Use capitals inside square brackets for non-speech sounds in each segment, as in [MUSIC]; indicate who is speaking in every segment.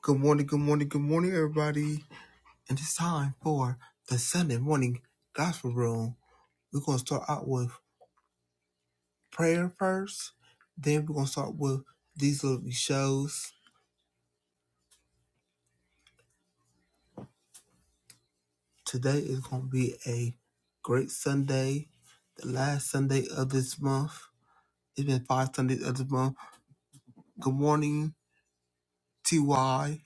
Speaker 1: Good morning, good morning, good morning, everybody. And it's time for the Sunday morning gospel room. We're going to start out with prayer first. Then we're going to start with these little shows. Today is going to be a great Sunday, the last Sunday of this month. It's been five Sundays of this month. Good morning, TY,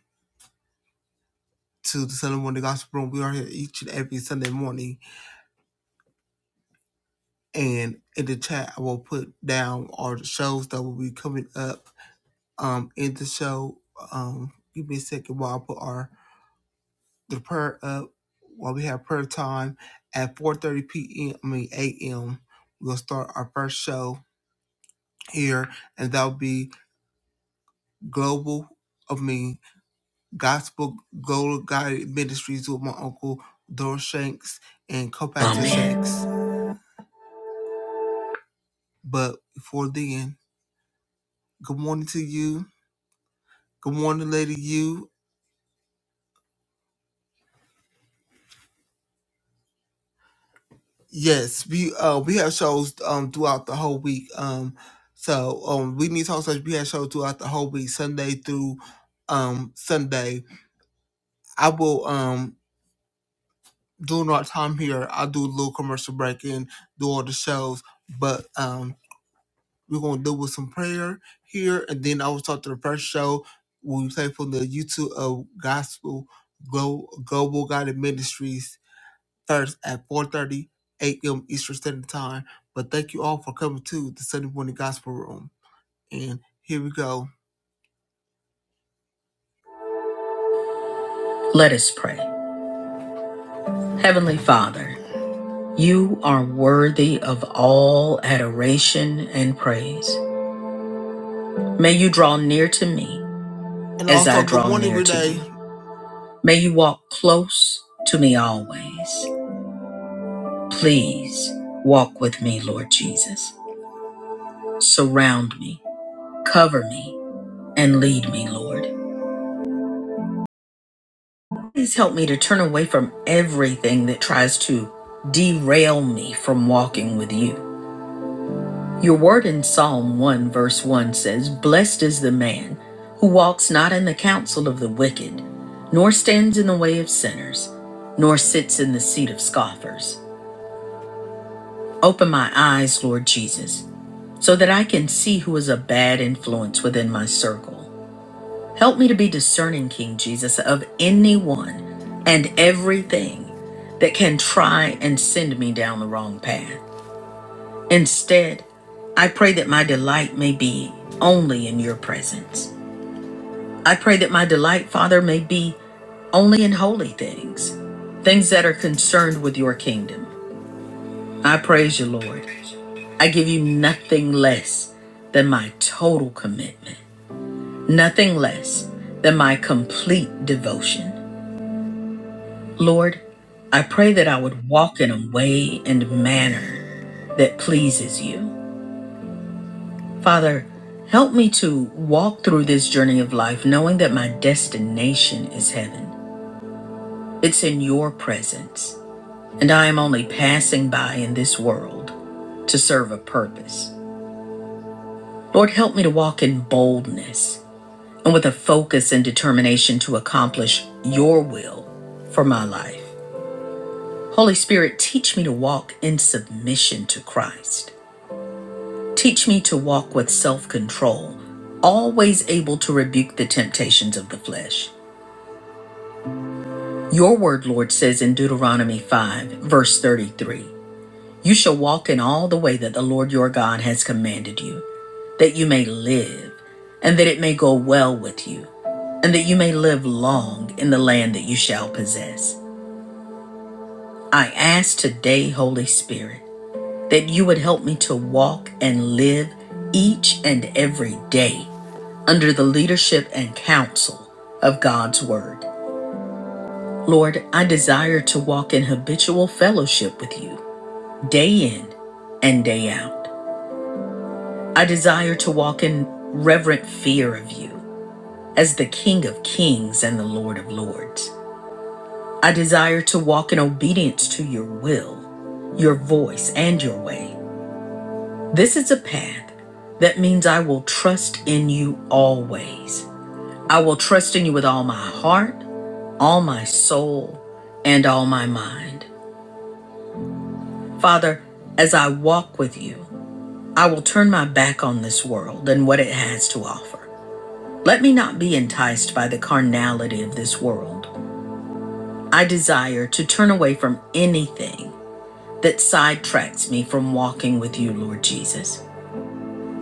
Speaker 1: to the Sunday morning gospel room. We are here each and every Sunday morning. And in the chat, I will put down all the shows that will be coming up um in the show. Um give me a second while I put our the prayer up while we have prayer time at four thirty PM I mean AM. We'll start our first show here and that'll be global I mean gospel global guided ministries with my uncle Doris Shanks and co-pastor Amen. Shanks. But before then, good morning to you. Good morning, Lady You. Yes, we uh we have shows um throughout the whole week. Um so um we need talk search we have shows throughout the whole week, Sunday through um Sunday. I will um during our time here, I'll do a little commercial break in, do all the shows, but um we're gonna do with some prayer here and then I will start the first show we play from the YouTube of Gospel Glo- Global Guided Ministries Thursday at 4.30 a.m. Eastern Standard Time. But thank you all for coming to the Sunday Morning Gospel Room. And here we go. Let us pray. Heavenly Father, you are worthy of all adoration and praise. May you draw near to me and as also, I good draw good morning, near to Renee. you. May you walk close to me always. Please walk with me, Lord Jesus. Surround me, cover me, and lead me, Lord. Please help me to turn away from everything that tries to derail me from walking with you. Your word in Psalm 1, verse 1 says, Blessed is the man who walks not in the counsel of the wicked, nor stands in the way of sinners, nor sits in the seat of scoffers. Open my eyes, Lord Jesus, so that I can see who is a bad influence within my circle Help me to be discerning, King Jesus, of anyone and everything that can try and send me down the wrong path. Instead, I pray that my delight may be only in your presence. I pray that my delight, Father, may be only in holy things, things that are concerned with your kingdom. I praise you, Lord. I give you nothing less than my total commitment, nothing less than my complete devotion. Lord, I pray that I would walk in a way and manner that pleases you. Father, help me to walk through this journey of life knowing that my destination is heaven. It's in your presence, and I am only passing by in this world to serve a purpose. Lord, help me to walk in boldness and with a focus and determination to accomplish your will for my life. Holy Spirit, teach me to walk in submission to Christ Teach me to walk with self control, always able to rebuke the temptations of the flesh. Your word, Lord, says in Deuteronomy 5, verse 33 You shall walk in all the way that the Lord your God has commanded you, that you may live, and that it may go well with you, and that you may live long in the land that you shall possess. I ask today, Holy Spirit, that you would help me to walk and live each and every day under the leadership and counsel of God's Word. Lord, I desire to walk in habitual fellowship with you day in and day out. I desire to walk in reverent fear of you as the King of Kings and the Lord of Lords. I desire to walk in obedience to your will, your voice, and your way. This is a path that means I will trust in you always. I will trust in you with all my heart, all my soul, and all my mind. Father, as I walk with you, I will turn my back on this world and what it has to offer. Let me not be enticed by the carnality of this world. I desire to turn away from anything that sidetracks me from walking with you, Lord Jesus.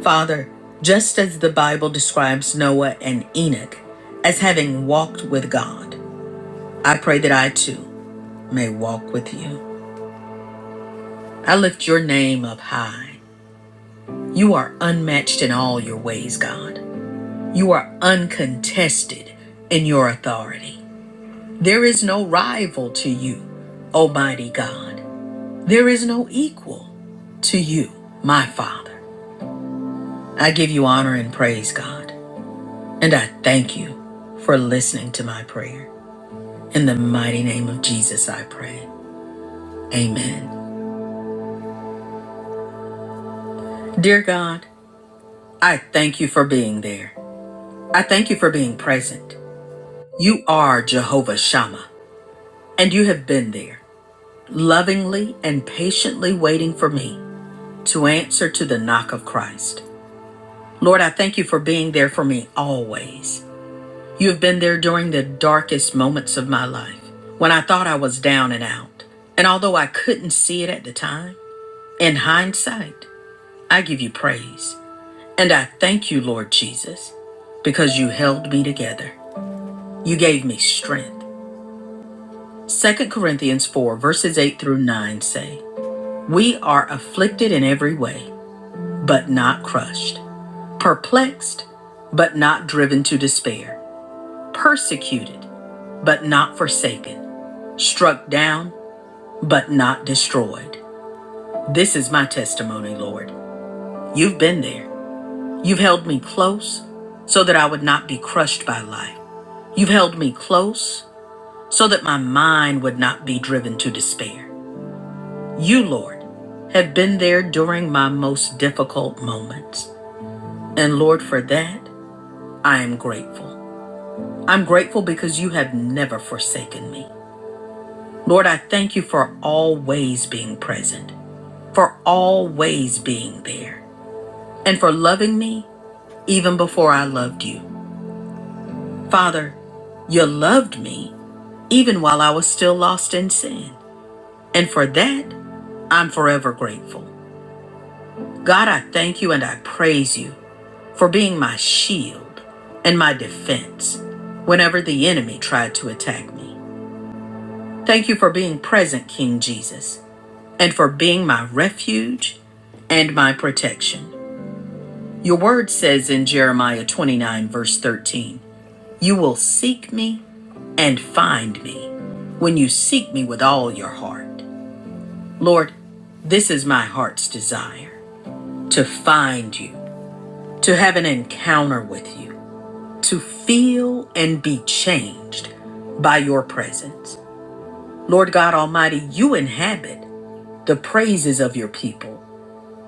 Speaker 1: Father, just as the Bible describes Noah and Enoch as having walked with God, I pray that I too may walk with you. I lift your name up high. You are unmatched in all your ways, God. You are uncontested in your authority. There is no rival to you, Almighty God. There is no equal to you, my Father. I give you honor and praise, God, and I thank you for listening to my prayer. In the mighty name of Jesus, I pray. Amen. Dear God, I thank you for being there. I thank you for being present. You are Jehovah Shammah, and you have been there, lovingly and patiently waiting for me to answer to the knock of Christ. Lord, I thank you for being there for me always. You have been there during the darkest moments of my life, when I thought I was down and out. And although I couldn't see it at the time, in hindsight, I give you praise. And I thank you, Lord Jesus, because you held me together. You gave me strength. Second Corinthians 4, verses 8 through 9 say, We are afflicted in every way, but not crushed, perplexed, but not driven to despair, persecuted, but not forsaken, struck down, but not destroyed. This is my testimony, Lord. You've been there. You've held me close so that I would not be crushed by life. You've held me close so that my mind would not be driven to despair. You, Lord, have been there during my most difficult moments. And Lord, for that, I am grateful. I'm grateful because you have never forsaken me. Lord, I thank you for always being present, for always being there, and for loving me even before I loved you. Father, you loved me even while I was still lost in sin. And for that, I'm forever grateful. God, I thank you and I praise you for being my shield and my defense whenever the enemy tried to attack me. Thank you for being present, King Jesus, and for being my refuge and my protection. Your word says in Jeremiah 29, verse 13, You will seek me and find me when you seek me with all your heart. Lord, this is my heart's desire to find you, to have an encounter with you to feel and be changed by your presence. Lord God Almighty, you inhabit the praises of your people,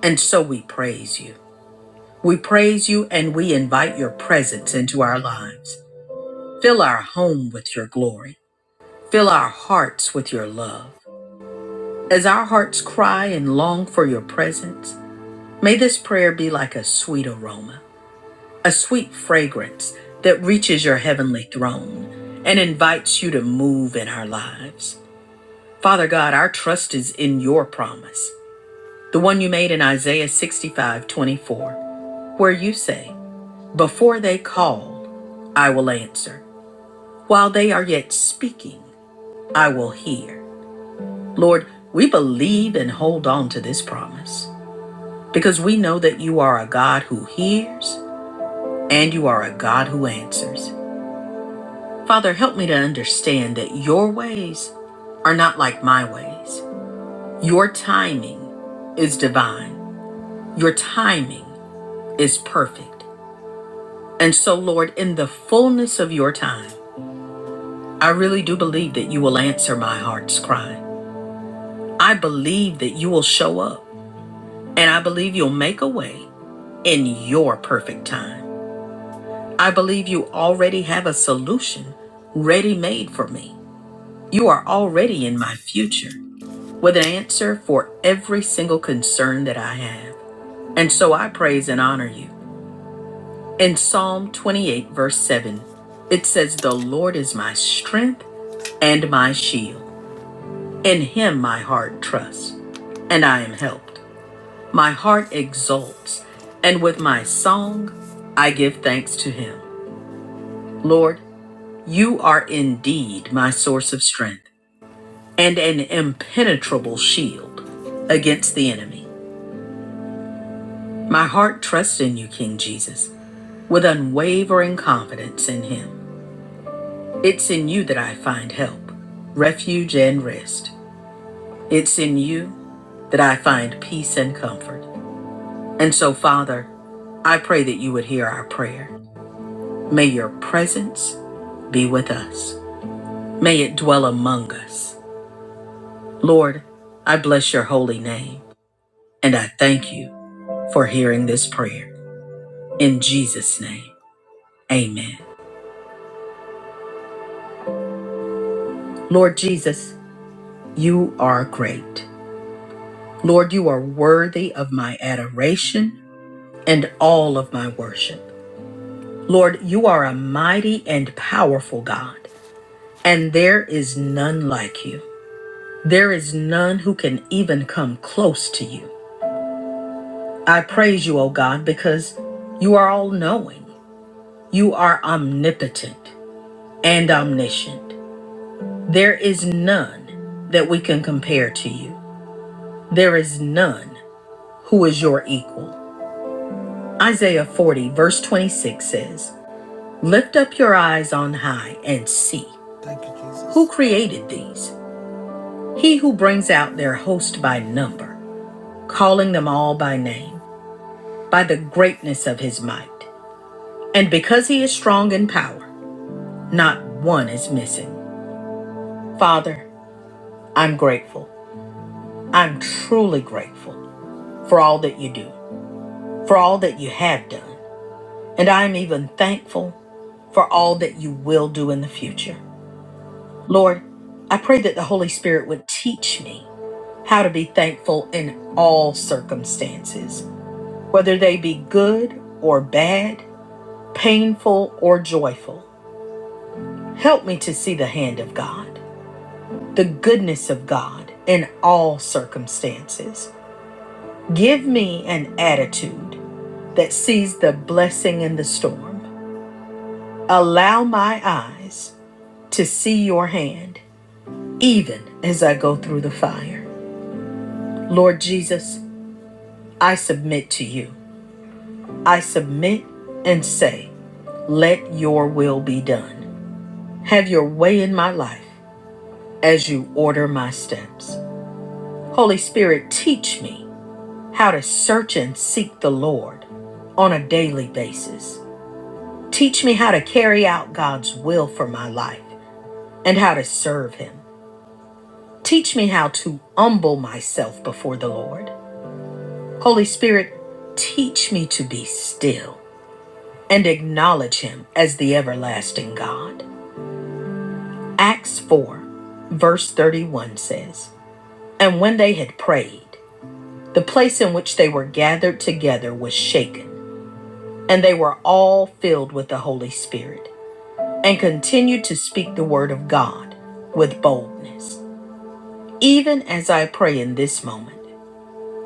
Speaker 1: and so we praise you. We praise you and we invite your presence into our lives. Fill our home with your glory. Fill our hearts with your love. As our hearts cry and long for your presence, may this prayer be like a sweet aroma a sweet fragrance that reaches your heavenly throne and invites you to move in our lives. Father God, our trust is in your promise, the one you made in Isaiah 65:24, where you say, Before they call, I will answer. While they are yet speaking, I will hear. Lord, we believe and hold on to this promise because we know that you are a God who hears and you are a God who answers. Father, help me to understand that your ways are not like my ways. Your timing is divine, your timing is perfect. And so, Lord, in the fullness of your time, I really do believe that you will answer my heart's cry. I believe that you will show up, and I believe you'll make a way in your perfect time. I believe you already have a solution ready made for me. You are already in my future. with an answer for every single concern that I have. And so I praise and honor you. In Psalm 28, verse 7, it says, The Lord is my strength and my shield. In him my heart trusts, and I am helped. My heart exults, and with my song I give thanks to him. Lord, you are indeed my source of strength and an impenetrable shield against the enemy. My heart trusts in you, King Jesus, with unwavering confidence in Him. It's in you that I find help, refuge, and rest. It's in you that I find peace and comfort. And so, Father, I pray that you would hear our prayer. May your presence be with us. May it dwell among us. Lord, I bless your holy name, and I thank you for hearing this prayer. In Jesus' name, amen. Lord Jesus, you are great. Lord, you are worthy of my adoration and all of my worship. Lord, you are a mighty and powerful God, and there is none like you. There is none who can even come close to you. I praise you, O God, because you are all knowing. You are omnipotent and omniscient. There is none that we can compare to you. There is none who is your equal. Isaiah 40, verse 26 says, Lift up your eyes on high and see. Thank you, Jesus. Who created these? He who brings out their host by number, calling them all by name, by the greatness of his might. And because he is strong in power, not one is missing. Father, I'm grateful. I'm truly grateful for all that you do, for all that you have done. And I'm even thankful for all that you will do in the future. Lord, I pray that the Holy Spirit would teach me how to be thankful in all circumstances, whether they be good or bad, painful or joyful. Help me to see the hand of God, the goodness of God in all circumstances. Give me an attitude that sees the blessing in the storm. Allow my eyes to see your hand, even as I go through the fire. Lord Jesus, I submit to you. I submit and say, Let your will be done. Have your way in my life as you order my steps. Holy Spirit, teach me how to search and seek the Lord on a daily basis. Teach me how to carry out God's will for my life and how to serve Him. Teach me how to humble myself before the Lord. Holy Spirit, teach me to be still and acknowledge Him as the everlasting God. Acts 4, verse 31 says, And when they had prayed, the place in which they were gathered together was shaken, and they were all filled with the Holy Spirit, and continued to speak the word of God with boldness. Even as I pray in this moment,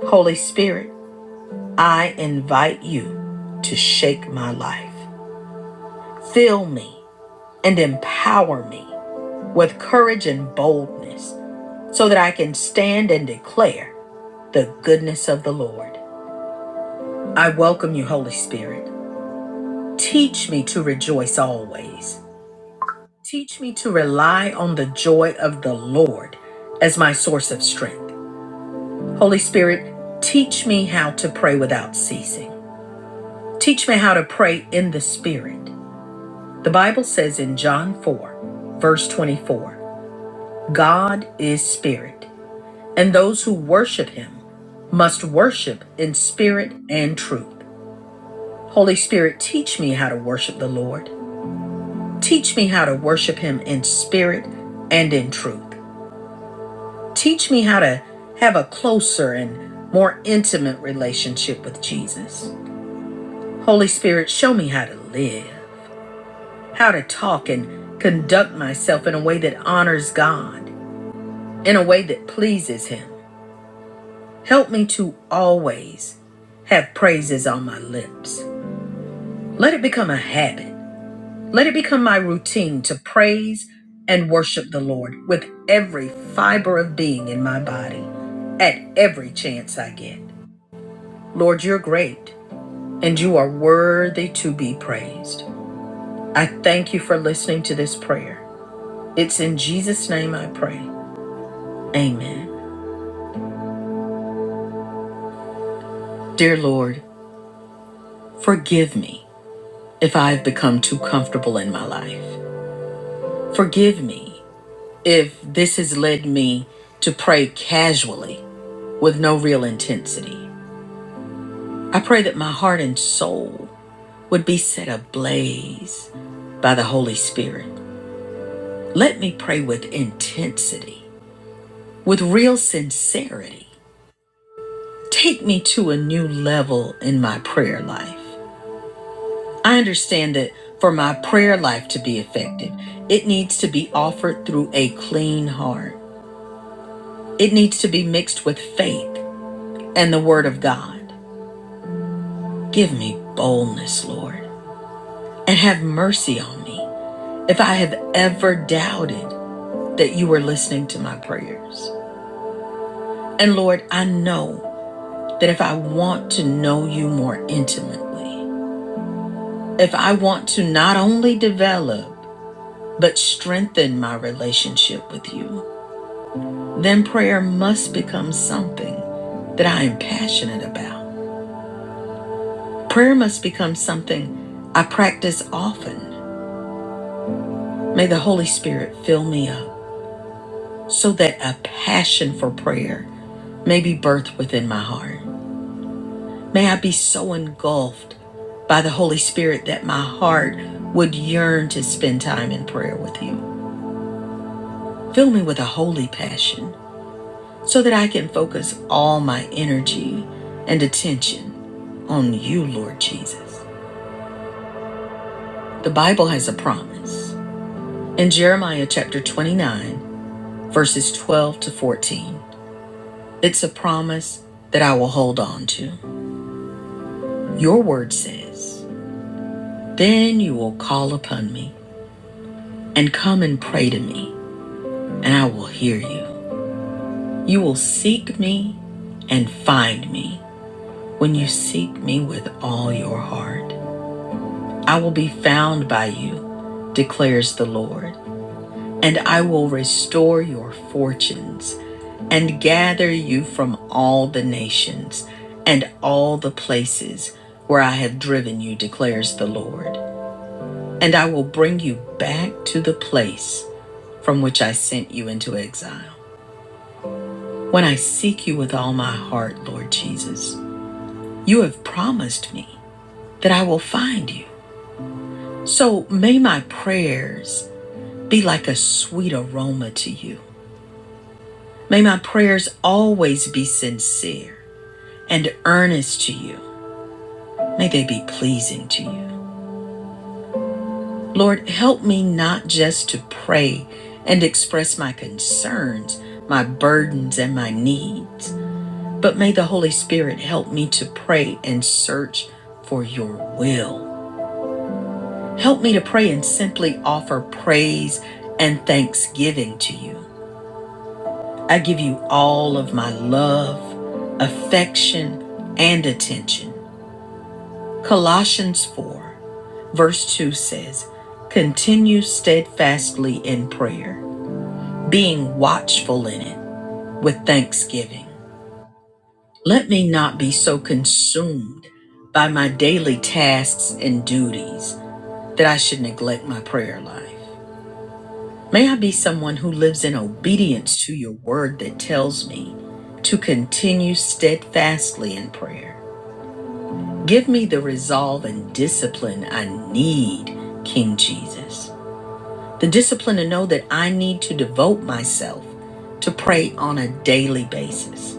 Speaker 1: Holy Spirit, I invite you to shake my life. Fill me and empower me with courage and boldness so that I can stand and declare the goodness of the Lord. I welcome you, Holy Spirit. Teach me to rejoice always. Teach me to rely on the joy of the Lord as my source of strength. Holy Spirit, teach me how to pray without ceasing. Teach me how to pray in the Spirit. The Bible says in John 4, verse 24, God is Spirit, and those who worship Him must worship in spirit and truth. Holy Spirit, teach me how to worship the Lord. Teach me how to worship him in spirit and in truth. Teach me how to have a closer and more intimate relationship with Jesus. Holy Spirit, show me how to live, how to talk and conduct myself in a way that honors God, in a way that pleases him. Help me to always have praises on my lips. Let it become a habit Let it become my routine to praise and worship the Lord with every fiber of being in my body at every chance I get. Lord, you're great and you are worthy to be praised. I thank you for listening to this prayer. It's in Jesus' name I pray. Amen. Dear Lord, forgive me if I've become too comfortable in my life. Forgive me if this has led me to pray casually with no real intensity. I pray that my heart and soul would be set ablaze by the Holy Spirit. Let me pray with intensity, with real sincerity. Take me to a new level in my prayer life. I understand that for my prayer life to be effective, it needs to be offered through a clean heart. It needs to be mixed with faith and the Word of God. Give me boldness, Lord, and have mercy on me if I have ever doubted that you are listening to my prayers. And Lord, I know that if I want to know you more intimately, if I want to not only develop, but strengthen my relationship with you, then prayer must become something that I am passionate about. Prayer must become something I practice often. May the Holy Spirit fill me up so that a passion for prayer may be birthed within my heart. May I be so engulfed by the Holy Spirit that my heart would yearn to spend time in prayer with you. Fill me with a holy passion so that I can focus all my energy and attention on you, Lord Jesus. The Bible has a promise. In Jeremiah chapter 29, verses 12 to 14, it's a promise that I will hold on to. Your word says, Then you will call upon me and come and pray to me and I will hear you. You will seek me and find me when you seek me with all your heart. I will be found by you, declares the Lord, and I will restore your fortunes and gather you from all the nations and all the places where I have driven you, declares the Lord. And I will bring you back to the place from which I sent you into exile. When I seek you with all my heart, Lord Jesus, you have promised me that I will find you. So may my prayers be like a sweet aroma to you. May my prayers always be sincere and earnest to you. May they be pleasing to you. Lord, help me not just to pray and express my concerns, my burdens, and my needs, but may the Holy Spirit help me to pray and search for your will Help me to pray and simply offer praise and thanksgiving to you. I give you all of my love, affection, and attention. Colossians 4, verse 2 says, Continue steadfastly in prayer, being watchful in it with thanksgiving. Let me not be so consumed by my daily tasks and duties that I should neglect my prayer life. May I be someone who lives in obedience to your word that tells me to continue steadfastly in prayer. Give me the resolve and discipline I need, King Jesus. The discipline to know that I need to devote myself to pray on a daily basis.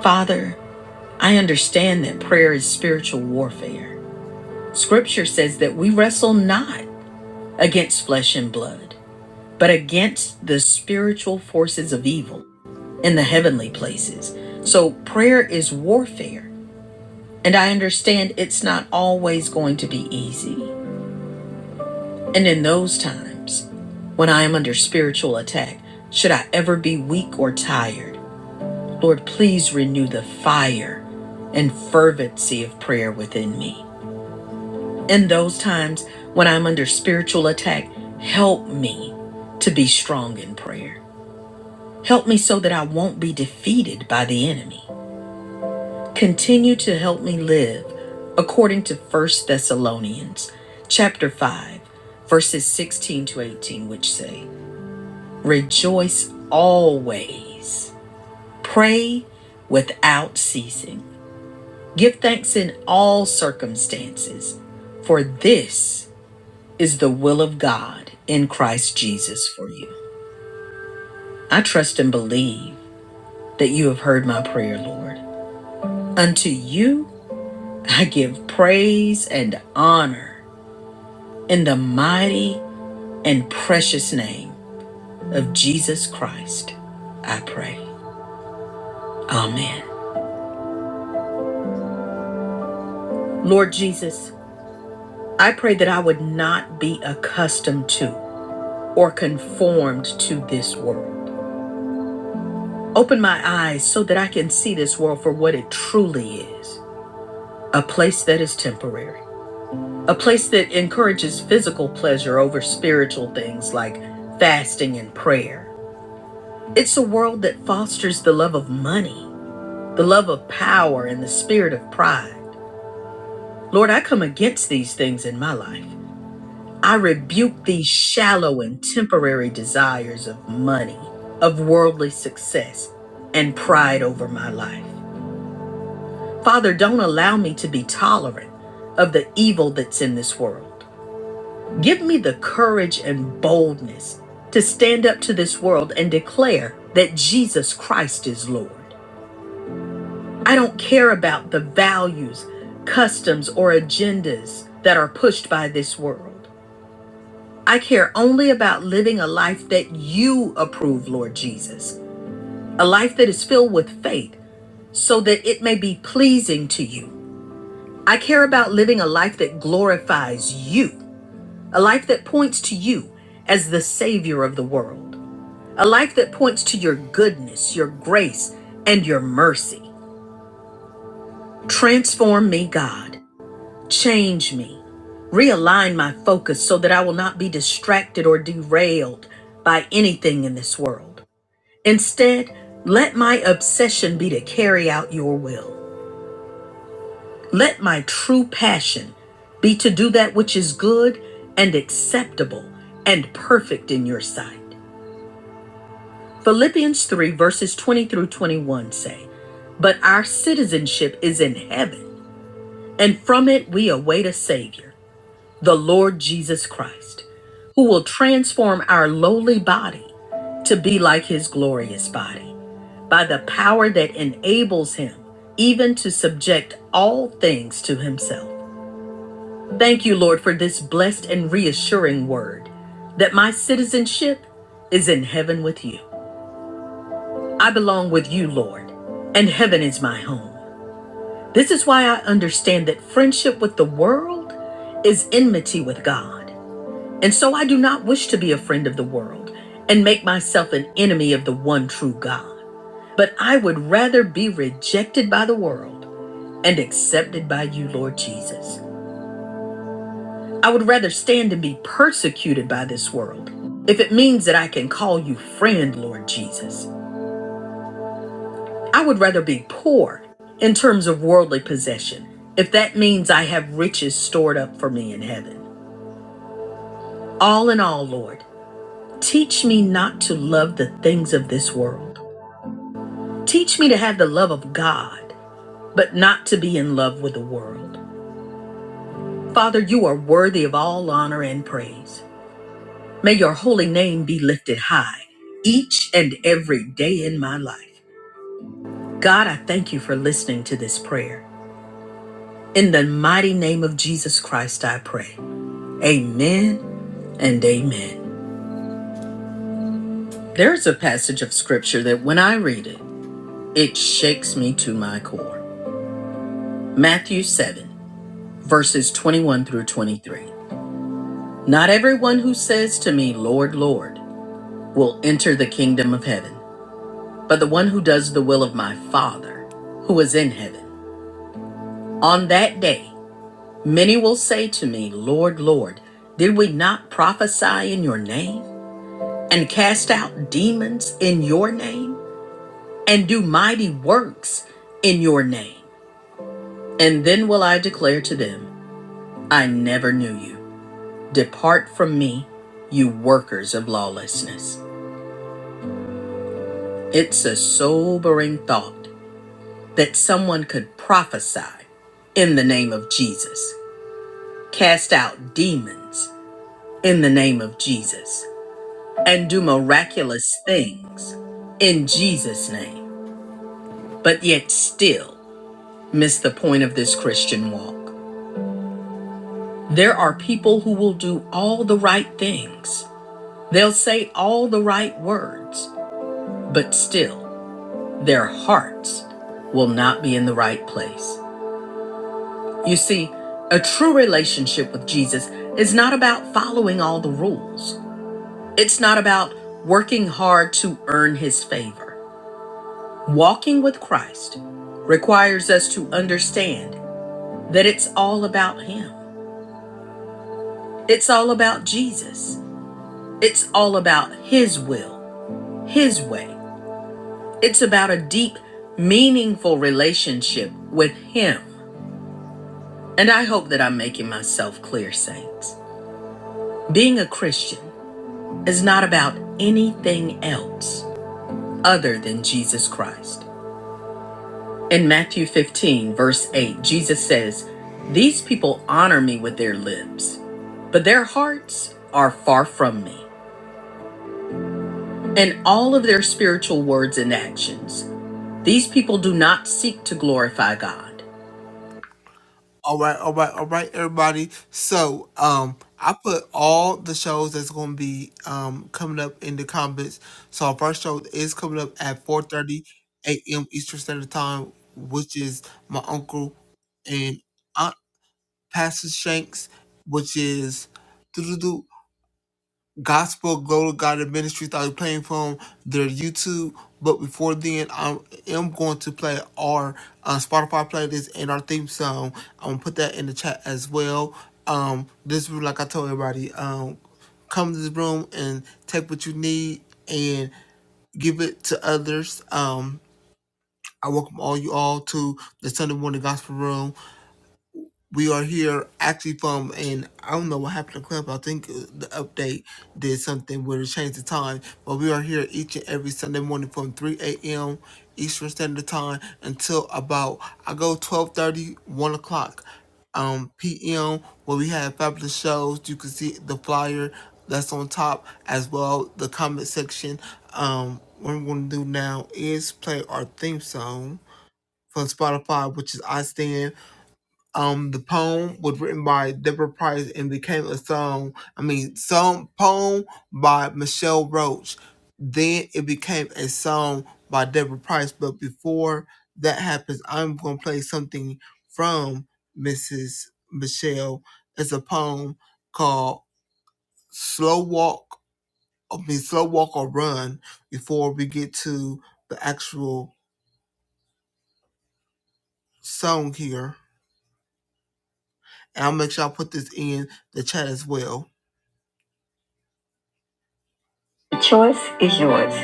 Speaker 1: Father, I understand that prayer is spiritual warfare. Scripture says that we wrestle not against flesh and blood, but against the spiritual forces of evil in the heavenly places. So prayer is warfare. And I understand it's not always going to be easy. And in those times, when I am under spiritual attack, should I ever be weak or tired, Lord, please renew the fire and fervency of prayer within me. In those times when I'm under spiritual attack, help me to be strong in prayer. Help me so that I won't be defeated by the enemy. continue to help me live according to First Thessalonians chapter 5 verses 16 to 18 which say rejoice always pray without ceasing give thanks in all circumstances for this is the will of God in Christ Jesus for you I trust and believe that you have heard my prayer Lord unto you I give praise and honor In the mighty and precious name of Jesus Christ, I pray. Amen. Lord Jesus, I pray that I would not be accustomed to or conformed to this world. Open my eyes so that I can see this world for what it truly is a place that is temporary, a place that encourages physical pleasure over spiritual things like fasting and prayer. It's a world that fosters the love of money the love of power and the spirit of pride. Lord, I come against these things in my life. I rebuke these shallow and temporary desires of money, of worldly success, and pride over my life. Father, don't allow me to be tolerant of the evil that's in this world. Give me the courage and boldness to stand up to this world and declare that Jesus Christ is Lord. I don't care about the values, customs, or agendas that are pushed by this world. I care only about living a life that you approve, Lord Jesus, a life that is filled with faith so that it may be pleasing to you. I care about living a life that glorifies you, a life that points to you as the Savior of the world, a life that points to your goodness, your grace, and your mercy. Transform me, God. Change me. Realign my focus so that I will not be distracted or derailed by anything in this world. Instead, let my obsession be to carry out your will. Let my true passion be to do that which is good and acceptable and perfect in your sight. Philippians 3, verses 20 through 21 say, But our citizenship is in heaven, and from it we await a Savior the Lord Jesus Christ, who will transform our lowly body to be like his glorious body by the power that enables him even to subject all things to himself. Thank you, Lord, for this blessed and reassuring word that my citizenship is in heaven with you. I belong with you, Lord, and heaven is my home. This is why I understand that friendship with the world is enmity with God. And so I do not wish to be a friend of the world and make myself an enemy of the one true God. But I would rather be rejected by the world and accepted by you, Lord Jesus. I would rather stand and be persecuted by this world if it means that I can call you friend, Lord Jesus. I would rather be poor in terms of worldly possession if that means I have riches stored up for me in heaven. All in all, Lord, teach me not to love the things of this world Teach me to have the love of God, but not to be in love with the world. Father, you are worthy of all honor and praise. May your holy name be lifted high each and every day in my life. God, I thank you for listening to this prayer. In the mighty name of Jesus Christ, I pray. Amen and amen. There's a passage of scripture that when I read it, it shakes me to my core. Matthew 7, verses 21 through 23. Not everyone who says to me, Lord, Lord, will enter the kingdom of heaven, but the one who does the will of my Father who is in heaven. On that day, many will say to me, Lord, Lord, did we not prophesy in your name and cast out demons in your name and do mighty works in your name? And then will I declare to them, I never knew you. Depart from me, you workers of lawlessness. It's a sobering thought that someone could prophesy in the name of Jesus, cast out demons in the name of Jesus, and do miraculous things in Jesus' name, but yet still miss the point of this Christian walk. There are people who will do all the right things, they'll say all the right words, but still their hearts will not be in the right place. You see, a true relationship with Jesus is not about following all the rules. It's not about working hard to earn his favor. Walking with Christ requires us to understand that it's all about him. It's all about Jesus. It's all about his will, his way. It's about a deep, meaningful relationship with him. And I hope that I'm making myself clear, saints. Being a Christian is not about anything else other than Jesus Christ. In Matthew 15, verse 8, Jesus says, These people honor me with their lips, but their hearts are far from me. And all of their spiritual words and actions, these people do not seek to glorify God. All right, all right, all right, everybody. So, um, I put all the shows that's going to be um coming up in the comments. So, our first show is coming up at 4:30 a.m. Eastern Standard Time, which is my uncle and aunt Pastor Shanks, which is Gospel Glow to God and Ministries. I'll be playing from their YouTube. But before then, I am going to play our uh, Spotify playlist and our theme song. I'm gonna put that in the chat as well. Um, this room, like I told everybody, um, come to this room and take what you need and give it to others. Um, I welcome all you all to the Sunday morning gospel room we are here actually from, and I don't know what happened to Club. I think uh, the update did something where it changed the time, but we are here each and every Sunday morning from 3 a.m. Eastern Standard Time until about, I go 12.30, 1 o'clock um, p.m. where we have fabulous shows. You can see the flyer that's on top as well, the comment section. Um, what I'm going to do now is play our theme song from Spotify, which is I Stand. Um, the poem was written by Deborah Price and became a song. I mean, song poem by Michelle Roach. Then it became a song by Deborah Price. But before that happens, I'm gonna play something from Mrs. Michelle. It's a poem called "Slow Walk." I mean, "Slow Walk or Run." Before we get to the actual song here, and I'll make sure I put this in the chat as well. The choice is yours.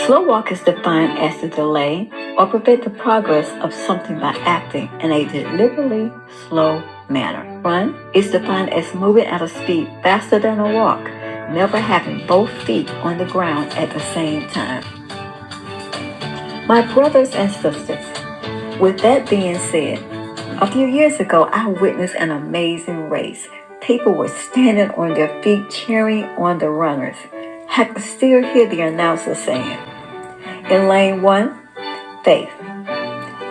Speaker 1: Slow walk is defined as the delay or prevent the progress of something by acting in a deliberately slow manner. Run is defined as moving at a speed faster than a walk, never having both feet on the ground at the same time. My brothers and sisters, with that being said, a few years ago, I witnessed an amazing race. People were standing on their feet cheering on the runners. I could still hear the announcer saying, In lane one, faith.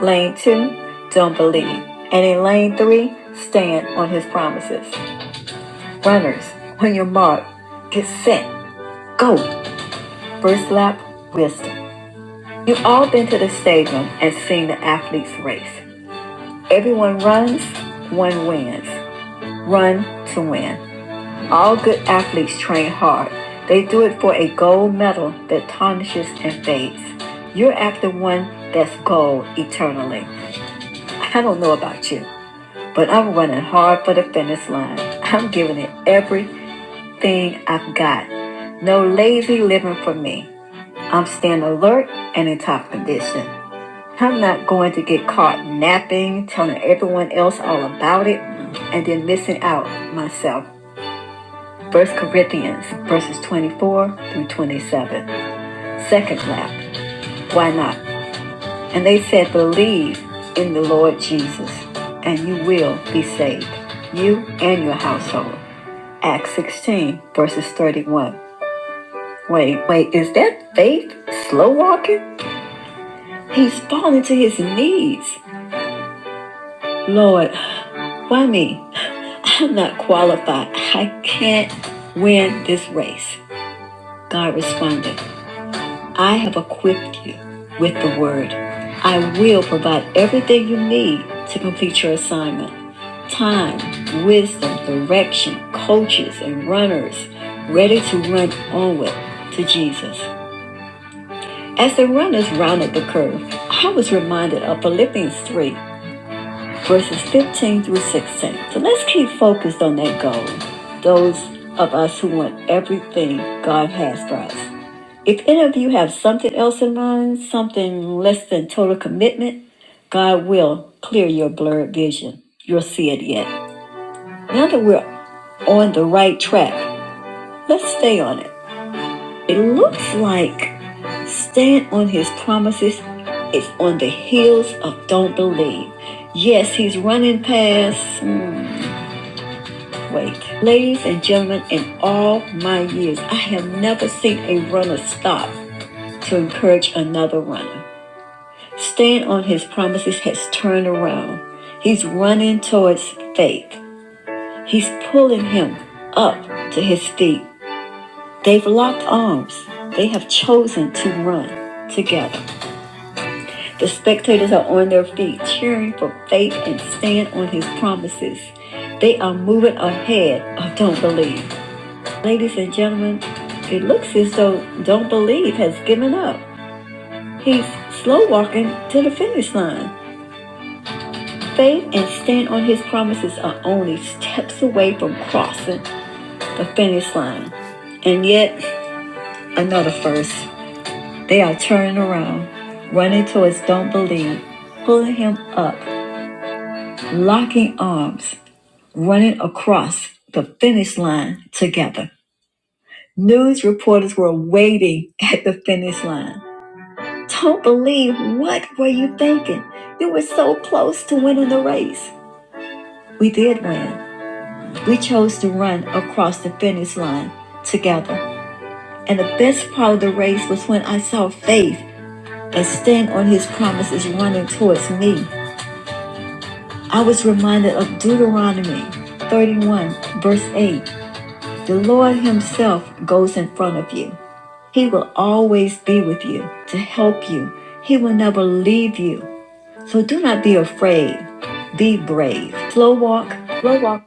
Speaker 1: Lane two, don't believe. And in lane three, stand on his promises. Runners, on your mark, get set, go. First lap, wisdom. You've all been to the stadium and seen the athletes race. Everyone runs, one wins. Run to win. All good athletes train hard. They do it for a gold medal that tarnishes and fades. You're after one that's gold eternally. I don't know about you, but I'm running hard for the finish line. I'm giving it everything I've got. No lazy living for me. I'm staying alert and in top condition. I'm not going to get caught napping, telling everyone else all about it, and then missing out myself. First Corinthians verses 24 through 27. Second lap. Why not? And they said, Believe in the Lord Jesus, and you will be saved, you and your household. Acts 16, verses 31. Wait, wait, is that faith slow walking? He's falling to his knees. Lord, why me? I'm not qualified. I can't win this race. God responded. I have equipped you with the word. I will provide everything you need to complete your assignment time, wisdom, direction, coaches, and runners ready to run onward to Jesus. As the runners rounded the curve, I was reminded of Philippians 3, verses 15 through 16. So let's keep focused on that goal, those of us who want everything God has for us. If any of you have something else in mind, something less than total commitment, God will clear your blurred vision. You'll see it yet. Now that we're on the right track, let's stay on it. It looks like stand on his promises is on the heels of don't believe. Yes, he's running past. hmm, wait. Ladies and gentlemen, in all my years, I have never seen a runner stop to encourage another runner. Stand on his promises has turned around. He's running towards faith. He's pulling him up to his feet. They've locked arms. They have chosen to run together. The spectators are on their feet, cheering for faith and stand on his promises. They are moving ahead of don't believe. Ladies and gentlemen, it looks as though don't believe has given up. He's slow walking to the finish line. Faith and stand on his promises are only steps away from crossing the finish line. And yet, another first. They are turning around, running towards don't believe, pulling him up, locking arms, running across the finish line together. News reporters were waiting at the finish line. Don't believe what were you thinking? You were so close to winning the race. We did win. We chose to run across the finish line together. And the best part of the race was when I saw Faith and stand on his promises running towards me. I was reminded of Deuteronomy 31, verse 8. The Lord Himself goes in front of you. He will always be with you to help you. He will never leave you. So do not be afraid. Be brave. Slow walk. Slow walk.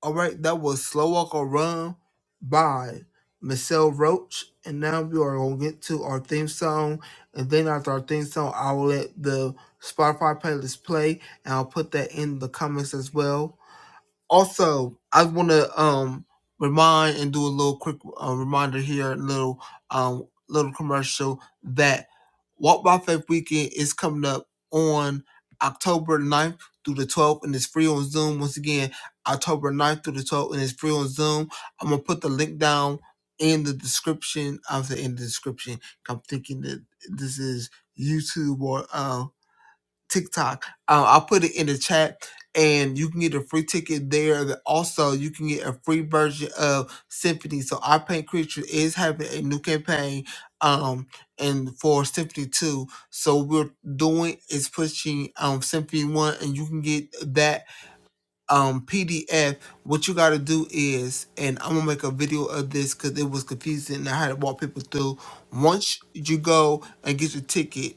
Speaker 1: All right, that was Slow Walk or Run by Michelle Roach. And now we are going to get to our theme song. And then after our theme song, I will let the Spotify playlist play and I'll put that in the comments as well also i want to um remind and do a little quick uh, reminder here a little um little commercial that walk by faith weekend is coming up on october ninth through the 12th and it's free on zoom once again october ninth through the 12th and it's free on zoom i'm gonna put the link down in the description of the in the description i'm thinking that this is youtube or uh TikTok. Uh, I'll put it in the chat and you can get a free ticket there. The- Also, you can get a free version of Symphony. So, Our Paint Creature is having a new campaign um and for Symphony 2. So, what we're doing is pushing um Symphony 1 and you can get that um PDF. What you got to do is, and I'm going to make a video of this because it was confusing and I had to walk people through. Once you go and get your ticket,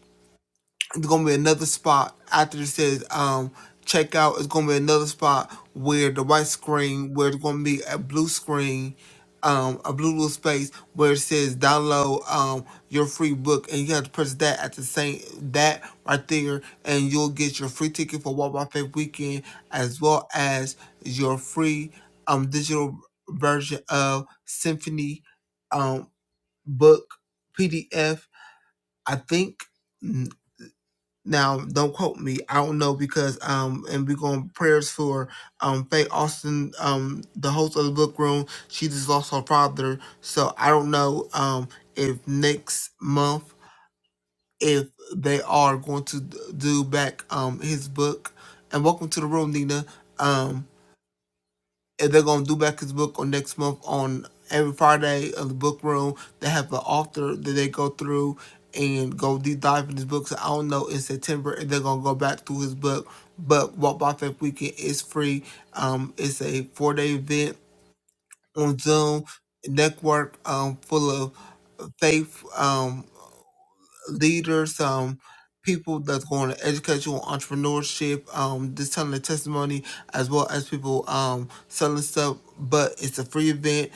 Speaker 1: it's gonna be another spot after it says um check out. It's gonna be another spot where the white screen where it's gonna be a blue screen, um a blue little space where it says download um your free book and you have to press that at the same that right there and you'll get your free ticket for Walk by Faith Weekend as well as your free um digital version of Symphony um book PDF. I think. Now, don't quote me. I don't know because um, and we're going prayers for um Faye Austin, um, the host of the book room. She just lost her father, so I don't know um if next month if they are going to d- do back um his book. And welcome to the room, Nina. Um. And they're gonna do back his book on next month on every Friday of the book room. They have an author that they go through and go deep dive in his books. I don't know in September, and they're gonna go back through his book. But Walk by Faith Weekend is free. Um, it's a four day event on Zoom network um full of faith. Um, leaders, um, people that's going to educate you on entrepreneurship, um, just telling their testimony, as well as people um, selling stuff. But it's a free event.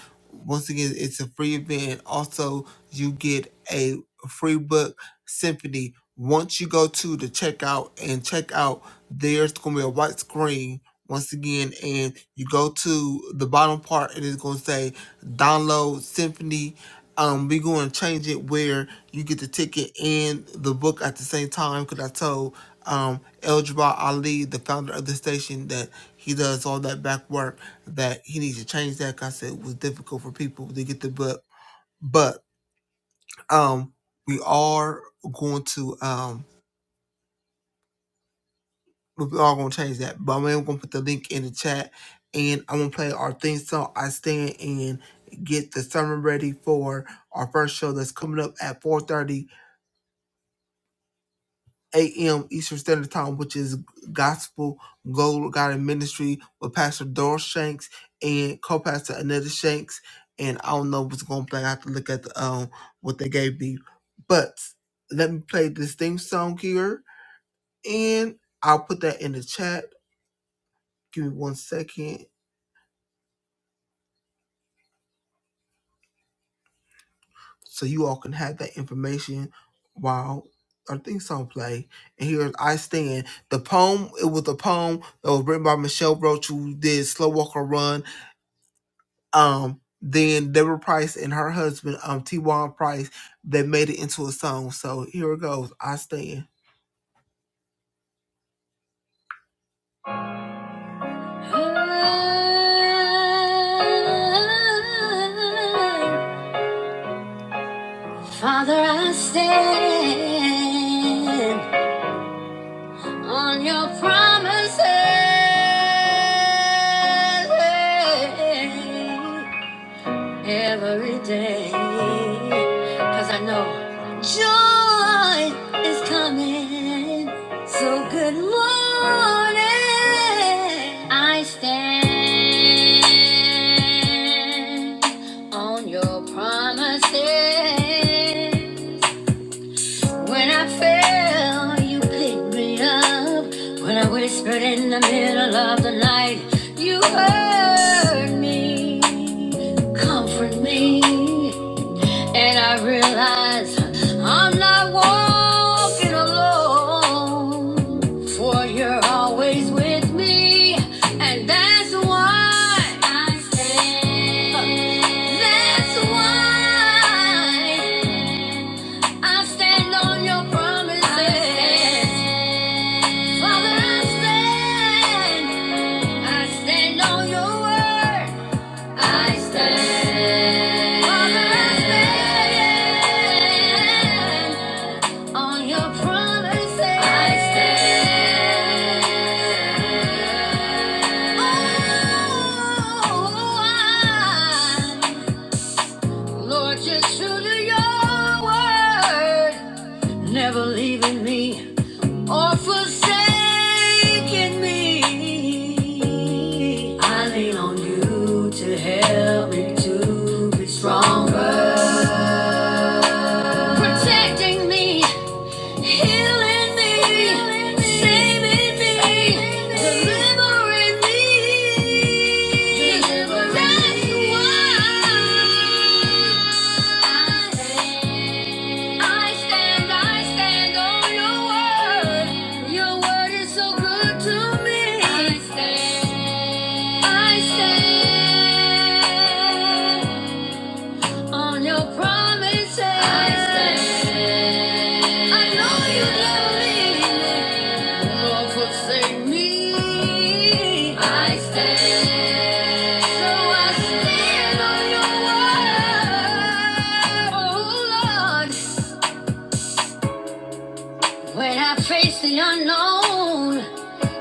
Speaker 1: Once again, it's a free event. Also, you get a free book, Symphony. Once you go to the checkout and check out, there's going to be a white screen once again, and you go to the bottom part, and it's going to say download Symphony um we going to change it where you get the ticket and the book at the same time because i told um el Jabbar ali the founder of the station that he does all that back work that he needs to change that 'cause i said it was difficult for people to get the book but um we are going to um we are going to change that but i'm going to put the link in the chat and i'm going to play our theme song i stand and get the summer ready for our first show that's coming up at 4:30 eight a.m. Eastern Standard Time, which is Gospel Gold Garden Ministry with Pastor Doris Shanks and co-pastor Anita Shanks. And I don't know what's going to play. I have to look at the, um what they gave me. But let me play this theme song here, and I'll put that in the chat. Give me one second so you all can have that information while our theme song play. And here's I Stand. The poem, it was a poem that was written by Michelle Roach, who did Slow Walker Run um then Deborah Price and her husband, um T. Juan Price, they made it into a song. So here it goes. I stand. Father, I stand on your promises. every day. Cause I know joy is coming. So good morning. I stand on your promises. When I fell, you picked me up. When I whispered in the middle of the night, you heard me, comfort me. And I realized I'm not walking alone, for you're all always with me, and that's why I stand. That's why I stand on your promises. I stand. Father, I stand. I stand on your word. I stand. Father, I stand on your promises. I stand. Oh, I Lord, just true to your word, never leaving me or forsaken me. I lean on you to help me to be stronger, protecting me. Healing me, saving me, delivering me, delivering me. I stand, I stand on your word. Your word is so good to me. I stand, I stand on your promises. I stand. I know you never leave me nor forsake me. I stand. So I stand on your word, oh Lord. When I face the unknown,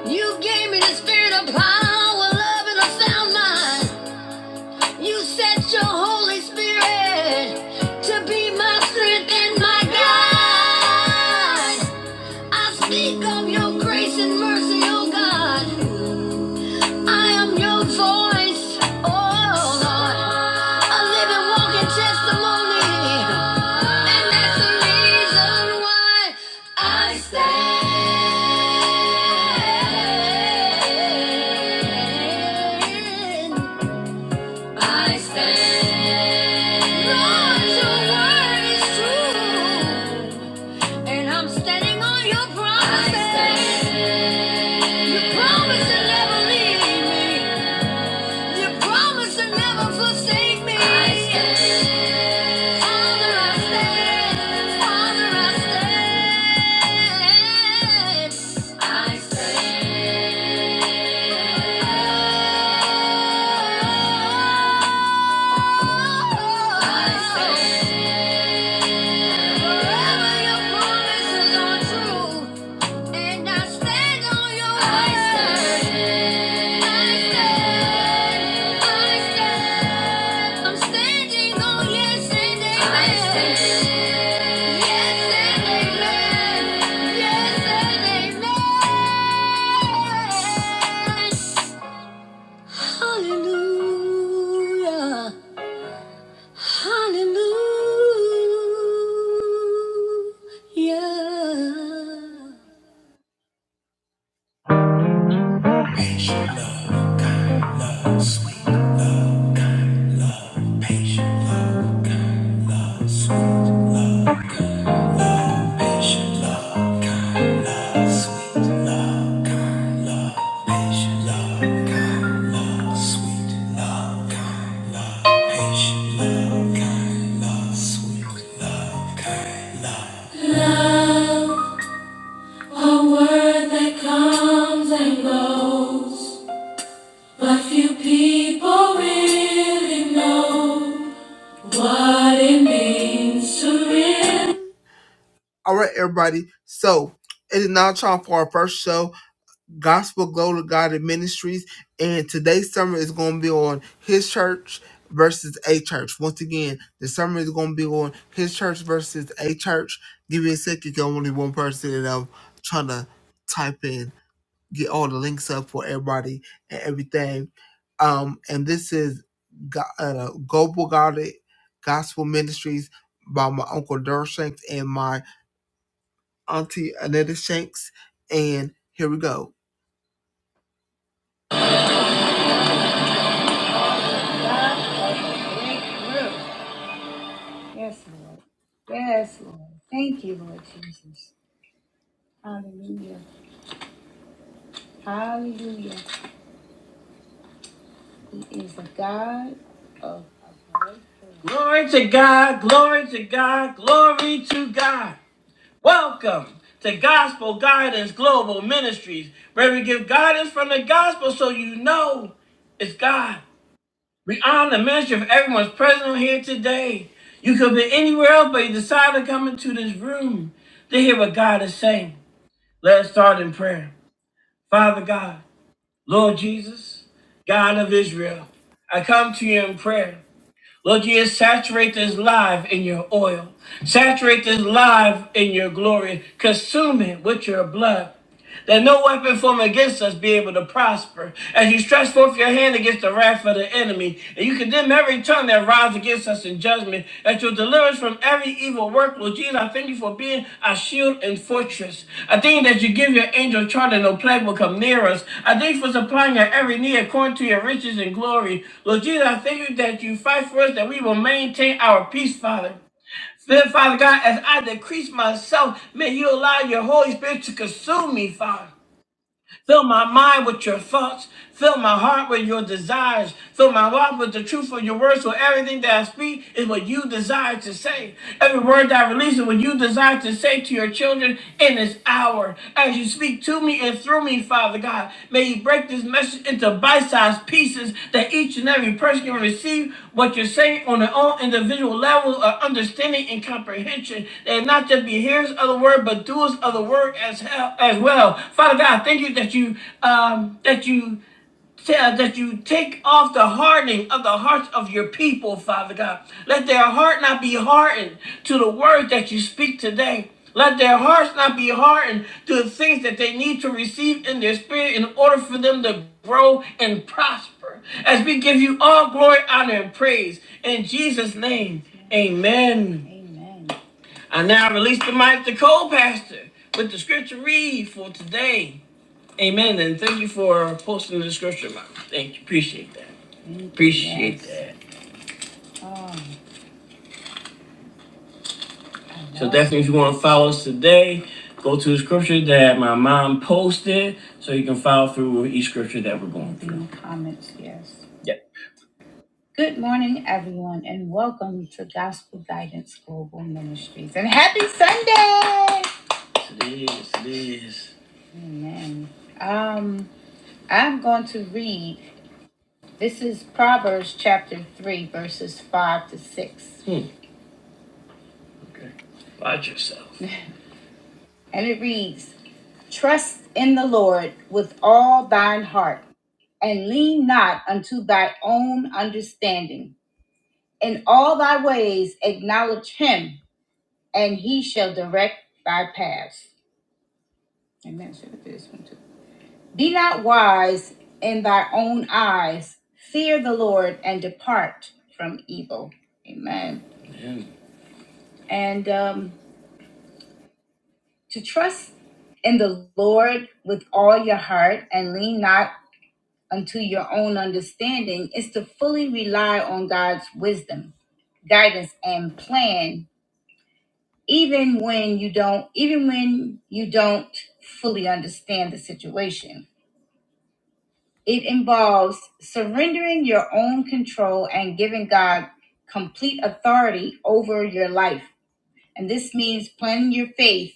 Speaker 1: you gave me the spirit of power, love, and a sound mind. You sent your Holy Spirit to be my strength and my guide. I speak of your grace and mercy, oh God. I am your voice, oh Lord. A living, walking testimony. And that's the reason why I stand. I stand. Lord, your word is true. And I'm standing on your promises. I stand. You promise to never leave me. You promise to never forsake me. I stand. Father, I stand. Father, I stand. I stand. Hallelujah. Hallelujah. Sweet patient love, kind love, sweet love, kind love. Love, a word that comes and goes, but few people really know what it means to really. All right, everybody. So it is now time for our first show. Gospel Glow to God and Ministries. And today's summer is going to be on His Church versus A Church. Once again, the summer is going to be on His Church versus A Church. Give me a second, 'cause I'm only one person, and I'm trying to type in, get all the links up for everybody and everything. Um, and this is Go- uh, Global God Gospel Ministries by my uncle Durr Shanks and my auntie Anita Shanks. And here we go. Yes, Lord. Yes, Lord. Thank you, Lord Jesus. Hallelujah. Hallelujah. He is a God of glory to God, glory to God, glory to God. Welcome to Gospel Guidance Global Ministries, where we give guidance from the gospel so you know it's God. We honor the ministry of everyone's present here today. You could be anywhere else, but you decided to come into this room to hear what God is saying. Let's start in prayer. Father God, Lord Jesus, God of Israel, I come to you in prayer. Lord Jesus, saturate this live in your oil. Saturate this live in your glory. Consume it with your blood. That no weapon formed against us be able to prosper. As you stretch forth your hand against the wrath of the enemy, and you condemn every tongue that rises against us in judgment that you'll deliver us from every evil work. Lord Jesus, I thank you for being our shield and fortress. I thank you that you give your angel charge and no plague will come near us. I thank you for supplying our every need according to your riches and glory. Lord Jesus, I thank you that you fight for us, that we will maintain our peace, Father. Then, Father God, as I decrease myself, may you allow your Holy Spirit to consume me, Father. Fill my mind with your thoughts. Fill my heart with your desires. Fill my mouth with the truth of your words. So everything that I speak is what you desire to say. Every word that I release is what you desire to say to your children in this hour. As you speak to me and through me, Father God, may you break this message into bite-sized pieces that each and every person can receive what you're saying on their own individual level of understanding and comprehension. They not just be hearers of the word, but doers of the word as hell, as well. Father God, thank you that you um, that you Tell that you take off the hardening of the hearts of your people, Father God. Let their heart not be hardened to the word that you speak today. Let their hearts not be hardened to the things that they need to receive in their spirit in order for them to grow and prosper. As we give you all glory, honor, and praise in Jesus' name, amen. I now release the mic to co pastor with the scripture read for today. Amen. And thank you for posting the scripture, Mom. Thank you. Appreciate that. Appreciate Yes. that. So definitely, if you want to follow us today, go to the scripture that my mom posted, so you can follow through with each scripture that we're going through. the comments, yes. Yep. Good morning, everyone, and welcome to Gospel Guidance Global Ministries. And happy Sunday! Yes, it is. It is. Amen. Um, I'm going to read This is Proverbs chapter 3, verses 5 to 6. Hmm. Okay. Watch yourself. And it reads Trust in the Lord with all thine heart, and lean not unto thy own understanding. In all thy ways acknowledge him, and he shall direct thy paths. Amen. Should have did this one too. Be not wise in thy own eyes. Fear the Lord and depart from evil. Amen. And um, to trust in the Lord with all your heart and lean not unto your own understanding is to fully rely on God's wisdom, guidance, and plan, even when you don't, even when you don't fully understand the situation. It involves surrendering your own control and giving God complete authority over your life. And this means planning your faith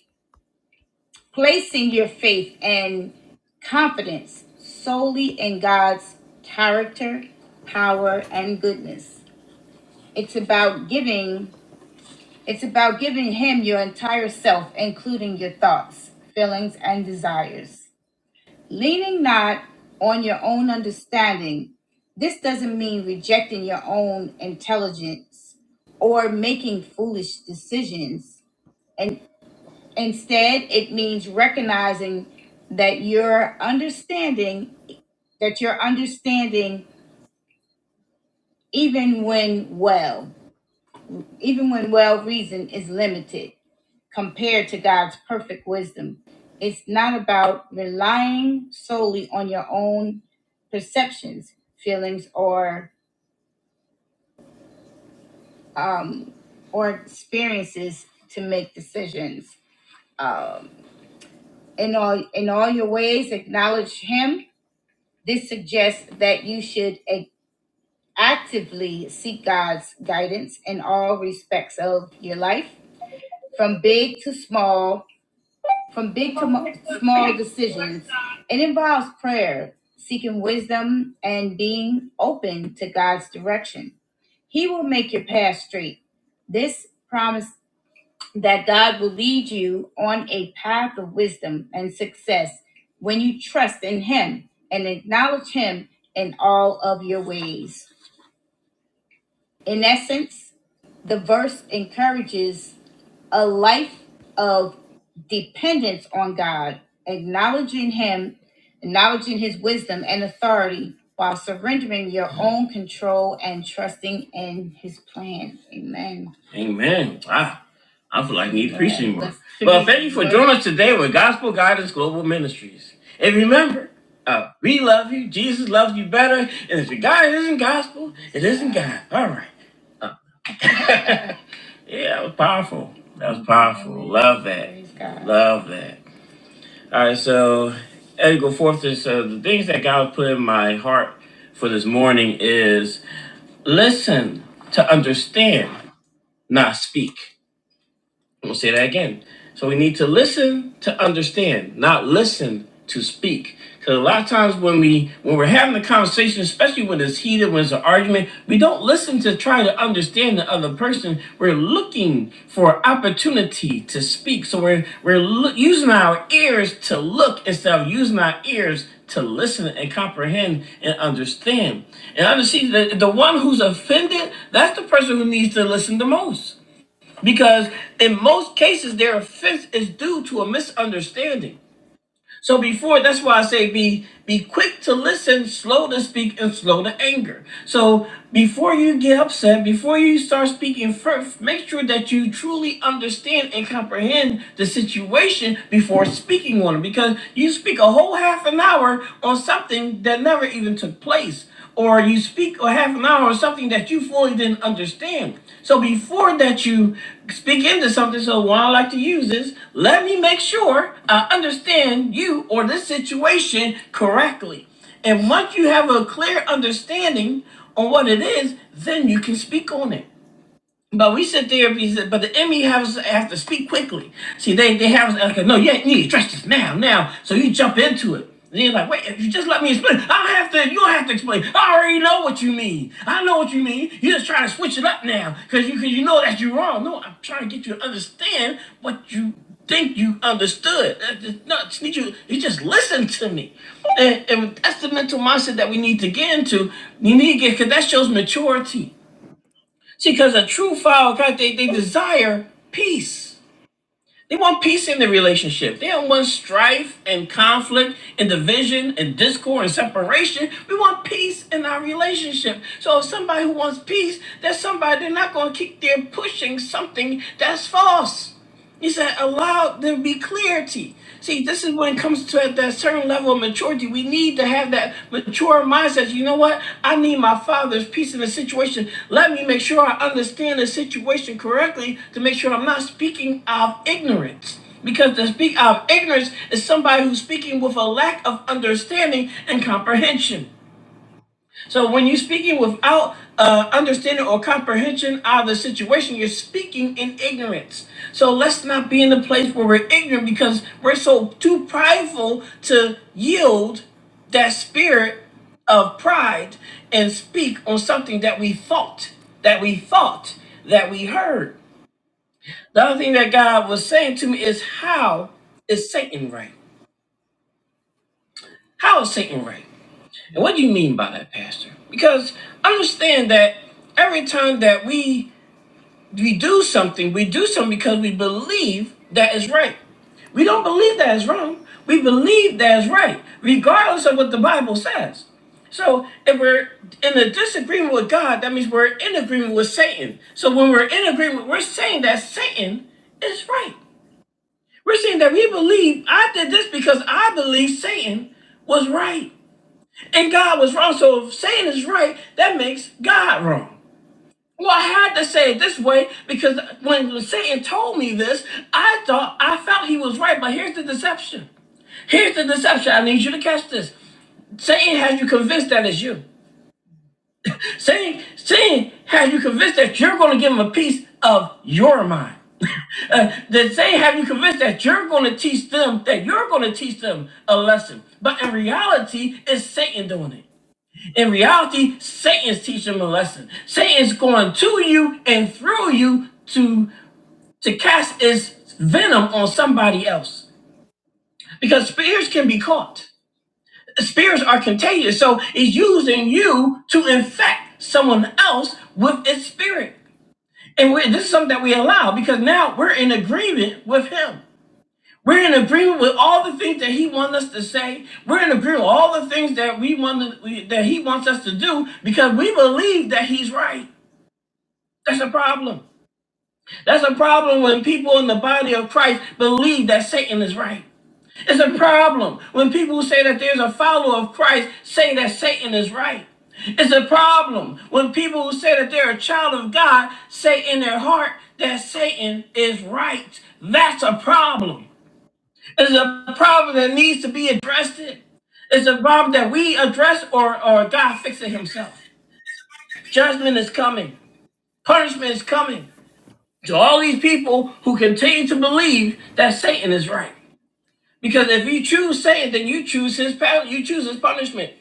Speaker 1: placing your faith and confidence solely in God's character, power, and goodness. It's about giving it's about giving him your entire self, including your thoughts, feelings, and desires. Leaning not on your own understanding. This doesn't mean rejecting your own intelligence or making foolish decisions Instead, it means recognizing that you're understanding, that your understanding, even when well, even when well reasoned, is limited compared to God's perfect wisdom. It's not about relying solely on your own perceptions, feelings, or um, or experiences to make decisions. Um, in all in all your ways, acknowledge Him, This suggests that you should a- actively seek God's guidance in all respects of your life, from big to small, from big to mo- small decisions. It involves prayer, seeking wisdom, and being open to God's direction. He will make your path straight. This promise that God will lead you on a path of wisdom and success when you trust in Him and acknowledge Him in all of your ways. In essence, the verse encourages a life of dependence on God, acknowledging Him, acknowledging His wisdom and authority while surrendering your own control and trusting in His plan. Amen. Amen. Wow. I feel like I need preaching more. Well, thank you for joining us today with Gospel Guidance Global Ministries. And remember, uh, we love you. Jesus loves you better. And if the God isn't gospel, it isn't God. All right. Yeah, it was powerful. That was powerful. Love that. Praise God. Love that. All right, so as Eddie go forth is so the things that God put in my heart for this morning is listen to understand, not speak. I'm gonna say that again. So we need to listen to understand, not listen to speak. Because a lot of times when we when we're having a conversation, especially when it's heated, when it's an argument, we don't listen to try to understand the other person. We're looking for opportunity to speak. So we're we're lo- using our ears to look instead of using our ears to listen and comprehend and understand. And understand the, the one who's offended, that's the person who needs to listen the most because in most cases their offense is due to a misunderstanding so before that's why i say be be quick to listen slow to speak and slow to anger so before you get upset before you start speaking first make sure that you truly understand and comprehend the situation before speaking on it because you speak a whole half an hour on something that never even took place or you speak or half an hour or something that you fully didn't understand. So before that you speak into something, so what I like to use is let me make sure I understand you or this situation correctly. And once you have a clear understanding on what it is, then you can speak on it. But we sit there, we said, but the enemy has have to speak quickly. See, they they have us like, no, you you need to address this now, now. So you jump into it. And you're like, wait, if you just let me explain, I don't have to, you don't have to explain. I already know what you mean. I know what you mean. you just trying to switch it up now because you, cause you know that you're wrong. No, I'm trying to get you to understand what you think you understood. That- that- No, I just need you, you just listen to me. And, and that's the mental mindset that we need to get into. You need to get, because that shows maturity. See, because a true follower of Christ, they, they desire peace. They want peace in the relationship. They don't want strife and conflict and division and discord and separation. We want peace in our relationship. So if somebody who wants peace, that's somebody they're not going to keep there pushing something that's false. He said, allow there be clarity. See, this is when it comes to at that certain level of maturity. We need to have that mature mindset. You know what? I need my father's peace in the situation. Let me make sure I understand the situation correctly to make sure I'm not speaking out of ignorance. Because to speak out of ignorance is somebody who's speaking with a lack of understanding and comprehension. So when you're speaking without uh, understanding or comprehension of the situation, you're speaking in ignorance. So let's not be in the place where we're ignorant because we're so too prideful to yield that spirit of pride and speak on something that we thought, that we thought, that we heard. The other thing that God was saying to me is how is Satan right? How is Satan right? And what do you mean by that, Pastor? Because understand that every time that we we do something, we do something because we believe that is right. We don't believe that is wrong. We believe that is right, regardless of what the Bible says. So if we're in a disagreement with God, that means we're in agreement with Satan. So when we're in agreement, we're saying that Satan is right. We're saying that we believe I did this because I believe Satan was right. And God was wrong. So if Satan is right, that makes God wrong. Well, I had to say it this way because when Satan told me this, I thought I felt he was right. But here's the deception. Here's the deception. I need you to catch this. Satan has you convinced that it's you. Satan, Satan has you convinced that you're going to give him a piece of your mind. [LAUGHS] uh, that Satan have you convinced that you're going to teach them that you're going to teach them a lesson. But in reality, it's Satan doing it. In reality, Satan's teaching him a lesson. Satan's going to you and through you to to cast his venom on somebody else. Because spirits can be caught. Spirits are contagious. So it's using you to infect someone else with its spirit. And we this is something that we allow because now we're in agreement with him. We're in agreement with all the things that he wants us to say. We're in agreement with all the things that we want to, that he wants us to do because we believe that he's right. That's a problem. That's a problem when people in the body of Christ believe that Satan is right. It's a problem when people who say that there's a follower of Christ say that Satan is right. It's a problem when people who say that they're a child of God say in their heart that Satan is right. That's a problem. It's a problem that needs to be addressed. It's a problem that we address or, or God fix it himself. Judgment is coming. Punishment is coming to all these people who continue to believe that Satan is right. Because if you choose Satan, then you choose his pa- you choose his punishment.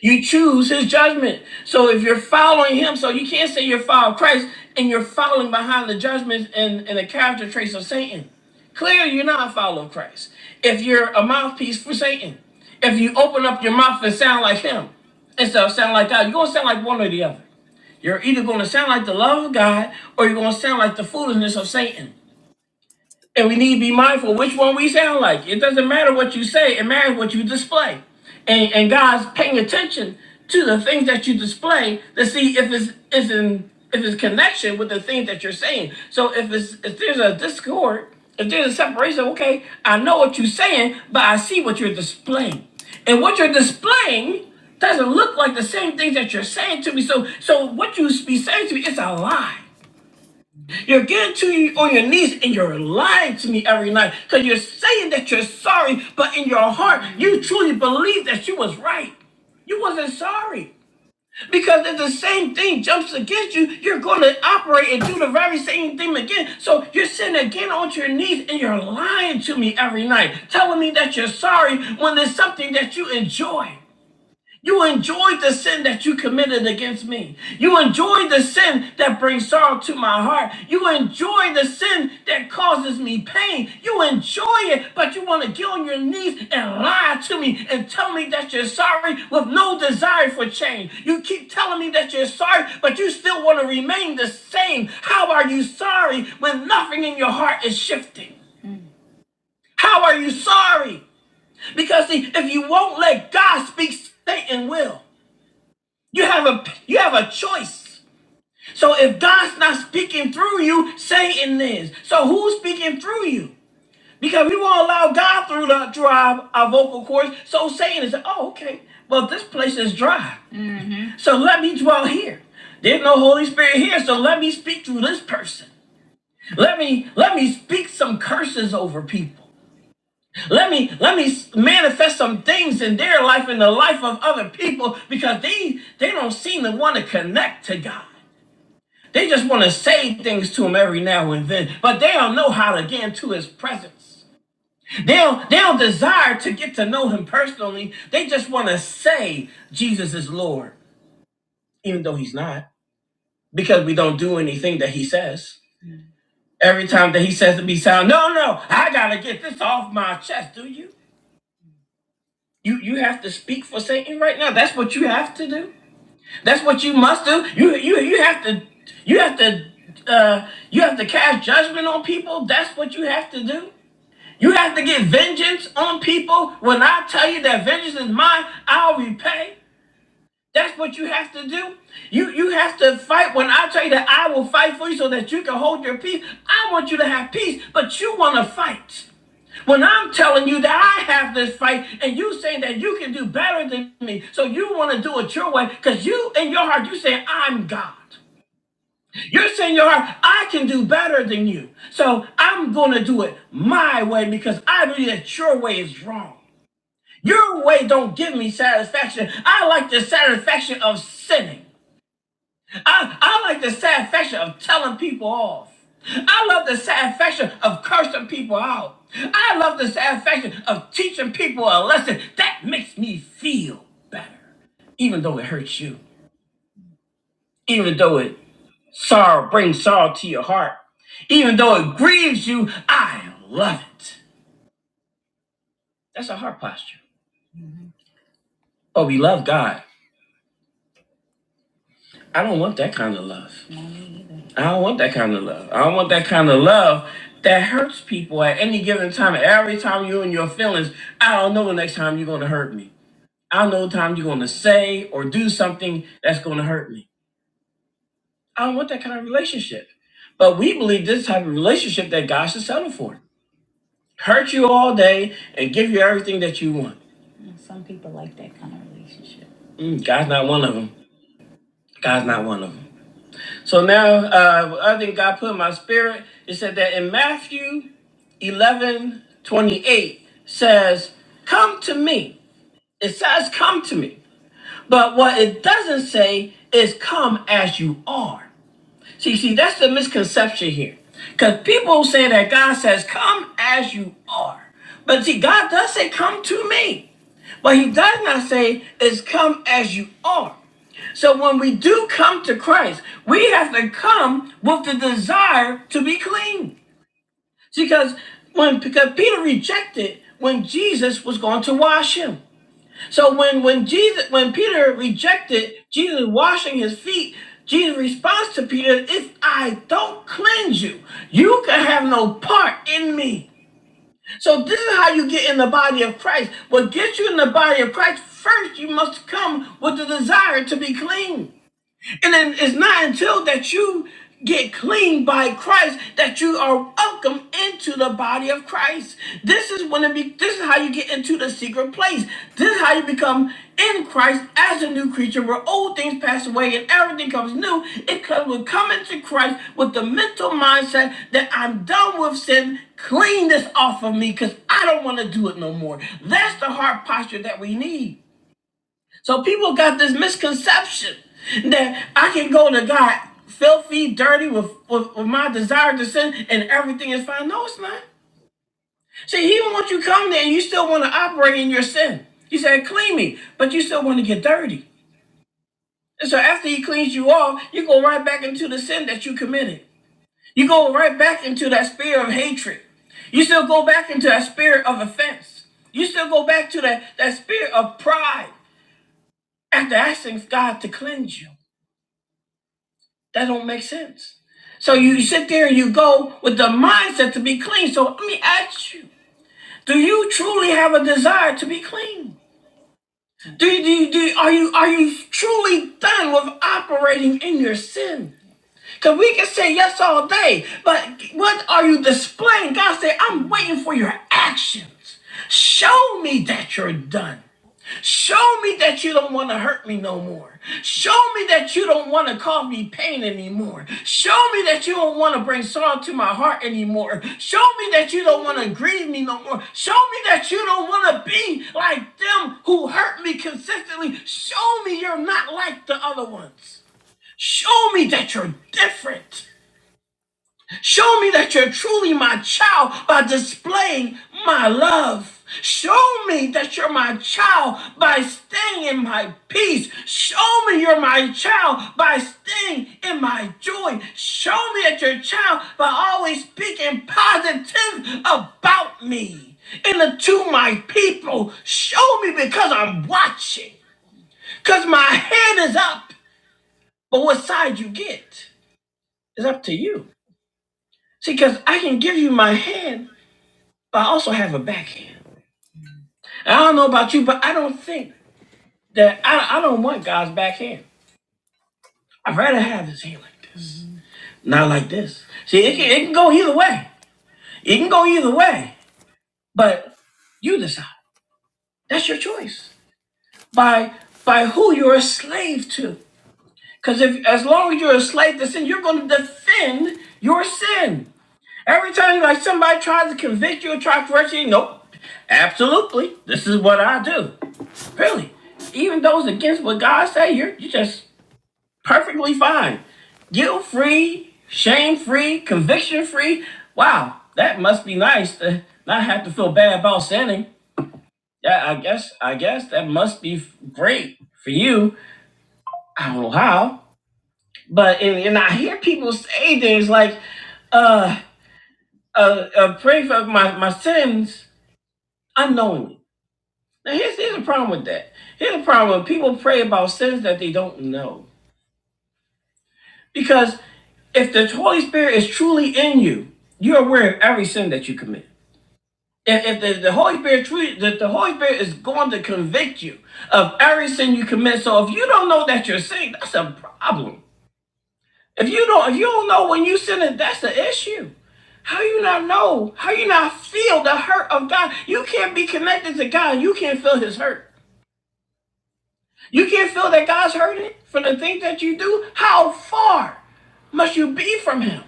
Speaker 1: You choose his judgment. So if you're following him, so you can't say you're following Christ and you're following behind the judgments and, and the character traits of Satan. Clearly, you're not following Christ. If you're a mouthpiece for Satan, if you open up your mouth and sound like him instead of sound like God, you're gonna sound like one or the other. You're either gonna sound like the love of God or you're gonna sound like the foolishness of Satan. And we need to be mindful which one we sound like. It doesn't matter what you say, it matters what you display. And and God's paying attention to the things that you display to see if it's is in if it's connection with the things that you're saying. So if it's if there's a discord, if there's a separation, okay, I know what you're saying, but I see what you're displaying. And what you're displaying doesn't look like the same things that you're saying to me. So so what you be saying to me is a lie. You're getting to you on your knees and you're lying to me every night because you're saying that you're sorry, but in your heart, you truly believe that you was right. You wasn't sorry. Because if the same thing jumps against you, you're going to operate and do the very same thing again. So you're sitting again on your knees and you're lying to me every night, telling me that you're sorry when there's something that you enjoy. You enjoyed the sin that you committed against me. You enjoyed the sin that brings sorrow to my heart. You enjoy the sin that causes me pain. You enjoy it, but you want to get on your knees and lie to me and tell me that you're sorry with no desire for change. You keep telling me that you're sorry, but you still want to remain the same. How are you sorry when nothing in your heart is shifting? How are you sorry? Because see, if you won't let God speak, Satan will. You have a you have a choice. So if God's not speaking through you, Satan is. So who's speaking through you? Because we won't allow God through the through our, our vocal cords. So Satan is, oh, okay. Well, this place is dry. So let me dwell here. There's no Holy Spirit here, so let me speak through this person. Let me let me speak some curses over people. Let me let me s- manifest some things in their life and the life of other people because they they don't seem to want to connect to God. They just want to say things to him every now and then, but they don't know how to get into his presence. They don't, they don't desire to get to know him personally. They just want to say Jesus is Lord, even though he's not, because we don't do anything that he says. Every time that he says to me, sound, no, no, I gotta get this off my chest. Do you? You you have to speak for Satan right now. That's what you have to do. That's what you must do. You you you have to you have to uh, you have to cast judgment on people. That's what you have to do. You have to get vengeance on people. When I tell you that vengeance is mine, I'll repay. That's what you have to do. You you have to fight. When I tell you that I will fight for you so that you can hold your peace, I want you to have peace, but you want to fight. When I'm telling you that I have this fight and you saying that you can do better than me, so you want to do it your way, because you in your heart, you saying, I'm God. You're saying in your heart, I can do better than you. So I'm gonna do it my way because I believe that your way is wrong. Your way don't give me satisfaction. I like the satisfaction of sinning. I, I like the satisfaction of telling people off. I love the satisfaction of cursing people out. I love the satisfaction of teaching people a lesson. That makes me feel better, even though it hurts you, even though it sorrow brings sorrow to your heart, even though it grieves you. I love it. That's a heart posture. Oh, we love God. I don't want that kind of love. I don't want that kind of love. I don't want that kind of love that hurts people at any given time. Every time you're in your feelings, I don't know the next time you're going to hurt me. I don't know the time you're going to say or do something that's going to hurt me. I don't want that kind of relationship. But we believe this type of relationship that God should settle for. Hurt you all day and give you everything that you want. Mm, God's not one of them. God's not one of them. So now, uh, other thing God put in my spirit, it said that in Matthew 11 28 says, Come to me. It says, Come to me. But what it doesn't say is, Come as you are. See, see, that's the misconception here. Because people say that God says, Come as you are. But see, God does say, Come to me. What he does not say is come as you are. So when we do come to Christ, we have to come with the desire to be clean. Because when because Peter rejected when Jesus was going to wash him. So when when Jesus when Peter rejected Jesus washing his feet, Jesus' response to Peter, if I don't cleanse you, you can have no part in me. So this is how you get in the body of Christ. What gets you in the body of Christ, first you must come with the desire to be clean. And then it's not until that you get clean by Christ that you are welcome into the body of Christ. This is when it be, this is how you get into the secret place. This is how you become in Christ as a new creature where old things pass away and everything comes new. It comes with coming to Christ with the mental mindset that I'm done with sin. Clean this off of me because I don't want to do it no more. That's the heart posture that we need. So people got this misconception that I can go to God filthy, dirty with, with, with my desire to sin and everything is fine. No, it's not. See, even once you come there and you still want to operate in your sin. He said, clean me, but you still want to get dirty. And so after he cleans you off, you go right back into the sin that you committed. You go right back into that spirit of hatred. You still go back into that spirit of offense. You still go back to that, that spirit of pride after asking God to cleanse you. That don't make sense. So you sit there and you go with the mindset to be clean. So let me ask you: Do you truly have a desire to be clean? Do you, do you, do you- are you are you truly done with operating in your sin? Because we can say yes all day, but what are you displaying? God said, "I'm waiting for your actions. Show me that you're done." Show me that you don't want to hurt me no more. Show me that you don't want to cause me pain anymore. Show me that you don't want to bring sorrow to my heart anymore. Show me that you don't want to grieve me no more. Show me that you don't want to be like them who hurt me consistently. Show me you're not like the other ones. Show me that you're different. Show me that you're truly my child by displaying my love. Show me that you're my child by staying in my peace. Show me you're my child by staying in my joy. Show me that you're a child by always speaking positive about me and the, to my people. Show me because I'm watching, because my hand is up. But what side you get is up to you. See, because I can give you my hand But I also have a backhand. And I don't know about you, but I don't think that I, I don't want God's backhand. I'd rather have his hand like this, not like this. See, it can, it can go either way. It can go either way. But you decide. That's your choice by by who you're a slave to. Because if as long as you're a slave to sin, you're going to defend your sin. Every time like somebody tries to convict you or try to pressure you, nope. Absolutely. This is what I do. Really. Even those against what God say, you're you are just perfectly fine. Guilt free, shame free, conviction free. Wow, that must be nice to not have to feel bad about sinning. Yeah, I guess I guess that must be f- great for you. I don't know how. But and, and I hear people say things like, uh uh, uh pray for my, my sins unknowingly. Now, here's, here's the problem with that. Here's the problem when people pray about sins that they don't know. Because if the Holy Spirit is truly in you, you're aware of every sin that you commit. If, if the, the Holy Spirit truly, that the Holy Spirit is going to convict you of every sin you commit. So if you don't know that you're sinning, that's a problem. If you don't, if you don't know when you sinning, that's the issue. How you not know? How you not feel the hurt of God? You can't be connected to God. You can't feel His hurt. You can't feel that God's hurting for the things that you do? How far must you be from Him?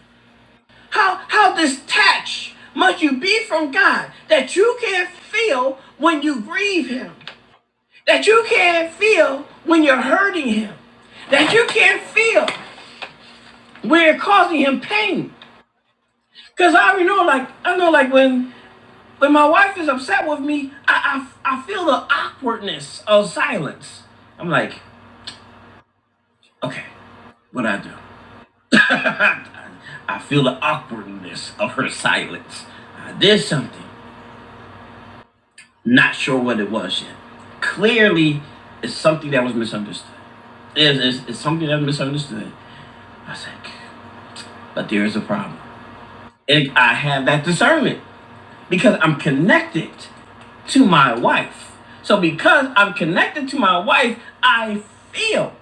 Speaker 1: How, how detached must you be from God that you can't feel when you grieve Him? That you can't feel when you're hurting Him? That you can't feel when you're causing Him pain? Because I already know, like, I know, like, when when my wife is upset with me, I, I, I feel the awkwardness of silence. I'm like, okay, what do I do? [LAUGHS] I feel the awkwardness of her silence. I did something, not sure what it was yet. Clearly, it's something that was misunderstood. It's, it's, it's something that was misunderstood. I said, but there is a problem. And I have that discernment because I'm connected to my wife. So, because I'm connected to my wife, I feel.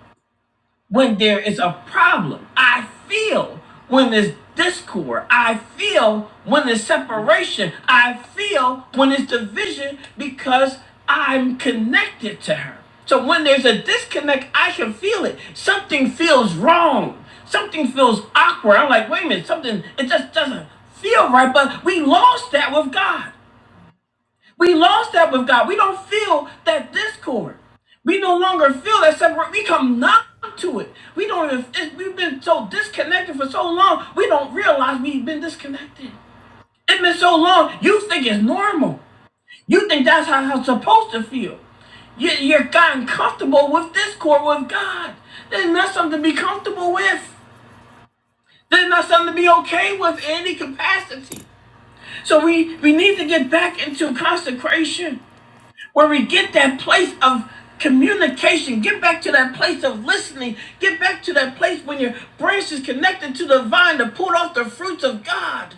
Speaker 1: when there is a problem. I feel when there's discord. I feel when there's separation. I feel when there's division because I'm connected to her. So when there's a disconnect, I can feel it. Something feels wrong. Something feels awkward. I'm like, wait a minute, something, it just doesn't feel right. But we lost that with God. We lost that with God. We don't feel that discord. We no longer feel that separate. We come numb to it. We don't even, it, we've been so disconnected for so long, we don't realize we've been disconnected. It's been so long, you think it's normal. You think that's how I'm supposed to feel. You, you're gotten comfortable with discord with God. There's not something to be comfortable with. There's not something to be okay with in any capacity. So we, we need to get back into consecration where we get that place of communication get back to that place of listening get back to that place when your branch is connected to the vine to pull off the fruits of god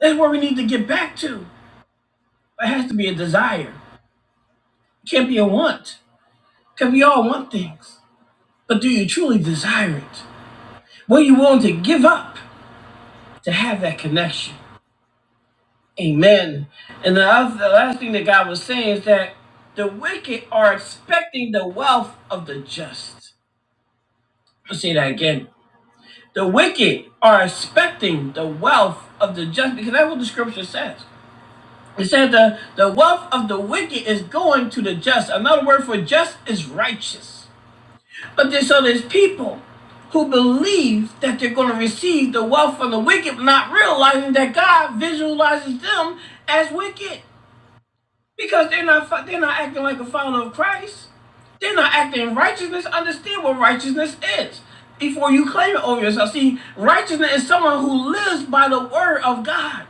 Speaker 1: that's where we need to get back to but it has to be a desire it can't be a want because we all want things but do you truly desire it what are you willing to give up to have that connection amen and the, other, the last thing that god was saying is that the wicked are expecting the wealth of the just I'll say that again The wicked are expecting the wealth of the just because that's what the scripture says. It says the, the wealth of the wicked is going to the just. Another word for just is righteous. But there's so there's people who believe that they're going to receive the wealth from the wicked, not realizing that God visualizes them as wicked because they're not they're not acting like a follower of Christ. They're not acting in righteousness. Understand what righteousness is before you claim it over yourself. See, righteousness is someone who lives by the word of God.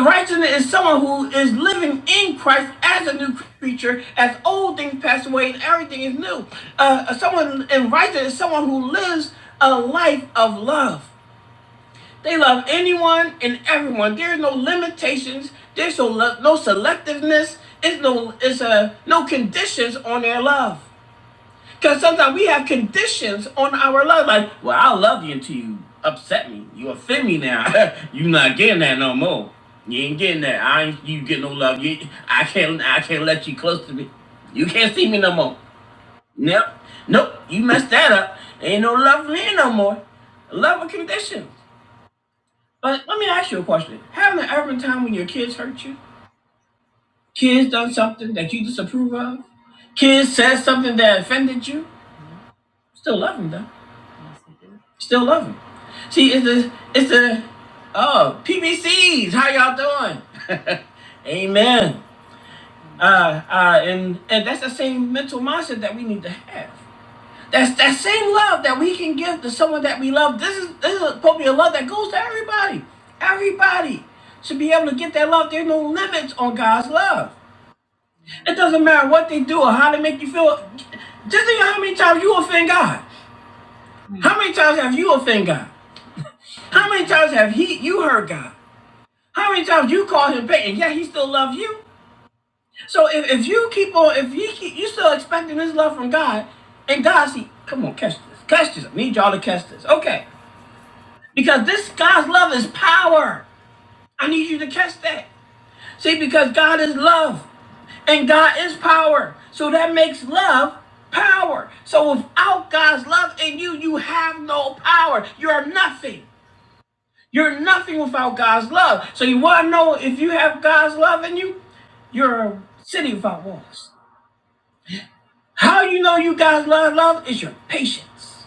Speaker 1: Righteousness is someone who is living in Christ as a new creature, as old things pass away and everything is new. Uh, someone in righteousness is someone who lives a life of love. They love anyone and everyone. There are no limitations. There's no, le- no selectiveness. It's no it's a no conditions on their love. Because sometimes we have conditions on our love. Like, well, I will love you until you upset me. You offend me now. [LAUGHS] you not getting that no more. You ain't getting that. I ain't you get no love. You, I can't I can't let you close to me. You can't see me no more. Nope. Nope. You messed that up. Ain't no love for me no more. Love with conditions. But let me ask you a question. Haven't there ever been a time when your kids hurt you? Kids done something that you disapprove of? Kids said something that offended you? Still love them though. Still love them. See, it's the it's the oh PBCs. How y'all doing? [LAUGHS] Amen. Uh, uh, and and that's the same mental mindset that we need to have. That's that same love that we can give to someone that we love. This is this is probably a love that goes to everybody. Everybody should be able to get that love. There's no limits on God's love. It doesn't matter what they do or how they make you feel. Just think of how many times you offend God. How many times have you offended God? How many times have he you hurt God? How many times you caused him pain and yet he still loves you? So if, if you keep on, if you keep, you still expecting this love from God, and God see, come on, catch this, catch this. I need y'all to catch this. Okay. Because this God's love is power. I need you to catch that. See, because God is love and God is power. So that makes love power. So without God's love in you, you have no power. You're nothing. You're nothing without God's love. So you want to know if you have God's love in you? You're a city without walls. How you know you God's love, love is your patience,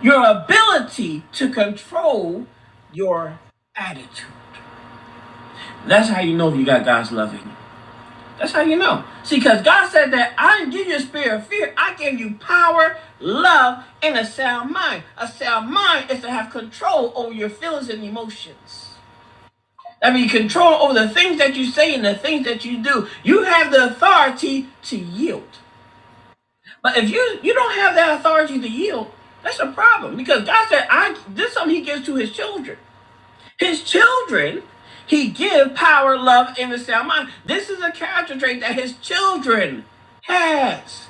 Speaker 1: your ability to control your attitude. That's how you know if you got God's love in you. That's how you know. See, because God said that I didn't give you a spirit of fear. I gave you power, love, and a sound mind. A sound mind is to have control over your feelings and emotions. I mean, control over the things that you say and the things that you do. You have the authority to yield. But if you you don't have that authority to yield, that's a problem. Because God said, "I this is something He gives to His children." His children, he give power, love, and a sound mind. This is a character trait that his children has.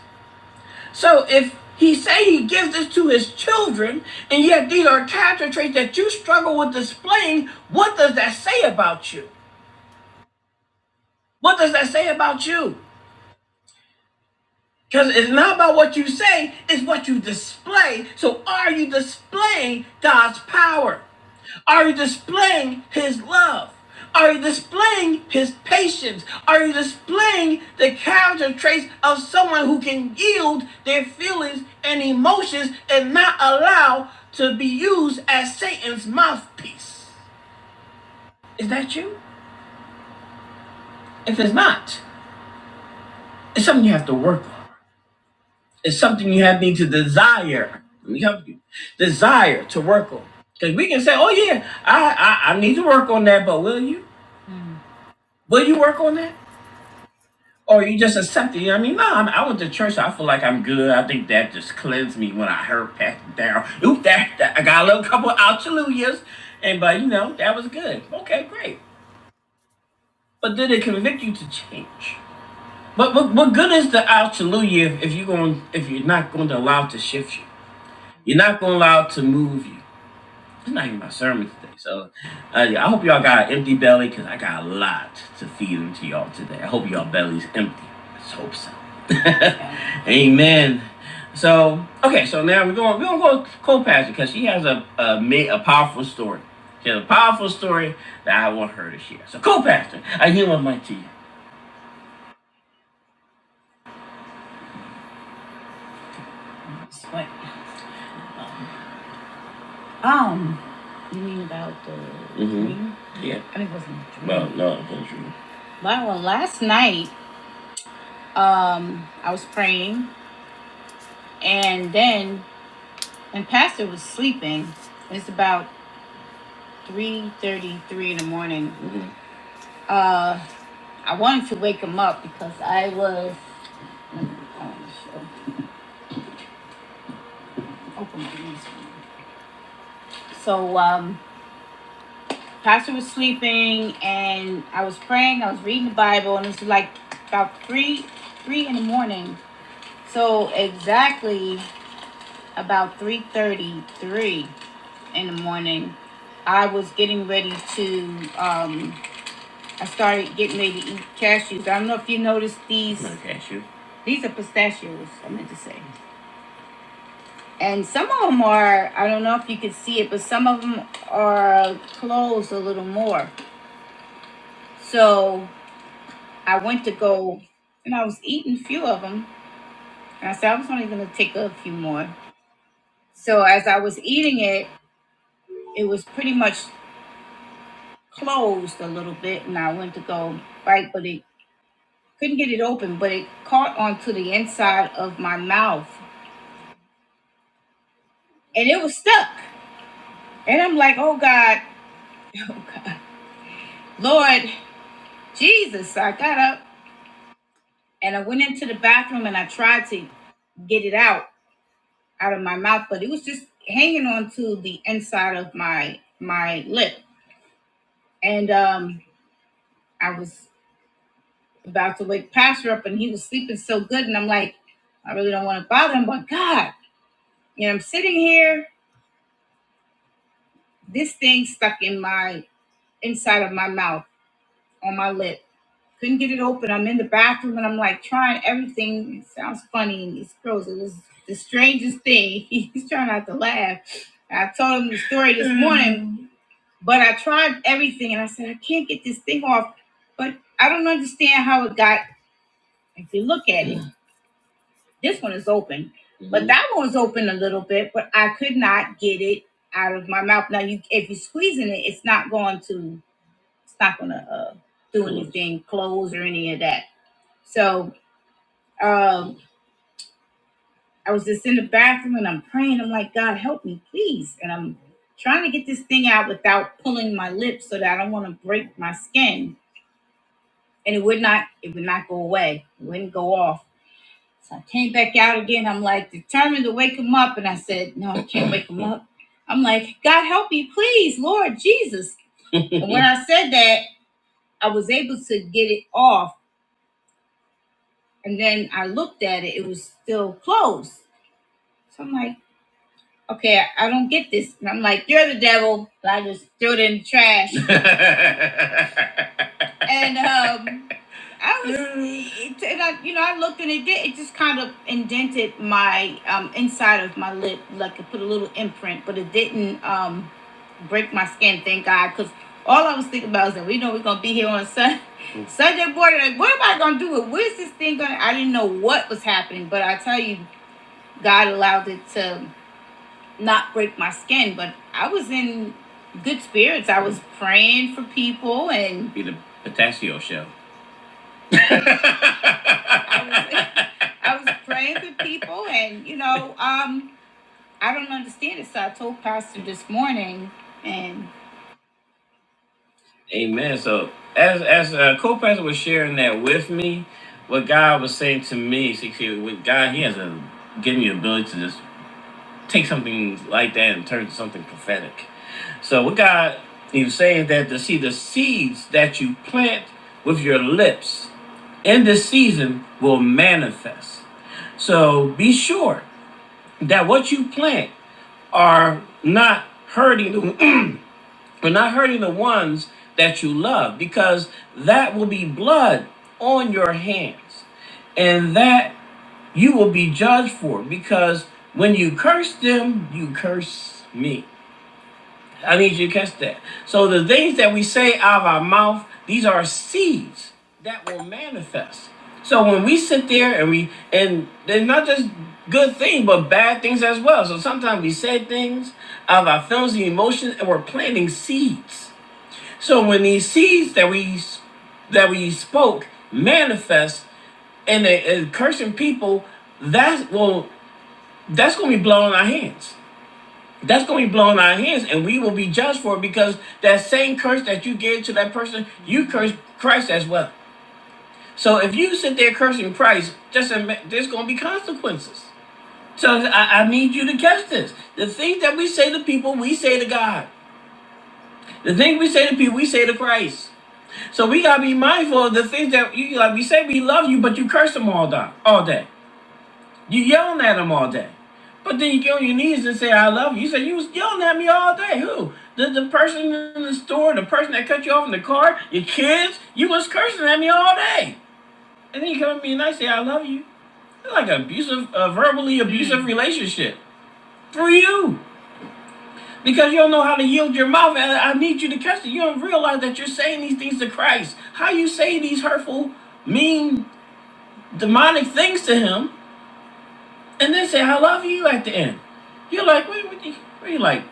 Speaker 1: So if he say he gives this to his children, and yet these are character traits that you struggle with displaying, what does that say about you? What does that say about you? Because it's not about what you say, it's what you display. So are you displaying God's power? Are you displaying his love? Are you displaying his patience? Are you displaying the character traits of someone who can yield their feelings and emotions and not allow to be used as Satan's mouthpiece? Is that you? If it's not, it's something you have to work on. It's something you have need to desire. Let me help you. Desire to work on. Because we can say, oh yeah, I, I I need to work on that, but will you? Will you work on that? Or you just accept it? You know what I mean, no, I'm, I went to church. so I feel like I'm good. I think that just cleansed me when I heard Pastor Daryl. Oop, that, that I got a little couple of hallelujahs, and but you know that was good. Okay, great. But did it convict you to change? But what, what good is the hallelujah if, if you going if you're not going to allow it to shift you? You're not going to allow it to move you. I'm not even my sermon today. So uh, yeah, I hope y'all got an empty belly because I got a lot to feed into y'all today. I hope y'all belly's empty. Let's hope so. [LAUGHS] Amen. So okay, so now we're going we're gonna go co pastor because she has a, a a powerful story. She has a powerful story that I want her to share. So co pastor, I give my mic to you. Um, you mean about the hmm Yeah. I mean, it wasn't. a dream. Well, no, it wasn't true. Well, well, last night. um i was praying and then and pastor was sleeping it's about three thirty-three in the morning Mhm. uh i wanted to wake him up because i was let me- I show- open my newsfeed. so um pastor was sleeping and i was praying i was reading the bible and it was like about three three in the morning so exactly about three thirty-three. in the morning. I was getting ready to, um, I started getting ready to eat cashews. I don't know if you noticed these. No cashew. These are pistachios, I meant to say. And some of them are, I don't know if you could see it, but some of them are closed a little more. So I went to go and I was eating a few of them. And I said, I was only going to take a few more. So as I was eating it, it was pretty much closed a little bit. And I went to go bite, but it couldn't get it open, but it caught onto the inside of my mouth and it was stuck. And I'm like, oh God, oh God, Lord Jesus. So I got up and I went into the bathroom and I tried to get it out out of my mouth, but it was just hanging onto the inside of my my lip. And um I was about to wake Pastor up and he was sleeping so good and I'm like, I really don't want to bother him, but God, you know, I'm sitting here, this thing stuck in my inside of my mouth, on my lip. Couldn't get it open. I'm in the bathroom and I'm like trying everything. It sounds funny and it's gross. It was the strangest thing. [LAUGHS] He's trying not to laugh. I told him the story this morning, but I tried everything and I said, I can't get this thing off. But I don't understand how it got. If you look at it, this one is open, but that one was open a little bit, but I could not get it out of my mouth. Now, you, if you're squeezing it, it's not going to. It's not gonna uh, do anything, close or any of that. So um, I was just in the bathroom and I'm praying. I'm like, God, help me, please. And I'm trying to get this thing out without pulling my lips so that I don't want to break my skin. And it would not, it would not go away. It wouldn't go off. So I came back out again. I'm like determined to wake him up. And I said, No, I can't wake him up. I'm like, God help me, please, Lord Jesus. And when [LAUGHS] I said that, I was able to get it off And then I looked at it, it was still closed. So I'm like, okay, I, I don't get this. And I'm like, you're the devil. And I just threw it in the trash. [LAUGHS] and um, I was, it, and I, you know, I looked and it did, it just kind of indented my um, inside of my lip, like it put a little imprint, but it didn't um, break my skin, thank God, because all I was thinking about was that we know we're gonna be here on Sun [LAUGHS] Sunday morning. Like, what am I gonna do? Where's this thing going? I didn't know what was happening, but I tell you, God allowed it to not break my skin. But I was in good spirits. I was praying for people and Be the pistachio show. [LAUGHS] I was, I was praying for people, and you know, um, I don't understand it. So I told Pastor this morning, and Amen. So as as uh, co-pastor was sharing that with me, what God was saying to me, see, see, with God, He has a given me the ability to just take something like that and turn it to something prophetic. So what God He was saying that to see the seeds that you plant with your lips in this season will manifest. So be sure that what you plant are not hurting the [CLEARS THROAT] are not hurting the ones that you love because that will be blood on your hands and that you will be judged for because when you curse them you curse me I need you to catch that. So the things that we say out of our mouth, these are seeds that will manifest. So when we sit there and we and they're not just good things, but bad things as well. So sometimes we say things out of our feelings and emotions, and we're planting seeds. So when these seeds that we that we spoke manifest and they and cursing people, that will that's gonna be blown in our hands. That's going to be blown out of hands, and we will be judged for it because that same curse that you gave to that person, you cursed Christ as well. So if you sit there cursing Christ, just admit, there's going to be consequences. So I, I need you to catch this. The things that we say to people, we say to God. The things we say to people, we say to Christ. So we gotta be mindful of the things that you like. We say we love you, but you curse them all day, all day. You yelling at him all day. But then you get on your knees and say, I love you. You say, you was yelling at me all day. Who? The, the person in the store, the person that cut you off in the car, your kids. You was cursing at me all day. And then you come at me and I say, I love you. It's like an abusive, a verbally abusive relationship for you. Because you don't know how to yield your mouth. And I need you to catch it. You don't realize that you're saying these things to Christ. How you say these hurtful, mean, demonic things to him and they say I love you at the end. You're like, wait, what? You, what you like?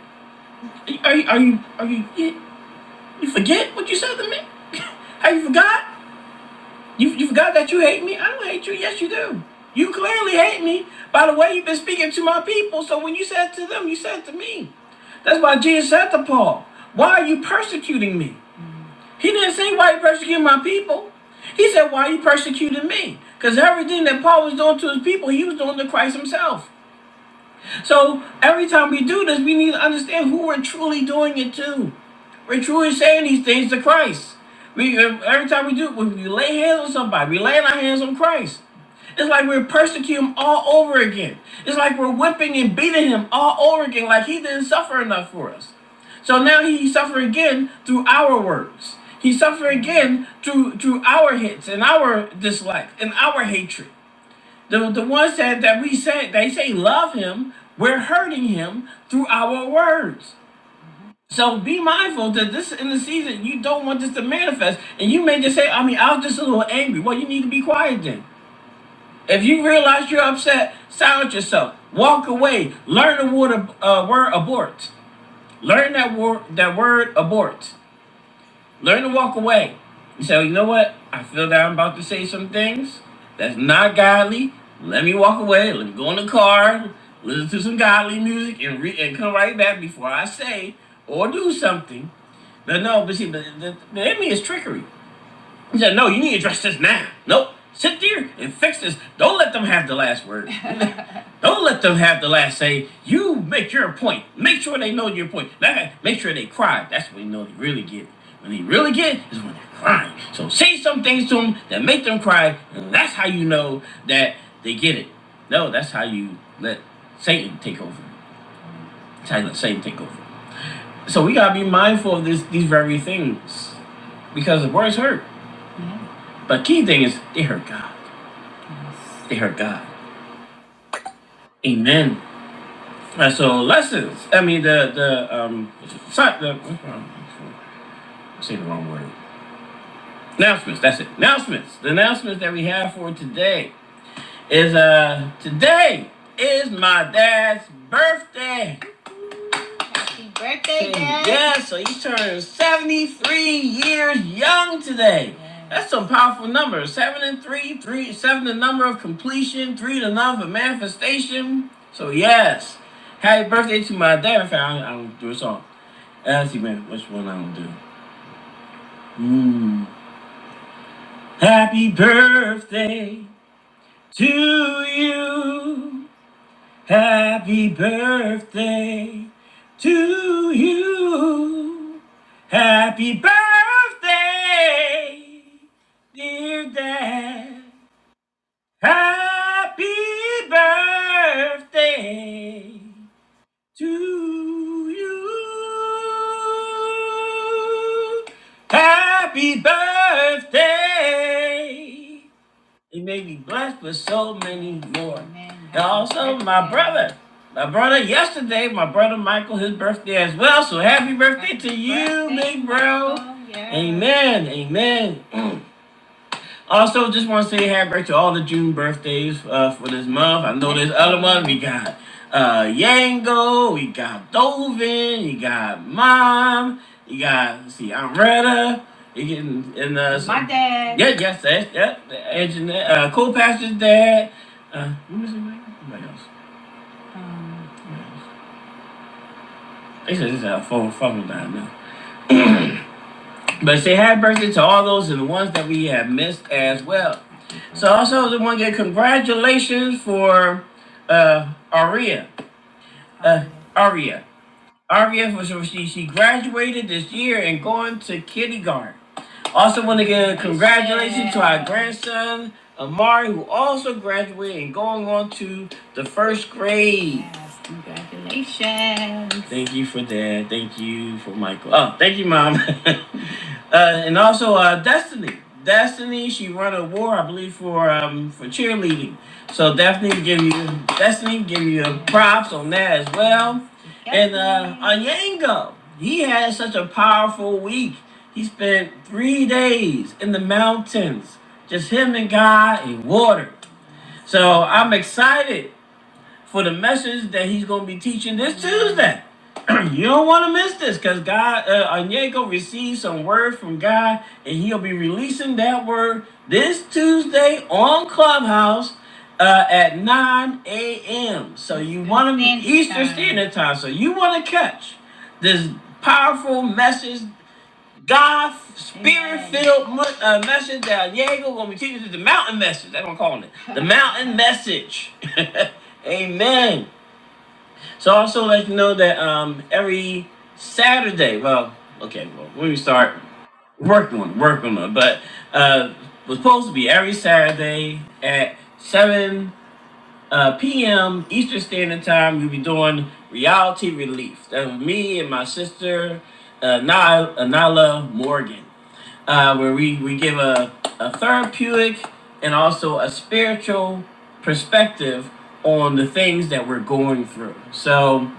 Speaker 1: Are you are you are you you you forget what you said to me? [LAUGHS] Have you forgot? You you forgot that you hate me? I don't hate you. Yes, you do. You clearly hate me by the way you've been speaking to my people. So when you said to them, you said to me. That's why Jesus said to Paul, Why are you persecuting me? He didn't say why are you persecuting my people. He said, Why are you persecuting me? Because everything that Paul was doing to his people, he was doing to Christ himself. So every time we do this, we need to understand who we're truly doing it to. We're truly saying these things to Christ. We every time we do, when we lay hands on somebody, we laying our hands on Christ. It's like we're persecuting him all over again. It's like we're whipping and beating him all over again, like he didn't suffer enough for us. So now he suffered again through our words. He suffered again through through our hits and our dislike and our hatred. The, the ones that, that we say, they say love him, we're hurting him through our words. So be mindful that this in the season, you don't want this to manifest. And you may just say, I mean, I was just a little angry. Well, you need to be quiet then. If you realize you're upset, silence yourself. Walk away. Learn the word, uh, word abort. Learn that word, that word abort. Learn to walk away. You say, you know what? I feel that I'm about to say some things that's not godly. Let me walk away. Let me go in the car, listen to some godly music, and re- and come right back before I say or do something. But no, but see, but the, the enemy is trickery. He said, No, you need to address this now. Nope. Sit there and fix this. Don't let them have the last word. [LAUGHS] Don't let them have the last say. You make your point. Make sure they know your point. make sure they cry. That's when you know they really get it. When they really get it is when they're crying. So say some things to them that make them cry, and that's how you know that they get it. No, that's how you let Satan take over. That's how you let Satan take over. So we gotta be mindful of this, these very things, because the words hurt. But key thing is they hurt God. They heard God. Amen. And so lessons. I mean the the um si- the I'm saying the wrong word. Announcements. That's it. Announcements. The announcements that we have for today is uh today is my dad's birthday. Birthday, Dad. Yes, so he turned 73 years young today. Yeah. That's some powerful numbers. Seven and three, three, seven the number of completion, three the number of manifestation. So yes, happy birthday to my dad. In fact, I don't, I don't do a song. Uh, Let's see, man, which one I don't do. Hmm. Happy birthday to you. Happy birthday to you. Happy birthday, dear Dad. Happy birthday to you. Happy birthday. He may be blessed with so many more. Amen. And also my brother. My brother yesterday, my brother Michael, his birthday as well. So happy birthday happy to you, birthday, big bro. Michael, yes. Amen. Amen. [CLEARS THROAT] Also, just want to say happy birthday to all the June birthdays uh, for this month. I know there's other ones. We got uh, Yango, we got Dovin, you got Mom, you got let's see Amretta, you can and uh, some, my dad. Yeah, yes, that, yeah. The engineer, uh, co-pastor's dad. Uh, who is it? Mike? Somebody else. Somebody else. They said it's a phone phone line now. But say happy birthday to all those and the ones that we have missed as well. So also I want to get congratulations for uh Aria. Uh Aria. Aria for so she she graduated this year and going to kindergarten. Also, want to give congratulations to our grandson Amari, who also graduated and going on to the first grade. Yes, congratulations! Thank you for that. Thank you for Michael. Oh, thank you, mom. [LAUGHS] uh, and also, uh, Destiny. Destiny, she won a award, I believe, for um for cheerleading. So definitely give you Destiny, give you props on that as well. Yep. And uh Onyango, he had such a powerful week. He spent three days in the mountains, just him and God and water. So I'm excited for the message that he's going to be teaching this Tuesday. [CLEARS THROAT] you don't want to miss this because God, uh, Onyeko received some word from God and he'll be releasing that word this Tuesday on Clubhouse uh, at 9 a.m. So you want to be Eastern Standard Time. So you want to catch this powerful message God's spirit filled uh, message that Diego gonna be teaching us the mountain message. That's what I'm calling it. The mountain [LAUGHS] message. [LAUGHS] Amen. So also let you know that um every Saturday, well, okay, well, when we start working on it, working on it, but uh was supposed to be every Saturday at seven uh, p.m. Eastern Standard Time. We'll be doing reality relief. That's me and my sister, uh, Ny- uh, Nyla Morgan uh, where we, we give a, a therapeutic and also a spiritual perspective on the things that we're going through. So,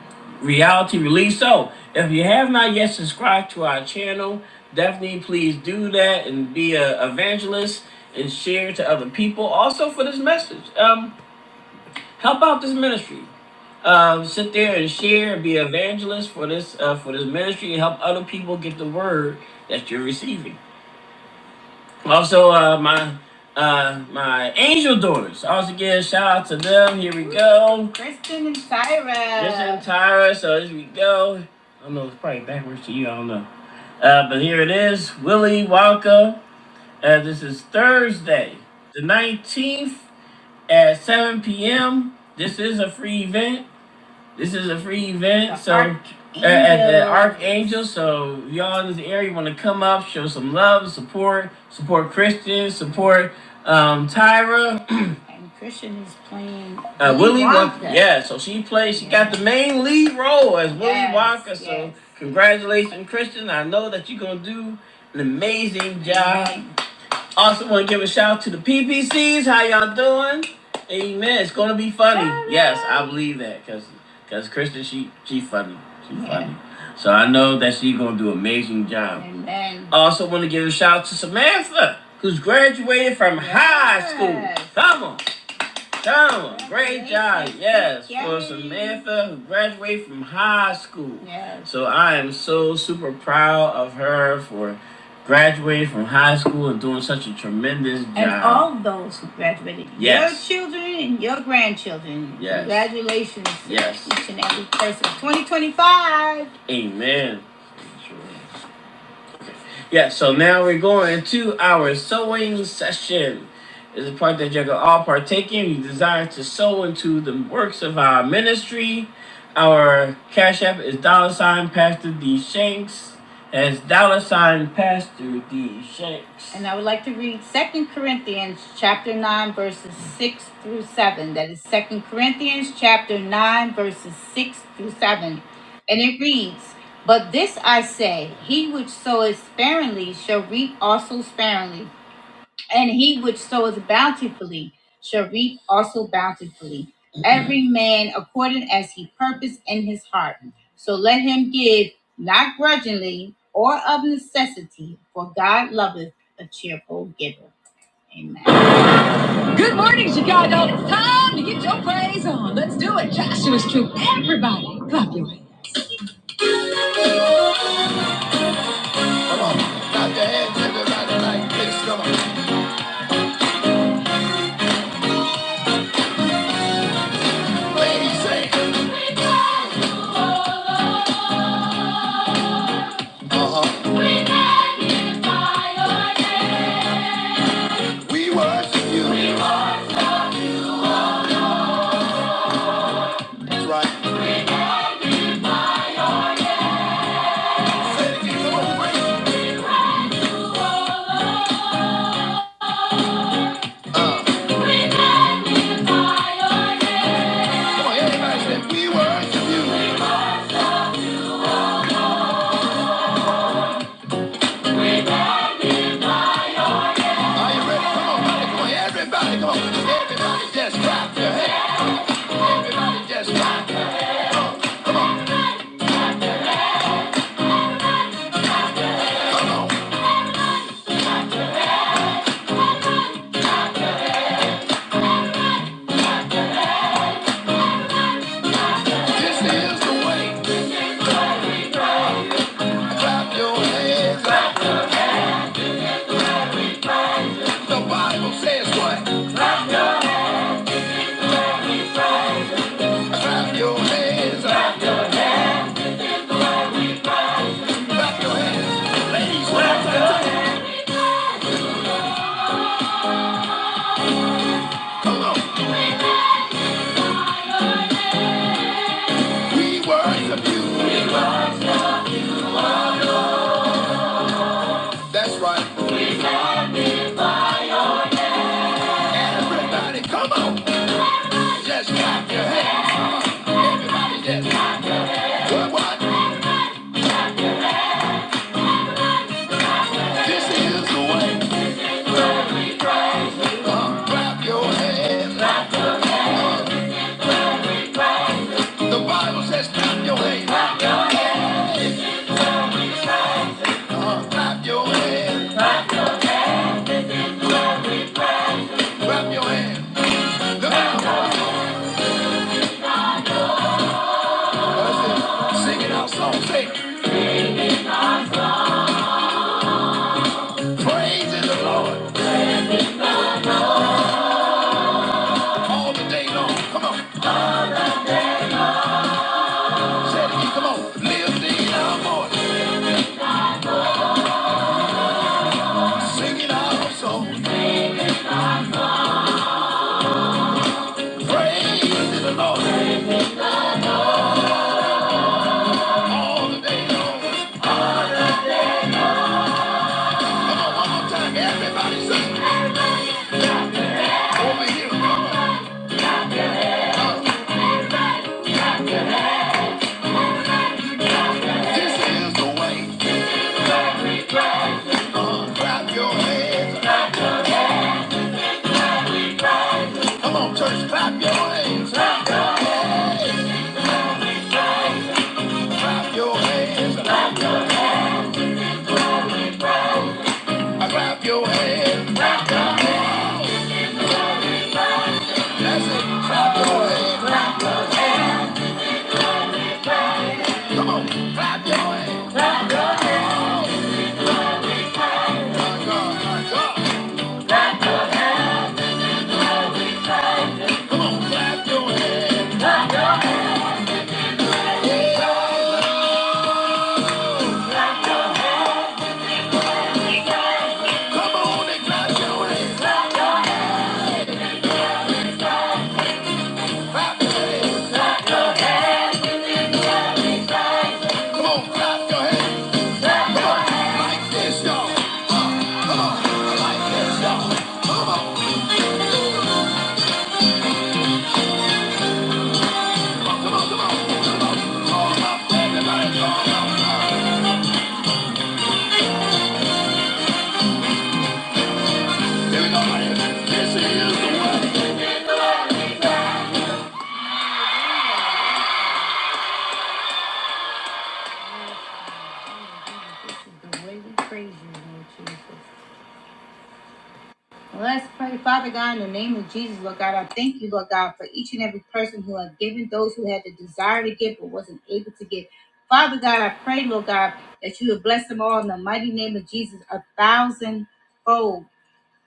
Speaker 1: reality release. So, if you have not yet subscribed to our channel, definitely please do that and be a evangelist and share to other people. Also, for this message, um, help out this ministry. Um, sit there and share and be an evangelist for this uh, for this ministry and help other people get the word that you're receiving. Also, uh, my uh, my angel daughters. Also, give a shout out to them. Here we go. Kristen and Tyra. Kristen and Tyra. So here we go. I don't know. It's probably backwards to you. I don't know. Uh, but here it is. Willie Walker. Uh, this is Thursday, the nineteenth at seven p.m. This is a free event. This is a free event, so at, at the Archangel. So y'all in this area want to come up, show some love, support, support Christian, support um, Tyra. [CLEARS THROAT] And Christian is playing Uh, Willie Willy Wonka. Wonka. Yeah, so she plays. She got the main lead role as Willie Yes, Wonka. So yes. congratulations, Christian. I know that you're gonna do an amazing job. Also, want to give a shout out to the PPCs. How y'all doing? Amen. It's gonna be funny. Yes, I believe that because because Kristen she she funny. She funny. So I know that she gonna do an amazing job. Amen. Also, want to give a shout out to Samantha, who's graduated from high school. Come on. Thelma, great Great job. job. Yes, Yay. for Samantha who graduated from high school. Yes. So I am so super proud of her for graduating from high school and doing such a tremendous job. And all those who graduated. Yes. Your children and your grandchildren. Yes. Congratulations. Yes. To Each and every person. 2025. Amen. Sure. Yeah, so now we're going to our sewing session. It's a part that you can all partake in. You desire to sow into the works of our ministry. Our cash app is dollar sign Pastor D Shanks. That's dollar sign Pastor D Shanks. And I would like to read Second Corinthians chapter 9, verses 6 through 7. That is is Second Corinthians chapter 9, verses 6 through 7. And it reads. But this I say, he which soweth sparingly shall reap also sparingly, and he which soweth bountifully shall reap also bountifully. Every man according as he purposed in his heart. So let him give, not grudgingly or of necessity, for God loveth a cheerful giver. Amen. Good morning, Chicago. It's time to get your praise on. Let's do it. Joshua's troop. Everybody, clap your hands. Everybody, come on. Everybody just clap your hands. Everybody just clap your hands. Oh, come on. This is the way. Clap your hands. The Bible says what? Clap your hands. Clap your, clap your hands. Ladies, clap your hands. We worship you. That's right. Everybody, come on. Just clap your hands. Everybody, just what? What? This is the way. Uh, clap your hands. Uh, the Bible says clap your hands. Uh, clap your hands. Clap your hands. Look out. That's it. Singing our song. Say, praise is the Lord. all the day long. Come on, shout come on, live in our voice, sing in our soul, praise to the Lord all the day long. All the day. Come on, one more time, everybody sing over here. Come on, this is the way. Uh, clap your hands. Come on, church, clap your hands. Clap your hands. Clap your hands. Clap your hands. Clap your hands. That's it. Clap your hands. Come on, clap your hands. My God, my God. Come on, clap your hands. Come on clap your hands. Clap, your hands. Clap your hands. Come on, clap your hands. Clap your hands. Like this, y'all. Uh, come on, like this, y'all. Come on, Here we go, man. This is the way. This is the way we praise you, Lord Jesus. Well, Let's pray, Father God, in the name of Jesus, Lord God. I thank you, Lord God, for each and every person who have given, those who had the desire to give but wasn't able to give. Father God, I pray, Lord God, that you would bless them all in the mighty name of Jesus a thousandfold.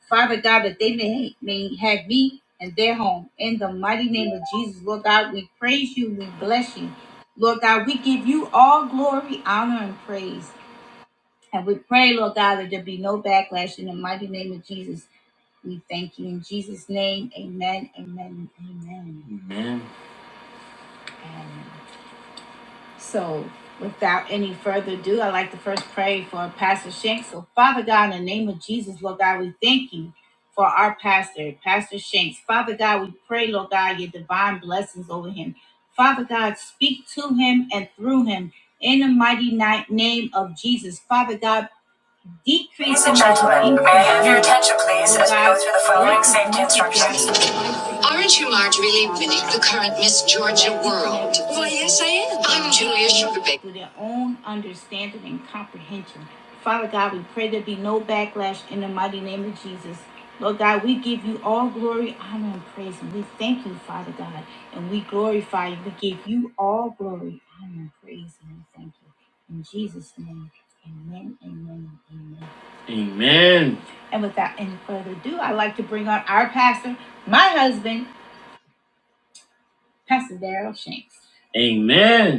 Speaker 1: Father God, that they may, may have me and their home. In the mighty name of Jesus, Lord God, we praise you, we bless you. Lord God, we give you all glory, honor, and praise. And we pray, Lord God, that there be no backlash in the mighty name of Jesus. We thank you in Jesus' name. Amen, amen, amen. amen. amen. So, without any further ado, I'd like to first pray for Pastor Shanks. So, Father God, in the name of Jesus, Lord God, we thank you for our pastor, Pastor Shanks. Father God, we pray, Lord God, your divine blessings over him. Father God, speak to him and through him in the mighty ni- name of Jesus. Father God, Ladies and gentlemen, may I have your attention please as we go through the following safety instructions. Aren't you Marge really winning the current Miss Georgia world? Well, yes, I am. I'm Julia Sugarbake. To their own understanding and comprehension. Father God, we pray there be no backlash in the mighty name. of Jesus. Lord God, we give you all glory, honor, and praise. And we thank you, Father God, and we glorify you. We give you all glory, honor, and praise, and we thank you. In Jesus' name. Amen, amen, amen. Amen. And without any further ado, I'd like to bring on our pastor, my husband, Pastor Daryl Shanks. Amen.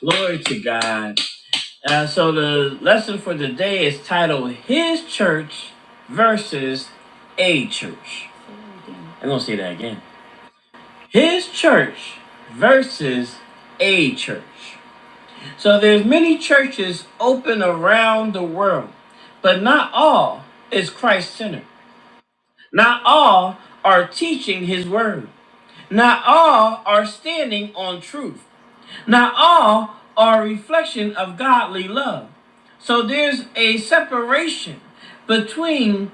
Speaker 1: Glory to God. Uh, so the lesson for today is titled His Church versus a Church. I'm going to say that again. His Church versus a Church. So there's many churches open around the world, but not all is Christ-centered. Not all are teaching his word. Not all are standing on truth. Not all are a reflection of godly love. So there's a separation between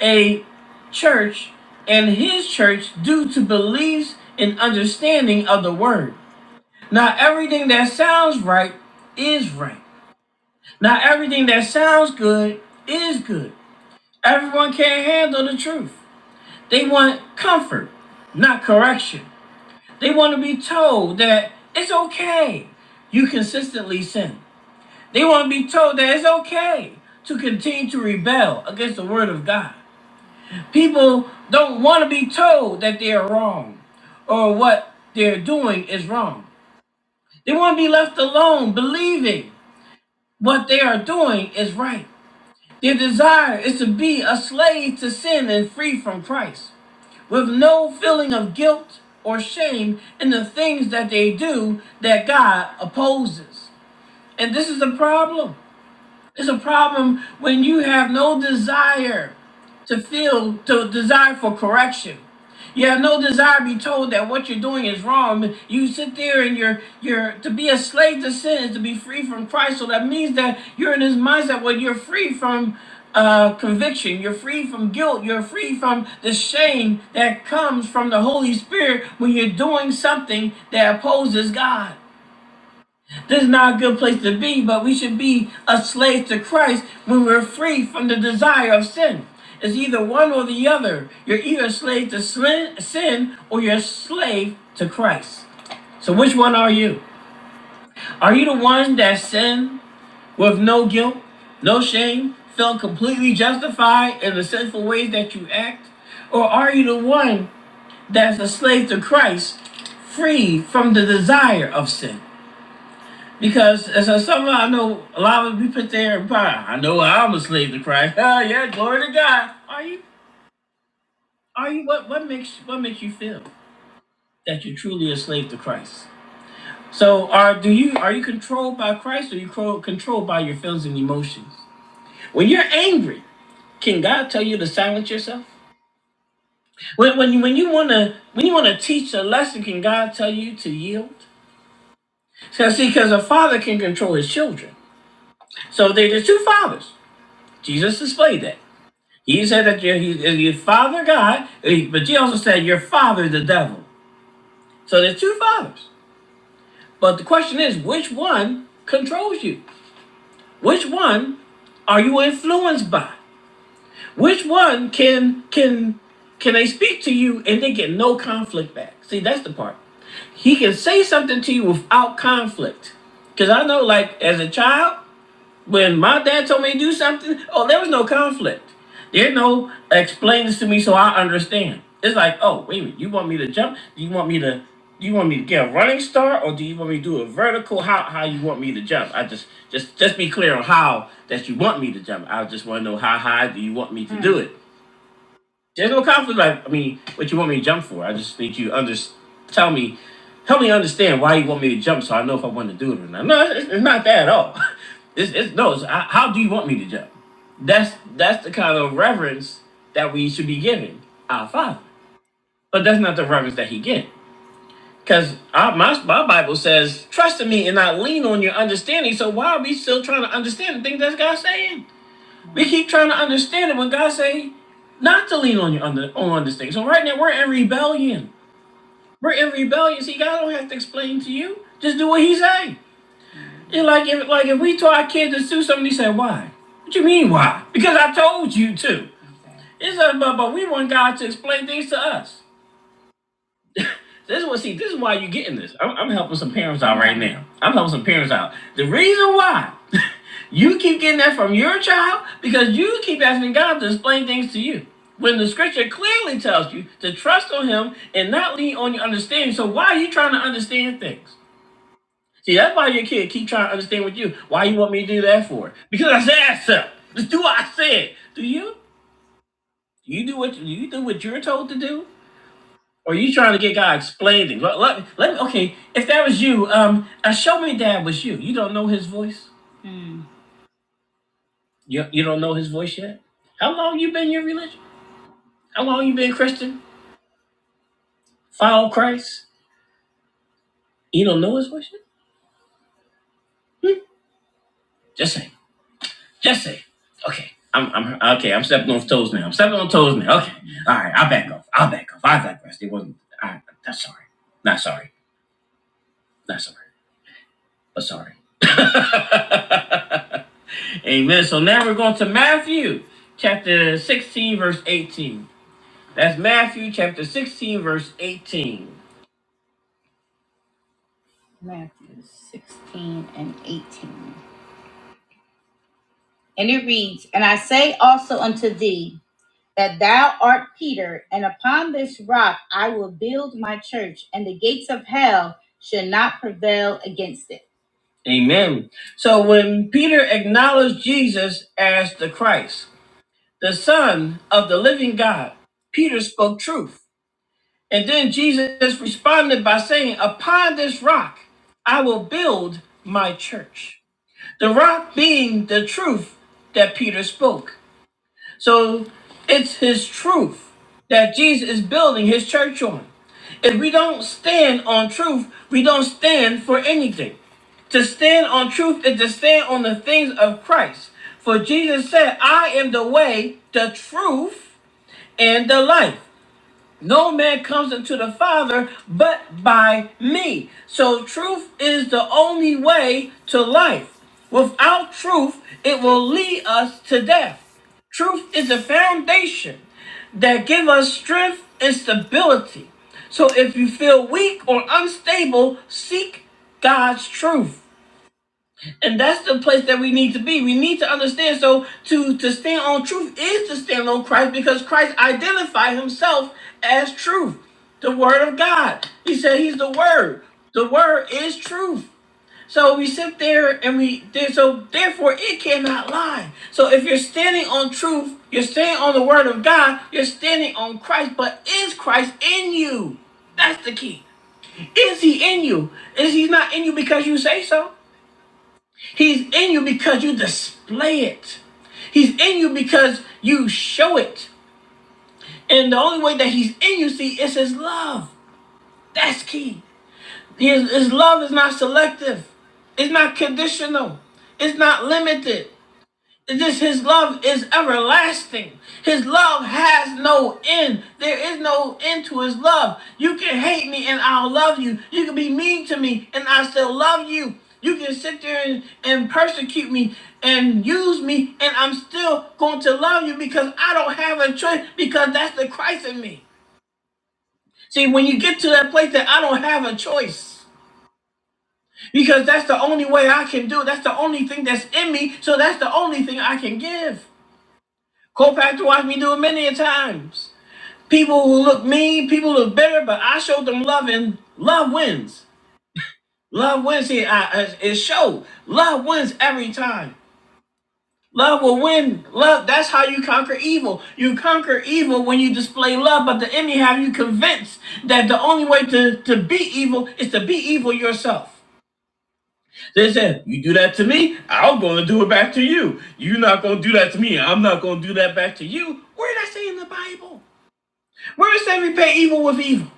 Speaker 1: a church and his church due to beliefs and understanding of the word. Not everything that sounds right is right. Not everything that sounds good is good. Everyone can't handle the truth. They want comfort, not correction. They want to be told that it's okay you consistently sin. They want to be told that it's okay to continue to rebel against the word of God. People don't want to be told that they are wrong or what they're doing is wrong. They want to be left alone believing what they are doing is right. Their desire is to be a slave to sin and free from Christ, with no feeling of guilt or shame in the things that they do that God opposes. And this is the problem. It's a problem when you have no desire to feel, to desire for correction. You have no desire to be told that what you're doing is wrong. You sit there and you're you're to be a slave to sin is to be free from Christ. So that means that you're in this mindset where you're free from uh, conviction, you're free from guilt, you're free from the shame that comes from the Holy Spirit when you're doing something that opposes God. This is not a good place to be, but we should be a slave to Christ when we're free from the desire of sin. It's either one or the other. You're either a slave to sin or you're a slave to Christ. So, which one are you? Are you the one that sinned with no guilt, no shame, felt completely justified in the sinful ways that you act? Or are you the one that's a slave to Christ, free from the desire of sin? Because as a summer, I know a lot of people put there and buy. I know I'm a slave to Christ. [LAUGHS] Oh yeah, glory to God. Are you? Are you? What? What makes? What makes you feel that you're truly a slave to Christ? So, are do you? Are you controlled by Christ, or are you cro- controlled by your feelings and emotions? When you're angry, can God tell you to silence yourself? When when you when you wanna when you wanna teach a lesson, can God tell you to yield? So see, because a father can control his children. So there- there's two fathers. Jesus displayed that. He said that your, he, your father God, eh, but you also said your father the devil. So there's two fathers. But the question is, which one controls you? Which one are you influenced by? Which one can can can they speak to you and they get no conflict back? See, that's the part. He can say something to you without conflict. Cause I know, like as a child, When my dad told me to do something, oh, there was no conflict. There's no explain this to me so I understand. It's like, oh, wait a minute, you want me to jump? Do you want me to do you want me to get a running start or do you want me to do a vertical? How how you want me to jump? I just just just be clear on how that you want me to jump. I just want to know how high do you want me to do it. There's no conflict. Like, I mean, what you want me to jump for? I just think you to under tell me, help me understand why you want me to jump, so I know if I want to do it or not. No, it's, it's not that at all. [LAUGHS] It's, it's no. It's, I, how do you want me to jump? That's that's the kind of reverence that we should be giving our Father. But that's not the reverence that He gets. Because my, my Bible says, trust in me and not lean on your understanding. So why are we still trying to understand the things that God's saying? We keep trying to understand it when God say not to lean on you on under, on this thing. So right now we're in rebellion. We're in rebellion. See, God don't have to explain to you. Just do what He say. And like if like if we told our kids to do something, He said, "Why? What you mean why? Because I told you to." It's not about, but we want God to explain things to us. This is what see. This is why you're getting this. I'm, I'm helping some parents out right now. I'm helping some parents out. The reason why [LAUGHS] you keep getting that from your child because you keep asking God to explain things to you when the Scripture clearly tells you to trust on Him and not lean on your understanding. So why are you trying to understand things? See, that's why your kid keep trying to understand with you. Why you want me to do that for? Because I said so. Just do what I said. Do you? You do what you do what you're told to do. Or you trying to get God explaining? things? Let, let, let- okay, if that was you, um, uh, show me that was you. You don't know his voice. You, you don't know his voice yet. How long you been in your religion? How long you been Christian? Follow Christ. You don't know his voice yet. Hmm? Just say, just say. Okay, I'm, I'm okay. I'm stepping on toes now. I'm stepping on toes now. Okay, all right. I'll back off. I'll back off. I digress. It wasn't. I, I'm sorry. Not sorry. Not sorry. Oh, sorry. [LAUGHS] Amen. So now we're going to Matthew chapter 16, verse 18. That's Matthew chapter 16, verse 18. Matthew 16 and 18. And it reads, And I say also unto thee, that thou art Peter, and upon this rock I will build my church, and the gates of hell shall not prevail against it. Amen. So when Peter acknowledged Jesus as the Christ, the Son of the living God. Peter spoke truth. And then Jesus responded by saying, Upon this rock I will build my church. The rock being the truth that Peter spoke. So it's his truth that Jesus is building his church on. If we don't stand on truth, we don't stand for anything. To stand on truth is to stand on the things of Christ. For Jesus said, I am the way, the truth, and the life. No man comes unto the Father but by me. So truth is the only way to life. Without truth, it will lead us to death. Truth is the foundation that give us strength and stability. So if you feel weak or unstable, seek God's truth and that's the place that we need to be we need to understand so to to stand on truth is to stand on christ because christ identified himself as truth the word of god he said he's the word the word is truth so we sit there and we there so therefore it cannot lie so if you're standing on truth you're standing on the word of god you're standing on christ but is christ in you that's the key is he in you is he not in you because you say so He's in you because you display it. He's in you because you show it. And the only way that he's in you, see, is his love. That's key. His, his love is not selective. It's not conditional. It's not limited. This his love is everlasting. His love has no end. There is no end to his love. You can hate me and I'll love you. You can be mean to me and I still love you. You can sit there and, and persecute me and use me and I'm still going to love you because I don't have a choice because that's the Christ in me. See, when you get to that place that I don't have a choice because that's the only way I can do. it. That's the only thing that's in me. So that's the only thing I can give. Co-pastor watched me do it many a times. People who look mean, people who look bitter, but I showed them love, and love wins. Love wins here. I, I- it showed. Love wins every time. Love will win. Love. That's how you conquer evil. You conquer evil when you display love, but the enemy have you convinced that the only way to, to be evil is to be evil yourself. They said, You do that to me, I'm gonna do it back to you. You're not gonna do that to me, I'm not gonna do that back to you. Where did I say in the Bible? Where it says repay evil with evil?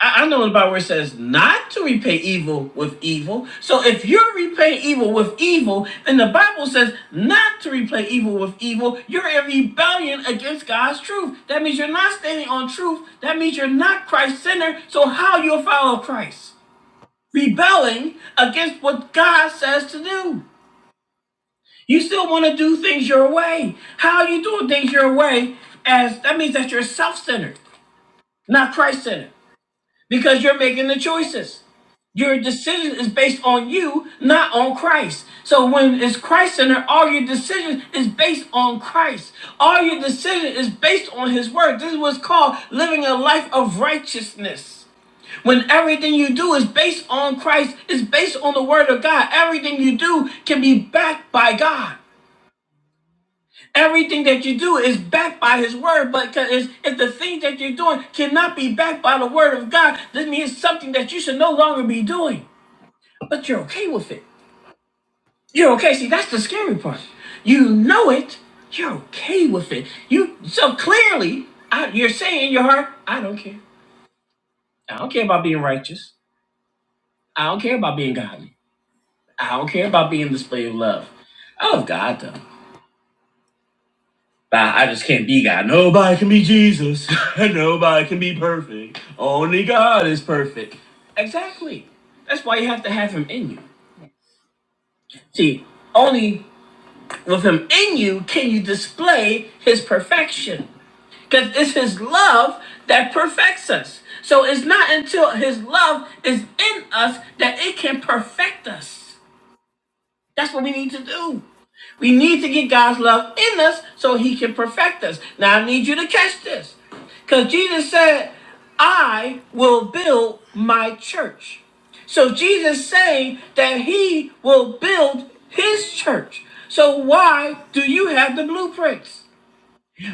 Speaker 1: I, I know in the Bible where it says not to repay evil with evil. So if you're repaying evil with evil, then the Bible says not to repay evil with evil. You're in rebellion against God's truth. That means you're not standing on truth. That means you're not Christ centered. So how you follow Christ? Rebelling against what God says to do. You still want to do things your way. How are you doing things your way? As that means that you're self-centered, not Christ-centered. because you're making the choices. Your decision is based on you, not on Christ. So when it's Christ centered, all your decision is based on Christ. All your decision is based on His word. This is what's called living a life of righteousness. When everything you do is based on Christ, it's based on the word of God. Everything you do can be backed by God. Everything that you do is backed by His word, but it's- if the things that you're doing cannot be backed by the word of God, that means something that you should no longer be doing. But you're okay with it. You're okay. See, that's the scary part. You know it. You're okay with it. You so clearly, I, you're saying in your heart, I don't care. I don't care about being righteous. I don't care about being godly. I don't care about being display of love. I love God though. Nah, I just can't be God. Nobody can be Jesus. [LAUGHS] Nobody can be perfect. Only God is perfect. Exactly. That's why you have to have Him in you. See, only with Him in you can you display His perfection. Because it's His love that perfects us. So it's not until His love is in us that it can perfect us. That's what we need to do. We need to get God's love in us so he can perfect us. Now I need you to catch this. Because Jesus said, I will build my church. So Jesus saying that he will build his church. So why do you have the blueprints?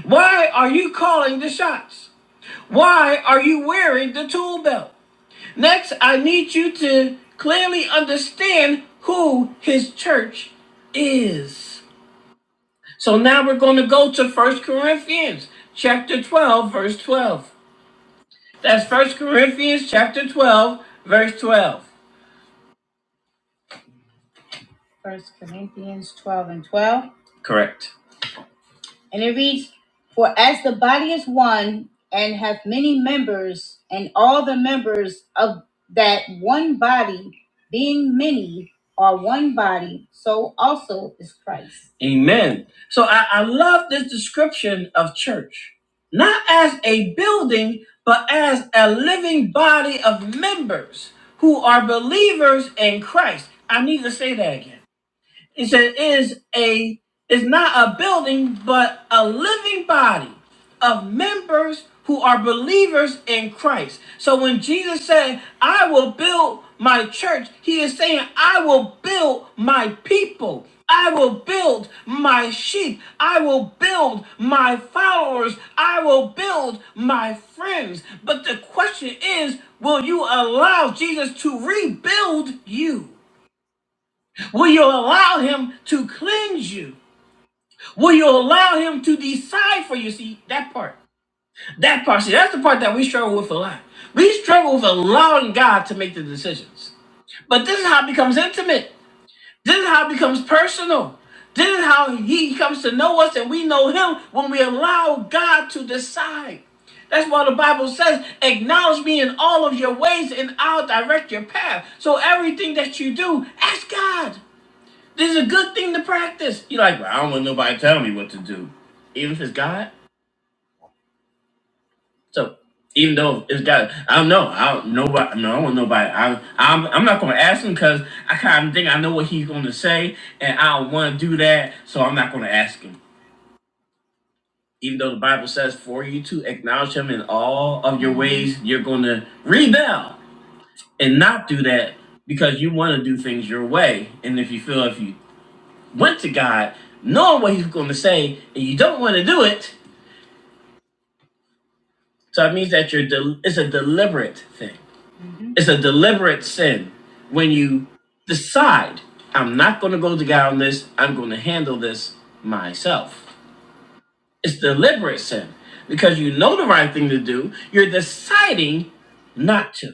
Speaker 1: Why are you calling the shots? Why are you wearing the tool belt? Next, I need you to clearly understand who his church is. So now we're going to go to First Corinthians chapter 12, verse 12. That's First Corinthians chapter 12, verse 12. First Corinthians 12 and 12. Correct. And it reads, For as the body is one and hath many members, and all the members of that one body, being many, are one body, so also is Christ. Amen. So I, I love this description of church, not as a building, but as a living body of members who are believers in Christ. I need to say that again he said, is a is not a building, but a living body of members who are believers in Christ. So when Jesus said, I will build my church, he is saying, I will build my people. I will build my sheep. I will build my followers. I will build my friends. But the question is, will you allow Jesus to rebuild you? Will you allow him to cleanse you? Will you allow him to decide for you? See, that part. That part. See, that's the part that we struggle with a lot. We struggle with allowing God to make the decisions. But this is how it becomes intimate. This is how it becomes personal. This is how he comes to know us and we know him when we allow God to decide. That's why the Bible says, acknowledge me in all of your ways and I'll direct your path. So everything that you do, ask God. This is a good thing to practice. You're like, "Well, I don't want nobody telling me what to do, even if it's God. So even though it's God, I don't know. I don't nobody. No, I don't want nobody. I, I'm I'm not gonna ask him because I kind of think I know what he's gonna say, and I don't want to do that. So I'm not gonna ask him. Even though the Bible says for you to acknowledge him in all of your ways, you're gonna rebel and not do that because you want to do things your way. And if you feel if you went to God knowing what He's going to say, and you don't want to do it. So it means that you're del- it's a deliberate thing. It's a deliberate sin when you decide I'm not going to go to God on this. I'm going to handle this myself. It's deliberate sin because you know the right thing to do. You're deciding not to.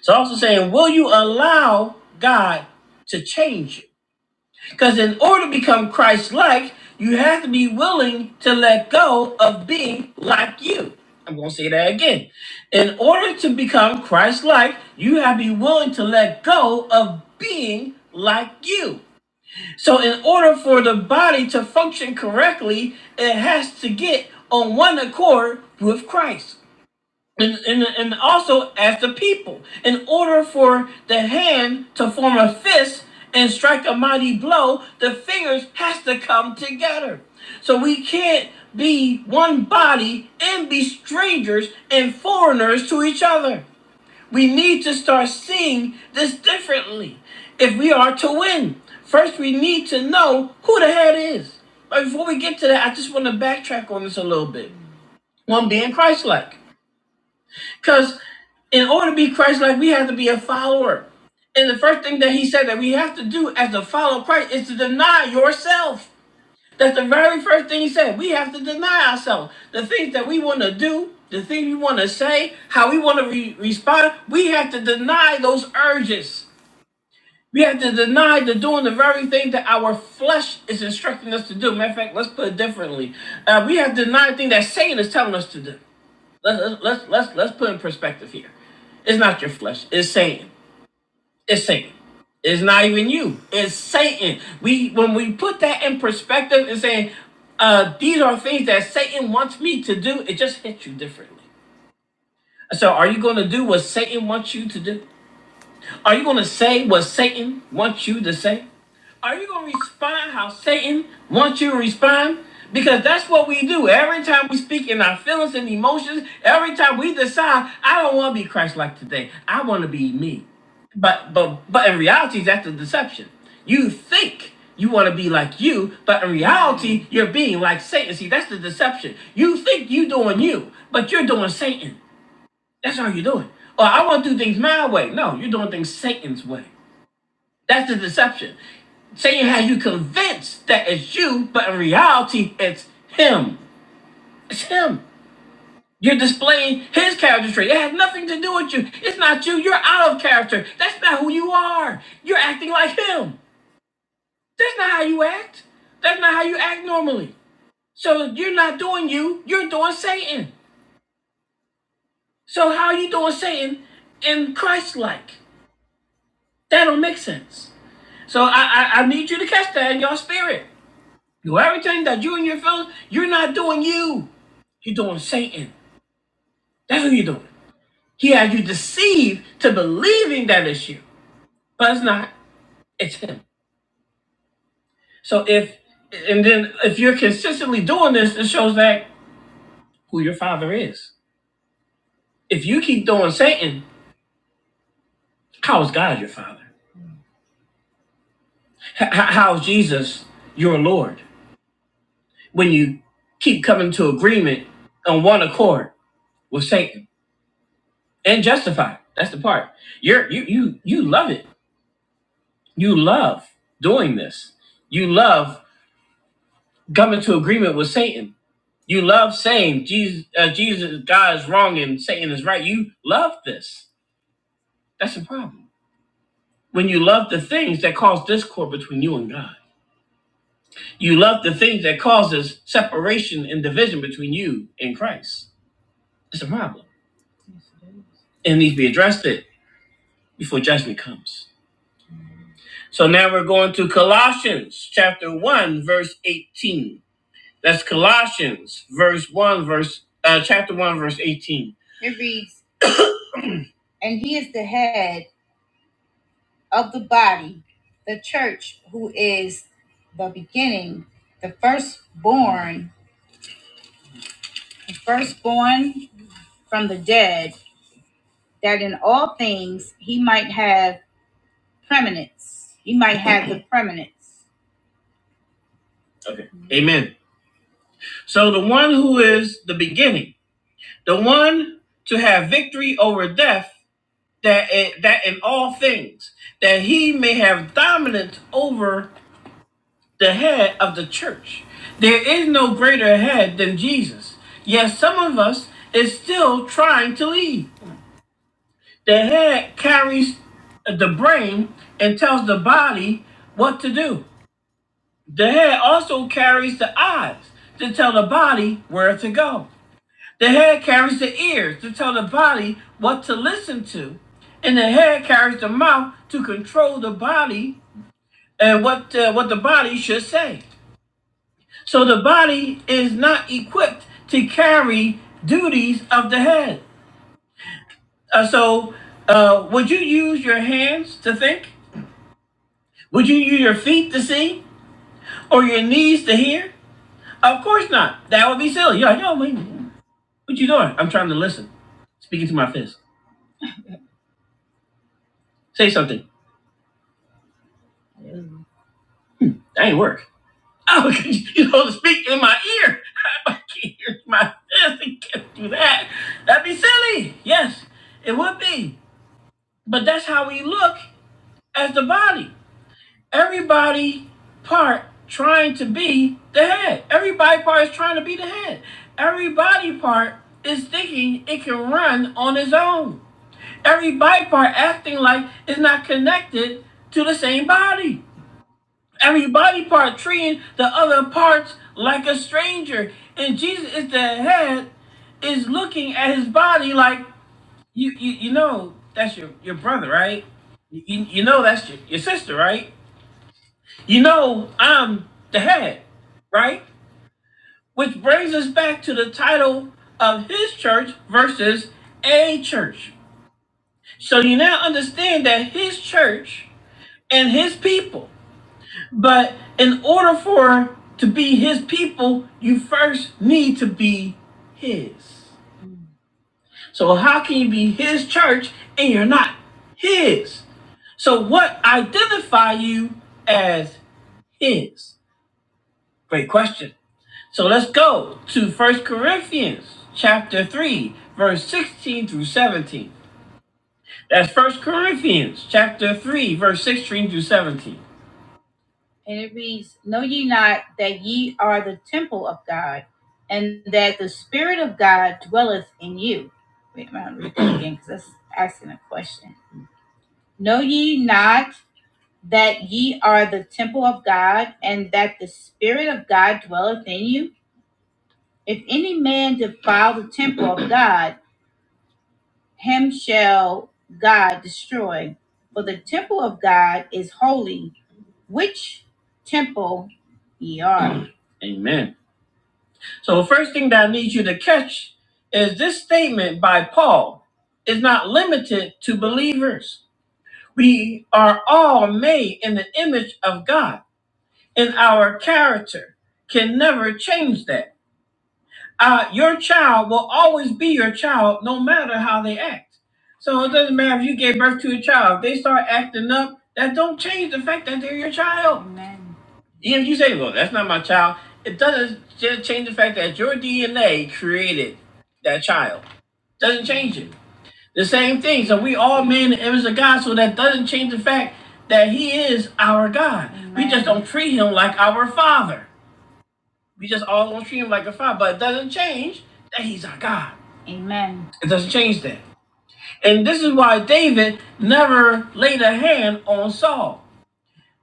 Speaker 1: So also saying, will you allow God to change you? Because in order to become Christ like, you have to be willing to let go of being like you. I'm going to say that again. In order to become Christ like, you have to be willing to let go of being like you. So, in order for the body to function correctly, it has to get on one accord with Christ and, and, and also as the people. In order for the hand to form a fist and strike a mighty blow, the fingers has to come together. So we can't be one body and be strangers and foreigners to each other. We need to start seeing this differently if we are to win. First, we need to know who the head is. But before we get to that, I just want to backtrack on this a little bit. One being Christ like. Because in order to be Christ like, we have to be a follower. And the first thing that he said that we have to do as a follower of Christ is to deny yourself. That's the very first thing he said. We have to deny ourselves. The things that we want to do, the things we want to say, how we want to re- respond, we have to deny those urges. We have to deny the doing the very thing that our flesh is instructing us to do. Matter of fact, let's put it differently. Uh, we have to deny the thing that Satan is telling us to do. Let's let's let's let's, put in perspective here. It's not your flesh. It's Satan. It's Satan. It's not even you. It's Satan. We when we put that in perspective and saying, uh, these are things that Satan wants me to do, it just hits you differently. So are you gonna do what Satan wants you to do? Are you going to say what Satan wants you to say? Are you going to respond how Satan wants you to respond? Because that's what we do. Every time we speak in our feelings and emotions, every time we decide, I don't want to be Christ like today. I want to be me. But but but in reality, that's a deception. You think you want to be like you, but in reality, you're being like Satan. See, that's the deception. You think you doing you, but you're doing Satan. That's how you do it. Or I want to do things my way. No, you're doing things Satan's way. That's the deception. Satan has you convinced that it's you, but in reality, it's him. It's him. You're displaying his character trait. It has nothing to do with you. It's not you. You're out of character. That's not who you are. You're acting like him. That's not how you act. That's not how you act normally. So you're not doing you. You're doing Satan. So how are you doing Satan in Christ-like? That don't make sense. So I, I, I need you to catch that in your spirit. You everything that you and your feelings, you're not doing you. You're doing Satan. That's what you're doing. He has you deceived to believing that it's you. But it's not. It's him. So if and then if you're consistently doing this, it shows that who your father is. If you keep doing Satan, how is God your father? H- h- how is Jesus your Lord? When you keep coming to agreement on one accord with Satan. and justify. That's the part. You're you you you love it. You love doing this. You love coming to agreement with Satan. You love saying Jesus, uh, Jesus, God is wrong and Satan is right. You love this. That's the problem. When you love the things that cause discord between you and God, you love the things that causes separation and division between you and Christ. It's a problem. It needs to be addressed it before judgment comes. So now we're going to Colossians chapter 1 verse 18. That's Colossians verse 1 verse uh, chapter 1 verse 18. It reads, "And he is the head of the body, the church, who is the beginning, the firstborn, the firstborn from the dead, that in all things he might have preeminence. He might have the preeminence." Okay. Amen. So the one who is the beginning the one to have victory over death that i- that in all things that he may have dominance over the head of the church there is no greater head than jesus yet some of us is still trying to lead the head carries the brain and tells the body what to do the head also carries the eyes to tell the body where to go The head carries the ears to tell the body what to listen to, and the head carries the mouth to control the body and what uh, what the body should say. So the body is not equipped to carry duties of the head. Uh, so, uh, would you use your hands to think? Would you use your feet to see or your knees to hear? Of course not. That would be silly. You're like, no, man, what you doing? I'm trying to listen. Speaking to my fist. Say something. That ain't work. [LAUGHS] Oh, you know, speak in my ear. [LAUGHS] I can't hear my fist. He can't do that. That'd be silly. Yes, it would be. But that's how we look as the body. Everybody part trying to be the head. Everybody part is trying to be the head. Everybody part is thinking it can run on its own. Every body part acting like it's not connected to the same body every body part treating the other parts like a stranger. And Jesus is the head, is looking at his body like you you, you know that's your, your brother, right? You, you you know that's your, your sister, right? You know I'm the head, right? Which brings us back to the title of his church versus a church. So you now understand that his church and his people But in order for to be his people, you first need to be his. So how can you be his church and you're not his? So what identify you as his? Great question. So let's go to First Corinthians chapter 3, verse 16 through 17. That's First Corinthians chapter 3, verse 16 through 17. And it reads, Know ye not that ye are the temple of God, and that the Spirit of God dwelleth in you? Wait, I'm gonna read that [CLEARS THROAT] again because that's asking a question. Know ye not that ye are the temple of God, and that the Spirit of God dwelleth in you? If any man defile the temple of God, him shall God destroy. For the temple of God is holy, which temple ye are. Amen. So first thing that I need you to catch is this statement by Paul is not limited to believers. We are all made in the image of God, and our character can never change that uh, your child will always be your child no matter how they act. So it doesn't matter if you gave birth to a child. If they start acting up, that don't change the fact that they're your child. Amen. Even if you say, well, that's not my child, it doesn't just change the fact that your DNA created that child. Doesn't change it. The same thing. So we all made in the image of God, so that doesn't change the fact that He is our God. Amen. We just don't treat Him like our Father. We just all gonna treat him like a father, but it doesn't change that he's our God. Amen. It doesn't change that. And this is why David never laid a hand on Saul,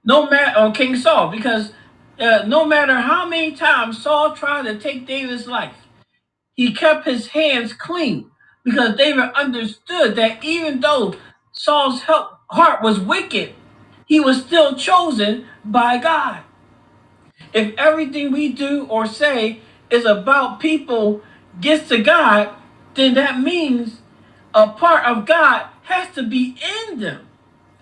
Speaker 1: no matter on King Saul, because uh, no matter how many times Saul tried to take David's life, he kept his hands clean because David understood that even though Saul's heart was wicked, he was still chosen by God. If everything we do or say is about people gets to God, then that means a part of God has to be in them.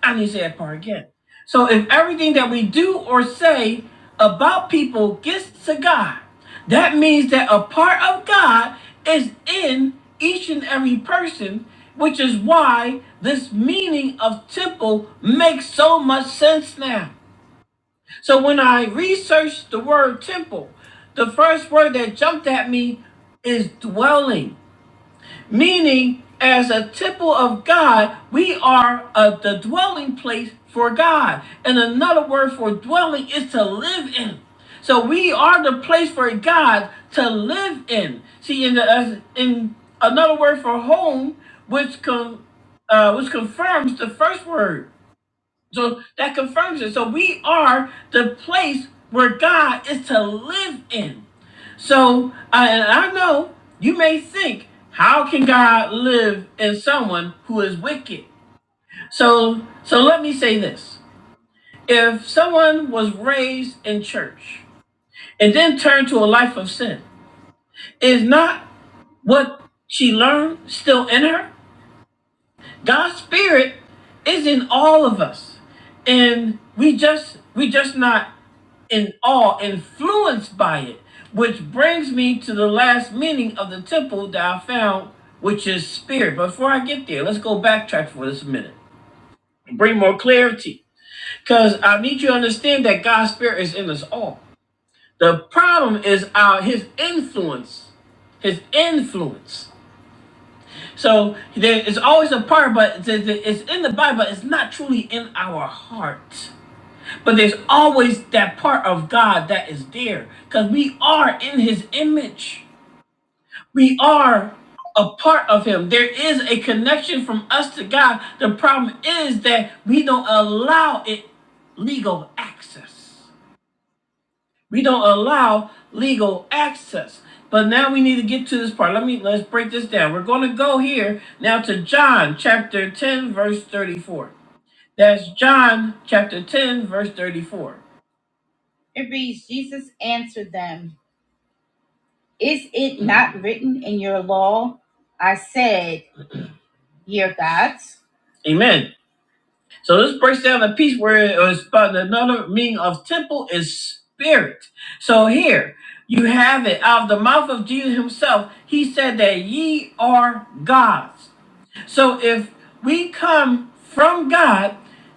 Speaker 1: I need to say that part again. So if everything that we do or say about people gets to God, that means that a part of God is in each and every person, which is why this meaning of temple makes so much sense now. So when I researched the word temple, the first word that jumped at me is dwelling, meaning as a temple of God, we are uh, the dwelling place for God. And another word for dwelling is to live in. So we are the place for God to live in. See, in, the, as in another word for home, which com, uh, which confirms the first word. So that confirms it. So we are the place where God is to live in. So I, and I know you may think, how can God live in someone who is wicked? So so let me say this. If someone was raised in church and then turned to a life of sin, is not what she learned still in her? God's spirit is in all of us. And we just we just not in awe, influenced by it. Which brings me to the last meaning of the temple that I found, which is spirit. Before I get there, let's go backtrack for this minute. Bring more clarity. Because I need you to understand that God's spirit is in us all. The problem is our his influence. His influence. So there is always a part, but it's in the Bible. It's not truly in our heart. But there's always that part of God that is there because we are in His image. We are a part of Him. There is a connection from us to God. The problem is that we don't allow it legal access. We don't allow legal access. But now we need to get to this part. Let me let's break this down. We're going to go here now to John chapter 10 verse 34. That's John chapter 10 verse 34. It reads Jesus answered them, "Is it not written in your law, I said, ye are gods?" Amen. So this breaks down the piece where it was about another meaning of temple is spirit. So here you have it out of the mouth of Jesus himself. He said that ye are gods. So if we come from God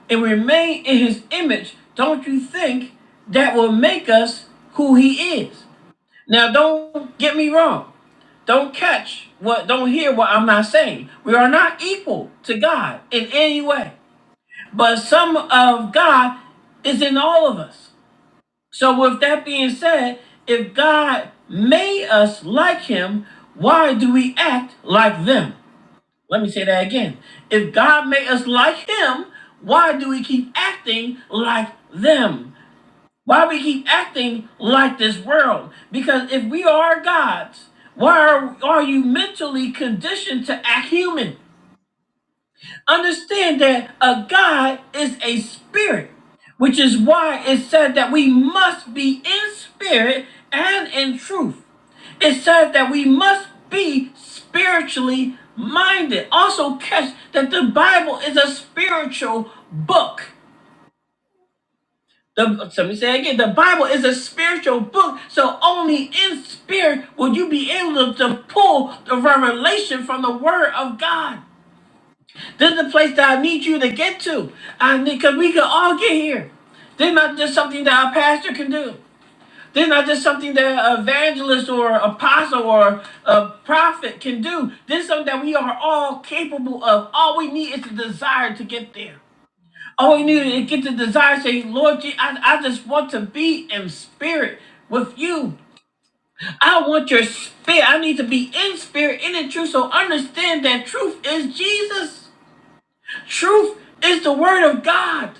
Speaker 1: and remain in his image, don't you think that will make us who he is? Now don't get me wrong. Don't catch what don't hear what I'm not saying. We are not equal to God in any way. But some of God is in all of us. So, with that being said, if God made us like Him, why do we act like them? Let me say that again. If God made us like Him, why do we keep acting like them? Why we keep acting like this world? Because if we are gods, why are, are you mentally conditioned to act human? Understand that a God is a spirit, which is why it said that we must be in spirit and in truth. It says that we must be spiritually minded. Also, catch that the Bible is a spiritual book. The, let me say it again, the Bible is a spiritual book, so only in spirit will you be able to to pull the revelation from the Word of God. This is the place that I need you to get to. I need because we can all get here. This is not just something that our pastor can do. This is not just something that an evangelist or apostle or a prophet can do. This is something that we are all capable of. All we need is the desire to get there. All we need is to get the desire. to Say, Lord, Je- I, I just want to be in spirit with you. I want your spirit. I need to be in spirit, in the truth. So understand that truth is Jesus. Truth is the word of God.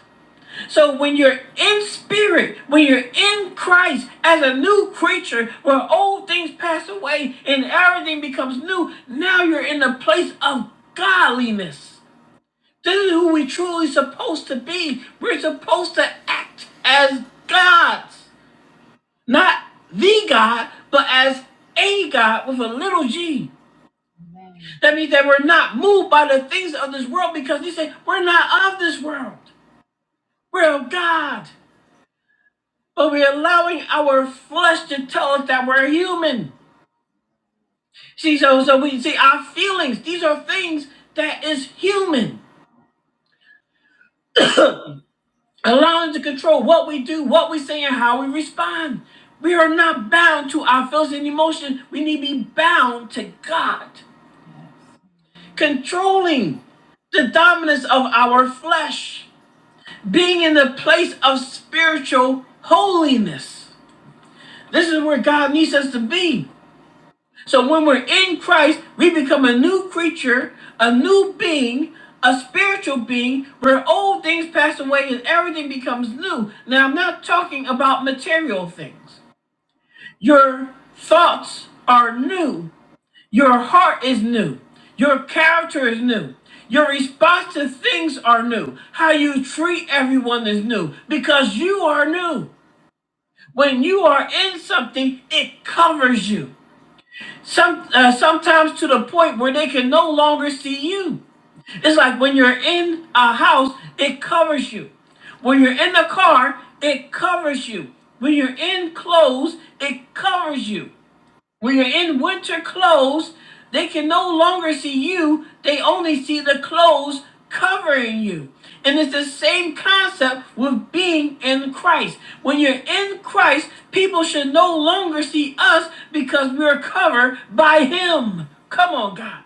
Speaker 1: So when you're in spirit, when you're in Christ as a new creature, where old things pass away and everything becomes new, now you're in the place of godliness. This is who we truly supposed to be. We're supposed to act as gods. Not the God, but as a God with a little g. That means that we're not moved by the things of this world because he said we're not of this world. Real God. But we're allowing our flesh to tell us that we're human. See, so so we see our feelings, these are things that is human. [COUGHS] [CLEARS THROAT] allowing to control what we do, what we say, and how we respond. We are not bound to our feelings and emotions. We need to be bound to God. Controlling the dominance of our flesh, being in the place of spiritual holiness. This is where God needs us to be. So when we're in Christ, we become a new creature, a new being, a spiritual being, where old things pass away and everything becomes new. Now, I'm not talking about material things. Your thoughts are new. Your heart is new. Your character is new. Your response to things are new. How you treat everyone is new because you are new. When you are in something, it covers you. Some uh, sometimes to the point where they can no longer see you. It's like when you're in a house, it covers you. When you're in the car, it covers you. When you're in clothes, it covers you. When you're in winter clothes, they can no longer see you. They only see the clothes covering you. And it's the same concept with being in Christ. When you're in Christ, people should no longer see us because we're covered by Him. Come on, God.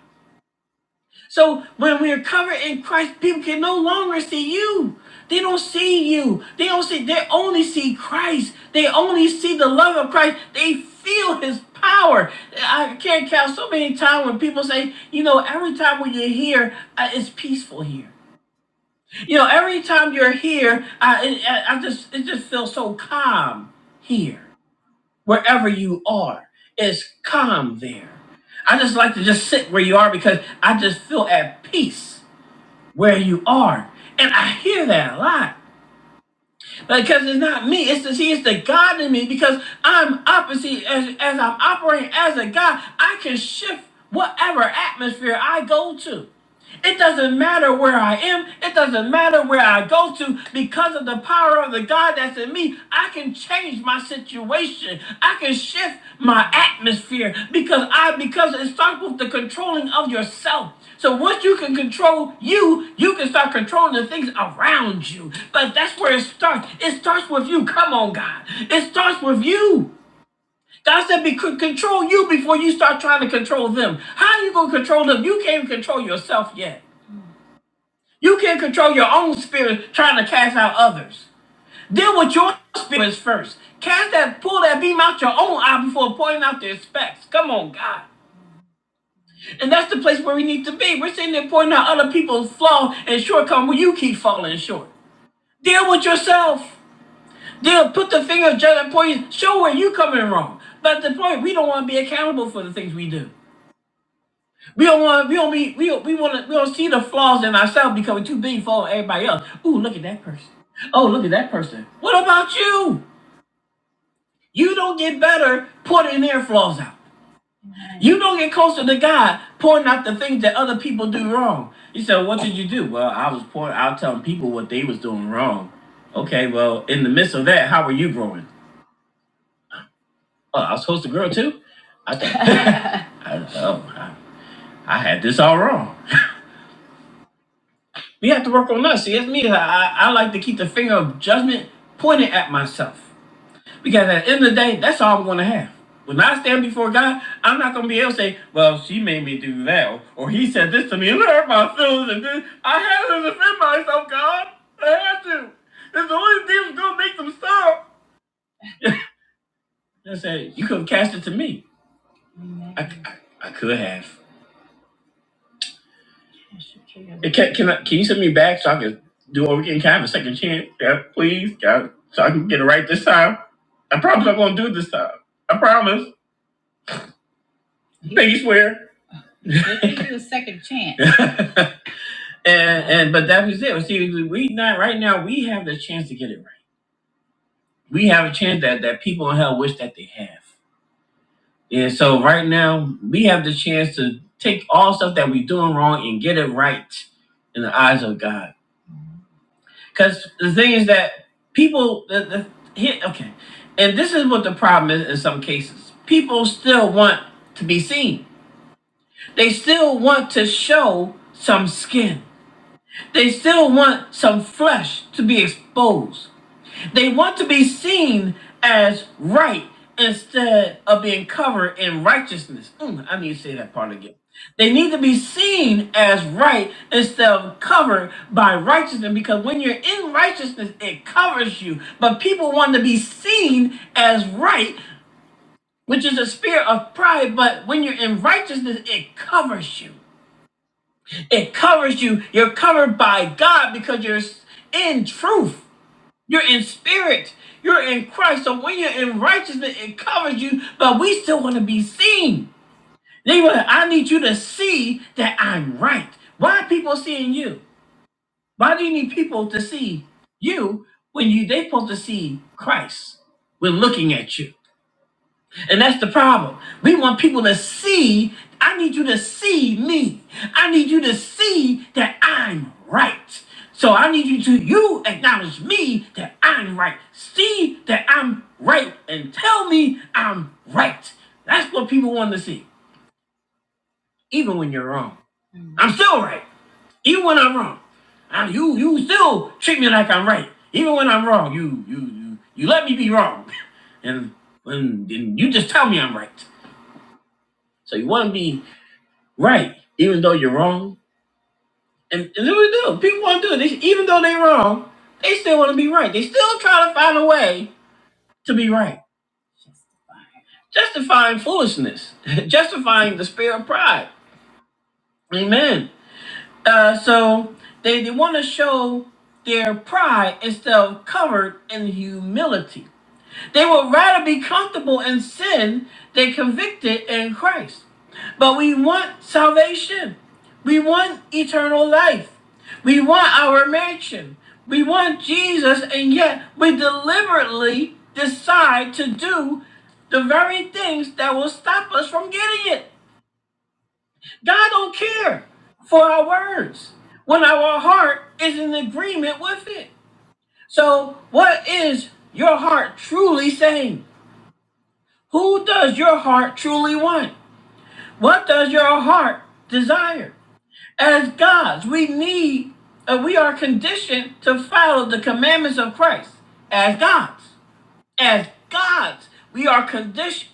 Speaker 1: So when we're covered in Christ, people can no longer see you. They don't see you. They don't see. They only see Christ. They only see the love of Christ. They feel His power. I can't count so many times when people say, you know, every time when you're here, uh, it's peaceful here. You know, every time you're here, I, it- I, I just it just feels so calm here. Wherever you are, it's calm there. I just like to just sit where you are because I just feel at peace where you are. And I hear that a lot. Because it's not me, it's the see, it's the God in me. Because I'm opposite as as I'm operating as a God, I can shift whatever atmosphere I go to. It doesn't matter where I am, it doesn't matter where I go to, because of the power of the God that's in me, I can change my situation. I can shift my atmosphere because I because it starts with the controlling of yourself. So once you can control you, you can start controlling the things around you. But that's where it starts. It starts with you. Come on, God. It starts with you. God said, "Be control you before you start trying to control them." How are you gonna control them? You can't control yourself yet. You can't control your own spirit trying to cast out others. Deal with your spirits first. Cast that, pull that beam out your own eye before pointing out their specs. Come on, God. And that's the place where we need to be. We're sitting there pointing out other people's flaw and shortcoming where you keep falling short. Deal with yourself. Deal, put the finger, judge, and point, show where you coming wrong. But at the point, we don't want to be accountable for the things we do. We don't want. We don't be. We don't, we want to. We don't see the flaws in ourselves because we're too big for everybody else. Ooh, look at that person. Oh, look at that person. What about you? You don't get better pouring their flaws out. You don't get closer to God pouring out the things that other people do wrong. You said, "What did you do?" Well, I was pouring out telling people what they was doing wrong. Okay, well, in the midst of that, how were you growing? Oh, I was supposed to grow too. I thought, [LAUGHS] I, oh, I, I had this all wrong. We have to work on us. See, it's me. I I like to keep the finger of judgment pointed at myself. Because at the end of the day, that's all I'm going to have. When I stand before God, I'm not going to be able to say, well, she made me do that, or, he said this to me, and it hurt my feelings, and this. I had to defend myself, God. I had to. It's the only thing that's going to make them stop. I said, you could have cast it to me. I, I, I could have. It Can, can, I, can you send me back so I can do over again? Can I have a second chance? Yeah, please, God, so I can get it right this time? I promise I'm going to do it this time. I promise. Thank you, swear. We'll give you a second chance. [LAUGHS] and and but that was it. Well, See, we not right now. We have the chance to get it right. We have a chance that that people in hell wish that they have. And so right now, we have the chance to take all stuff that we are doing wrong and get it right in the eyes of God. Because the thing is that people, the, the here, okay, and this is what the problem is in some cases. People still want to be seen. They still want to show some skin. They still want some flesh to be exposed. They want to be seen as right instead of being covered in righteousness. Mm, I need to say that part again. They need to be seen as right instead of covered by righteousness because when you're in righteousness, it covers you. But people want to be seen as right, which is a spirit of pride. But when you're in righteousness, it covers you. It covers you. You're covered by God because you're in truth. You're in spirit. You're in Christ. So when you're in righteousness, it covers you, but we still want to be seen. They were, I need you to see that I'm right. Why are people seeing you? Why do you need people to see you when you they supposed to see Christ when looking at you? And that's the problem. We want people to see, I need you to see me. I need you to see that I'm right. So I need you to you acknowledge me that I'm right. See that I'm right and tell me I'm right. That's what people want to see. Even when you're wrong. I'm still right. Even when I'm wrong. I, you you still treat me like I'm right. Even when I'm wrong, you you you, you let me be wrong. [LAUGHS] And when and you just tell me I'm right. So you want to be right, even though you're wrong. And, and then we do. People want to do it. They, even though they're wrong, they still want to be right. They still try to find a way to be right. Justifying foolishness, [LAUGHS] justifying the spirit of pride. Amen. Uh, so they, they want to show their pride instead of covered in humility. They would rather be comfortable in sin than convicted in Christ. But we want salvation. We want eternal life. We want our mansion. We want Jesus, and yet we deliberately decide to do the very things that will stop us from getting it. God don't care for our words when our heart is in agreement with it. So, what is your heart truly saying? Who does your heart truly want? What does your heart desire? As gods, we need, uh, we are conditioned to follow the commandments of Christ as gods. As gods, we are conditioned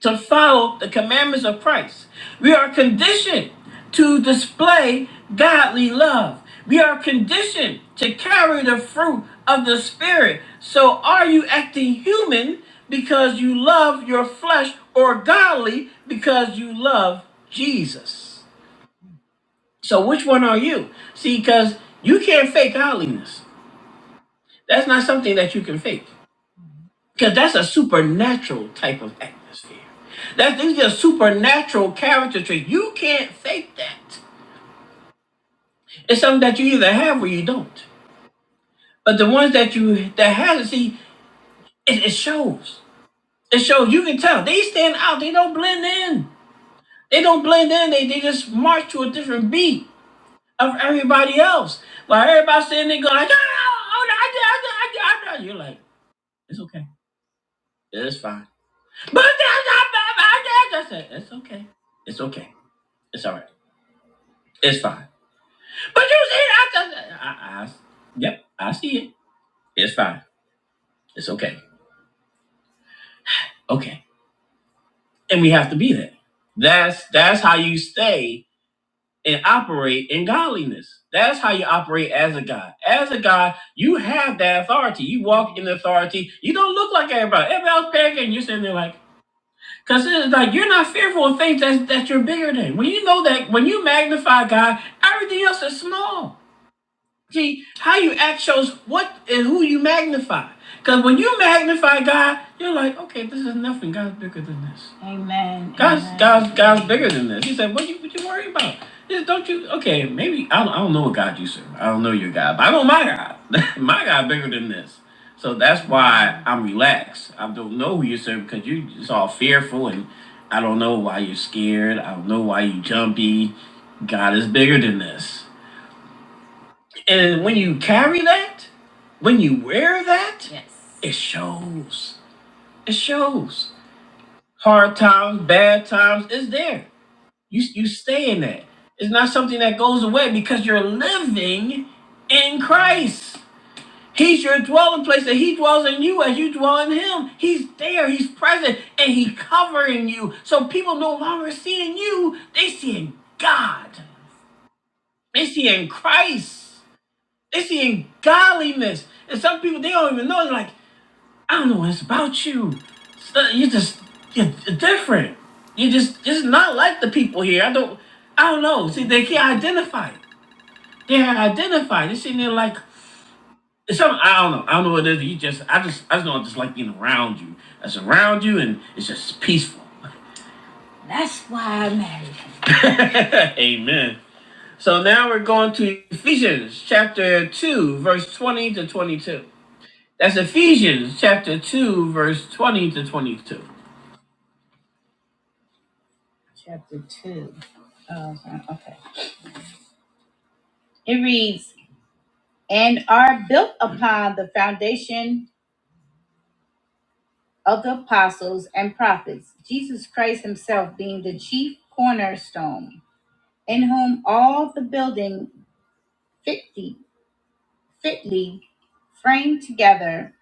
Speaker 1: to follow the commandments of Christ. We are conditioned to display godly love. We are conditioned to carry the fruit of the Spirit. So, are you acting human because you love your flesh or godly because you love Jesus? So, which one are you? See, because you can't fake godliness. That's not something that you can fake. Because that's a supernatural type of atmosphere. That these are supernatural character traits. You can't fake that. It's something that you either have or you don't. But the ones that you that have it, see, it, it shows. It shows. You can tell. They stand out. They don't blend in. They don't blend in. They, they just march to a different beat of everybody else. While everybody's standing there going like, "Ah, oh, no, I did, I did, I did, I did." You're like, it's okay. It's fine. But that's, that's, that's, that's, that's, that's okay. It's okay. It's all right. It's fine. But you said I, I, I, I yep, I see it. It's fine. It's okay. Okay. And we have to be there. That's that's how you stay and operate in godliness. That's how you operate as a god. As a god, you have that authority. You walk in authority. You don't look like everybody. Everybody else panicking. You're sitting there like, because it's like you're not fearful of things that, that you're bigger than. When you know that, when you magnify God, everything else is small. See, how you act shows what and who you magnify. Because when you magnify God, you're like, okay, this is nothing. God's bigger than this. Amen. God's amen. God's God's bigger than this. He said, "What you what you worry about? This don't you? Okay, maybe I don't, I don't know what God you serve. I don't know your God, but I know my God. [LAUGHS] my God bigger than this. So that's why I'm relaxed. I don't know who you serve because you just all fearful and I don't know why you're scared. I don't know why you jumpy. God is bigger than this. And when you carry that, when you wear that, yes. it shows. It shows. Hard times, bad times, it's there. You you stay in that. It's not something that goes away because you're living in Christ. He's your dwelling place, and He dwells in you as you dwell in Him. He's there, He's present, and He's covering you. So people no longer seeing you, they seeing God. They seeing Christ. They seeing godliness. And some people, they don't even know. They're like, I don't know what it's about you. So you just, you're different. You just, just not like the people here. I don't, I don't know. See, they can't identify it. They can't identify. it. They're sitting there like, it's something, I don't know. I don't know what it is. You just, I just, I just don't just like being around you. That's around you and it's just peaceful. That's why I married him. [LAUGHS] Amen. So now we're going to Ephesians chapter 2, verse 20 to 22. That's Ephesians chapter 2, verse 20 to 22. Chapter 2. Oh, okay. It reads, And are built upon the foundation of the apostles and prophets, Jesus Christ himself being the chief cornerstone, in whom all the building fitly, fitly framed together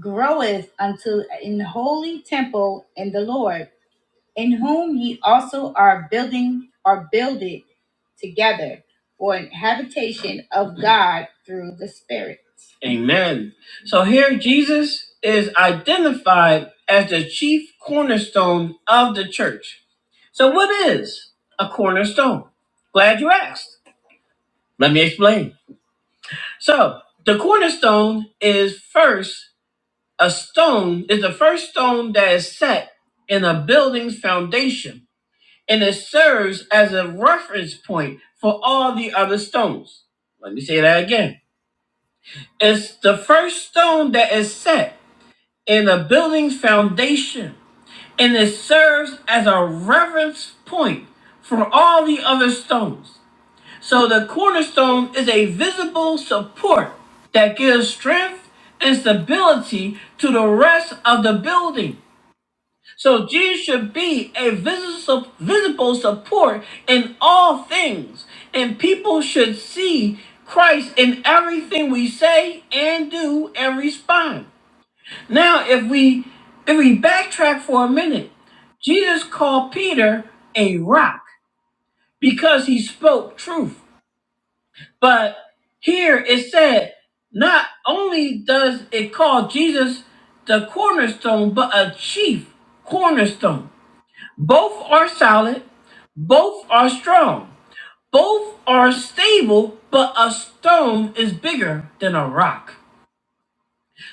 Speaker 1: groweth unto an holy temple in the Lord in whom ye also are building are builded together for an habitation of God through the Spirit. Amen. So here Jesus is identified as the chief cornerstone of the church. So what is a cornerstone? Glad you asked. Let me explain. So the cornerstone is first a stone, is the first stone that is set in a building's foundation and it serves as a reference point for all the other stones. Let me say that again. It's the first stone that is set in a building's foundation, and it serves as a reference point for all the other stones. So the cornerstone is a visible support that gives strength and stability to the rest of the building. So Jesus should be a visible, support in all things, and people should see Christ in everything we say and do and respond. Now, if we if we backtrack for a minute, Jesus called Peter a rock because he spoke truth. But here it said, not only does it call Jesus the cornerstone, but a chief cornerstone. Both are solid, both are strong, both are stable, but a stone is bigger than a rock.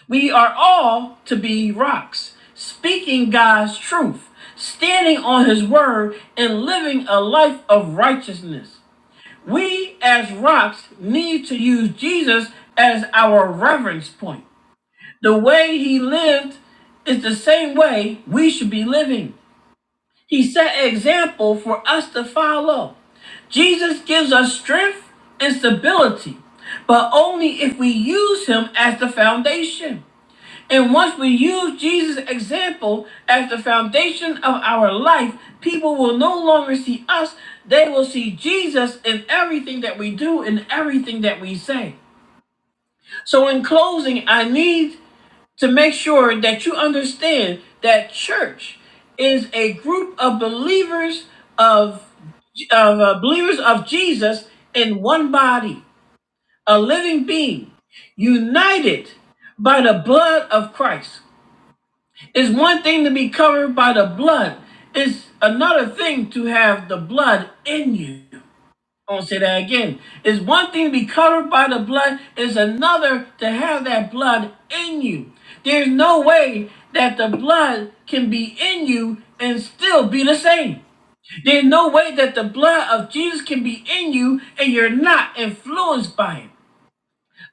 Speaker 1: We are all to be rocks, speaking God's truth, standing on His word, and living a life of righteousness. We, as rocks, need to use Jesus as our reference point. The way He lived is the same way we should be living. He set an example for us to follow. Jesus gives us strength and stability, but only if we use him as the foundation. And once we use Jesus' example as the foundation of our life, people will no longer see us. They will see Jesus in everything that we do and everything that we say. So, in closing, I need to make sure that you understand that church is a group of believers of, of uh, believers of Jesus in one body, a living being, united by the blood of Christ. It's one thing to be covered by the blood. It's another thing to have the blood in you. I'm gonna say that again. It's one thing to be covered by the blood, it's another to have that blood in you. There's no way that the blood can be in you and still be the same. There's no way that the blood of Jesus can be in you and you're not influenced by it.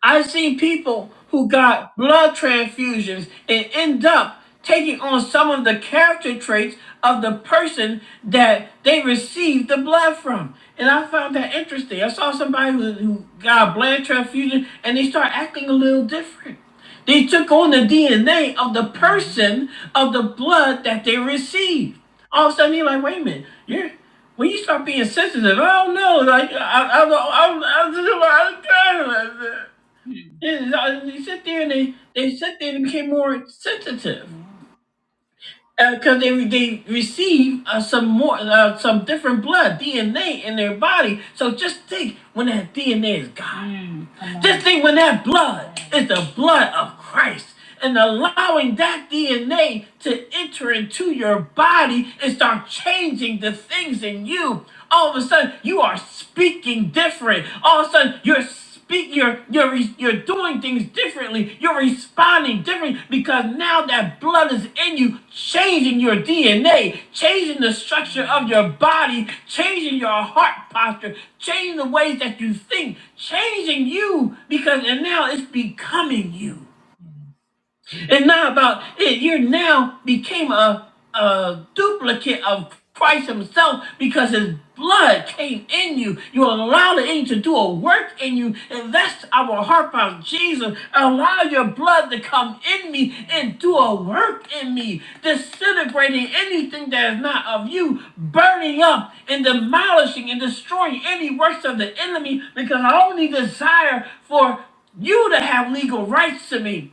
Speaker 1: I've seen people who got blood transfusions and end up taking on some of the character traits of the person that they received the blood from. And I found that interesting. I saw somebody who, who got a blood transfusion and they start acting a little different. They took on the DNA of the person of the blood that they received. All of a sudden, you're like, wait a minute, you're when you start being sensitive, I don't know. Like I, I, I, I, I, I, I, I, I this they sit there and they, they sit there and became more sensitive because uh, they they receive uh, some more uh, some different blood DNA in their body. So just think when that DNA is God. Mm. Just think when that blood is the blood of Christ. And allowing that DNA to enter into your body and start changing the things in you. All of a sudden, you are speaking different. All of a sudden, you're speaking. You're you're you're doing doing things differently. You're responding differently because now that blood is in you, changing your DNA, changing the structure of your body, changing your heart posture, changing the ways that you think, changing you because, and now it's becoming you. It's not about it. You now became a, a duplicate of Christ Himself because His blood came in you. You allow the angel to do a work in you, and that's our heart about Jesus. Allow your blood to come in me and do a work in me, disintegrating anything that is not of you, burning up and demolishing and destroying any works of the enemy because I only desire for you to have legal rights to me.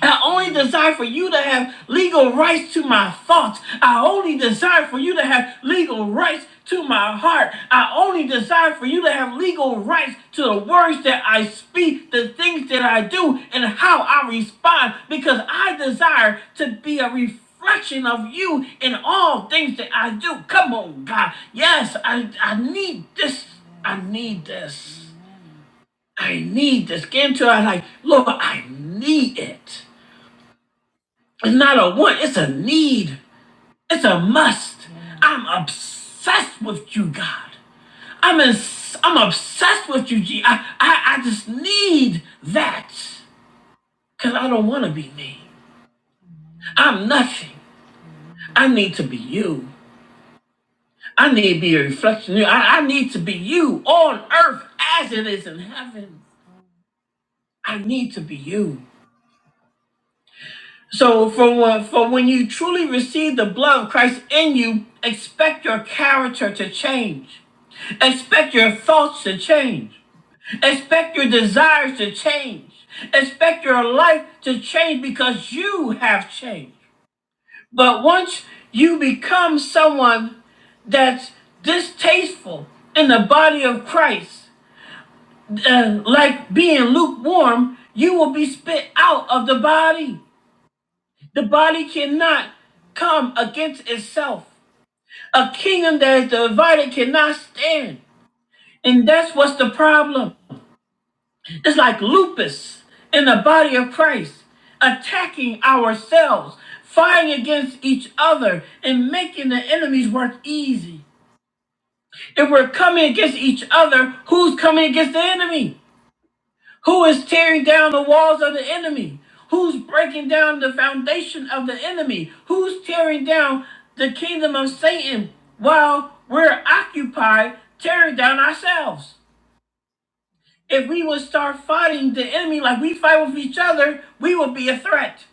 Speaker 1: I only desire for you to have legal rights to my thoughts. I only desire for you to have legal rights to my heart. I only desire for you to have legal rights to the words that I speak, the things that I do, and how I respond because I desire to be a reflection of you in all things that I do. Come on, God. Yes, I, I need this. I need this. I need this. Get into it. Like, Lord, I need it. It's not a want, it's a need. It's a must. I'm obsessed with you, God. I'm in, I'm obsessed with you, G. I, I, I just need that. Cause I don't want to be me. I'm nothing. I need to be you. I need to be a reflection of you. I, I need to be you on earth as it is in heaven. I need to be you. So for when, for when you truly receive the blood of Christ in you, expect your character to change. Expect your thoughts to change. Expect your desires to change. Expect your life to change because you have changed. But once you become someone that's distasteful in the body of Christ, uh, like being lukewarm, you will be spit out of the body. The body cannot come against itself. A kingdom that is divided cannot stand. And that's what's the problem. It's like lupus in the body of Christ, attacking ourselves, fighting against each other, and making the enemy's work easy. If we're coming against each other, who's coming against the enemy? Who is tearing down the walls of the enemy? Who's breaking down the foundation of the enemy? Who's tearing down the kingdom of Satan while we're occupied tearing down ourselves? If we would start fighting the enemy like we fight with each other, we would be a threat.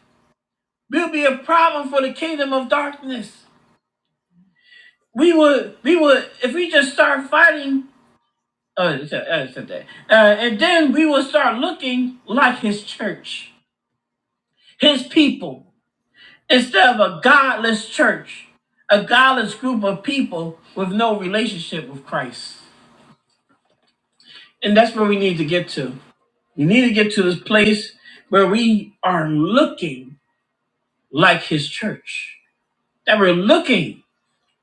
Speaker 1: We'll be a problem for the kingdom of darkness. We would, we would, if we just start fighting, uh, it's- uh, it's okay. Uh, and then we will start looking like his church, his people. instead of a godless church, a godless group of people with no relationship with Christ. And that's where we need to get to. We need to get to this place where we are looking like his church, that we're looking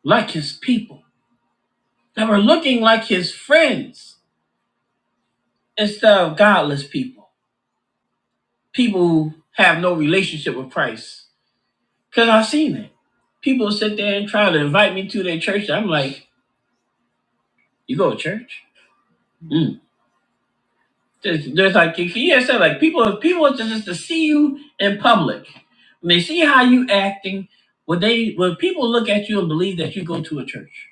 Speaker 1: like his people, that we're looking like his friends instead of godless people, people who have no relationship with Christ. Because I've seen it. People sit there and try to invite me to their church. I'm like, you go to church? Mm. Just, just like Kia said, like people, people just just to see you in public, when they see how you acting, when they, when people look at you and believe that you go to a church.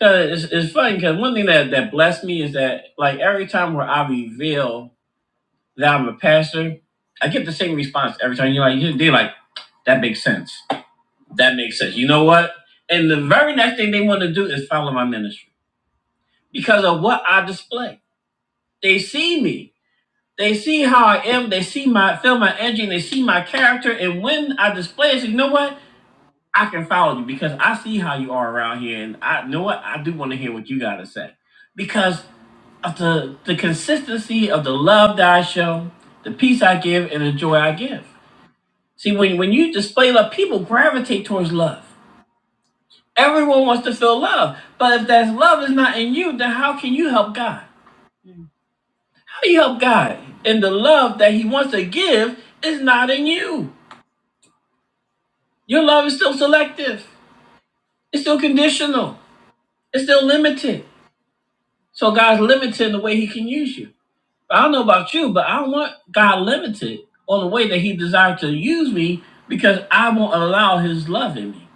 Speaker 1: Cause it's, it's funny. Cause one thing that that blessed me is that like every time where I reveal that I'm a pastor, I get the same response every time. You're like, they're like, that makes sense. That makes sense. You know what? And the very next thing they want to do is follow my ministry because of what I display. They see me. They see how I am. They see my feel my energy. And they see my character. And when I display it, you know what? I can follow you because I see how you are around here. And I you know what I do want to hear what you got to say because of the the consistency of the love that I show, the peace I give, and the joy I give. See, when when you display love, people gravitate towards love. Everyone wants to feel love, but if that love is not in you, then how can you help God? How do you help God? And the love that He wants to give is not in you. Your love is still selective. It's still conditional. It's still limited. So God's limited in the way He can use you. I don't know about you, but I don't want God limited on the way that He desires to use me because I won't allow His love in me.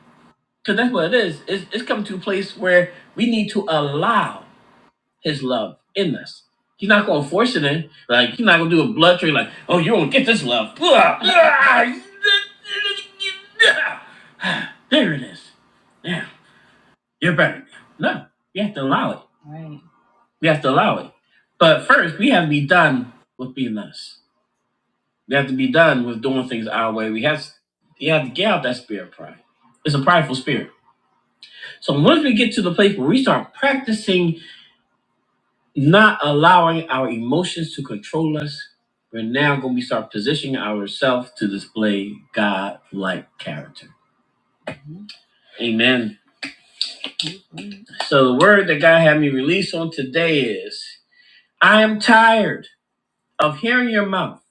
Speaker 1: Because that's what it is. It's, it's come to a place where we need to allow His love in us. He's not going to force it in. Like, he's not going to do a blood trade. like, oh, you don't get this love. [SIGHS] [LAUGHS] There it is. Yeah. You're better. No, we have to allow it. We have to allow it. But first, we have to be done with being us. We have to be done with doing things our way. We have, we have to get out that spirit of pride. It's a prideful spirit. So once we get to the place where we start practicing not allowing our emotions to control us, we're now going to start positioning ourselves to display God-like character. Amen. So the word that God had me release on today is, I am tired. of hearing your mouth,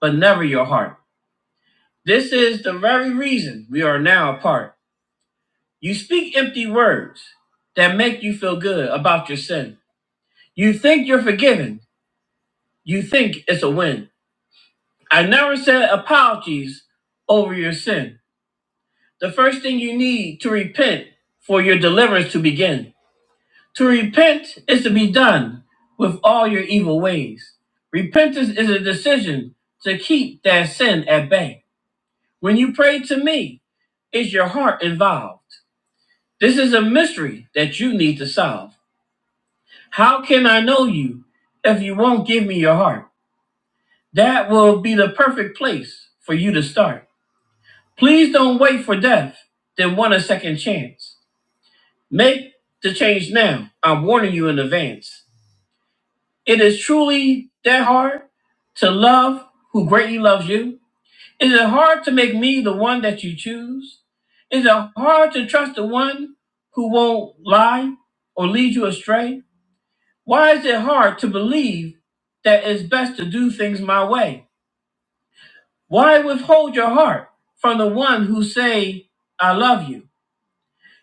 Speaker 1: but never your heart. This is the very reason we are now apart. You speak empty words that make you feel good about your sin. You think you're forgiven. You think it's a win. I never said apologies over your sin. The first thing you need to repent for your deliverance to begin. To repent is to be done with all your evil ways. Repentance is a decision to keep that sin at bay. When you pray to me, is your heart involved? This is a mystery that you need to solve. How can I know you if you won't give me your heart? That will be the perfect place for you to start. Please don't wait for death, then want a second chance. Make the change now. I'm warning you in advance. It is truly that hard to love who greatly loves you. Is it hard to make me the one that you choose? Is it hard to trust the one who won't lie or lead you astray? Why is it hard to believe that it's best to do things my way? Why withhold your heart from the one who say, I love you?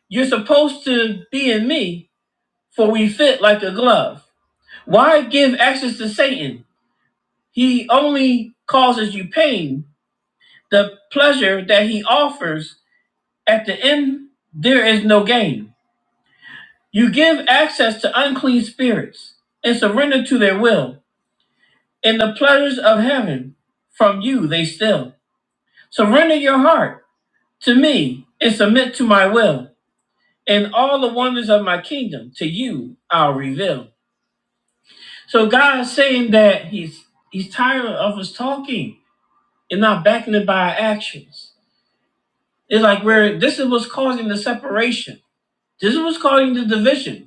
Speaker 1: You're supposed to be in me, for we fit like a glove. Why give access to Satan? He only causes you pain. The pleasure that he offers At the end, there is no gain. You give access to unclean spirits and surrender to their will. In the pleasures of heaven, from you they steal. Surrender your heart to me and submit to my will. And all the wonders of my kingdom to you I'll reveal. So God's saying that he's he's tired of us talking and not backing it by our actions. It's like where this is what's causing the separation. This is what's causing the division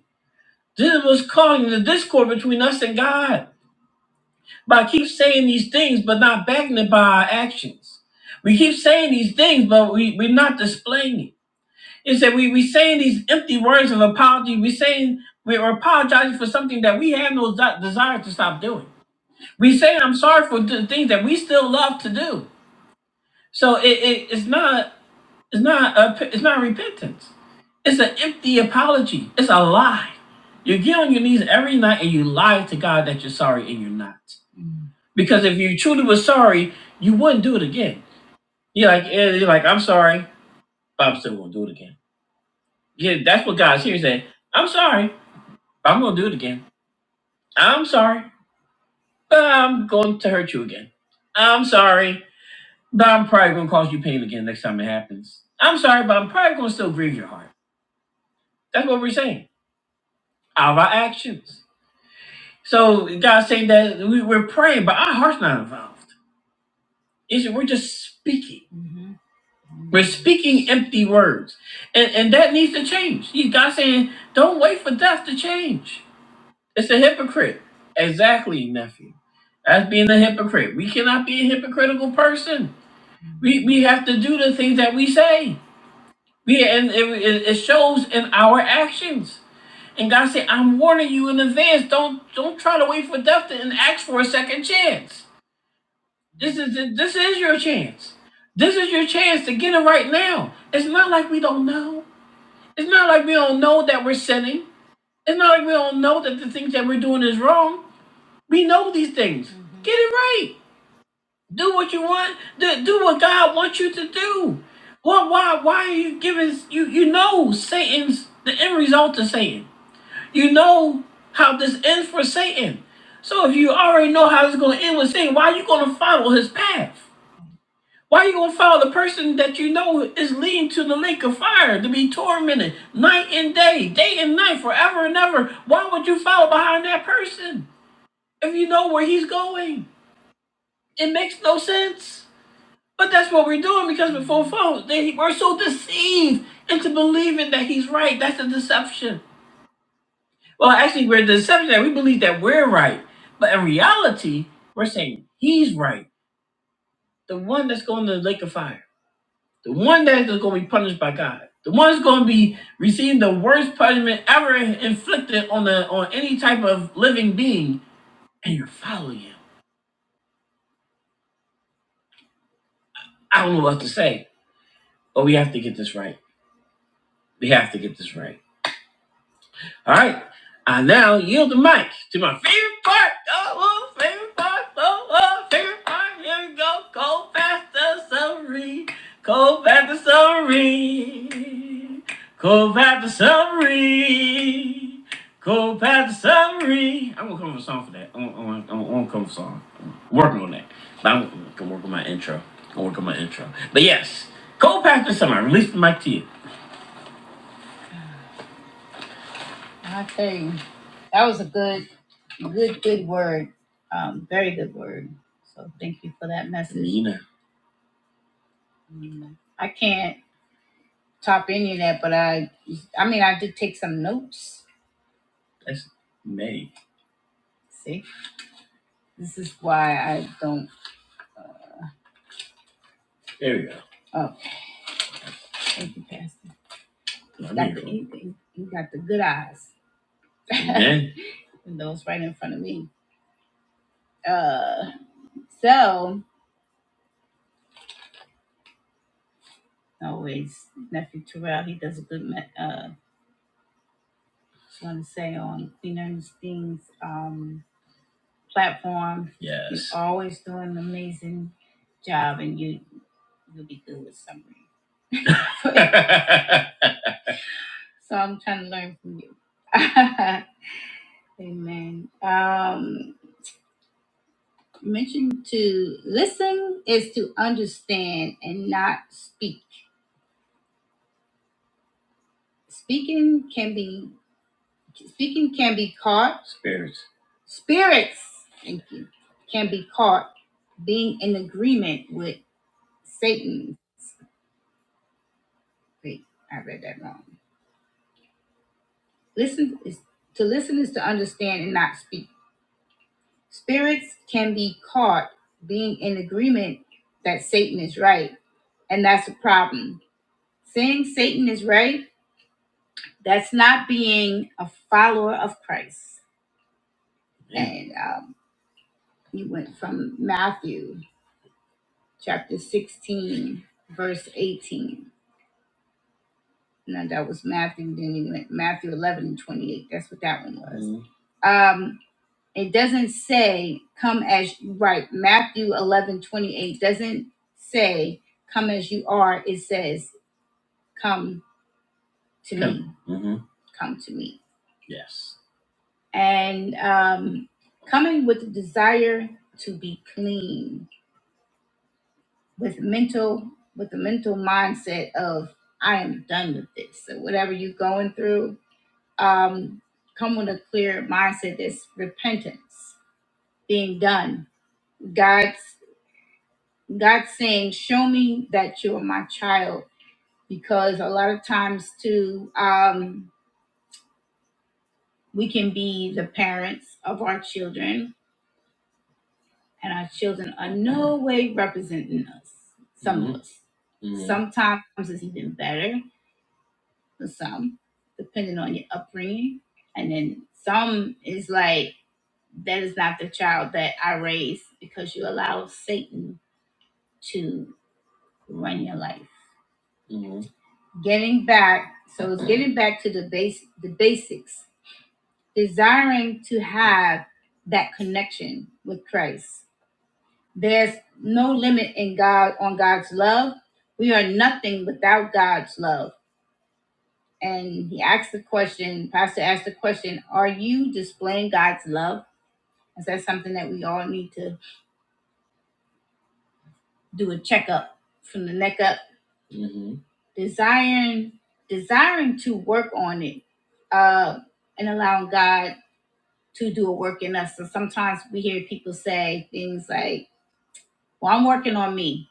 Speaker 1: This was causing the discord between us and God. By keep saying these things, but not backing it by our actions. We keep saying these things, but we, we're not displaying it. It's that we we saying these empty words of apology. we saying we're apologizing for something that we have no de- desire to stop doing. We say I'm sorry for the things that we still love to do. So it, it, it's not. It's not a, it's not repentance. It's an empty apology. It's a lie. You get on your knees every night and you lie to God that you're sorry and you're not. Because if you truly were sorry, you wouldn't do it again. You're like, eh, you're like, I'm sorry, but I'm still gonna do it again. Yeah, that's what God's here saying. I'm sorry, but I'm gonna do it again. I'm sorry, but I'm going to hurt you again. I'm sorry, but I'm probably gonna cause you pain again next time it happens. I'm sorry, but I'm probably gonna still grieve your heart. That's what we're saying. of our actions. So God's saying that we, we're praying, but our heart's not involved. It's, we're just speaking. We're speaking empty words. And, and that needs to change. He- God's saying, don't wait for death to change. It's a hypocrite. Exactly, nephew. That's being a hypocrite. We cannot be a hypocritical person. We, we have to do the things that we say. We and it, it it shows in our actions. And God said, "I'm warning you in advance. Don't don't try to wait for death to- and ask for a second chance. This is this is your chance. This is your chance to get it right now. It's not like we don't know. It's not like we don't know that we're sinning. It's not like we don't know that the things that we're doing is wrong. We know these things. Get it right. Do what you want. Do, do what God wants you to do. What? Why? Why are you giving? You you know Satan's the end result of Satan. You know how this ends for Satan. So if you already know how it's going to end with Satan, why are you going to follow his path? Why are you going to follow the person that you know is leading to the lake of fire to be tormented night and day, day and night, forever and ever? Why would you follow behind that person if you know where he's going? It makes no sense. But that's what we're doing because we're full phones. They, we're so deceived into believing that he's right. That's a deception. Well, actually, we're the deception that we believe that we're right. But in reality, we're saying he's right. The one that's going to the lake of fire. The one that's going to be punished by God. The one that's going to be receiving the worst punishment ever inflicted on the on any type of living being. And you're following him. I don't know what to say, but we have to get this right. We have to get this right. All right. I now yield the mic to my favorite part. Oh, oh, favorite part. Oh, oh, favorite part. Here we go. Cold faster summary. Cold faster summary. Cold faster summary. Cold faster summary. I'm gonna come up with a song for that. I'm, I'm, I'm, I'm gonna come up with a song. I'm working on that. But I'm gonna work on my intro. I'm gonna work on my intro. But yes, Cold Path Summer. I released the mic to you. I tell you, that was a good, good, good word. Um, very good word. So thank you for that message. Nina. Mm, I can't top any of that, but I, I mean, I did take some notes. That's May. See, this is why I don't. There we go. Oh, thank you, Pastor. You, got the, you, you you got the good eyes. Amen. [LAUGHS] and those right in front of me. Uh, so always nephew Terrell, he does a good me- uh want to say on Queen Ernestine's um, platform. Yes. You're always doing an amazing job and you, you'll be good with summary. [LAUGHS] [LAUGHS] so I'm trying to learn from you. [LAUGHS] Amen. Um, you to listen is to understand and not speak. Speaking can be speaking can be caught. Spirits. Spirits. Thank you. Can be caught being in agreement with Satan. Wait, I read that wrong. Listen is to listen is to understand and not speak. Spirits can be caught being in agreement that Satan is right, and that's a problem. Saying Satan is right, that's not being a follower of Christ. And um, you went from Matthew chapter 16, verse 18. No, that was Matthew. Then you went Matthew 11 and 28. That's what that one was. Mhm. Um, It doesn't say come as right. Matthew eleven twenty eight doesn't say come as you are. It says come to come. me. hmm Come to me. Yes. And um, coming with the desire to be clean, with mental, with the mental mindset of I am done with this. So whatever you're going through, um, come with a clear mindset. That's repentance, being done. God's God's saying, Show me that you're my child. Because a lot of times, too, um, we can be the parents of our children, and our children are no way representing us, some of Mhm. us. Mhm. Sometimes it's even better for some, depending on your upbringing. And then some is like, That is not the child that I raised because you allow Satan to run your life. getting back so it's getting back to the base the basics desiring to have that connection with christ there's no limit in god on god's love we are nothing without god's love and he asked the question pastor asked the question are you displaying god's love is that something that we all need to do a checkup from the neck up hmm desiring desiring to work on it uh and allowing god to do a work in us. And sometimes we hear people say things like, Well, I'm working on me.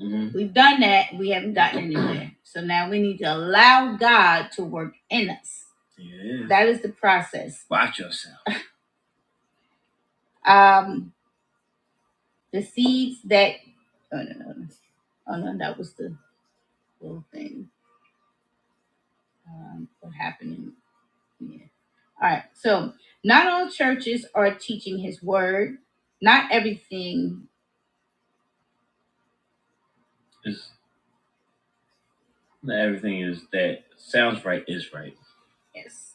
Speaker 1: Mhm. We've done that, we haven't gotten anywhere. So now we need to allow God to work in us. Yeah. That is the process. Watch yourself. Um, the seeds that oh no no no. Oh no, that was the little thing. Um, what happened in yeah. All right. So not all churches are teaching his word. Not everything. Is Everything is that sounds right is right. Yes.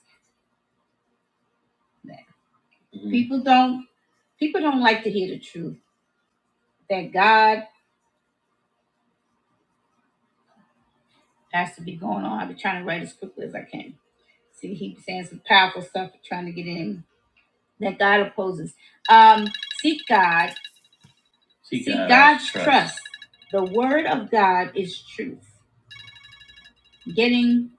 Speaker 1: Mhm. People don't people don't like to hear the truth. That God has to be going on. I've been trying to write as quickly as I can. See, he's saying some powerful stuff, trying to get in. That God opposes. Um, seek God. Seek seek out God's trust. trust. The word of God is truth. Getting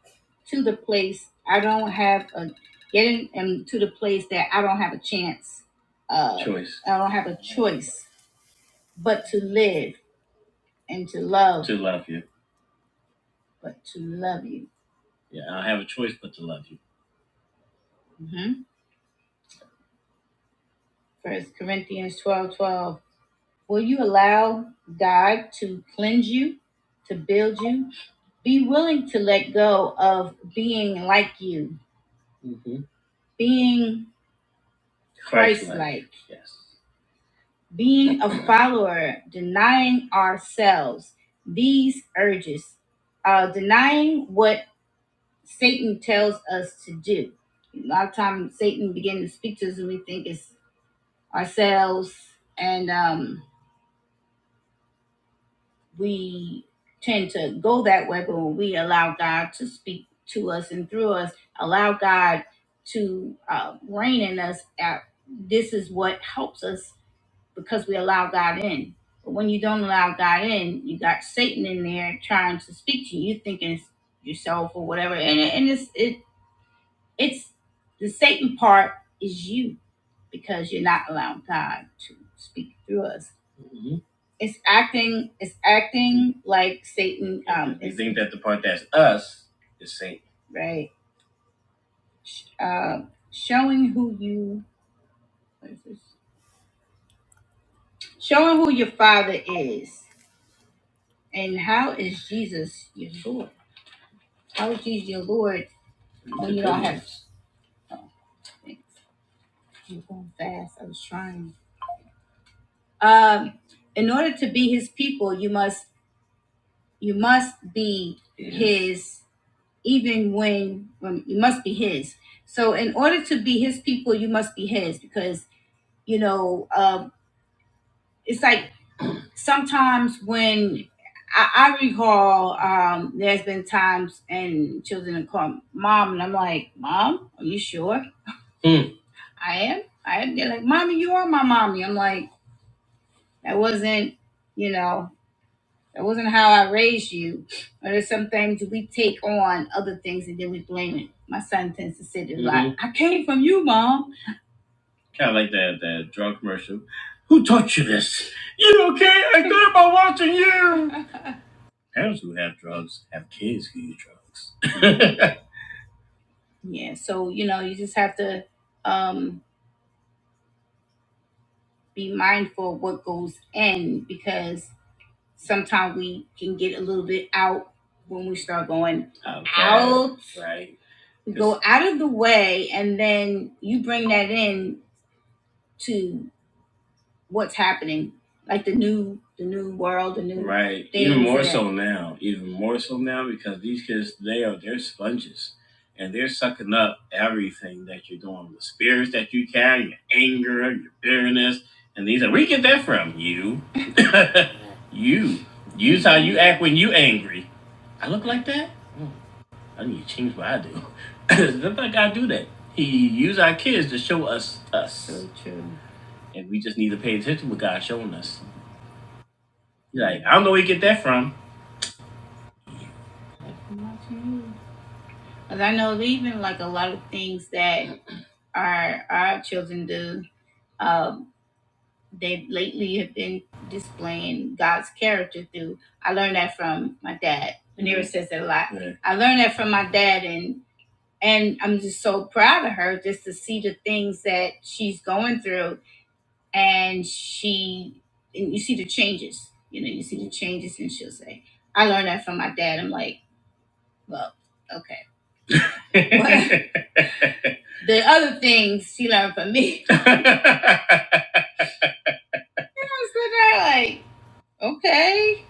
Speaker 1: to the place I don't have a getting um, to the place that I don't have a chance. Uh, Choice. I don't have a choice but to live and to love. To love you. But to love you. Yeah, I have a choice but to love you. hmm First Corinthians twelve twelve. Will you allow God to cleanse you, to build you? Be willing to let go of being like you, hmm being Christ Christ like. like, Yes. being a follower, denying ourselves. These urges, uh, denying what Satan tells us to do. A lot of times, Satan begins to speak to us, and we think it's ourselves, and um, we tend to go that way. But when we allow God to speak to us and through us, allow God to uh, reign in us, uh, this is what helps us because we allow God in. But when you don't allow God in, you got Satan in there trying to speak to you. You thinking it's yourself or whatever, and it, and it's it, It's the Satan part is you because you're not allowing God to speak through us. Mhm. It's acting. It's acting like Satan. Um, you think that the part that's us is Satan, right? Uh, showing who you. what is this? Showing who your father is and how is Jesus your Lord? How is Jesus your Lord when you don't have? Oh, thanks. You're going fast. I was trying. Um, in order to be his people, you must you must be his even when, when you must be his. So in order to be his people, you must be his because you know um, it's like sometimes when I, I recall um, there's been times and children have called mom and I'm like mom, are you sure? Mm. I am. I am. They're like mommy, you are my mommy. I'm like that wasn't. You know, That wasn't how I raised you. But there's some things we take on other things and then we blame it. My son tends to sit there mm-hmm. like, I came from you, mom. Kind of like that that drug commercial. Who taught you this? You okay? I did by watching you. [LAUGHS] Parents who have drugs have kids who use drugs. [LAUGHS] yeah, so you know, you just have to um, be mindful of what goes in because sometimes we can get a little bit out when we start going Okay. out. Right. We go out of the way, and then you bring that in to what's happening, like the new the new world, the new right. Even more that- so now. Even more so now because these kids they are they're sponges. And they're sucking up everything that you're doing, the spirits that you carry, your anger, your bitterness, and these are we get that from you. [LAUGHS] you. Use how you act when you angry. I look like that? I need to change what I do. [COUGHS] [LAUGHS] Let that guy do that. He use our kids to show us us. So true. And we just need to pay attention to what God's showing us. Like, I don't know where you get that from. Because I know even like a lot of things that our our children do. Um, they lately have been displaying God's character through. I learned that from my dad. Manira says that a lot. Yeah. I learned that from my dad, and and I'm just so proud of her just to see the things that she's going through and she and you see the changes. You know, you see the changes and she'll say, I learned that from my dad. I'm like, well, okay. [LAUGHS] the other things she learned from me. [LAUGHS] I was sitting there like, okay.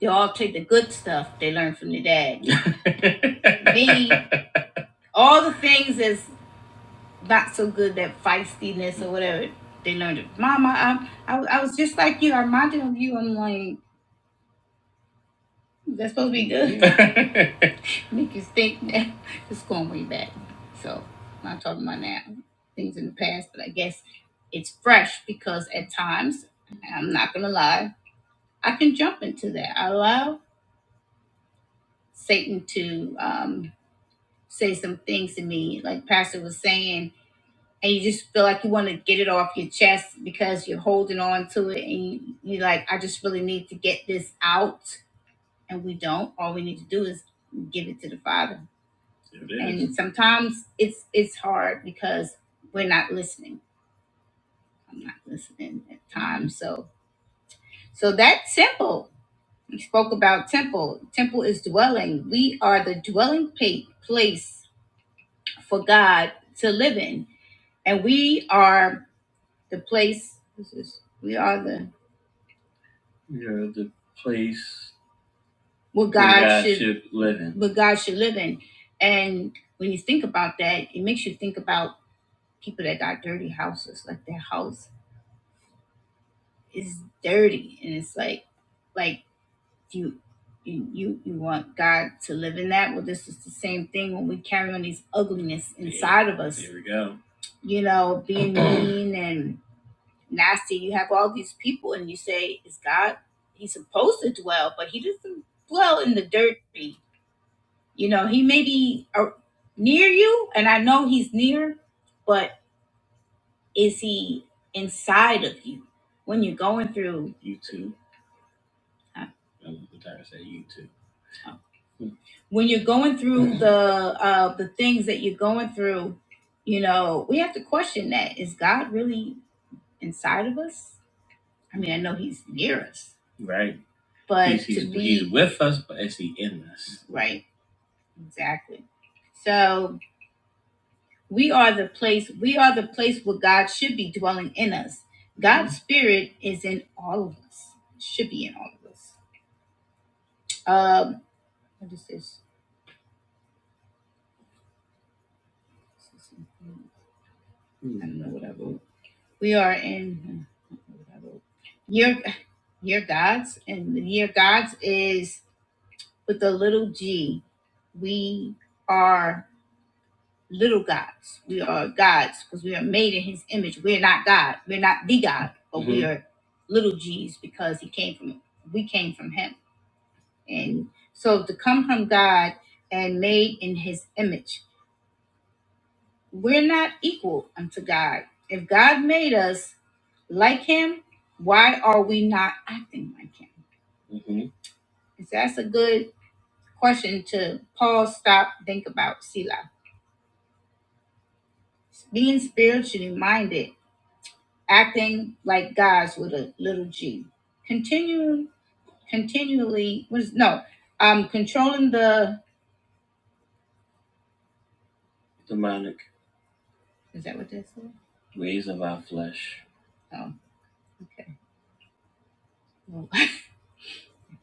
Speaker 1: They all take the good stuff they learn from their dad. [LAUGHS] me, all the things is not so good that feistiness or whatever they learned it. Mama, I, I, I was just like you. I reminded of you. I'm like, that's supposed to be good. [LAUGHS] Make you think that it's going way back. So I'm not talking about now things in the past, but I guess it's fresh because at times, I'm not gonna lie, I can jump into that. I allow Satan to um, say some things to me, like Pastor was saying and you just feel like you want to get it off your chest because you're holding on to it and you, you like i just really need to get this out and we don't all we need to do is give it to the father It is. and sometimes it's it's hard because we're not listening i'm not listening at times so so that temple we spoke about temple temple is dwelling we are the dwelling pa- place for god to live in and we are the place this is- we are the you know, the place What where God, should, should live in. what God should live in. And when you think about that, it makes you think about people that got dirty houses. Like their house is dirty, and it's like, like you, you, you, you want God to live in that. Well, this is the same thing when we carry on these ugliness inside of us. Here we go. You know, being [CLEARS THROAT] mean and Nasty! you have all these people, and you say, "Is God? He's supposed to dwell, but He doesn't dwell in the dirty. You know, He may be uh, near you, and I know He's near, but is He inside of you when you're going through? You too. Huh? I'm trying to say you too. Oh. Hmm. When you're going through the uh, the things that you're going through, you know, we have to question that: Is God really inside of us? I mean, I know he's near us, Right. but He's, he's, to be he's with us, but is he in us? right, exactly. So we are the place. We are the place where God should be dwelling in us. God's spirit is in all of us. Should be in all of us. Um, what is this? I don't know what I wrote. We are in. Your your gods and your gods is with a little g. We are little gods. We are gods because we are made in his image. We're not God. We're not the God, but we Mhm. are little g's because he came from we came from him. And so to come from God and made in his image, we're not equal unto God. If God made us like him, why are we not acting like him? Mhm. So That's a good question to pause, stop, think about, Selah. Being spiritually minded acting like gods with a little g. Continuing, continually was no, um, controlling the demonic. Is that what that's for? Ways of our flesh. Oh, okay. Well, [LAUGHS] you're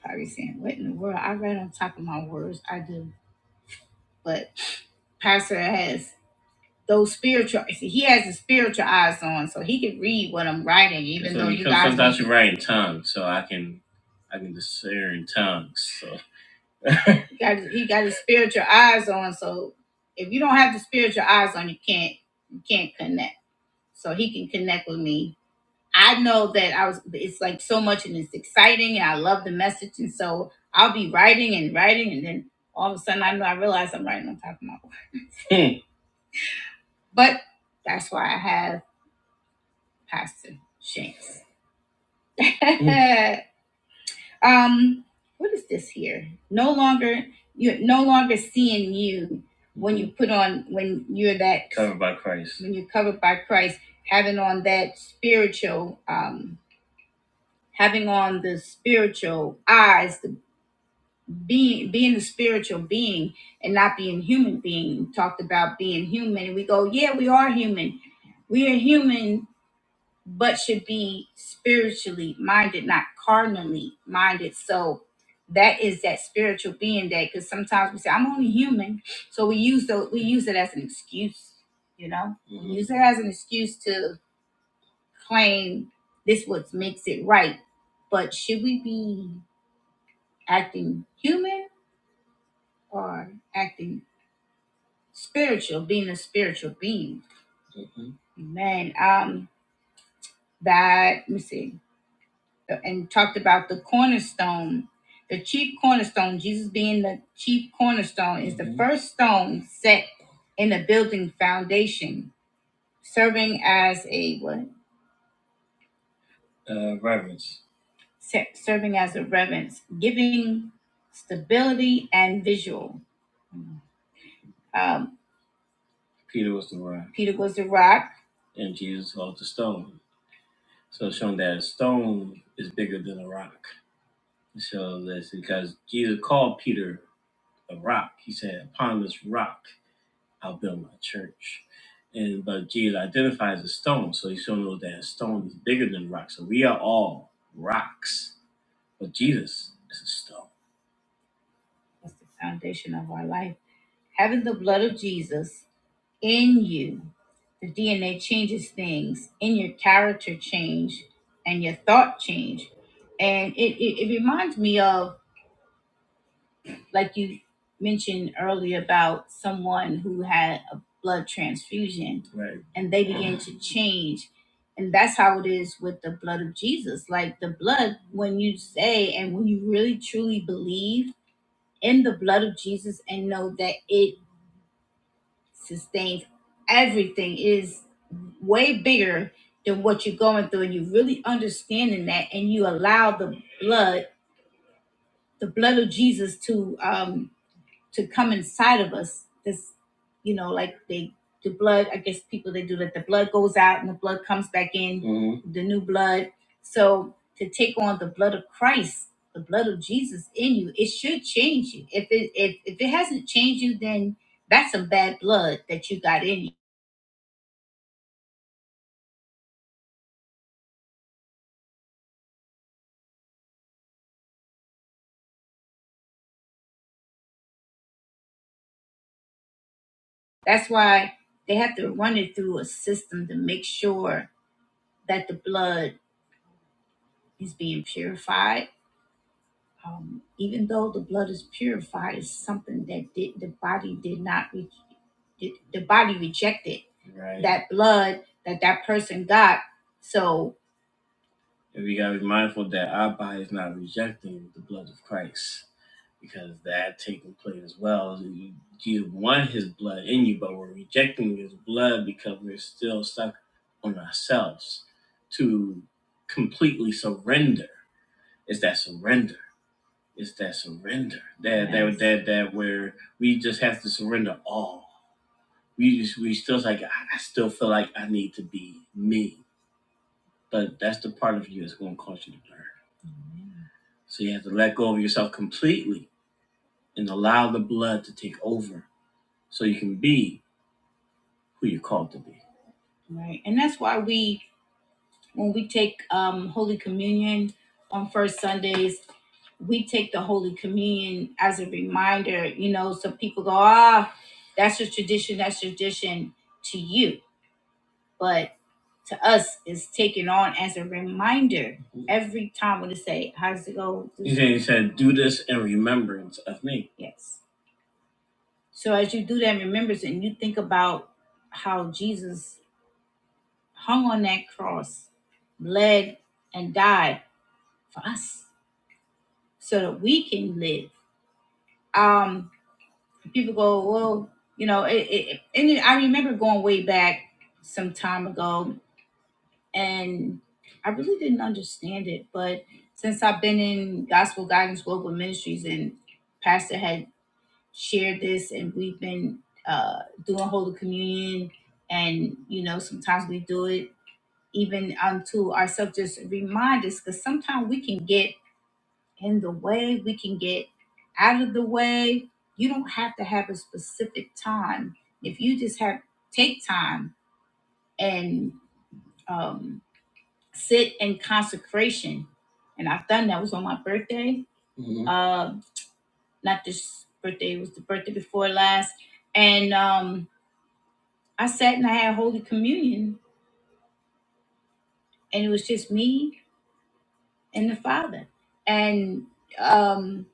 Speaker 1: probably saying what in the world? I read on top of my words. I do, but Pastor has those spiritual. see, He has the spiritual eyes on, so he can read what I'm writing, even So though you guys. Sometimes you write in tongues, so I can, I can discern tongues. So. [LAUGHS] He got he got his spiritual eyes on. So if you don't have the spiritual eyes on, you can't you can't connect. So he can connect with me. I know that I was. It's like so much, and it's exciting, and I love the message. And so I'll be writing and writing, and then all of a sudden I know I realize I'm writing on top of my work. [LAUGHS] but that's why I have Pastor Shanks. [LAUGHS] mm. um what is this here no longer you're no longer seeing you when you put on when you're that covered by christ when you're covered by christ having on that spiritual um having on the spiritual eyes the being being the spiritual being and not being human being We talked about being human and we go yeah we are human we are human but should be spiritually minded, not carnally minded. So that is that spiritual being that because sometimes we say, I'm only human. So we use the we use it as an excuse, you know? Mhm. We Mhm. use it as an excuse to claim this what makes it right. But should we be acting human or acting spiritual, being a spiritual being? Man, um that let me see. and talked about the cornerstone, the chief cornerstone, Jesus being the chief cornerstone, is the Mhm. first stone set in the building foundation, serving as a what? Uh, reverence. Se- serving as a reverence, giving stability and visual. Um, Peter was the rock. Peter was the rock. And Jesus was the stone. So showing that a stone is bigger than a rock. So this because Jesus called Peter a rock. He said, Upon this rock I'll build my church. And but Jesus identifies a stone, so he still us that a stone is bigger than rock. So we are all rocks. But Jesus is a stone. That's the foundation of our life. Having the blood of Jesus in you, the DNA changes things, in your character change and your thought change. And it, it, it reminds me of like you mentioned earlier about someone who had a blood transfusion Right. and they began to change and that's how it is with the blood of jesus like the blood when you say and when you really truly believe in the blood of jesus and know that it sustains everything is way bigger than what you're going through and you really understanding that and you allow the blood the blood of jesus to um to come inside of us this you know like they the blood i guess people they do that the blood goes out and the blood comes back in Mhm. the new blood so to take on the blood of christ the blood of jesus in you it should change you if it if, if it hasn't changed you then that's some bad blood that you got in you that's why they have to run it through a system to make sure that the blood is being purified um, even though the blood is purified, it's something that did the body did not re- did, the body rejected Right. that blood that that person got. So and we gotta be mindful that our body is not rejecting the blood of Christ because that taking place as well. You you want His blood in you, but we're rejecting His blood because we're still stuck on ourselves to completely surrender. It's that surrender it's that surrender. That that Yes. that that that where we just have to surrender all. We just we still like I still feel like I need to be me. But that's the part of you that's gonna cause you to burn. So you have to let go of yourself completely and allow the blood to take over so you can be who you're called to be. Right. And that's why we When we take um, Holy Communion on first Sundays, we take the Holy Communion as a reminder, you know, so people go, ah, that's your tradition, that's your tradition to you. But to us, it's taken on as a reminder every time when they say, how does it go? He said, he said, do this in remembrance of me. Yes. So as you do that in remembrance and you think about how Jesus hung on that cross, bled, and died for us so that we can live. Um, people go, well, you know, it, it, and it, I remember going way back some time ago, and I really didn't understand it. But since I've been in Gospel Guidance Global Ministries, and Pastor had shared this, and we've been uh, doing Holy Communion, and you know, sometimes we do it even unto ourselves, just remind us, because sometimes we can get And the way we can get out of the way, you don't have to have a specific time. If you just have take time and um, sit in consecration, and I've done that. It was on my birthday. Mhm. Uh, not this birthday. It was the birthday before last. And um, I sat and I had Holy Communion, and it was just me and the Father. And um,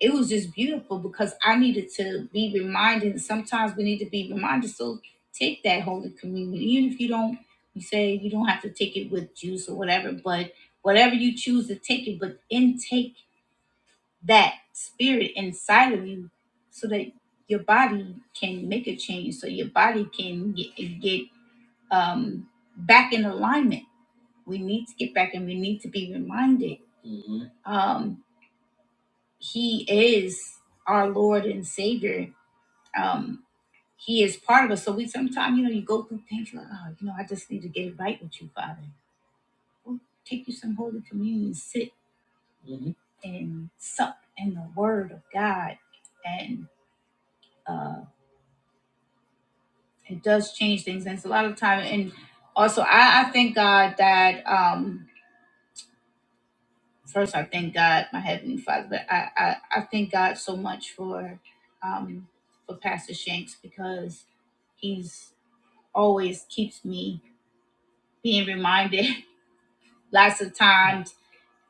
Speaker 1: it was just beautiful because I needed to be reminded. Sometimes we need to be reminded. So take that Holy Communion, even if you don't. You say you don't have to take it with juice or whatever, but whatever you choose to take it, but intake that spirit inside of you, so that your body can make a change, so your body can get, get um, back in alignment. We need to get back, and we need to be reminded. Mhm. Um, he is our Lord and Savior. Um, he is part of us. So we sometimes, you know, you go through things like, oh, you know, I just need to get right with you, Father. Well, take you some Holy Communion, sit and sup in the Word of God, and uh, it does change things. And it's a lot of time. And also, I, I thank God that um, first, I thank God, my heavenly Father, but I, I, I thank God so much for um, for Pastor Shanks because. He's always keeps me being reminded [LAUGHS] lots of times,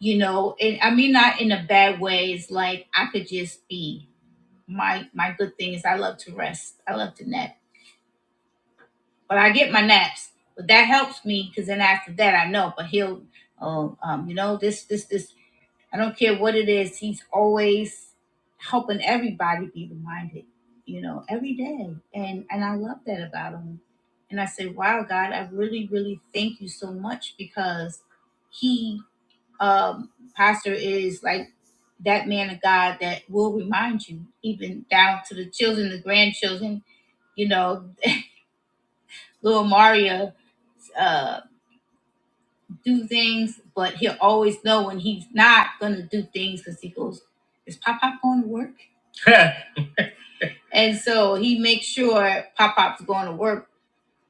Speaker 1: you know, and I mean not in a bad way. It's like I could just be my my good thing is I love to rest. I love to nap. But I get my naps. But that helps me because then after that I know. But he'll oh um, you know, this this this I don't care what it is, he's always helping everybody be reminded, you know, every day. And and I love that about him. And I say, Wow, God, I really, really thank you so much because he um pastor is like that man of God that will remind you, even down to the children, the grandchildren, you know, little Maria. uh, do things, but he'll always know when he's not gonna do things because he goes, "Is Pop Pop going to work?" [LAUGHS] and so he makes sure Pop Pop's going to work,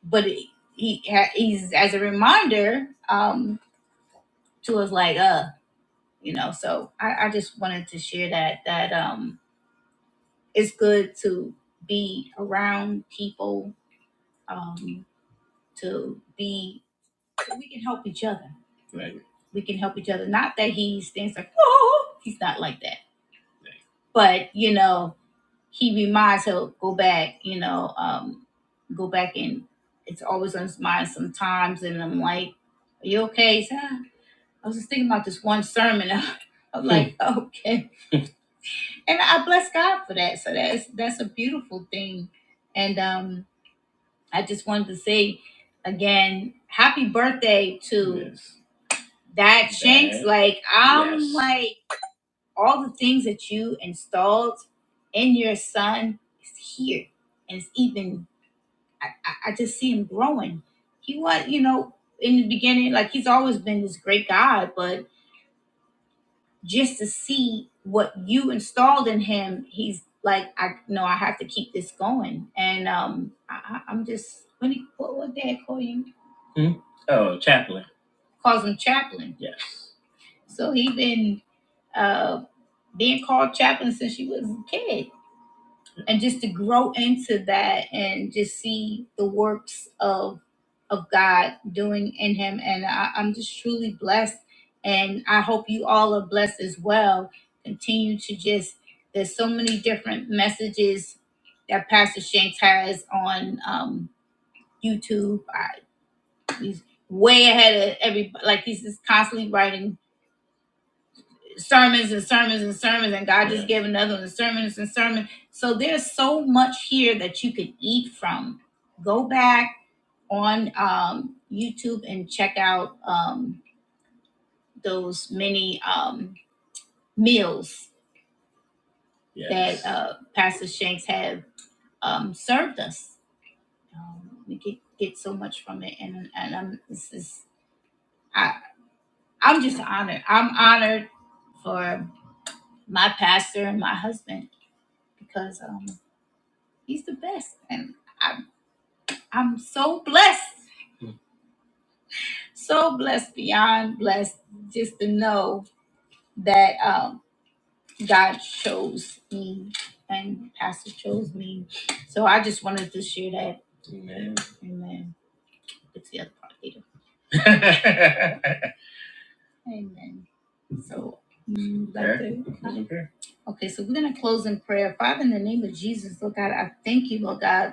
Speaker 1: but he he ha- he's as a reminder um, to us, like, uh, you know. So I, I just wanted to share that that um, it's good to be around people, um, to be we can help each other. Right. We can help each other. Not that he thinks like, oh, he's not like that but you know he reminds her go back you know um go back and it's always on his mind sometimes and i'm like are you okay He said, "Ah, i was just thinking about this one sermon [LAUGHS] i'm Hmm. like okay and i bless god for that so that's that's a beautiful thing and um i just wanted to say again happy birthday to Yes. that shanks That- like i'm yes. all the things that you installed in your son is here and it's even I, I, I just see him growing he was you know in the beginning like he's always been this great guy but just to see what you installed in him he's like i no i have to keep this going and um I, I- i'm just when he what what dad call you Hmm? oh chaplain calls him chaplain yes so he been uh, being called chaplain since she was a kid, and just to grow into that and just see the works of of God doing in him, and I, I'm just truly blessed, and I hope you all are blessed as well. Continue to just there's so many different messages that Pastor Shanks has on um, YouTube. I, he's way ahead of everybody. Like he's just constantly writing sermons and sermons and sermons, and God just gave another one, sermons and sermons. So there's so much here that you could eat from. Go back on um, YouTube and check out um, those many um, meals yes. that uh, Pastor Shanks have um, served us. Um, we get get so much from it, and and I'm this is I I'm just honored. I'm honored for my pastor and my husband because. um, He's the best. And I'm, I'm so blessed, so blessed, beyond blessed, just to know that um, God chose me and Pastor chose me. So I just wanted to share that. Amen. Amen. It's the other part later. Amen. So, mm, like okay. the- Closing Okay, so we're going to close in prayer. Father, in the name of Jesus, Lord God, I thank you, Lord God.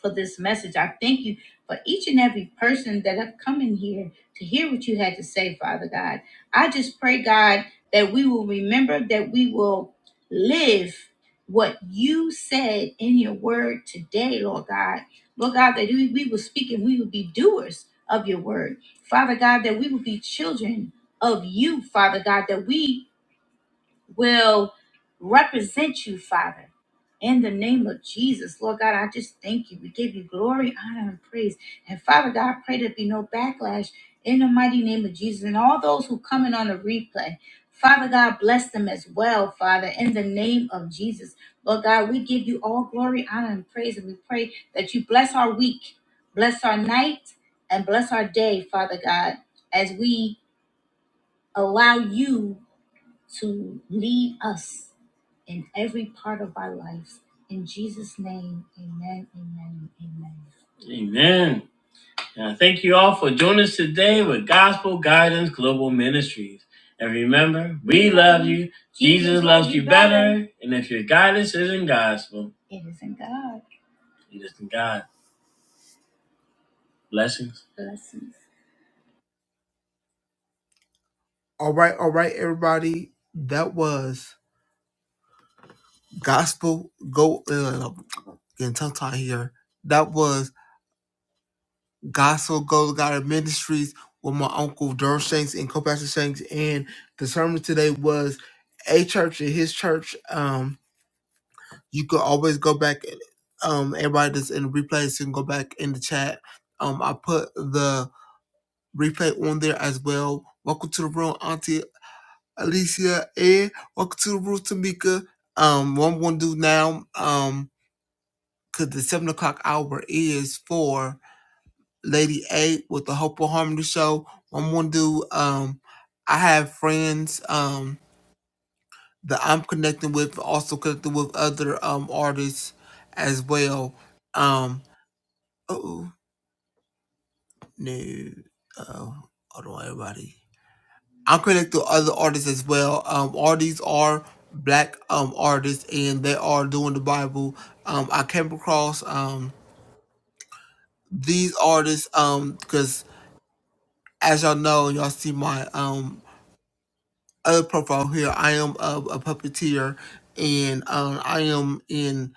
Speaker 1: for this message. I thank you for each and every person that have come in here to hear what you had to say, Father God. I just pray, God, that we will remember that we will live what you said in your word today, Lord God. Lord God, that we, we will speak and we will be doers of your word. Father God, that we will be children of you, Father God, that we will represent you, Father. In the name of Jesus, Lord God, I just thank you. We give you glory, honor, and praise. And Father God, I pray there be no backlash in the mighty name of Jesus. And all those who come in on the replay, Father God, bless them as well, Father, in the name of Jesus. Lord God, we give you all glory, honor, and praise. And we pray that you bless our week, bless our night, and bless our day, Father God, as we allow you to lead us in every part of our lives. In Jesus' name, amen, amen, amen. Amen. And I thank you all for joining us today with Gospel Guidance Global Ministries. And remember, we love you. Jesus, loves you better. And if your guidance isn't gospel, It is isn't God. it isn't God. Blessings. Blessings. All right, all right, everybody. That was gospel. Go uh, getting tongue tied here. That was Gospel Go God Ministries with my uncle Durl Shanks and co-pastor Shanks. And the sermon today was a church and his church. Um, you could always go back. Um, everybody that's in the replays you can go back in the chat. Um, I put the replay on there as well. Welcome to the room, Auntie Alicia. And welcome to the room, Tamika. Um, what I'm gonna do now, um, cause the seven o'clock hour is for Lady A with the Hopeful Harmony Show. I'm gonna do um I have friends um that I'm connecting with, also connecting with other um artists as well. Um oh no oh hold on everybody. I'm connected to other artists as well. Um all these are black um artists and they are doing the Bible. Um I came across um these artists um because as y'all know, y'all see my um other profile here. I am a, a puppeteer, and um, I am in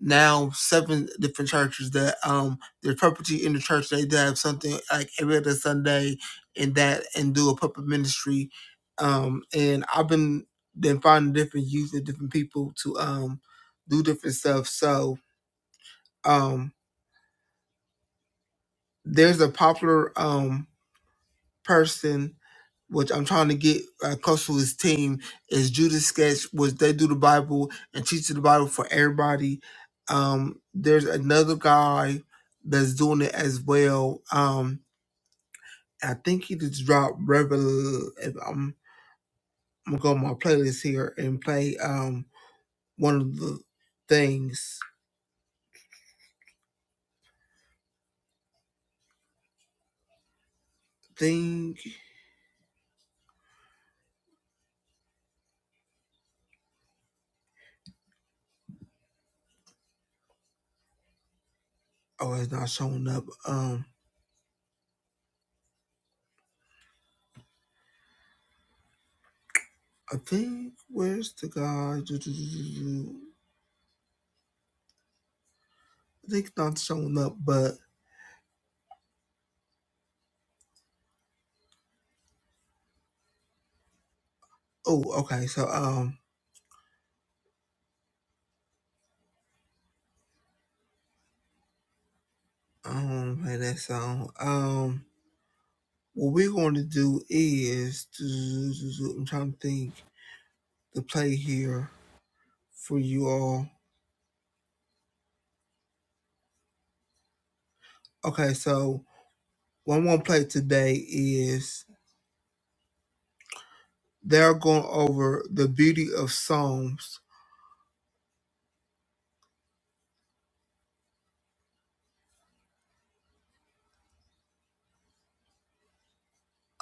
Speaker 1: now seven different churches that um there's puppeteer in the church. They do have something like every other Sunday, and that and do a puppet ministry. Um, and I've been then finding different youth and different people to um do different stuff. So um, there's a popular um person, which I'm trying to get uh, close to his team, is Judas Sketch, which they do the Bible and teach the Bible for everybody. Um, there's another guy that's doing it as well. Um, I think he just dropped Revel. If I'm, I'm gonna go on my playlist here and play um one of the things. Thing. Oh, it's not showing up. Um, I think where's the guy? [TSK] I think it's not showing up, but Oh, okay. So um, I don't want to play that song. Um, what we're going to do is I'm trying to think the play here for you all. Okay, so what I'm going to play today is they're going over the beauty of Psalms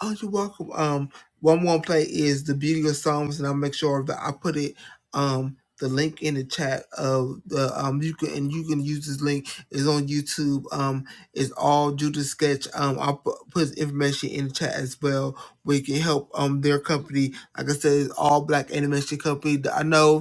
Speaker 1: Oh, you're welcome. Um, what I'm gonna play is the beauty of Psalms, and I'll make sure that I put it um the link in the chat of the um you can and you can use this link is on YouTube. Um, it's all Judas Sketch. Um, I'll pu- put his information in the chat as well, where you can help um their company. Like I said, it's all black animation company. I know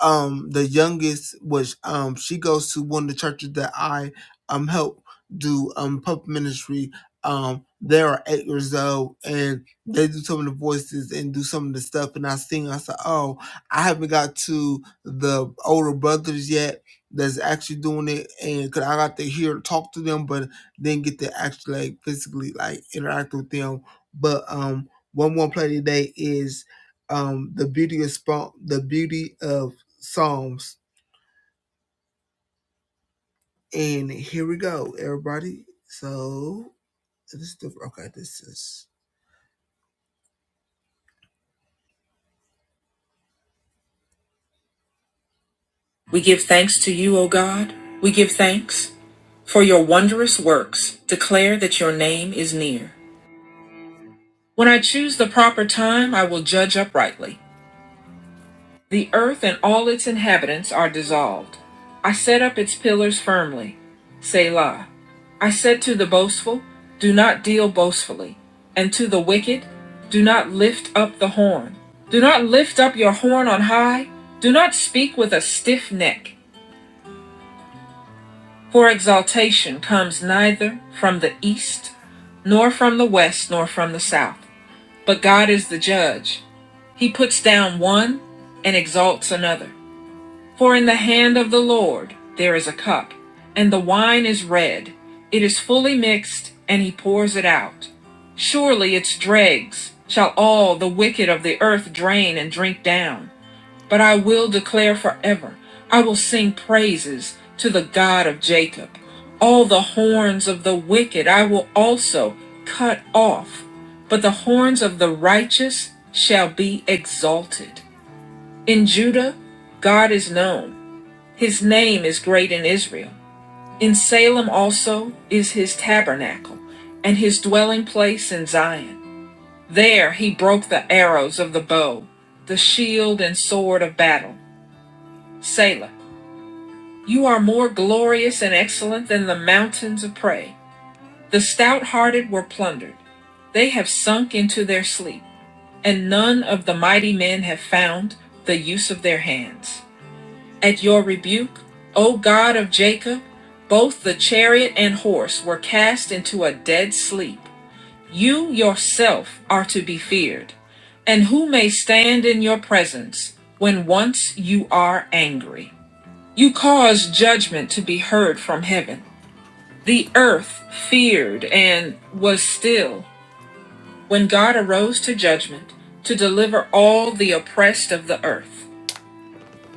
Speaker 1: um the youngest was um she goes to one of the churches that I um help do um pup ministry. Um they are eight years old and they do some of the voices and do some of the stuff and I sing I said, Oh, I haven't got to the older brothers yet that's actually doing it and cause I got to hear talk to them but didn't get to actually like physically like interact with them. But um one more play today is um the beauty of spo- the beauty of Psalms. And here we go, everybody. So this is the okay. This is. We give thanks to you, O God. We give thanks for your wondrous works. Declare that your name is near. When I choose the proper time, I will judge uprightly. The earth and all its inhabitants are dissolved. I set up its pillars firmly. Selah. I said to the boastful, Do not deal boastfully, and to the wicked, Do not lift up the horn. Do not lift up your horn on high. Do not speak with a stiff neck, for exaltation comes neither from the east, nor from the west, nor from the south. But God is the judge. He puts down one and exalts another. For in the hand of the Lord there is a cup, and the wine is red. It is mixed, and he put it out. Surely its dregs shall The wicked of the earth drain and drink down, but I will declare forever. I will sing praises to the God of Jacob. All the Horns of the wicked I will also cut off, but the horn of the righteous ex- in Judah, God, his name is great in Israel. In Salem also is his tabernacle, and his dwelling place in Zion. There he broke the arrows of the bow, the shield and sword of battle. Selah. You are more glorious and excellent than the mountains of prey. The stout hearted were plundered. They have sunk into their sleep, and none of the mighty men have found the use of their hands. At your rebuke, O God of Jacob, both the chariot and horse were cast into a dead sleep. You yourself are to be feared, and who may stand in your presence when once you are angry? You cause judgment to be heard from heaven. The earth feared and was still when God arose to judgment to deliver all the oppressed of the earth.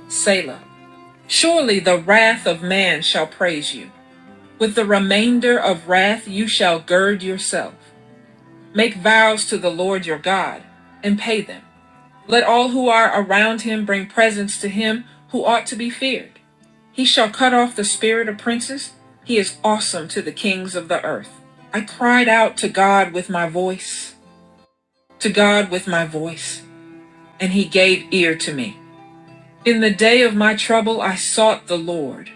Speaker 1: Selah. Surely the wrath of man shall praise you. With the remainder of wrath you shall gird yourself. Make vows to the Lord your God and pay them. Let all who are around him bring presents to him who ought to be feared. He shall cut off the spirit of princes. He is awesome to the kings of the earth. I cried out to God with my voice. to God with my voice, and he gave ear to me. In the day of my trouble, I sought the Lord.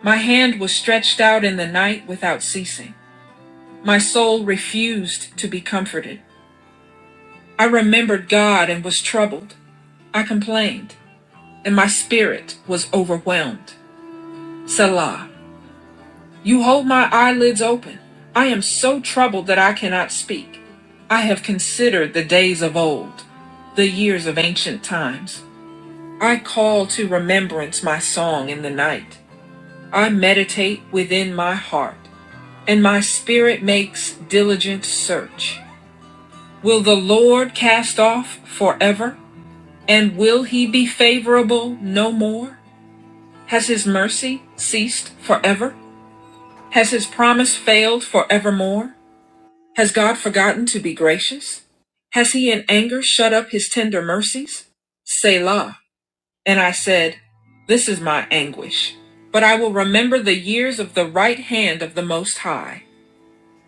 Speaker 1: My hand was stretched out in the night without ceasing. My soul refused to be comforted. I remembered God and was troubled. I complained, and my spirit was overwhelmed. Selah, you hold my eyelids open. I am so troubled that I cannot speak. I have considered the days of old the years of ancient times. I call to remembrance my song in the night. I meditate within my heart, and my spirit makes diligent search. Will the Lord cast off forever? And will he be favorable no more? Has his mercy ceased forever? Has his promise failed forevermore? Has God forgotten to be gracious? Has he in anger shut up his tender mercies? Selah. And I said, This is my anguish. But I will remember the years of the right hand of the Most High.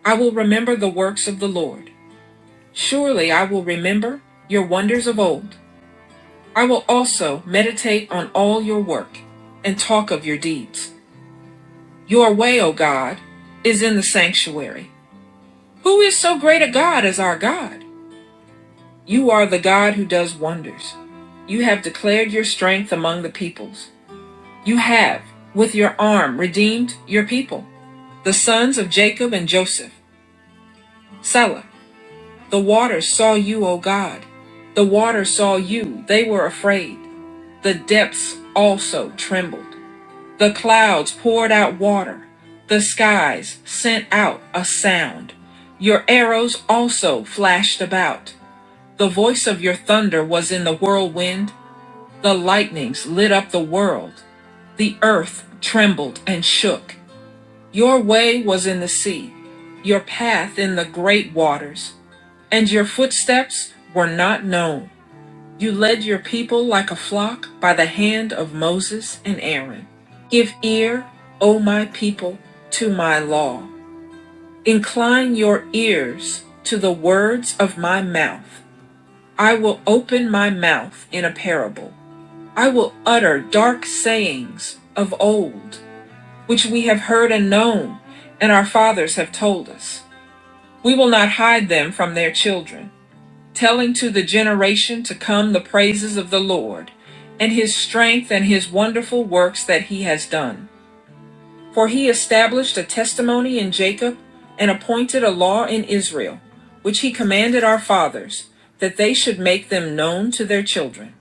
Speaker 1: I will remember the works of the Lord. Surely I will remember your wonders of old. I will also meditate on your work and talk of your deeds. Your way, O God, is in the sanctuary. Who is so great a God as our God? You are the God who does wonders. You have declared your strength among the peoples. You have, with your arm, redeemed your people. the sons of Jacob and Joseph. Selah, the waters saw you, O God. The waters saw you, they were afraid. The depths also trembled. The clutter sent out a sound. Arrows so out. There was in the whirlwind world trembled, shook. Your way was in thee, your and your footsteps were not known. You led your people like a flock by the hand of Moses and Aaron. Give ear, O my people, to my law. Incline your ears to the words of my mouth. I will open my mouth in a parable. I will utter dark sayings of old, which we have heard and known, and our fathers have told us. Hide their children, telling to the generation to come the praises of the Lord, and his strength and his wonderful works that he has done. For he established a testimony in Jacob and appointed a law in Israel, which he commanded our fathers, that they should make them known to their children,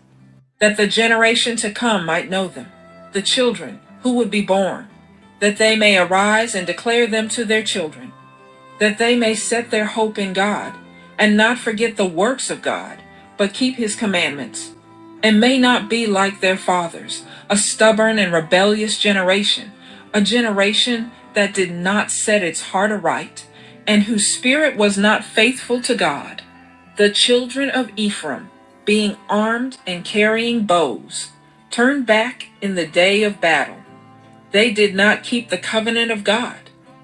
Speaker 1: that the generation to come might know them, the children who would be born, that they may arise and declare them to their children that they may set their hope in God, and not forget the works of God, but keep his commandments, and may not be like their fathers, a stubborn and rebellious generation, a generation that did not set its heart aright, and whose spirit was not faithful to God. The children of Ephraim, being armed and carrying bows, turned back in the day of battle. They did not keep the covenant of God.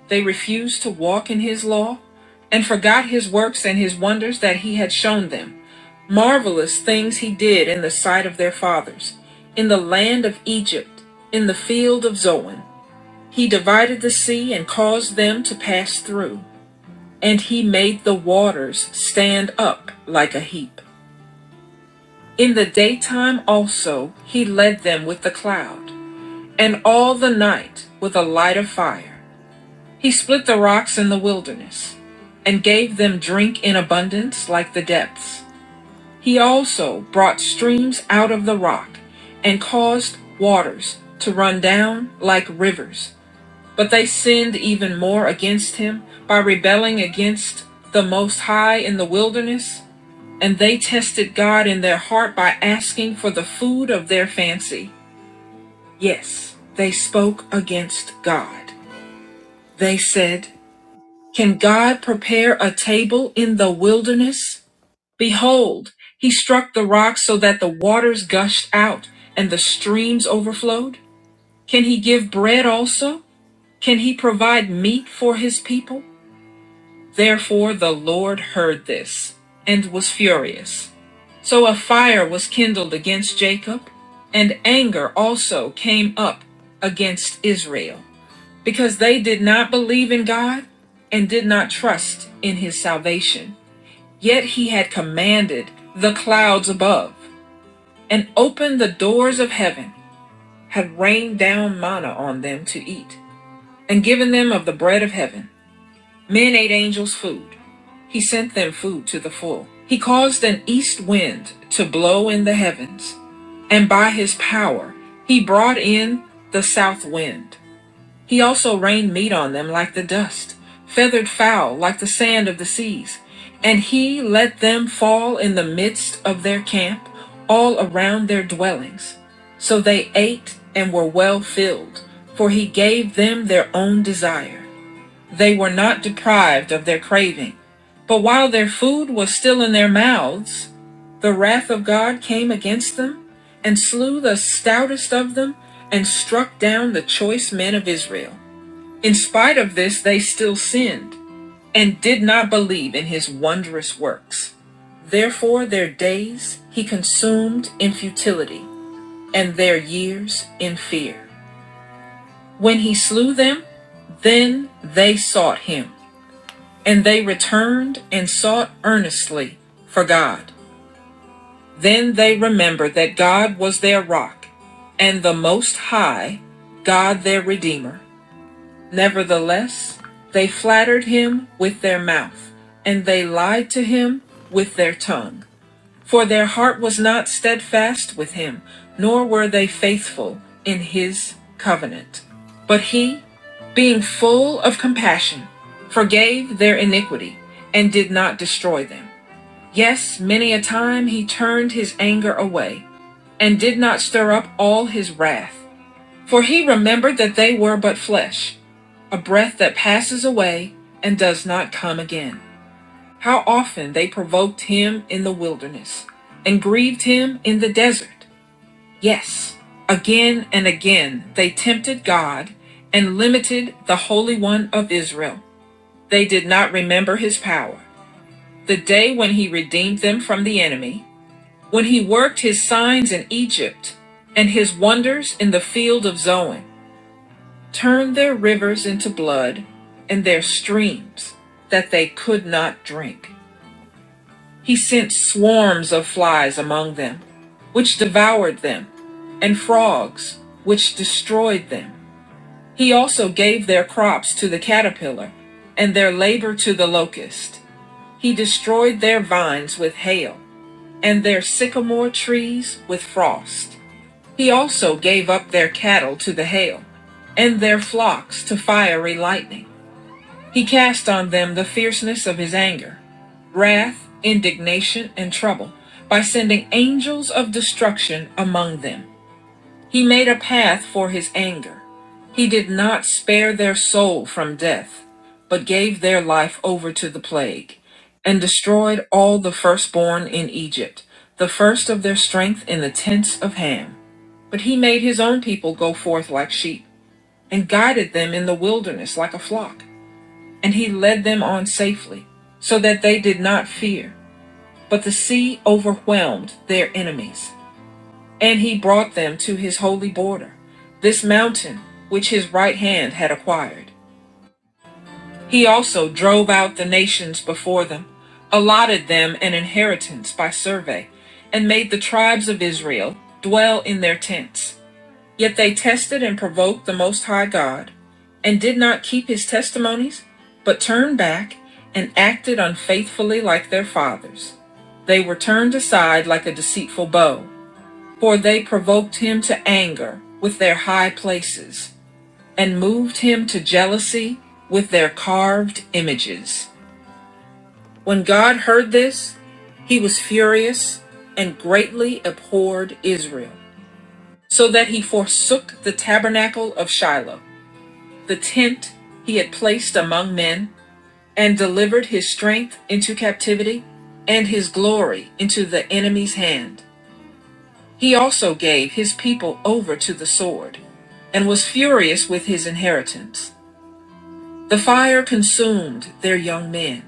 Speaker 1: They refused to walk in his law and forgot his works and his wonders that he had shown them. Marvelous things he did in the sight of their fathers, in the land of Egypt, in the field of Zoan. He divided the sea and caused them to pass through, and he made the waters stand up like a heap. In the daytime also he led them with the cloud, and all the night with a light of fire. He split the rocks in the wilderness, and gave them drink in abundance like the depths. He also brought streams out of the rock, and caused waters to run down like rivers. But they sinned even more against him by rebelling against the Most High in the wilderness and they tested God in their heart by asking for the food of their fancy. Yes, they spoke against God. They said, Can God prepare a table in the wilderness? Behold, he struck the rock so that the waters gushed out and the streams overflowed. Can he give bread also? Can he provide meat for his people? Therefore, though this and this. So a fire was kindled against Jacob, and anger also came up against Israel, because they did not believe in God and did not trust in his salvation. Yet he had commanded the clouds above and opened the doors of heaven, rained down manna on them to eat, and given them of the bread. food. He sent them food to the full. He caused an east wind to blow in the heavens, and by his power he brought in the south wind. He also rained meat on them like the dust, feathered fowl like the sand of the seas. And he let them fall in the midst of their camp, all around their dwellings. So they ate and were well filled, for he gave them their own desire. They were not deprived of their craving. But while their food was still in their mouths, the wrath of God came against them and slew the stoutest of them and struck down the choice men of Israel. In spite of this, they still sinned and did not believe in his wondrous works. Therefore, their days he consumed in futility and their years in fear. And he slew them, then they sought him. And they returned and sought earnestly for God. Then they remembered that God was their rock and the Most High, God their Redeemer. Nevertheless, they flattered him with their mouth, and they lied to him with their tongue. For their heart was not steadfast with him, nor were they faithful in his covenant. But he, being full of compassion, forgave their iniquity and did not destroy them. Yes, many a time he turned his anger away, and did not stir up all his wrath. For he remembered that they were but flesh, breath that passes away and does not come again. How oft tempted him in the desert? Yes, again and again they tempted God and limited the Holy One of Israel. They did not remember his power. The day when he redeemed them from the enemy, when he worked his signs in Egypt, and his wonders in the field of Zoan. turned their rivers into blood and their streams that they could not drink. He sent swarms of flies among them, which devoured them, and frogs, which destroyed them. He also gave their crops to the caterpillar, and their labor to the locust. He destroyed their vines with hail, and their sycamore trees with frost. He also gave up their cattle to the hail, and their flocks to fiery lightning. He cast on them the fierceness of his anger, wrath, indignation, and trouble by sending angels of destruction among them. He made a path for his anger. He did not spare their soul from death, but gave their life over to the plague, and destroyed all the firstborn in Egypt, the first of their strength in the tents of Ham. But he made his own people go forth like sheep, and guided them in the wilderness like a flock and he led them on safely, so that they did not fear. But the sea overwhelmed their enemies, and he brought them to his holy border, this mountain which his right hand had acquired. He also drove out the nations before them, allotted them an inheritance by survey, and made the tribes of Israel dwell in their tents. Yet they tested and provoked the Most High God, and did not keep his testimonies, but turned back and acted unfaithfully like their fathers. They were turned aside like a deceitful bow, for they provoked him to anger with their high places, and moved him to jealousy with their carved images. When God heard this, he was furiously abhorred Israel, so that he forsook the tabernacle of Shiloh the tent he had placed among men, and delivered his strength into captivity, and his glory into the enemy's hand. He also gave his people over to the sword, and was furious with his inheritance. The fire consumed their young men,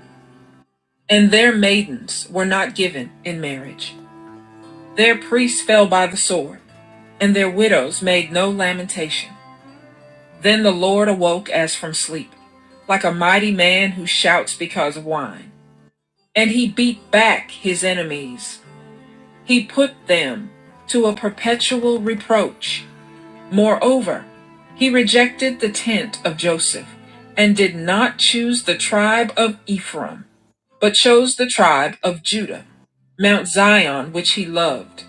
Speaker 1: and their maidens were not given in marriage. Their priests fell by the sword and their widows made no lamentation. Then the Lord awoke as from sleep, like a mighty man who shouts because of wine. and he beat back his enemies. He put them to a perpetual reproach. Moreover, he rejected the tent of Joseph and did not choose the tribe of Ephraim, but chose the tribe of Judah, Mount Zion, which he loved.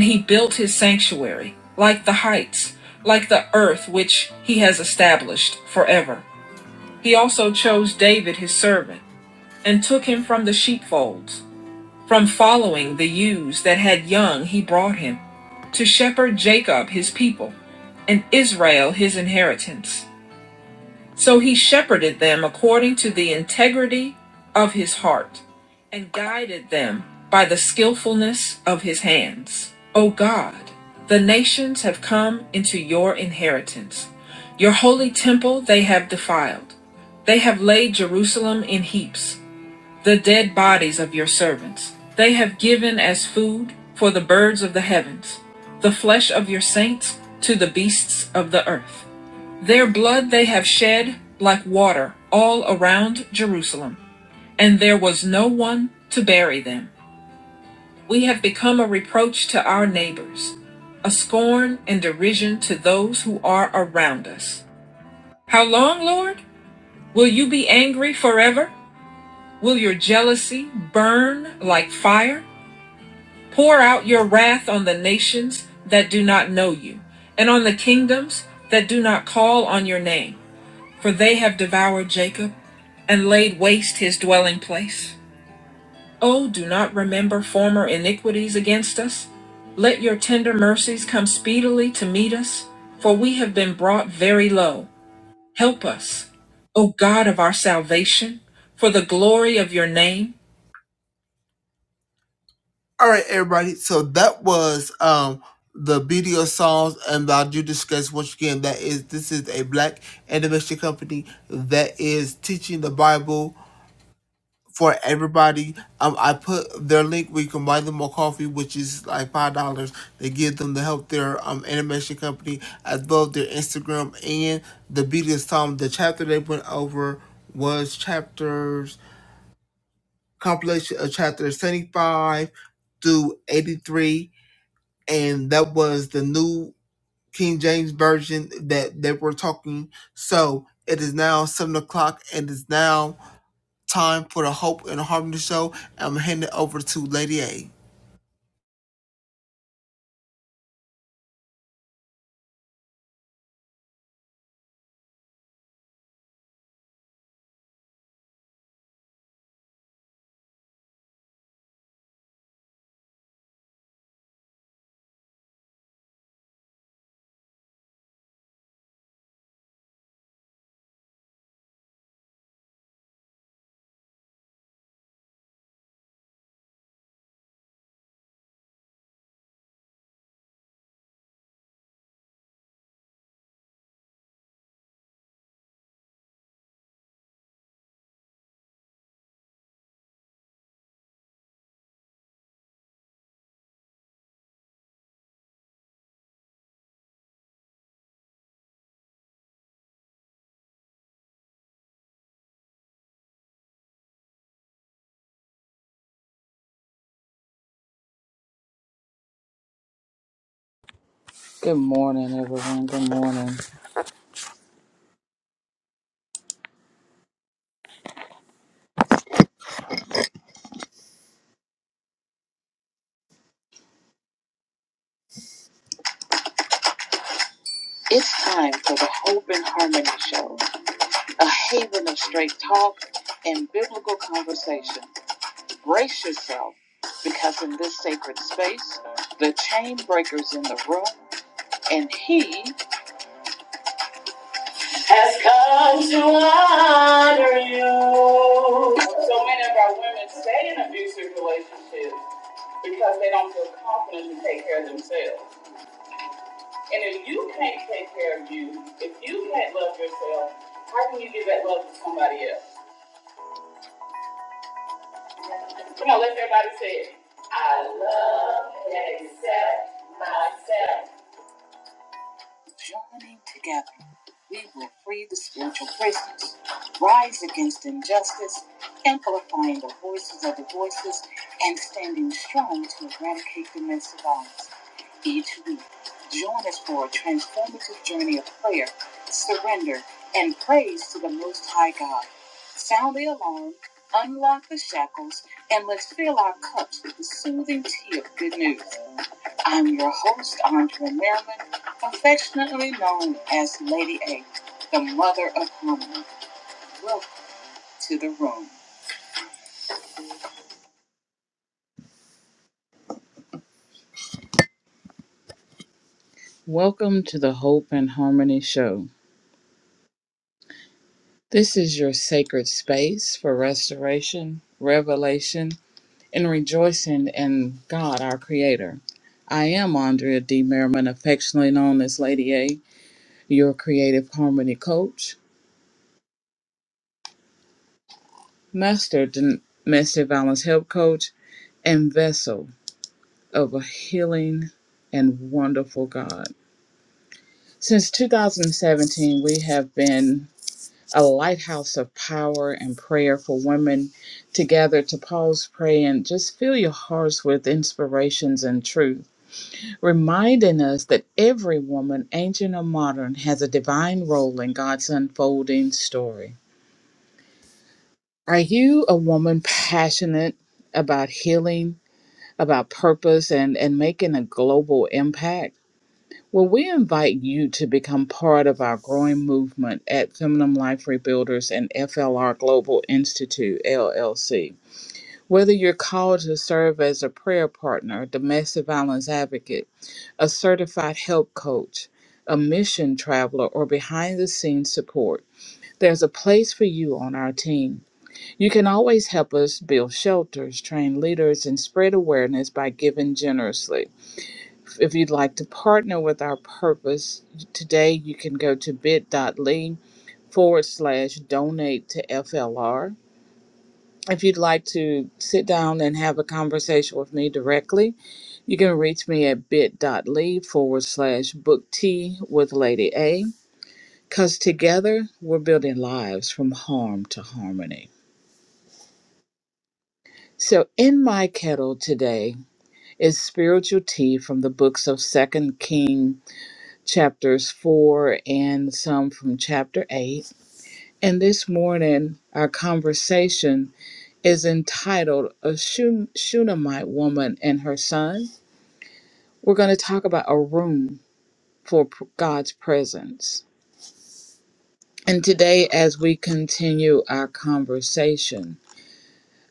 Speaker 1: He built his sanctuary like the heights, like the earth which he has established forever. He chose his servant from the sheepfolds that had young. he brought him to shepherd his inheritance So he shepherded them according to the integrity of his heart, and guided them by the skillfulness of his hands. O God, the nations have come into your inheritance. Your holy temple they have defiled. They have laid Jerusalem in heaps, dead bodies of your servants. They have given food for the birds of the heavens. Their blood they have shed like water all around Jerusalem and there was no one to bury them. We have become a reproach to our neighbors, a scorn and derision to those who are around us. How long, Lord? Will you be angry forever? Will your jealousy burn like fire? Pour out your wrath on the nations that do not know you, and on the kingdoms that do not call on your name. For they have devoured Jacob and laid waste his dwelling place. Oh, do not remember former iniquities against us. Let your tender mercies come speedily to meet us, for we have been brought very low. Help us, O God of our salvation, for the glory of your name. All right, everybody. So that was um the BDO songs and the Judas Sketch. Once again, that is this is a black animation company that is teaching the Bible for everybody. Um, I put their link where you can buy them a coffee, which is like five dollars. They give them to help their um animation company as well as their Instagram and the Beatles Tom. The chapter they went over was chapters compilation of chapters seventy five through eighty three, and that was the new King James version that they were talking. So it is now seven o'clock, and it's now time for the Hope and Harmony Show. I'm handing it over to Lady A.
Speaker 2: Good morning, everyone. Good morning. It's time for the Hope and Harmony Show, a haven of straight talk and biblical conversation. Brace yourself, because in this sacred space, the chain breaker's in the room, and he has come to honor you. So many of our women stay in abusive relationships because they don't feel confident to take care of themselves. And if you can't take care of you, if you can't love yourself, how can you give that love to somebody else? Come on, let everybody say it. I love and accept myself. Joining together, we will free the spiritual prisoners, rise against injustice, amplifying the voices of the voiceless, and standing strong to eradicate domestic violence. Each week, join us for a transformative journey of prayer, surrender, and praise to the Most High God. Sound the alarm, unlock the shackles, and let's fill our cups with the soothing tea of good news. I'm your host, Andrea Merriman, affectionately known as Lady A, the mother of harmony. Welcome to the room. Welcome to the Hope and Harmony Show. This is your sacred space for restoration, revelation, and rejoicing in God, our Creator. I am Andrea D. Merriman, affectionately known as Lady A, your creative harmony coach, master domestic violence help coach, and vessel of a healing and wonderful God. Since 2017, we have been a lighthouse of power and prayer for women to gather to pause, pray, and just fill your hearts with inspirations and truth, reminding us that every woman, ancient or modern, has a divine role in God's unfolding story. Are you a woman passionate about healing, about purpose, and, and making a global impact? Well, we invite you to become part of our growing movement at Feminine Life Rebuilders and FLR Global Institute, LLC. Whether you're called to serve as a prayer partner, domestic violence advocate, a certified help coach, a mission traveler, or behind the scenes support, there's a place for you on our team. You can always help us build shelters, train leaders, and spread awareness by giving generously. If you'd like to partner with our purpose, today you can go to bit.ly forward slash donate to FLR. If you'd like to sit down and have a conversation with me directly, you can reach me at bit.ly forward slash book tea with Lady A. Because together we're building lives from harm to harmony. So, in my kettle today is spiritual tea from the books of Second Kings chapters 4 and some from chapter 8. And this morning, our conversation is entitled A Shun- Shunammite Woman and Her Son. We're going to talk about a room for p- God's presence. And today, as we continue our conversation,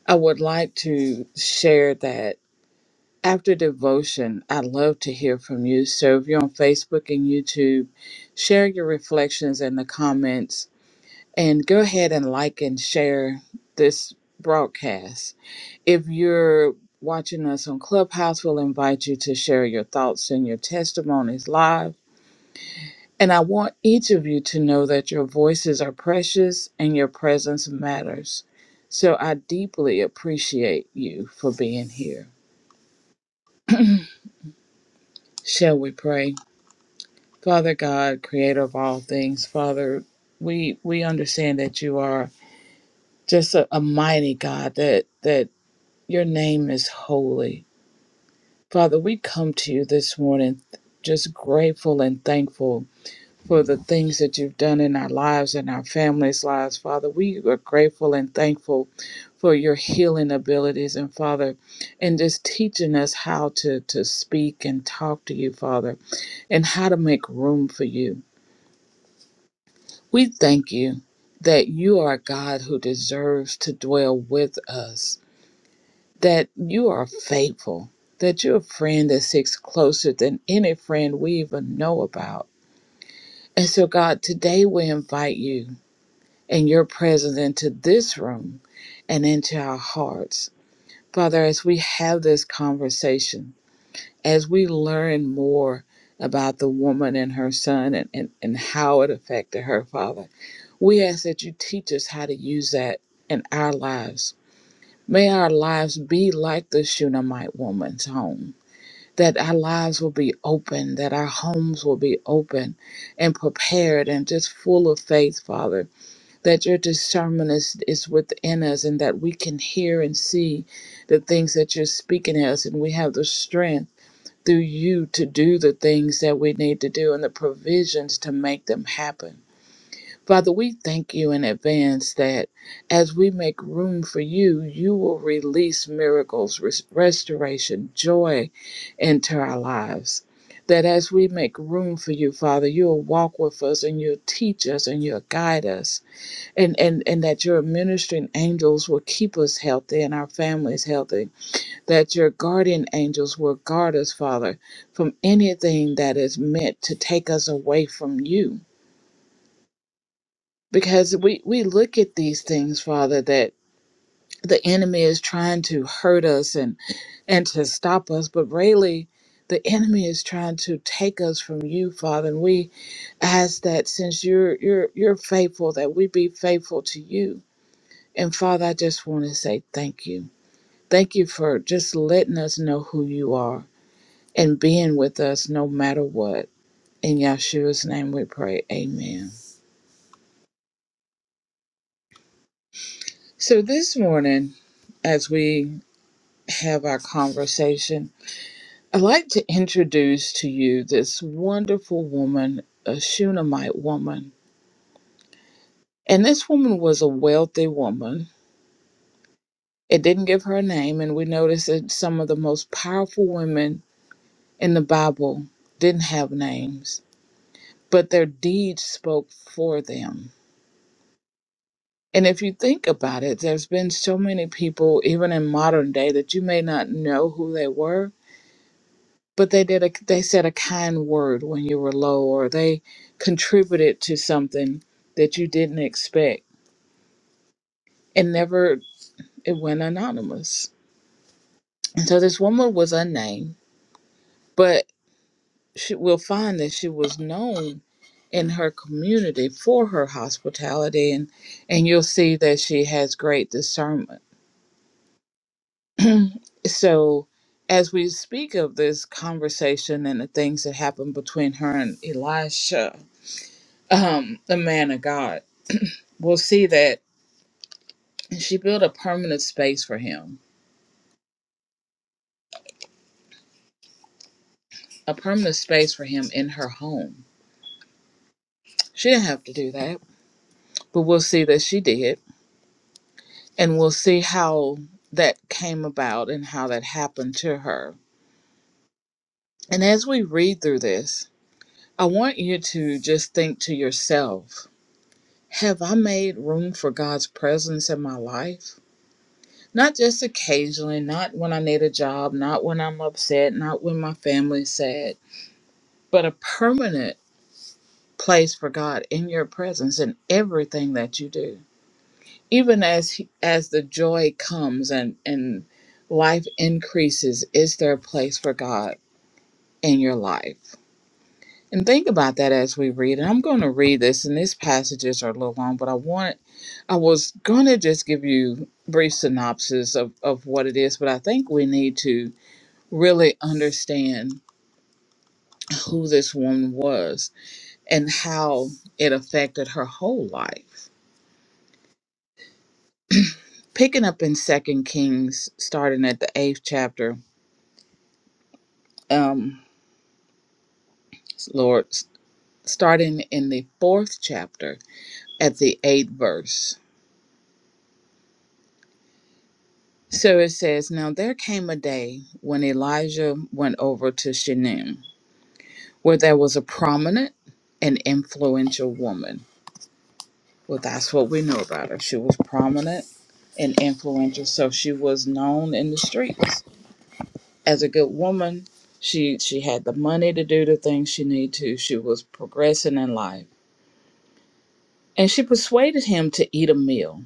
Speaker 2: I would like to share that after devotion, I'd love to hear from you. So if you're on Facebook and YouTube, share your reflections in the comments and go ahead and like and share this broadcast. If you're watching us on Clubhouse, we'll invite you to share your thoughts and your testimonies live. And I want each of you to know that your voices are precious and your presence matters. So I deeply appreciate you for being here. Shall we pray? Father God, creator of all things, Father, we we understand that you are just a, a mighty God that that Your name is holy. Father, we come to you this morning just grateful and thankful for the things that you've done in our lives and our families' lives. Father, we are grateful and thankful for your healing abilities and Father, and just teaching us how to, to speak and talk to you, Father, and how to make room for you. We thank you that you are a God who deserves to dwell with us that you are faithful, that you're a friend that sticks closer than any friend we even know about. And so, God, today we invite you and your presence into this room and into our hearts. Father, as we have this conversation, as we learn more about the woman and her son and, and, and how it affected her, Father, we ask that you teach us how to use that in our lives. May our lives be like the Shunammite woman's home that our lives will be open, that our homes will be open and prepared and just full of faith, Father, that your discernment is, is within us and that we can hear and see the things that you're speaking to us and we have the strength through you to do the things that we need to do and the provisions to make them happen. Father, we thank you in advance that as we make room for you, you will release miracles, res- restoration, joy into our lives. That as we make room for you, Father, you'll walk with us and you'll teach us and you'll guide us. And, and, and that your ministering angels will keep us healthy and our families healthy. That your guardian angels will guard us, Father, from anything that is meant to take us away from you because we we look at these things father that the enemy is trying to hurt us and and to stop us but really the enemy is trying to take us from you father and we ask that since you're you're you're faithful that we be faithful to you and father i just want to say thank you thank you for just letting us know who you are and being with us no matter what in Yahshua's name we pray amen so this morning as we have our conversation, I'd like to introduce to you this wonderful woman, a Shunammite woman. And this woman was a wealthy woman. It didn't give her a name, and we notice that some of the most powerful women in the Bible didn't have names, but their deeds spoke for them. And if you think about it, there's been so many people, even in modern day, that you may not know who they were, but they did a they said a kind word when you were low or they contributed to something that you didn't expect and never it went anonymous and so this woman was unnamed but she will find that she was known in her community for her hospitality and and you'll see that she has great discernment so as we speak of this conversation and the things that happened between her and Elisha, um, the man of God, will see that she built a permanent space for him, a permanent space for him in her home. She didn't have to do that, but we'll see that she did. And we'll see how that came about and how that happened to her. And as we read through this, I want you to just think to yourself have I made room for God's presence in my life? Not just occasionally, not when I need a job, not when I'm upset, not when my family's sad, but a permanent place for God in your presence in everything that you do. Even as he- as the joy comes and and life increases, is there a place for God in your life? And think about that as we read. And I'm going to read this, and these passages are a little long, but I want I was going to just give you brief synopsis of of what it is, but I think we need to really understand who this woman was and how it affected her whole life picking up in second kings starting at the eighth chapter um lord starting in the fourth chapter at the eighth verse so it says now there came a day when elijah went over to shunem where there was a prominent and influential woman well that's what we know about her she was prominent and influential so she was known in the streets as a good woman, she she had the money to do the things she needed to. She was progressing in life. And she persuaded him to eat a meal.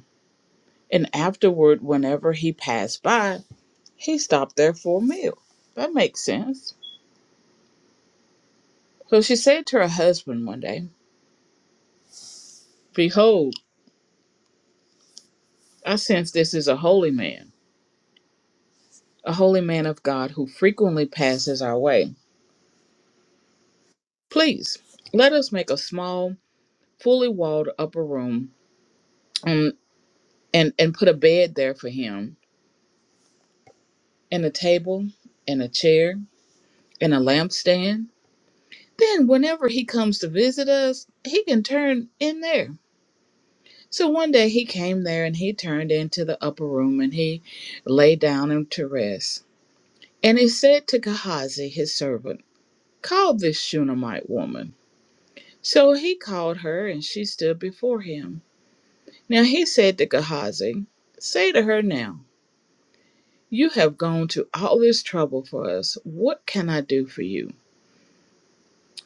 Speaker 2: And afterward, whenever he passed by, he stopped there for a meal. That makes sense. So she said to her husband one day, Behold, I sense this is a holy man, a holy man of God who frequently passes our way. Please, let us make a small, fully walled upper room um, and, and put a bed there for him and a table and a chair and a lampstand. Then, whenever he comes to visit us, he can turn in there. So one day he came there and he turned into the upper room and he lay down and to rest. And he said to Gehazi, his servant, Call this Shunammite woman. So he called her and she stood before him. Now he said to Gehazi, Say to her now, You have gone to all this trouble for us. What can I do for you?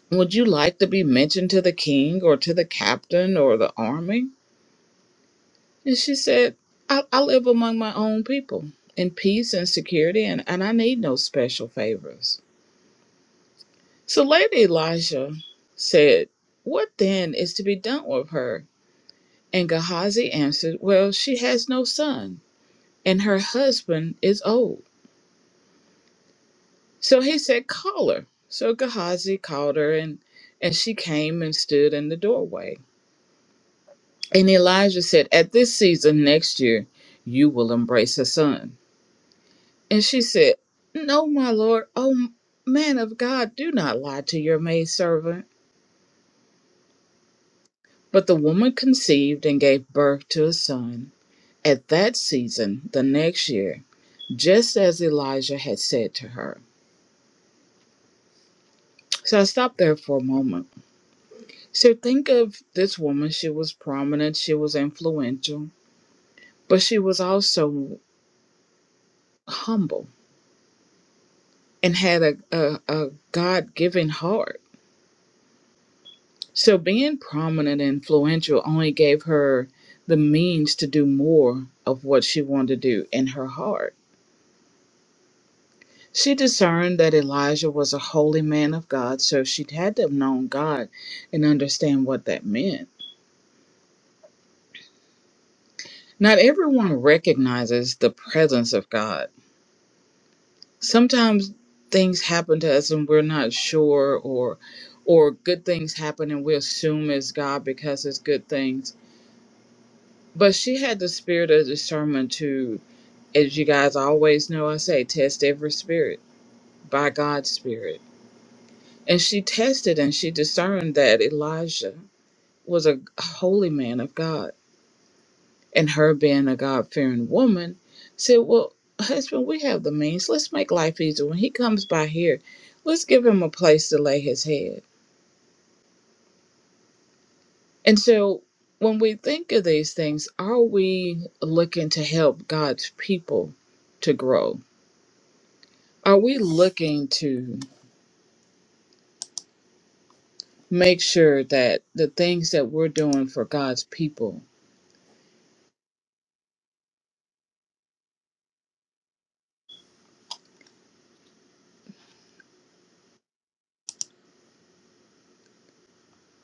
Speaker 2: Would you like to be mentioned to the king or to the captain or the army? And she said, I, I live among my own people in peace and security, and, and I need no special favors. So Lady Elisha said, What then is to be done with her? And Gehazi answered, Well, she has no son, and her husband is old. So he said, Call her. So Gehazi called her, and, and she came and stood in the doorway. And Elijah said, At this season next year, you will embrace a son. And she said, No, my lord, O man of God, do not lie to your maidservant. But the woman conceived and gave birth to a son at that season, the next year, just as Elijah had said to her. So I stopped there for a moment. So think of this woman. She was prominent, she was influential, but she was also humble and had a, a, a God given heart. So being prominent and influential only gave her the means to do more of what she wanted to do in her heart. She discerned that Elijah was a holy man of God, so she had to have known God and understand what that meant. Not everyone recognizes the presence of God. Sometimes things happen to us and we're not sure or or good things happen and we assume it's God because it's good things But she had the spirit of discernment to, as you guys always know, I say, test every spirit by God's spirit. And she tested and she discerned that Elijah was a holy man of God. And her being a God fearing woman said, Well, husband, we have the means. Let's make life easier. When he comes by here, let's give him a place to lay his head. And so when we think of these things, are we looking to help God's people to grow? Are we looking to make sure that the things that we're doing for God's people,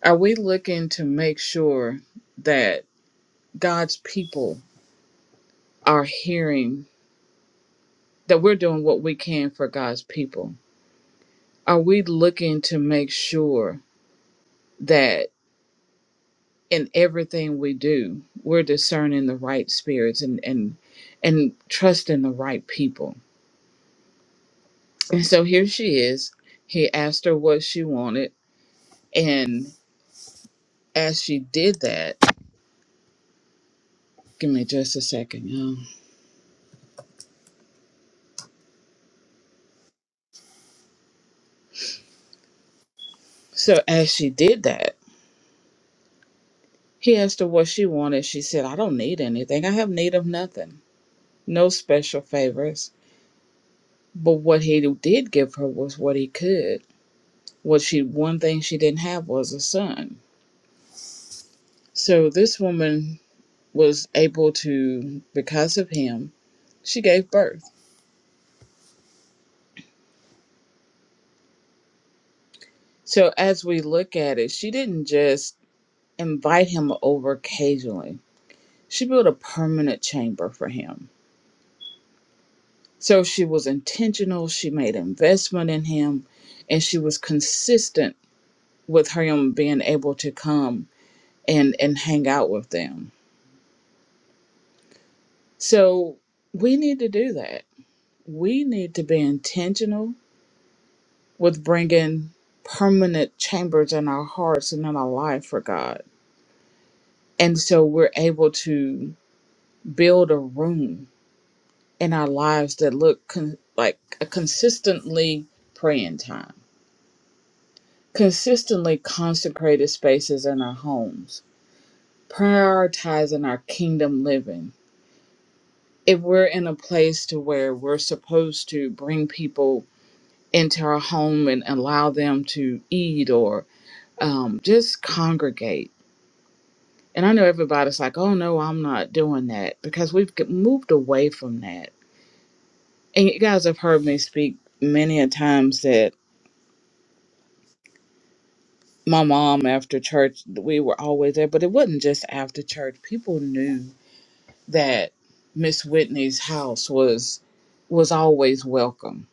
Speaker 2: are we looking to make sure that God's people are hearing that we're doing what we can for God's people? Are we looking to make sure that in everything we do, we're discerning the right spirits and and and trusting the right people? And so here she is. He asked her what she wanted, and as she did that, Give me just a second, y'all. So as she did that, he asked her what she wanted. She said, I don't need anything. I have need of nothing. No special favors. But what he did give her was what he could. What she one thing she didn't have was a son. So this woman was able to, because of him, she gave birth. So as we look at it, she didn't just invite him over occasionally. She built a permanent chamber for him So she was intentional, she made investment in him, and she was consistent with him being able to come and, and hang out with them. So we need to do that. We need to be intentional with bringing permanent chambers in our hearts and in our life for God. And so we're able to build a room in our lives that look con- like a consistently praying time consistently consecrated spaces in our homes, prioritizing our kingdom living. If we're in a place to where we're supposed to bring people into our home and allow them to eat or um, just congregate. And I know everybody's like, oh no, I'm not doing that because we've get- moved away from that. And you guys have heard me speak many a times that my mom after church, we were always there, but it wasn't just after church. People knew that Miss Whitney's house was was always welcome.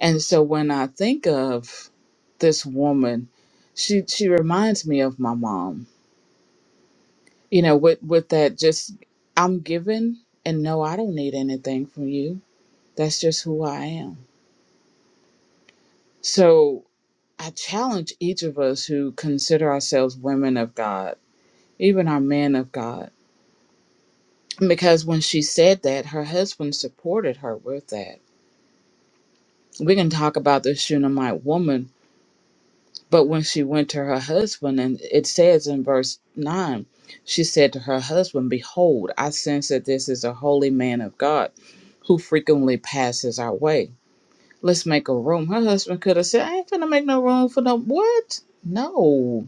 Speaker 2: And so when I think of this woman, she she reminds me of my mom. You know, with with that just I'm given and no I don't need anything from you. That's just who I am. So I challenge each of us who consider ourselves women of God, even our men of God, because when she said that, her husband supported her with that we can talk about the Shunammite woman, but when she went to her husband, and it says in verse 9, she said to her husband, Behold, I sense that this is a holy man of God who frequently passes our way. Let's make a room. Her husband could have said, I ain't gonna make no room for no what? No.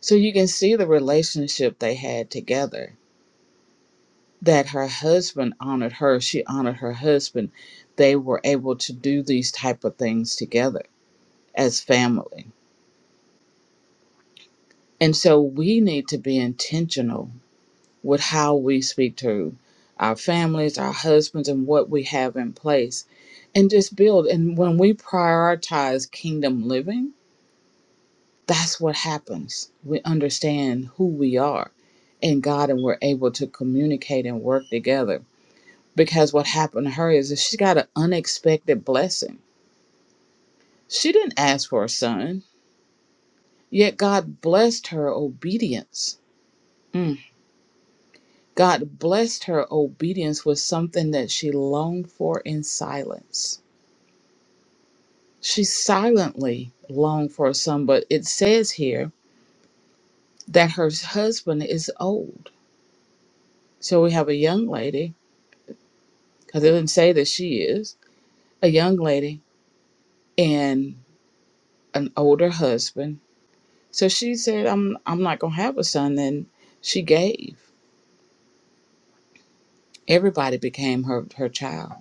Speaker 2: So you can see the relationship they had together. That her husband honored her, she honored her husband. They were able to do these type of things together as family And so we need to be intentional with how we speak to our families, our husbands, and what we have in place, and just build. And when we prioritize kingdom living, that's what happens. We understand who we are in God, and we're able to communicate and work together. Because what happened to her is that she got an unexpected blessing. She didn't ask for a son, yet God blessed her obedience. Mm. God blessed her obedience with something that she longed for in silence. She silently longed for a son, but it says here that her husband is old. So we have a young lady, because it didn't say that she is, a young lady and an older husband. So she said, I'm I'm not gonna have a son. Then she gave. Everybody became her, her child.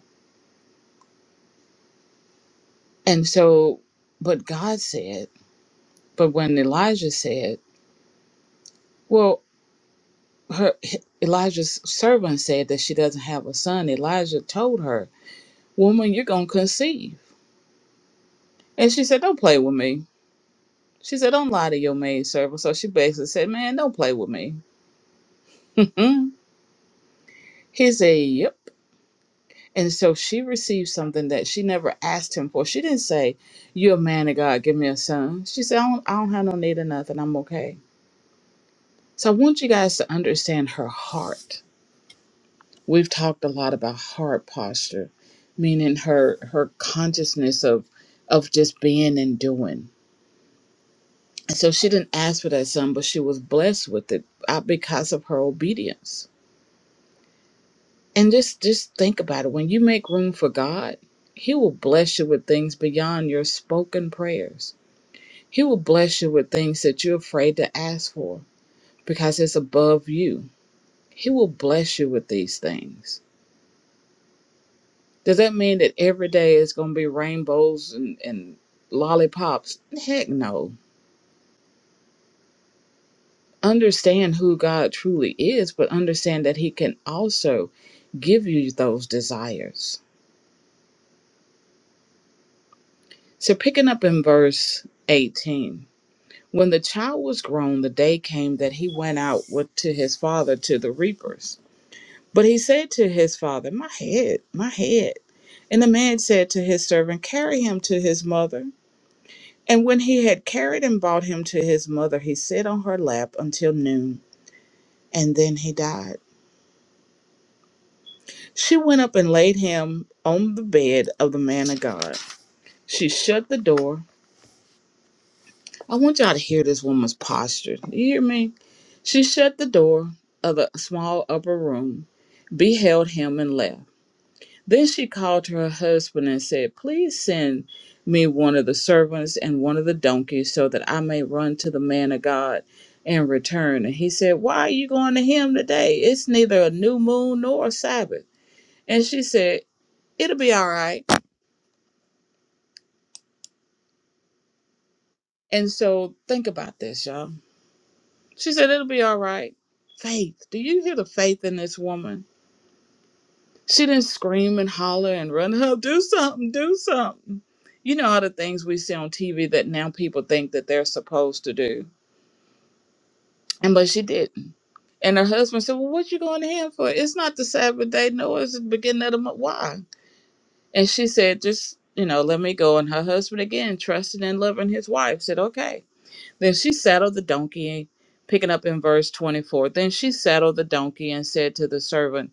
Speaker 2: And so but God said, but when Elijah said, well, her Elijah's servant said that she doesn't have a son. Elijah told her, "Woman, you're gonna conceive," and she said, "Don't play with me." She said, "Don't lie to your maid servant." So she basically said, "Man, don't play with me." [LAUGHS] he said, "Yep." And so she received something that she never asked him for. She didn't say, "You're a man of God. Give me a son." She said, "I don't, I don't have no need of nothing. I'm okay." So I want you guys to understand her heart We've talked a lot about heart posture, meaning her her consciousness of of just being and doing. So she didn't ask for that son, but she was blessed with it uh, because of her obedience. And just just think about it. When you make room for God, He will bless you with things beyond your spoken prayers. He will bless you with things that you're afraid to ask for because it's above you. He will bless you with these things Does that mean that every day is going to be rainbows and, and lollipops? Heck no. Understand who God truly is, but understand that He can also give you those desires. So, picking up in verse 18 when the child was grown, the day came that he went out with, to his father to the reapers. But he said to his father, My head, my head. And the man said to his servant, Carry him to his mother. And when he had carried and brought him to his mother, he sat on her lap until noon, and then he died. She went up and laid him on the bed of the man of God. She shut the door. I want y'all to hear this woman's posture. You hear me? She shut the door of the small upper room, beheld him, and left. Then she called to her husband and said, Please send me one of the servants and one of the donkeys so that I may run to the man of God and return. And he said, Why are you going to him today? It's neither a new moon nor a Sabbath. And she said, It'll be all right. And so think about this, y'all. She said, It'll be all right. Faith. Do you hear the faith in this woman? She didn't scream and holler and run up, do something, do something. You know all the things we see on TV that now people think that they're supposed to do. And but she didn't. And her husband said, Well, what you going to him for? It's not the Sabbath day, no, it's the beginning of the month. Why? And she said, Just, you know, let me go. And her husband again, trusting and loving his wife, said, Okay. Then she saddled the donkey, picking up in verse twenty four. Then she saddled the donkey and said to the servant,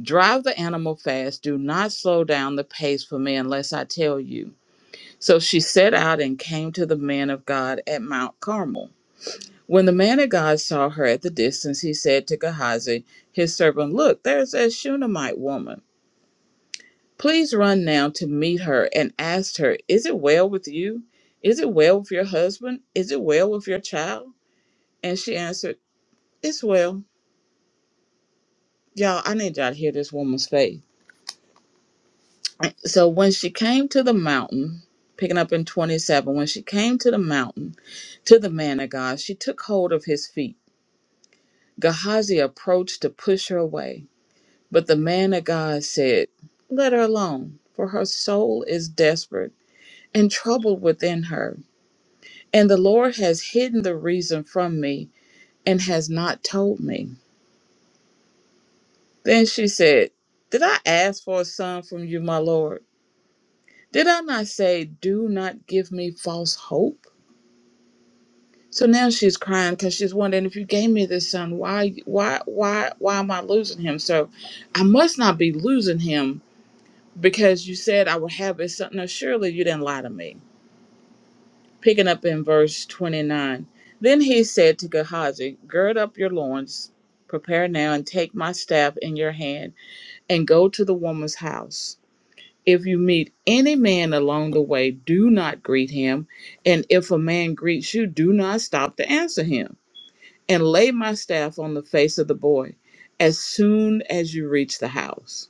Speaker 2: Drive the animal fast. Do not slow down the pace for me unless I tell you. So she set out and came to the man of God at Mount Carmel. When the man of God saw her at the distance, he said to Gehazi, his servant, Look, there's a Shunammite woman. Please run now to meet her and ask her, 'Is it well with you? Is it well with your husband? Is it well with your child? And she answered, It's well. Y'all, I need y'all to hear this woman's faith. So when she came to the mountain, picking up in 27, when she came to the mountain, to the man of God, she took hold of his feet. Gehazi approached to push her away. But the man of God said, Let her alone, for her soul is desperate and troubled within her. And the Lord has hidden the reason from me and has not told me. Then she said, Did I ask for a son from you, my Lord? Did I not say, 'Do not give me false hope? So now she's crying because she's wondering if you gave me this son, why, why, why, why am I losing him? So I must not be losing him because you said I would have his son. No, surely you didn't lie to me. Picking up in verse 29. Then he said to Gehazi, Gird up your loins, prepare now, and take my staff in your hand, and go to the woman's house. If you meet any man along the way, do not greet him. And if a man greets you, do not stop to answer him and lay my staff on the face of the boy as soon as you reach the house.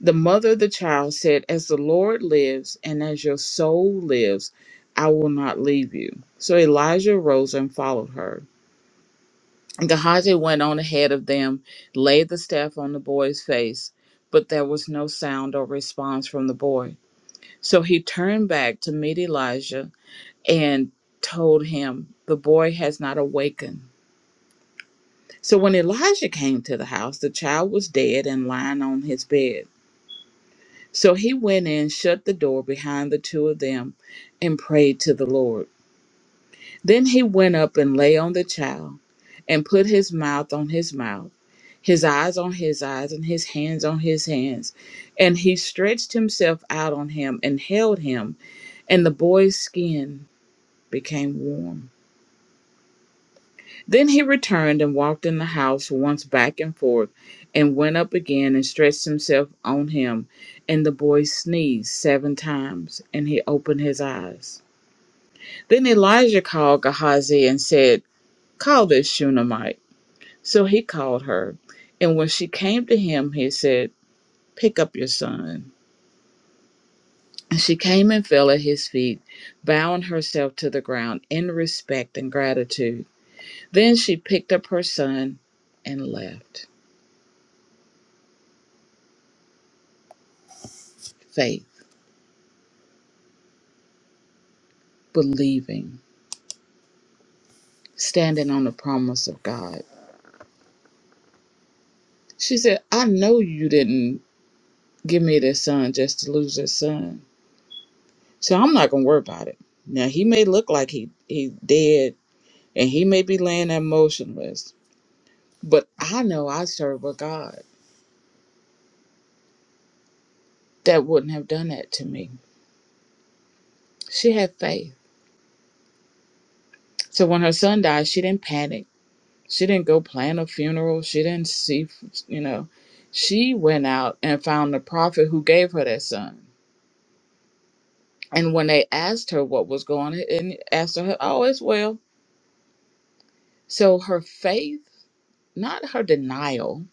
Speaker 2: The mother of the child said, As the Lord lives and as your soul lives, I will not leave you. So Elijah rose and followed her. And Gehazi went on ahead of them, laid the staff on the boy's face, but there was no sound or response from the boy. So he turned back to meet Elijah and told him, The boy has not awakened. So when Elijah came to the house, the child was dead and lying on his bed. So he went in, shut the door behind the two of them, and prayed to the Lord. Then he went up and lay on the child, and put his mouth on his mouth, his eyes on his eyes, and his hands on his hands. And he stretched himself out on him and held him, and the boy's skin became warm. Then he returned and walked in the house once back and forth, and went up again and stretched himself on him. And the boy sneezed seven times, and he opened his eyes. Then Elijah called Gehazi and said, Call this Shunammite. So he called her. And when she came to him, he said, Pick up your son. And she came and fell at his feet, bowing herself to the ground in respect and gratitude. Then she picked up her son and left. Faith. believing, standing on the promise of God. She said, I know you didn't give me this son just to lose this son. So I'm not gonna worry about it. Now he may look like he he dead and he may be laying there motionless, but I know I serve a God that wouldn't have done that to me. She had faith. So when her son died, she didn't panic. She didn't go plan a funeral. She didn't see, you know, she went out and found the prophet who gave her that son And when they asked her what was going on, and asked her, oh, it's well. So her faith, not her denial,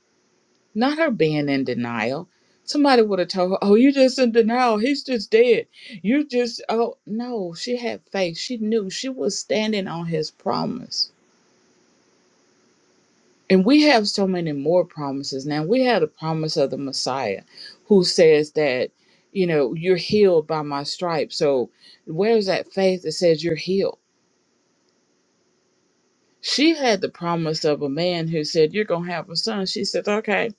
Speaker 2: not her being in denial. Somebody would have told her, oh, you're just in denial. He's just dead. You just, oh, no, she had faith. She knew she was standing on his promise. And we have so many more promises now. We have the promise of the Messiah who says that, you know, you're healed by my stripes. So where's that faith that says you're healed? She had the promise of a man who said, You're going to have a son. She said, Okay,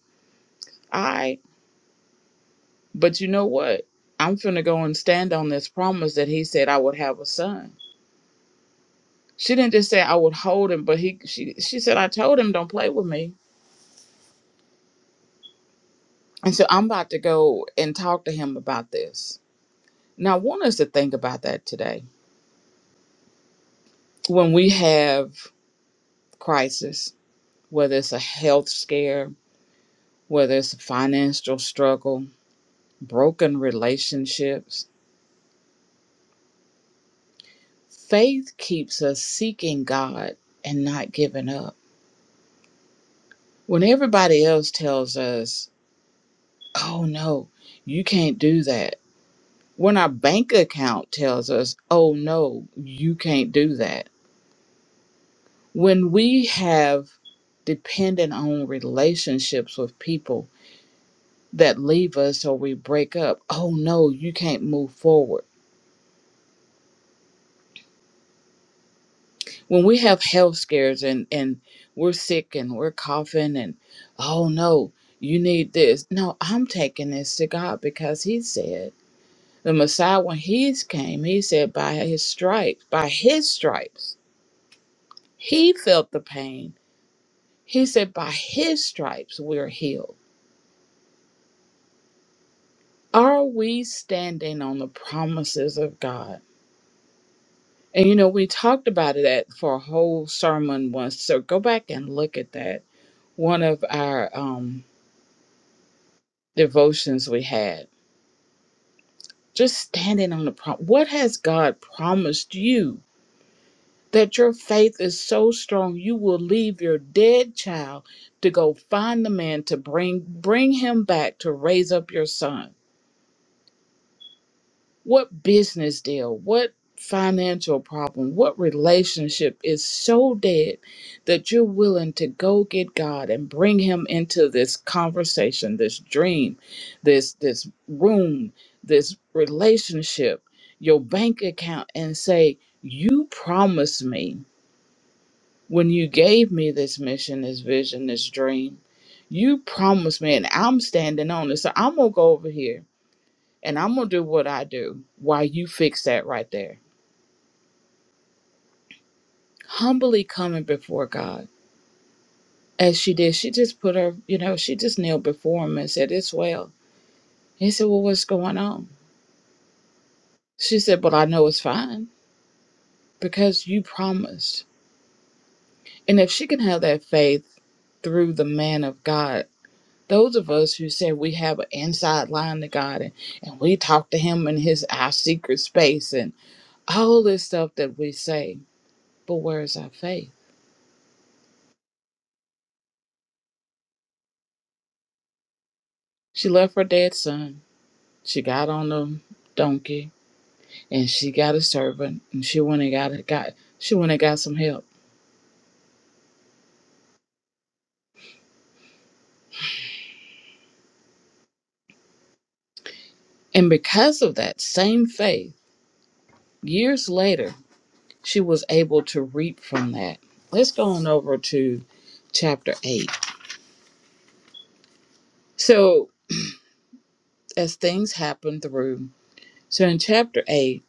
Speaker 2: all right. But you know what? I'm finna go and stand on this promise that he said I would have a son. She didn't just say I would hold him, but he she she said I told him don't play with me. And so I'm about to go and talk to him about this. Now I want us to think about that today. When we have crisis, whether it's a health scare, whether it's a financial struggle, broken relationships, Faith keeps us seeking God and not giving up. When everybody else tells us, oh no, you can't do that. When our bank account tells us, oh no, you can't do that. When we have dependent on relationships with people that leave us or we break up, oh no, you can't move forward when we have health scares and and we're sick and we're coughing and oh no you need this no i'm taking this to god because he said the messiah when he came he said by his stripes by his stripes he felt the pain he said by his stripes we're healed are we standing on the promises of god and you know we talked about that for a whole sermon once so go back and look at that one of our um devotions we had, just standing on the prom. What has God promised you? That your faith is so strong, you will leave your dead child to go find the man to bring bring him back to raise up your son. What business deal? What financial problem? What relationship is so dead that you're willing to go get God and bring him into this conversation, this dream, this this room, this relationship, your bank account and say, "You promised me when you gave me this mission, this vision, this dream. You promised me and I'm standing on it. So I'm going to go over here and I'm going to do what I do while you fix that right there. Humbly coming before God as she did. She just put her, you know, she just kneeled before him and said, It's well. He said, Well, what's going on? She said, But I know it's fine because you promised. And if she can have that faith through the man of God, those of us who say we have an inside line to God and, and we talk to him in his our secret space and all this stuff that we say, but where is our faith? She left her dead son She got on the donkey and she got a servant and she went and got got she went and got some help. And because of that same faith, years later, she was able to reap from that. Let's go on over to chapter eight. So as things happen through, so in chapter eight,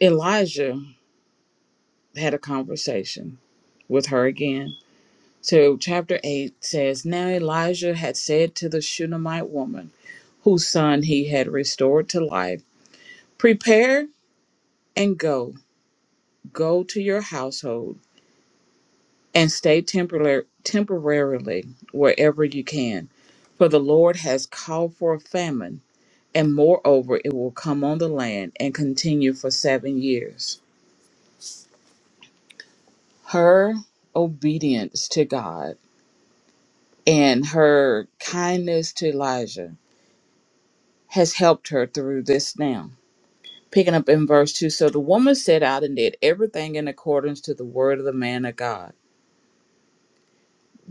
Speaker 2: Elijah had a conversation with her again So, chapter 8 says Now Elijah had said to the Shunammite woman, whose son he had restored to life, Prepare and go, go to your household, and stay temporar- temporarily wherever you can, for the Lord has called for a famine, and moreover, it will come on the land and continue for seven years. Her obedience to God and her kindness to Elijah has helped her through this now. Picking up in verse 2 So the woman set out and did everything in accordance to the word of the man of God.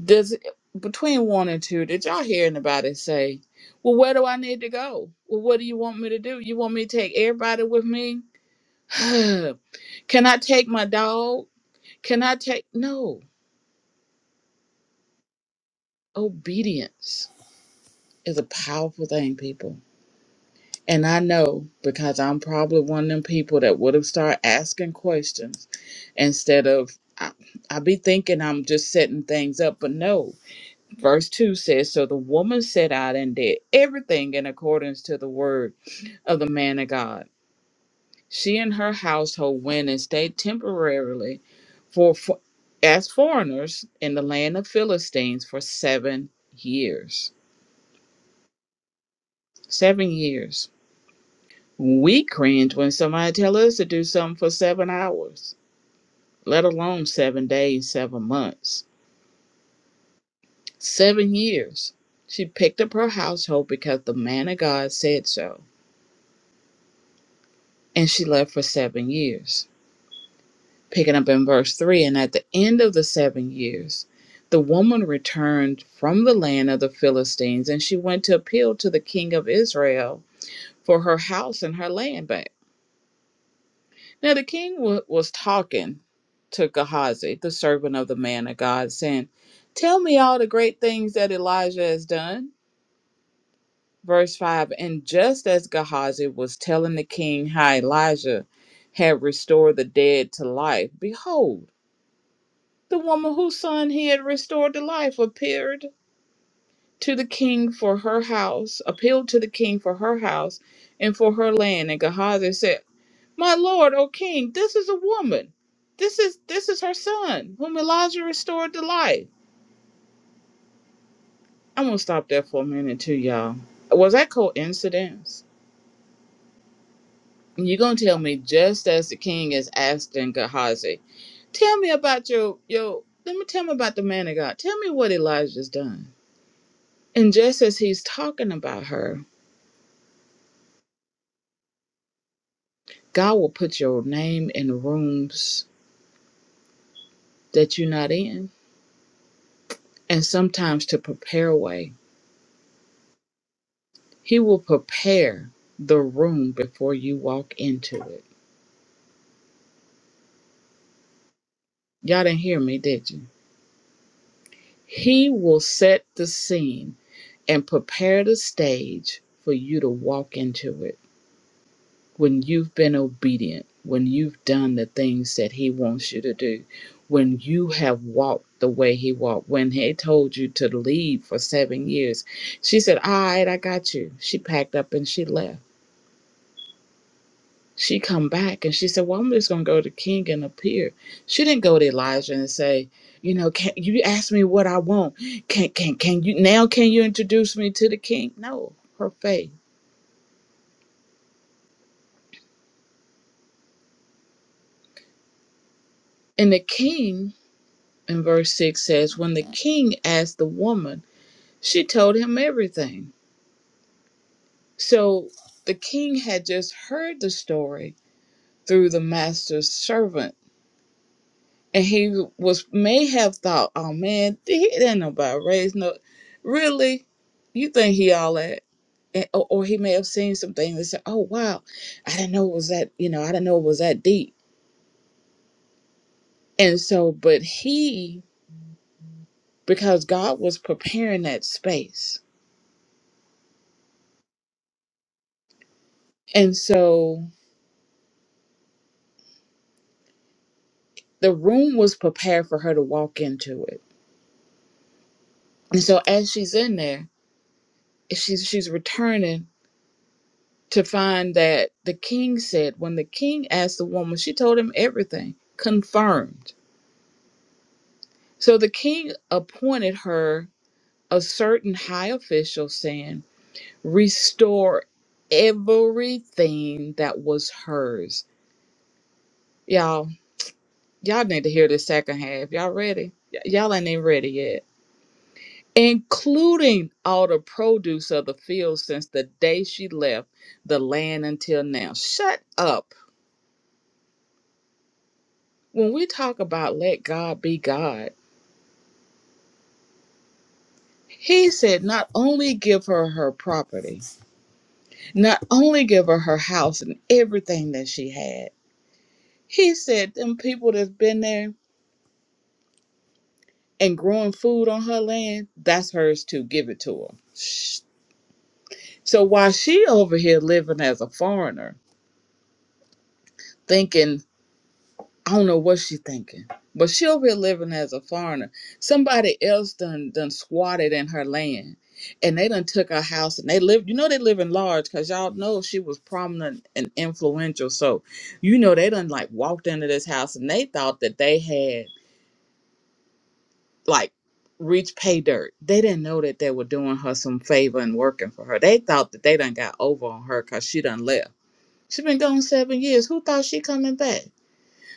Speaker 2: Does it, between 1 and 2, did y'all hear anybody say, Well, where do I need to go? Well, what do you want me to do? You want me to take everybody with me? [SIGHS] Can I take my dog? Can I take. No. Obedience is a powerful thing, people. And I know because I'm probably one of them people that would have started asking questions instead of I, I be thinking I'm just setting things up, but no. Verse 2 says, So the woman set out and did everything in accordance to the word of the man of God. She and her household went and stayed temporarily for, for as foreigners in the land of Philistines for seven years. Seven years. We cringe when somebody tell us to do something for seven hours, let alone seven days, seven months, seven years. She picked up her household because the man of God said so, and she left for seven years. Picking up in verse 3 And at the end of the seven years, the woman returned from the land of the Philistines, and she went to appeal to the king of Israel for her house and her land Now the king wa- was talking to Gehazi, the servant of the man of God, saying, Tell me all the great things that Elijah has done. Verse 5 And just as Gehazi was telling the king how Elijah had restored the dead to life, behold, the woman whose son he had restored to life appeared to the king for her house, appealed to the king for her house and for her land. And Gehazi said, My lord, O king, this is a woman. This is this is her son, whom Elijah restored to life. I'm gonna stop there for a minute too, y'all. Was that coincidence? And You're gonna tell me just as the king is asking Gehazi, tell me about your your let me tell me about the man of God. Tell me what Elijah's done. And just as he's talking about her, God will put your name in rooms that you're not in. And sometimes to prepare a way. He will prepare the room before you walk into it. Y'all didn't hear me, did you? He will set the scene and prepare the stage for you to walk into it when you've been obedient, when you've done the things that He wants you to do, when you have walked the way He walked, when He told you to leave for seven years. She said, All right, I got you. She packed up and she left She come back and she said, "Well, I'm just gonna go to King and appear." She didn't go to Elijah and say, "You know, can you ask me what I want? Can can can you now? Can you introduce me to the king?" No, her faith. And the king in verse six says, "When the king asked the woman, she told him everything." So the king had just heard the story through the master's servant and he was may have thought, oh man, he ain't nobody raised no. Really, you think he all that? And, or, or he may have seen some things and said, oh wow, I didn't know it was that. You know, I didn't know it was that deep. And so, but he because God was preparing that space, and so the room was prepared for her to walk into it. And so as she's in there, she's she's returning to find that the king said, when the king asked the woman, she told him everything, confirmed. So the king appointed her a certain high official, saying, Restore everything that was hers. Y'all, y'all need to hear the second half. Y'all ready? Y- y'all ain't even ready yet. Including all the produce of the field since the day she left the land until now. Shut up. when we talk about let God be God, he said not only give her her property, not only give her her house and everything that she had. He said them people that's been there and growing food on her land, that's hers too. Give it to her. Shh. So while she over here living as a foreigner, thinking I don't know what she's thinking, but she over here living as a foreigner. Somebody else done done squatted in her land, and they done took her house, and they live. You know they live in large, cause y'all know she was prominent and influential. So, you know they done like walked into this house, and they thought that they had like reached pay dirt. They didn't know that they were doing her some favor and working for her. They thought that they done got over on her, cause she done left. She been gone seven years. Who thought she coming back?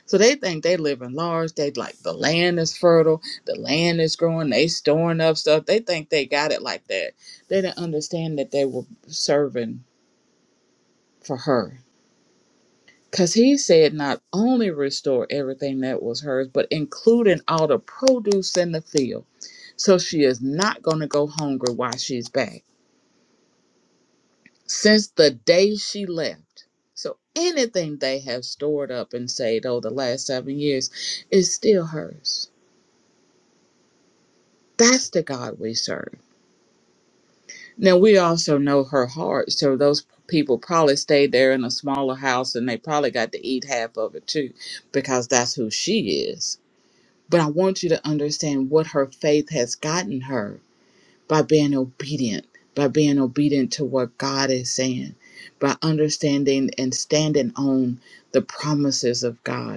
Speaker 2: So they think they live in large. They like the land is fertile, the land is growing, they storing up stuff. They think they got it like that. They didn't understand that they were serving for her. Cause he said not only restore everything that was hers, but including all the produce in the field. So she is not gonna go hungry while she's back. Since the day she left. So anything they have stored up and saved over the last seven years is still hers That's the God we serve. Now, we also know her heart, so those people probably stayed there in a smaller house and they probably got to eat half of it too, because that's who she is. But I want you to understand what her faith has gotten her by being obedient, by being obedient to what God is saying, by understanding and standing on the promises of God.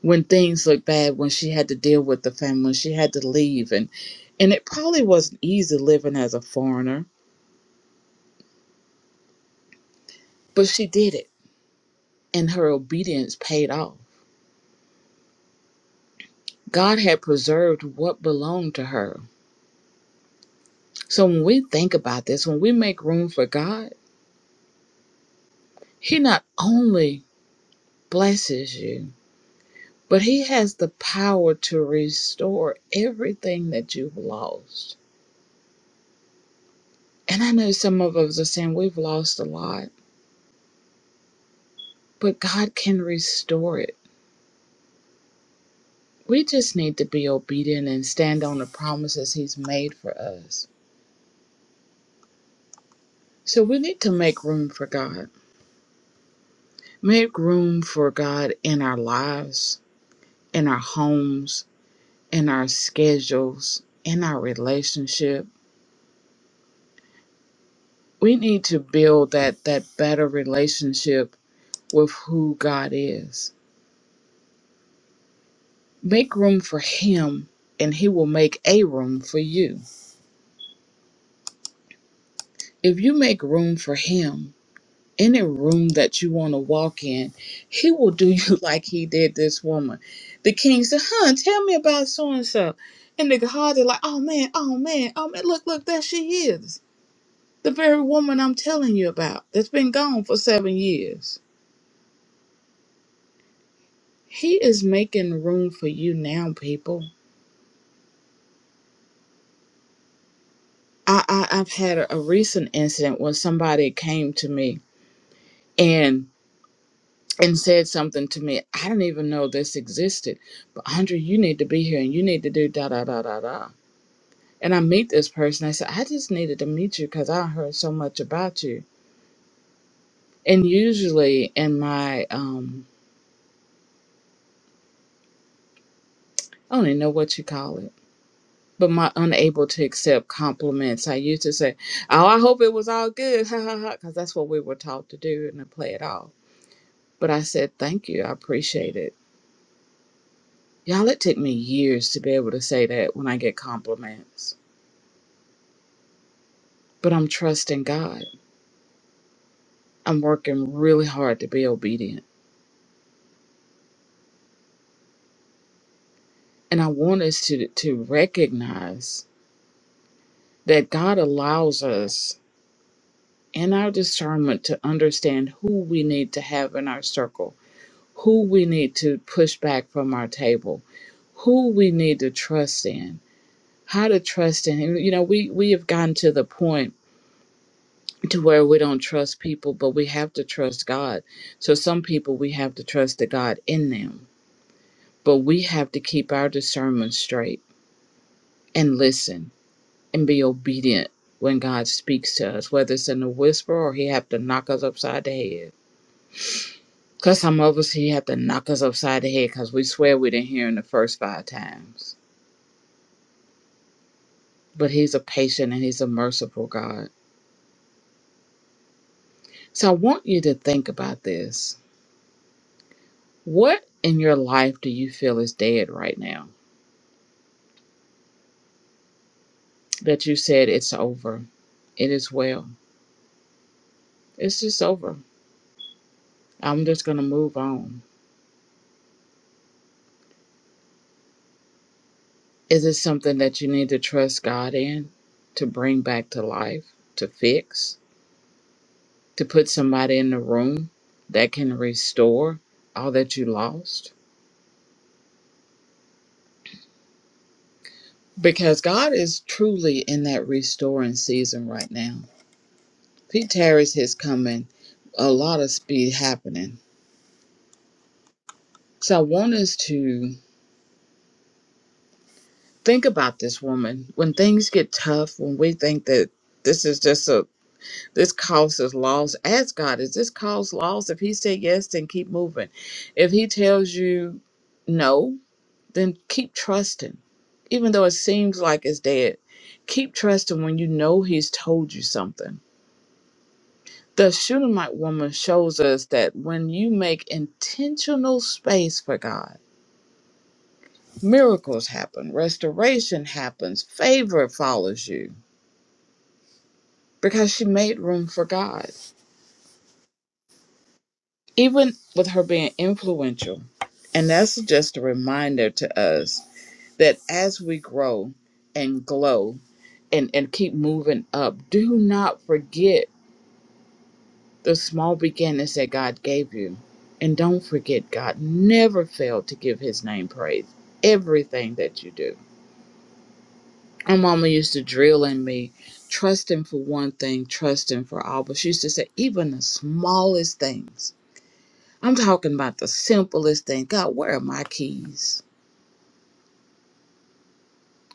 Speaker 2: when things looked bad when she had to deal with the family when she had to leave and and it probably wasn't easy living as a foreigner but she did it and her obedience paid off god had preserved what belonged to her so when we think about this when we make room for god he not only blesses you but he has the power to restore everything that you've lost and i know some of us are saying we've lost a lot but god can restore it We just need to be obedient and stand on the promises He's made for us. So we need to make room for God. Make room for God in our lives, in our homes, in our schedules, in our relationship. We need to build that, that better relationship with who God is. Make room for Him, and He will make a room for you. If you make room for Him, any room that you want to walk in, he will do you [LAUGHS] like he did this woman. The king said, Huh, tell me about so and so. And the Gehazi, like, Oh man, oh man, oh man, look, look, there she is. The very woman I'm telling you about that's been gone for seven years. He is making room for you now, people. I, I, I've had a, a recent incident when somebody came to me and. and said something to me. I didn't even know this existed. But Andre, you need to be here and you need to do da da da da da. And I meet this person. I said, I just needed to meet you because I heard so much about you. And usually in my um I don't even know what you call it. But my unable to accept compliments, I used to say, "Oh, I hope it was all good," [LAUGHS] ha ha ha, because that's what we were taught to do and to play it off. But I said, "Thank you, I appreciate it." Y'all, it took me years to be able to say that when I get compliments but I'm trusting God. I'm working really hard to be obedient. And I want us to, to recognize that God allows us in our discernment to understand who we need to have in our circle, who we need to push back from our table, who we need to trust in, how to trust in Him. You know, we, we have gotten to the point to where we don't trust people, but we have to trust God. So some people we have to trust the God in them But we have to keep our discernment straight and listen and be obedient when God speaks to us, whether it's in a whisper or He have to knock us upside the head. Because some of us, He have to knock us upside the head because we swear we didn't hear Him the first five times. But He's a patient and He's a merciful God. So I want you to think about this. What in your life do you feel is dead right now that you said it's over? It is well. It's just over. I'm just going to move on. Is it something that you need to trust God in to bring back to life, to fix, to put somebody in the room that can restore all that you lost? Because God is truly in that restoring season right now. Pete Terry's his coming, a lot of speed happening. So I want us to think about this woman when things get tough, when we think that this is just a This causes loss. Ask God, Is this cause loss? If He said yes, then keep moving. If He tells you no, then keep trusting. Even though it seems like it's dead, keep trusting when you know He's told you something. The Shunammite woman shows us that when you make intentional space for God, miracles happen, restoration happens, favor follows you because she made room for God. even with her being influential. And that's just a reminder to us that as we grow and glow and, and keep moving up, do not forget the small beginnings that God gave you. And don't forget, God never failed to give his name praise. Everything that you do. My mama used to drill in me, trust him for one thing, trust him for all. But she used to say, even the smallest things I'm talking about the simplest thing. God, where are my keys?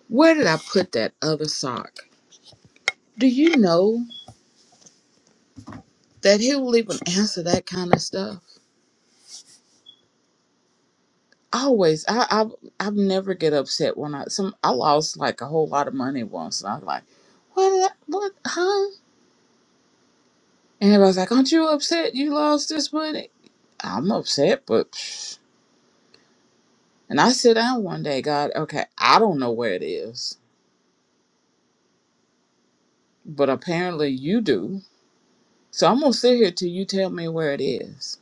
Speaker 2: Where did I put that other sock? Do you know that he will even answer that kind of stuff? Always, I, I, I never get upset when I some I lost like a whole lot of money once, and I was like, what, did I, what, huh? And everybody's like, aren't you upset you lost this money? I'm upset, but psh. and I sit down one day, God, okay, I don't know where it is, but apparently you do. So I'm gonna sit here till you tell me where it is.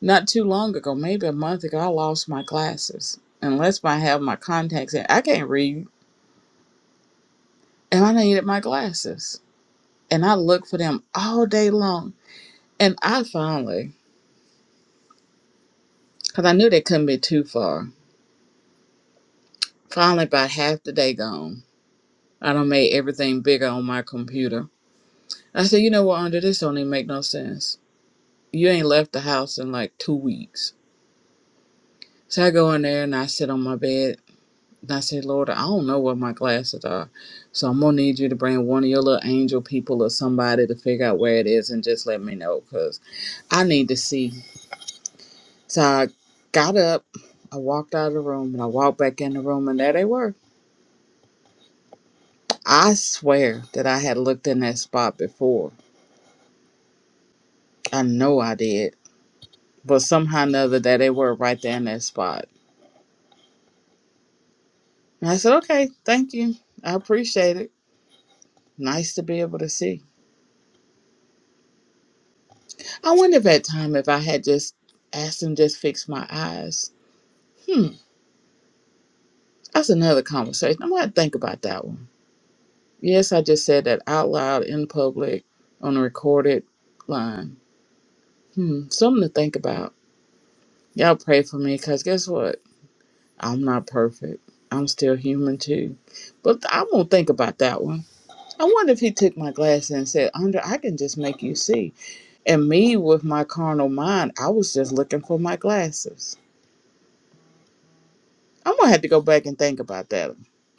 Speaker 2: Not too long ago, maybe a month ago, I lost my glasses. Unless I have my contacts in, I can't read. And I needed my glasses. And I looked for them all day long. And I finally, because I knew they couldn't be too far, finally, about half the day gone, I done made everything bigger on my computer. I said, you know what, under this don't even make no sense. You ain't left the house in like two weeks. So I go in there and I sit on my bed And I said, Lord, I don't know where my glasses are. So I'm going to need you to bring one of your little angel people or somebody to figure out where it is and just let me know because I need to see. So I got up, I walked out of the room, and I walked back in the room, and there they were. I swear that I had looked in that spot before. I know I did. But somehow or another, there they were right there in that spot. And I said, okay, thank you. I appreciate it. Nice to be able to see. I wonder if at time if I had just asked him just fix my eyes. Hmm, that's another conversation. I'm gonna think about that one. Yes, I just said that out loud in public on a recorded line. Hmm, something to think about. Y'all pray for me, cause guess what? I'm not perfect. I'm still human too. But I'm gonna think about that one. I wonder if he took my glass and said, "Andre, I can just make you see." And me with my carnal mind, I was just looking for my glasses. I'm gonna have to go back and think about that.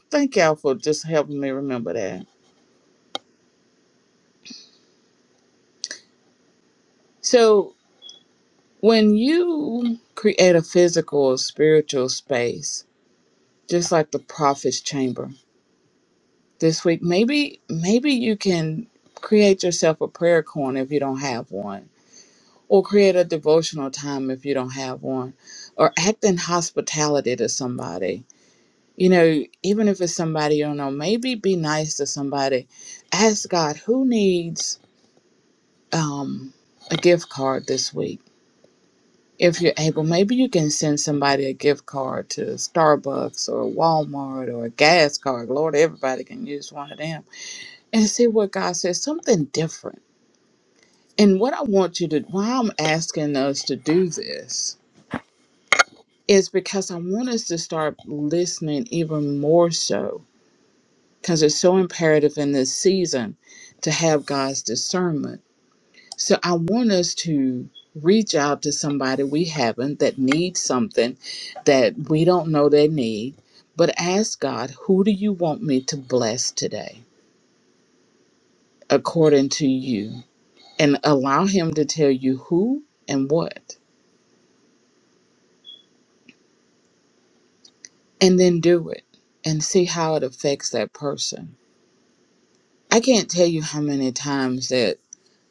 Speaker 2: Thank y'all for just helping me remember that. So when you create a physical or spiritual space, just like the prophet's chamber this week, maybe maybe you can create yourself a prayer corner if you don't have one. Or create a devotional time if you don't have one. Or act in hospitality to somebody. You know, even if it's somebody you don't know, maybe be nice to somebody. Ask God who needs um, a gift card this week. If you're able, maybe you can send somebody a gift card to Starbucks or Walmart or a gas card. Lord, everybody can use one of them and see what God says, something different. And what I want you to, why I'm asking us to do this is because I want us to start listening even more so because it's so imperative in this season to have God's discernment So I want us to reach out to somebody we haven't that needs something that we don't know they need, but ask God, who do you want me to bless today according to you? And allow Him to tell you who and what, and then do it and see how it affects that person. I can't tell you how many times that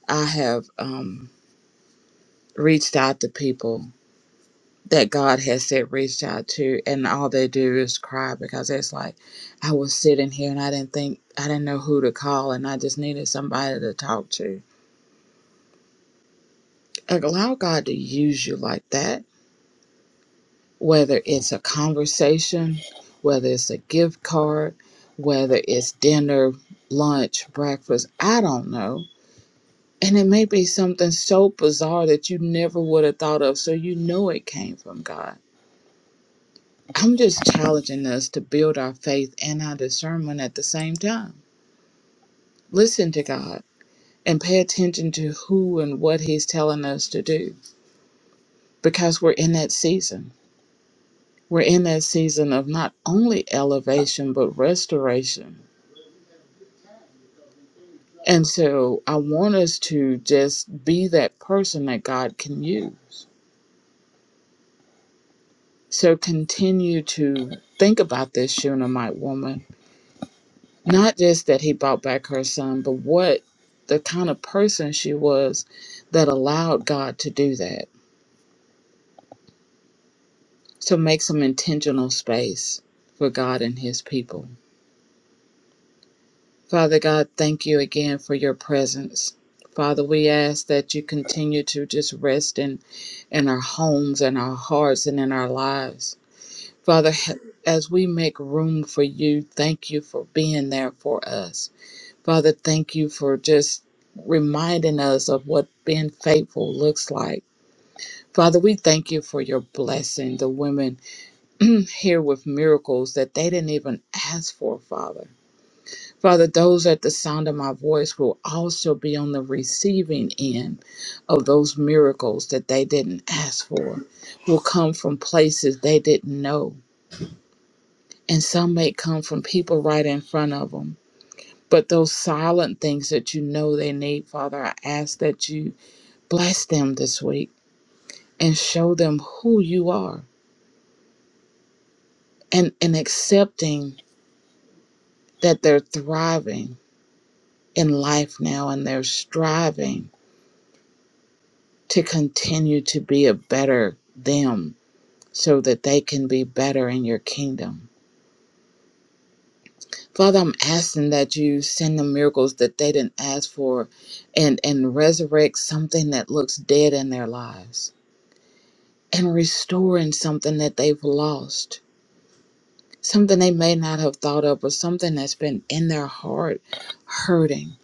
Speaker 2: I have um, reached out to people that God has said reached out to, and all they do is cry because it's like I was sitting here and I didn't think I didn't know who to call, and I just needed somebody to talk to. Like, allow God to use you like that, whether it's a conversation, whether it's a gift card, whether it's dinner, lunch, breakfast. I don't know. And it may be something so bizarre that you never would have thought of, so you know it came from God I'm just challenging us to build our faith and our discernment at the same time. Listen to God and pay attention to who and what He's telling us to do because we're in that season. We're in that season of not only elevation, but restoration. And so I want us to just be that person that God can use. So continue to think about this Shunammite woman Not just that he brought back her son, but what the kind of person she was that allowed God to do that, to make some intentional space for God and his people. Father God, thank you again for your presence. Father, we ask that you continue to just rest in, in our homes and our hearts and in our lives. Father, ha- as we make room for you, thank you for being there for us. Father, thank you for just reminding us of what being faithful looks like. Father, we thank you for your blessing, the women [CLEARS THROAT] here with miracles that they didn't even ask for, Father. Father, those at the sound of my voice will also be on the receiving end of those miracles that they didn't ask for, will come from places they didn't know. And some may come from people right in front of them. But those silent things that you know they need, Father, I ask that you bless them this week and show them who you are and, and accepting that they're thriving in life now and they're striving to continue to be a better them so that they can be better in your kingdom. Father, I'm asking that you send them miracles that they didn't ask for and, and resurrect something that looks dead in their lives and restoring something that they've lost, something they may not have thought of, or something that's been in their heart hurting.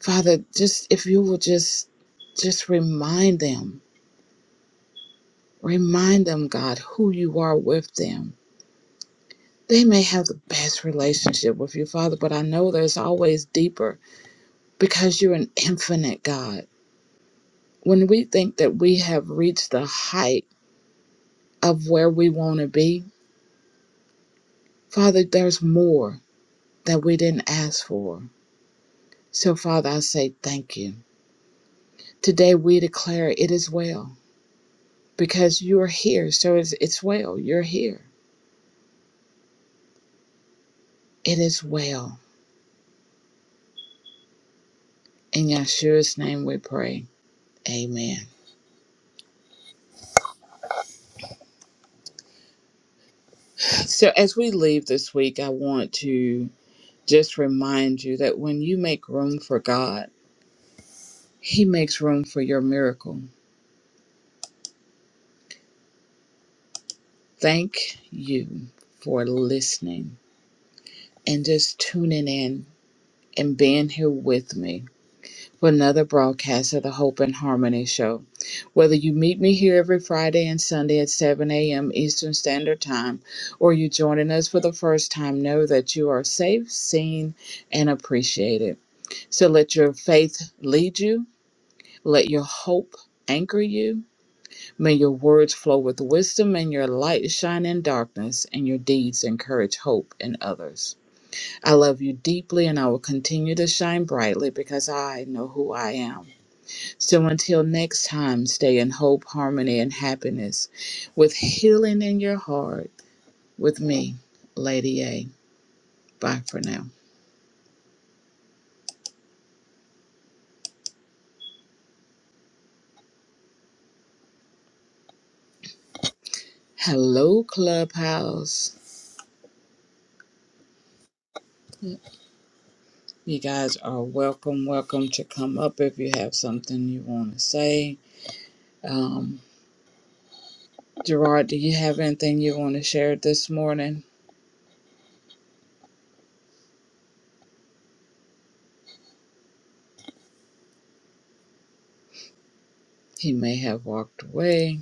Speaker 2: Father, just if you will just just remind them, remind them, God, who you are with them. They may have the best relationship with you, Father, but I know there's always deeper because you're an infinite God. When we think that we have reached the height of where we want to be, Father, there's more that we didn't ask for. So, Father, I say thank you. Today we declare it is well because you are here. So it's, it's well. You're here. It is well. In Yeshua's name we pray. Amen. So, as we leave this week, I want to just remind you that when you make room for God, He makes room for your miracle. Thank you for listening and just tuning in and being here with me. for another broadcast of the Hope and Harmony Show. Whether you meet me here every Friday and Sunday at 7 a.m. Eastern Standard Time, or you're joining us for the first time, know that you are safe, seen, and appreciated. So let your faith lead you, let your hope anchor you. May your words flow with wisdom and your light shine in darkness, and your deeds encourage hope in others. I love you deeply, and I will continue to shine brightly because I know who I am. So until next time, stay in hope, harmony, and happiness with healing in your heart with me, Lady A. Bye for now. Hello, Clubhouse. You guys are welcome, welcome to come up if you have something you want to say. Um, Gerard, do you have anything you want to share this morning? He may have walked away.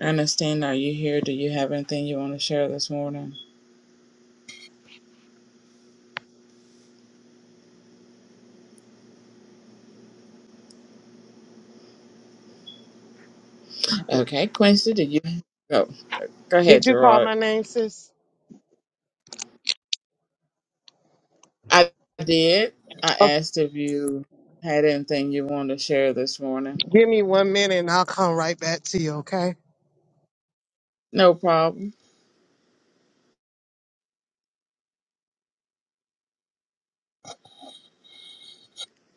Speaker 2: Ernestine, are you here? Do you have anything you want to share this morning? Okay, Quincy, do you go? Go
Speaker 3: Did
Speaker 2: ahead,
Speaker 3: you call
Speaker 2: Gerard.
Speaker 3: my name, sis?
Speaker 2: I did. I
Speaker 3: Okay,
Speaker 2: asked if you had anything you wanted to share this morning.
Speaker 3: give me one minute and I'll come right back to you, okay?
Speaker 2: No problem.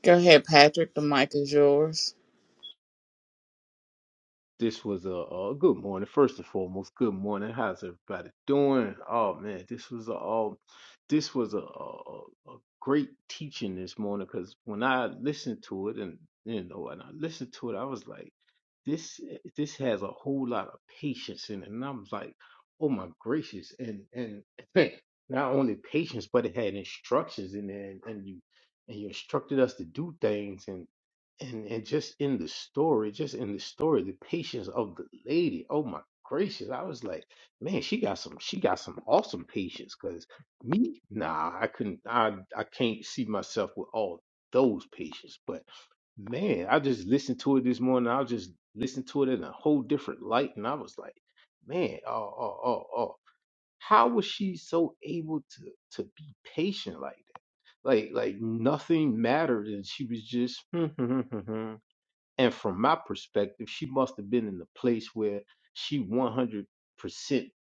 Speaker 2: Go ahead, Patrick. The mic is yours.
Speaker 4: This was a, a good morning, first and foremost. Good morning. How's everybody doing? Oh man, this was a um, this was a, a, a great teaching this morning because when I listened to it and you know and I listened to it, I was like, this eh, this has a whole lot of patience in it, and I was like, oh my gracious, and and [LAUGHS] not only patience, but it had instructions in there, and, and you and you instructed us to do things, and and and just in the story, just in the story, the patience of the lady. Oh my gracious! I was like, man, she got some, she got some awesome patience. Cause me, nah, I couldn't, I I can't see myself with all those patients. But man, I just listened to it this morning. I just listened to it in a whole different light, and I was like, man, oh oh oh oh, how was she so able to to be patient like that? Like like nothing mattered, and she was just. [LAUGHS] And from my perspective, she must have been in a place where she 100%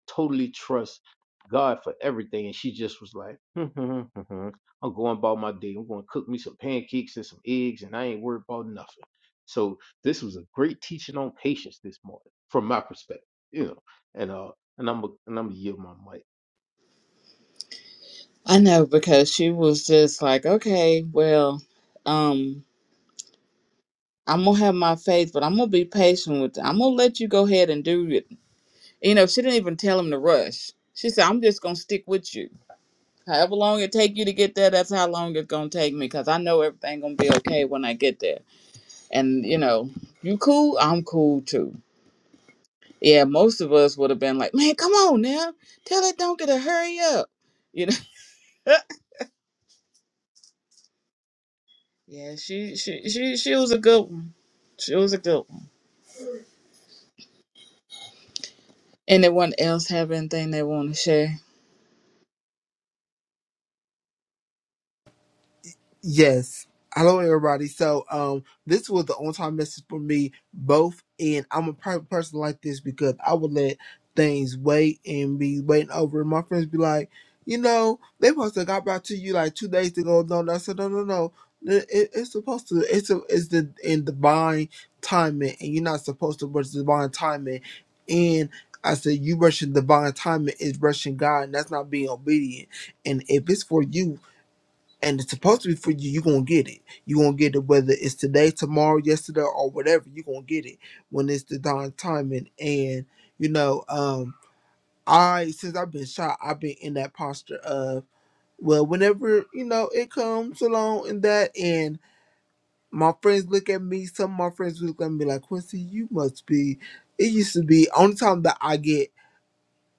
Speaker 4: totally trusts God for everything. And she just was like, [LAUGHS] I'm going about my day. I'm going to cook me some pancakes and some eggs, and I ain't worried about nothing. So this was a great teaching on patience this morning, from my perspective, you know. And uh, and I'm gonna- and I'm gonna yield my
Speaker 2: I know because she was just like, okay, well, um, I'm gonna have my faith, but I'm gonna be patient with. I'm gonna let you go ahead and do it. You know, she didn't even tell him to rush. She said, I'm just gonna stick with you. However long it take you to get there, that's how long it's gonna take me. Cause I know everything gonna be okay when I get there. And you know, you cool? I'm cool too. Yeah, most of us would have been like, "Man, come on now, tell that donkey to hurry up," you know. [LAUGHS] yeah, she she she she was a good one. She was a good one. Anyone else have anything they want to share?
Speaker 1: Yes. Hello, everybody. So, um, this was the on-time message for me, both, and I'm a private person like this because I would let things wait and be waiting over. And my friends be like, you know, they supposed to got back to you like two days ago. No, no, I said, no, no, no. It, it- it's supposed to. It's a, it's the in divine timing, and you're not supposed to rush divine timing. And I said, you rushing divine timing is rushing God, and that's not being obedient. And if it's for you and it's supposed to be for you. You're gonna get it. You're gonna get it whether it's today, tomorrow, yesterday, or whatever. You're gonna get it when it's the darn timing. And you know, um, I since I've been shot, I've been in that posture of well, whenever you know it comes along and that, and my friends look at me. Some of my friends look at me like Quincy, you must be. It used to be only time that I get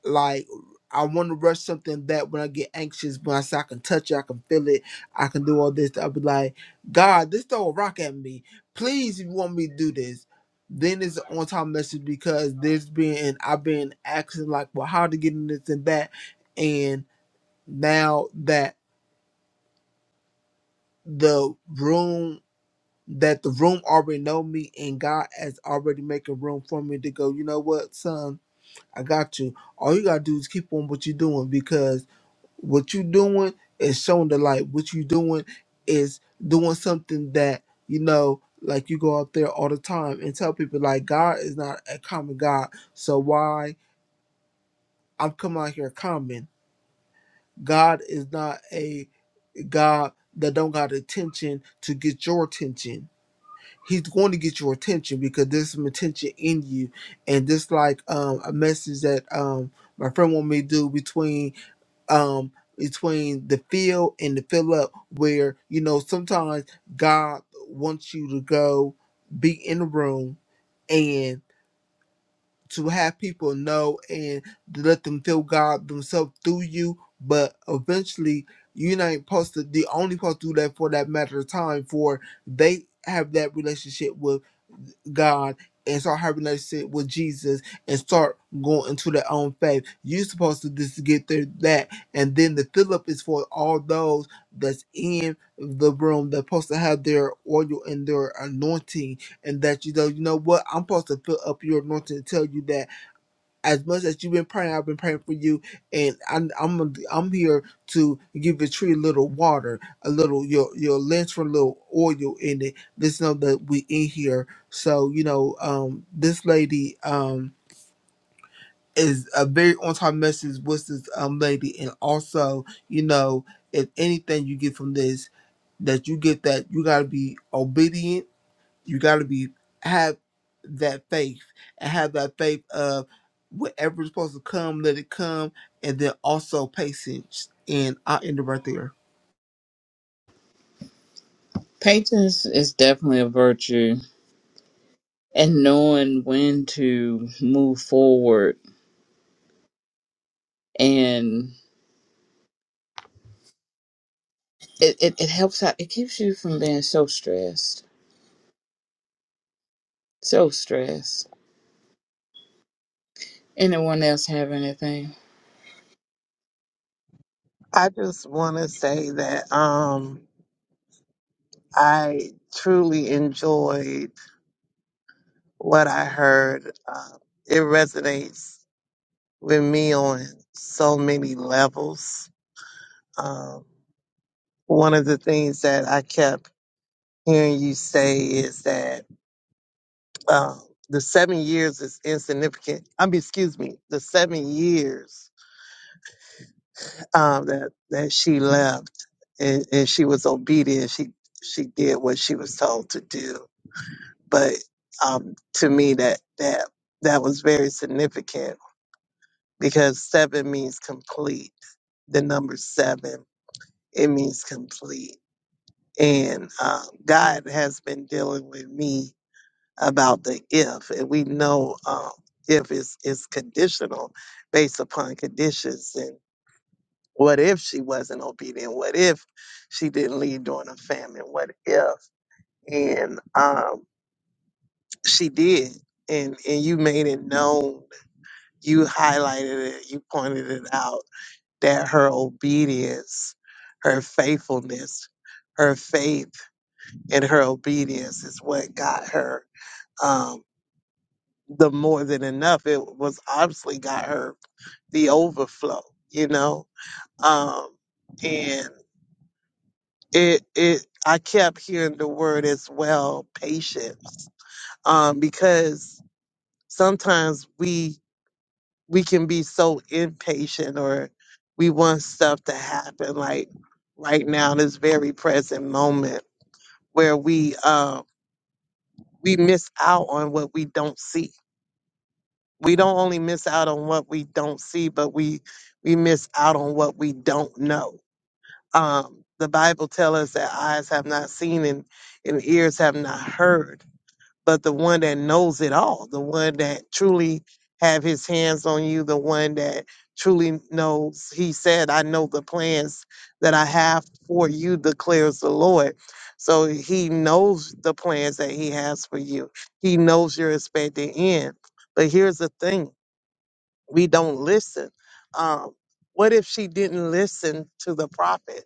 Speaker 1: like I want to rush something back when I get anxious. When I say I can touch it, I can feel it, I can do all this. I'll be like, God, this throw a rock at me. Please, if you want me to do this, then it's an on-time message because there's been I've been asking like, well, how to get in this and that, and now that the room that the room already know me and God has already making room for me to go. You know what, son, I got you. All you gotta do is keep on what you're doing because What you doing is showing the light. What you doing is doing something that you know, like you go out there all the time and tell people like God is not a common God. So why I'm coming out here common? God is not a God that don't got attention to get your attention. He's going to get your attention because there's some attention in you, and this like um, a message that um, my friend wanted me to do between um between the fill and the fill up where you know sometimes god wants you to go be in the room to have people know and to let them feel God themselves through you. But eventually, you're not supposed to, the only supposed to do that for that matter of time, for they have that relationship with God and start having that relationship with Jesus and start going into their own faith. You're supposed to just get through that. And then the fill up is for all those that's in the room that's supposed to have their oil and their anointing and that you know, you know what, I'm supposed to fill up your anointing to tell you that as much as you've been praying, I've been praying for you, and I'm I'm I'm here to give the tree a little water, a little your your lens for a little oil in it. Just know that we in here. So you know, um, this lady, um. Is a very on time message with this um lady, and also you know if anything you get from this, that you get that you gotta be obedient you got to be have that faith and have that faith of whatever's supposed to come, let it come, and then also patience. And I'll end it right there.
Speaker 2: Patience is definitely a virtue, and knowing when to move forward, and it it, it helps out. It keeps you from being so stressed, so stressed. Anyone else have anything?
Speaker 3: I just want to say that um, I truly enjoyed what I heard. Uh, it resonates with me on so many levels. Um, one of the things that I kept hearing you say is that um the seven years is insignificant. I mean, excuse me, the seven years um, that that she left and, and she was obedient. She she did what she was told to do. But um, to me, that that that was very significant because seven means complete. The number seven it means complete, and um, God has been dealing with me about the if, and we know um, if is is conditional based upon conditions What if she wasn't obedient? What if she didn't leave during a famine? What if and um she did and and you made it known, you highlighted it, you pointed it out that her obedience, her faithfulness, her faith and her obedience is what got her um the more than enough. It was obviously got her the overflow, you know. Um and it it I kept hearing the word as well, patience. Um, because sometimes we we can be so impatient or we want stuff to happen like right now, this very present moment where we uh, we miss out on what we don't see. We don't only miss out on what we don't see, but we we miss out on what we don't know. Um, the Bible tells us that eyes have not seen and, and ears have not heard but the one that knows it all, the one that truly have his hands on you, the one that truly knows. He said, I know the plans that I have for you, declares the Lord. So he knows the plans that he has for you. He knows you're expecting end. But here's the thing we don't listen. Um, what if she didn't listen to the prophet?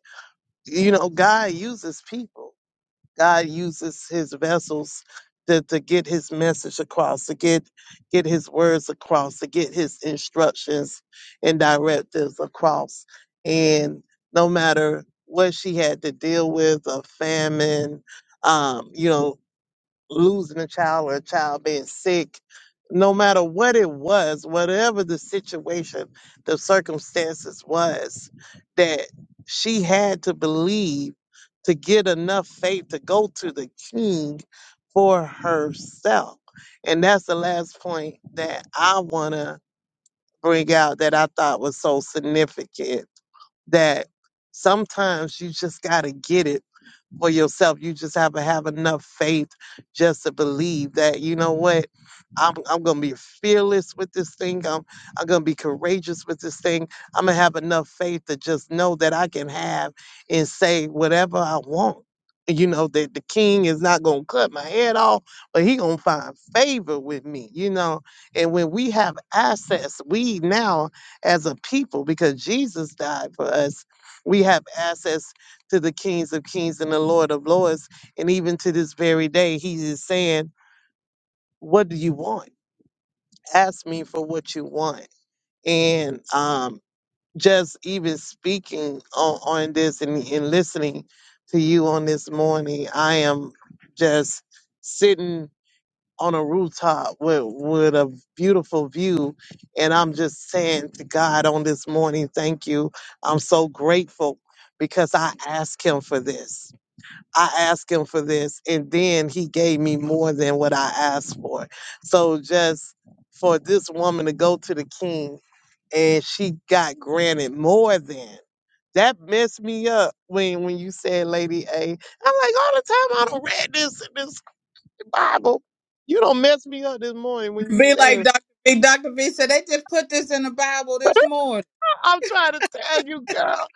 Speaker 3: You know, God uses people. God uses his vessels to, to get his message across, to get get his words across, to get his instructions and directives across. And no matter what she had to deal with, a famine, um, you know, losing a child or a child being sick, no matter what it was, whatever the situation, the circumstances was, that she had to believe to get enough faith to go to the king for herself. And that's the last point that I want to bring out that I thought was so significant that sometimes you just got to get it for yourself. You just have to have enough faith just to believe that, you know what, I'm, I'm going to be fearless with this thing. I'm, I'm going to be courageous with this thing. I'm going to have enough faith to just know that I can have and say whatever I want. You know, that the king is not going to cut my head off, but he going to find favor with me, you know. And when we have assets, we now as a people because Jesus died for us. We have access to the kings of kings and the Lord of lords. And even to this very day, he is saying, What do you want? Ask me for what you want. And um, just even speaking on, on this and, and listening to you on this morning, I am just sitting on a rooftop with, with a beautiful view. And I'm just saying to God on this morning, thank you. I'm so grateful because I asked Him for this. I asked Him for this, and then He gave me more than what I asked for. So just for this woman to go to the king and she got granted more than. That messed me up when when you said Lady A. I'm like all the time I don't read this and this Bible. You don't mess me up this morning when you
Speaker 2: Be like
Speaker 3: say
Speaker 2: Doctor B. Doctor B. said they just put this in the Bible
Speaker 3: [LAUGHS]
Speaker 2: this morning.
Speaker 3: I'm trying to tell you, girl,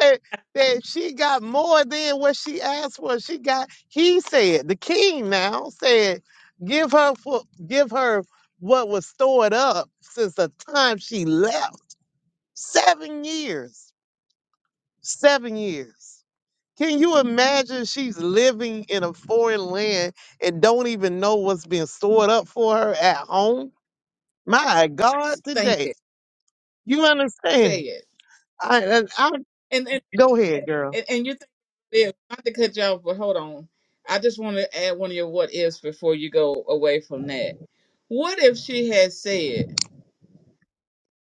Speaker 3: that, that she got more than what she asked for. She got, he said, the king now said, give her for, give her what was stored up since the time she left. Seven years. Seven years. Can you imagine she's living in a foreign land and don't even know what's being stored up for her at home? My God,
Speaker 2: Think
Speaker 3: today.
Speaker 2: it.
Speaker 3: You
Speaker 2: Say
Speaker 3: understand?
Speaker 2: it.
Speaker 3: I, and I,
Speaker 2: And and
Speaker 3: go ahead, girl.
Speaker 2: and, and you're thinking, not to cut you off, but hold on. I just want to add one of your what ifs before you go away from that. What if she had said,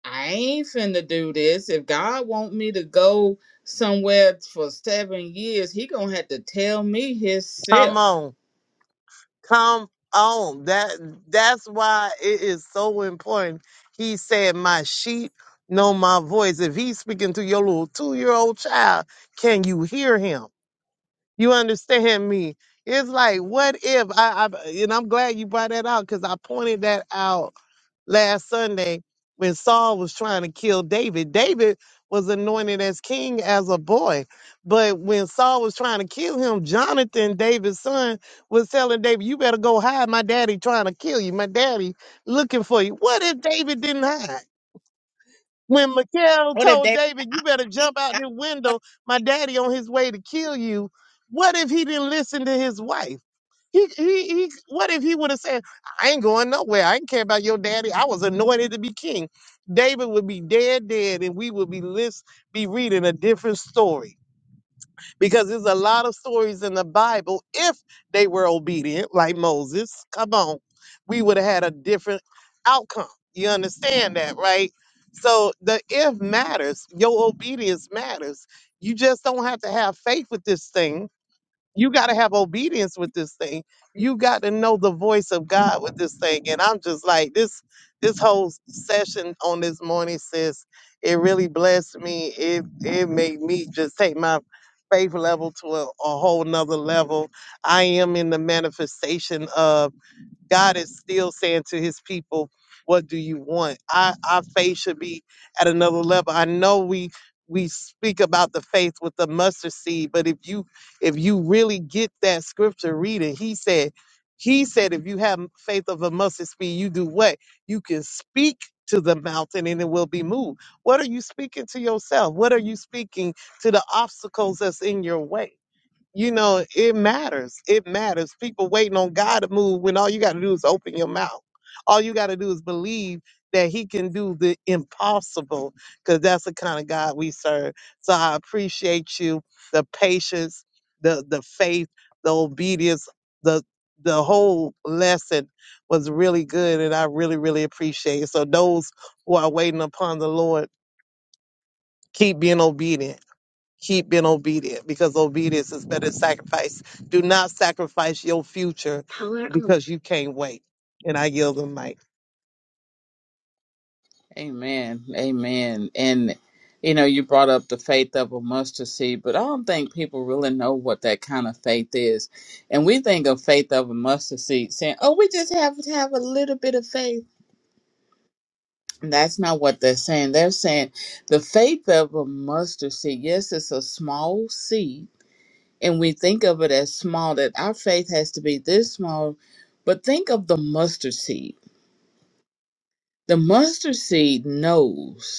Speaker 2: I ain't finna do this. If God want me to go somewhere for seven years, he gonna have to tell me
Speaker 3: Come
Speaker 2: himself.
Speaker 3: on. Come on. That that's why it is so important. He said, My sheep know my voice. If he's speaking to your little two year old child, can you hear him? You understand me? It's like, what if I, I and I'm glad you brought that out because I pointed that out last Sunday when Saul was trying to kill David. David was anointed as king as a boy. But when Saul was trying to kill him, Jonathan, David's son, was telling David, You better go hide. My daddy trying to kill you. My daddy looking for you. What if David didn't hide? When Mikhail
Speaker 2: What if they?
Speaker 3: told David, you
Speaker 2: I'm
Speaker 3: better
Speaker 2: the king,
Speaker 3: jump out this window, my daddy on his way to kill you. What if he didn't listen to his wife? He, he, he, what if he would have said, I ain't going nowhere. I ain't care about your daddy. I was anointed to be king. David would be dead, dead, and we would be, list, be reading a different story because there's a lot of stories in the Bible. If they were obedient, like Moses, come on, we would have had a different outcome. You understand that, right? So the if matters, your obedience matters. You just don't have to have faith with this thing you got to have obedience with this thing you got to know the voice of god with this thing and i'm just like this this whole session on this morning sis it really blessed me it it made me just take my faith level to a, a whole nother level i am in the manifestation of God is still saying to his people, what do you want? Our, our faith should be at another level. I know we we speak about the faith with the mustard seed, but if you if you really get that scripture reading, he said, he said, if you have faith of a mustard seed, you do what? You can speak to the mountain and it will be moved. What are you speaking to yourself? What are you speaking to the obstacles that's in your way? You know, it matters. It matters. People waiting on God to move when all you got to do is open your mouth. All you got to do is believe that He can do the impossible because that's the kind of God we serve. So I appreciate you, the patience, the the faith, the obedience, the the whole lesson was really good and I really, really appreciate it. So those who are waiting upon the Lord, keep being obedient keep being obedient because obedience is better than sacrifice. Do not sacrifice your future because you can't wait. And I yield the mic.
Speaker 2: Amen. Amen. And you know, you brought up the faith of a mustard seed, but I don't think people really know what that kind of faith is. And we think of faith of a mustard seed saying, Oh, we just have to have a little bit of faith. And that's not what they're saying. They're saying the faith of a mustard seed, yes, it's a small seed, and we think of it as small, that our faith has to be this small. But think of the mustard seed. The mustard seed knows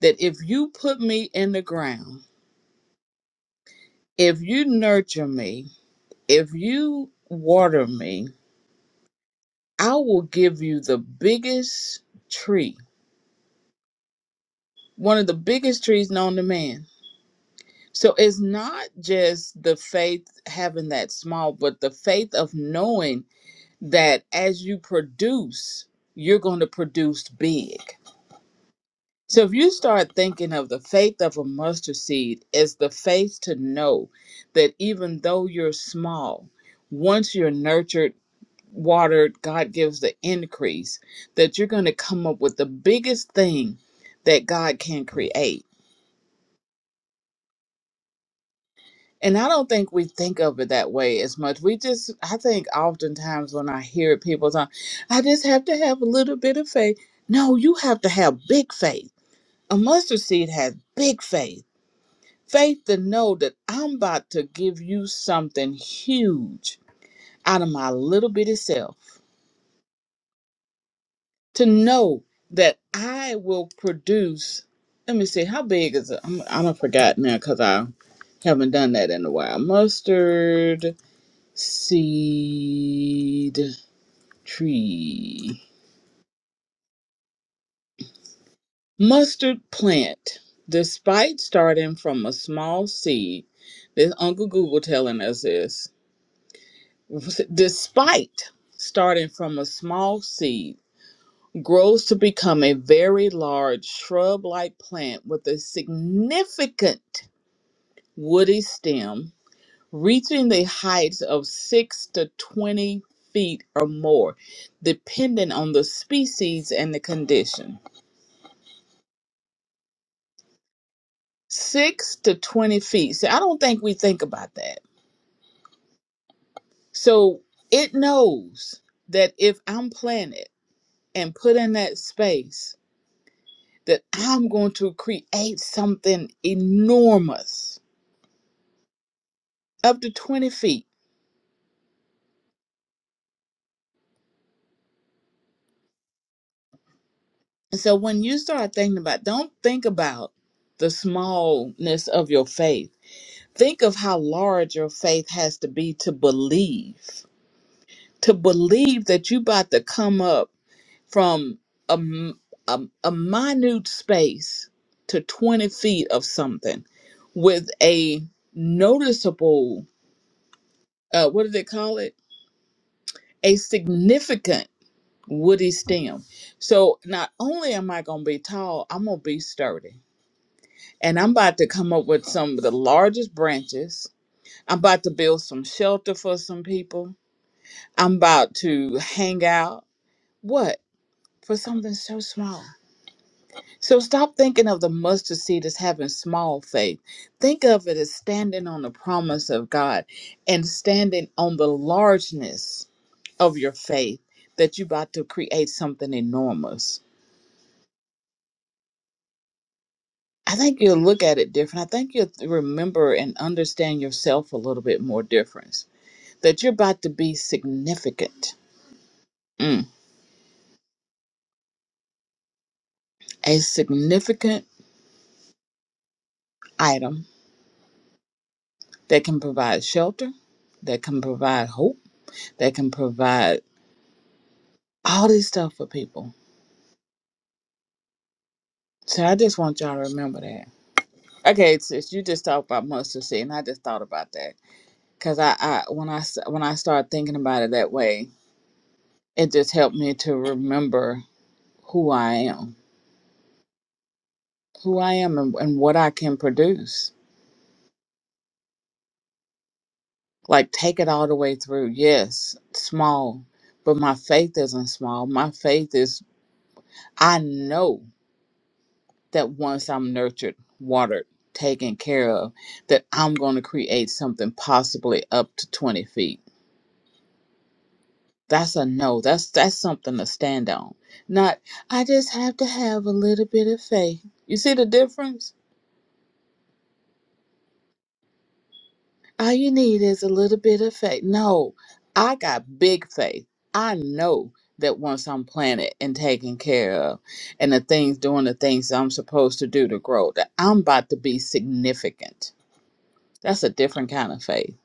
Speaker 2: that if you put me in the ground, if you nurture me, if you water me, I will give you the biggest tree, one of the biggest trees known to man. So it's not just the faith having that small, but the faith of knowing that as you produce, you're going to produce big. So if you start thinking of the faith of a mustard seed as the faith to know that even though you're small, once you're nurtured, watered, God gives the increase, that you're going to come up with the biggest thing that God can create. And I don't think we think of it that way as much. We just, I think oftentimes when I hear people say, I just have to have a little bit of faith. No, you have to have big faith. A mustard seed has big faith Faith to know that I'm about to give you something huge out of my little bitty self. To know that I will produce. Let me see, how big is it? I'm, I don't forgot now because I haven't done that in a while. Mustard seed tree. Mustard plant. Despite starting from a small seed, this Uncle Google telling us this. Despite starting from a small seed, grows to become a very large shrub like plant with a significant woody stem, reaching the heights of 6 to 20 feet or more, depending on the species and the condition. 6 to 20 feet. See, I don't think we think about that. So it knows that if I'm planted and put in that space, that I'm going to create something enormous, up to 20 feet. And so when you start thinking about, don't think about the smallness of your faith. Think of how large your faith has to be to believe, to believe that you're about to come up from a, m- a, a minute space to 20 feet of something with a noticeable, uh, what do they call it? A significant woody stem. So not only am I gonna be tall, I'm gonna be sturdy. And I'm about to come up with some of the largest branches. I'm about to build some shelter for some people. I'm about to hang out. What? For something so small. So stop thinking of the mustard seed as having small faith. Think of it as standing on the promise of God and standing on the largeness of your faith that you're about to create something enormous. I think you'll look at it different. I think you'll remember and understand yourself a little bit more difference. That you're about to be significant, Mm. a significant item that can provide shelter, that can provide hope, that can provide all this stuff for people. So I just want y'all to remember that. Okay, sis, you just talked about mustard seed, and I just thought about that because I, I when I s- when I started thinking about it that way, it just helped me to remember who I am who I am and, and what I can produce. Like, take it all the way through. Yes, small, but my faith isn't small. My faith is, I know that once I'm nurtured, watered, taken care of, that I'm going to create something possibly up to 20 feet. That's a no. That's that's something to stand on. Not I just have to have a little bit of faith. You see the difference? All you need is a little bit of faith. No, I got big faith. I know that once I'm planted and taken care of and the things doing the things I'm supposed to do to grow, that I'm about to be significant. That's a different kind of faith.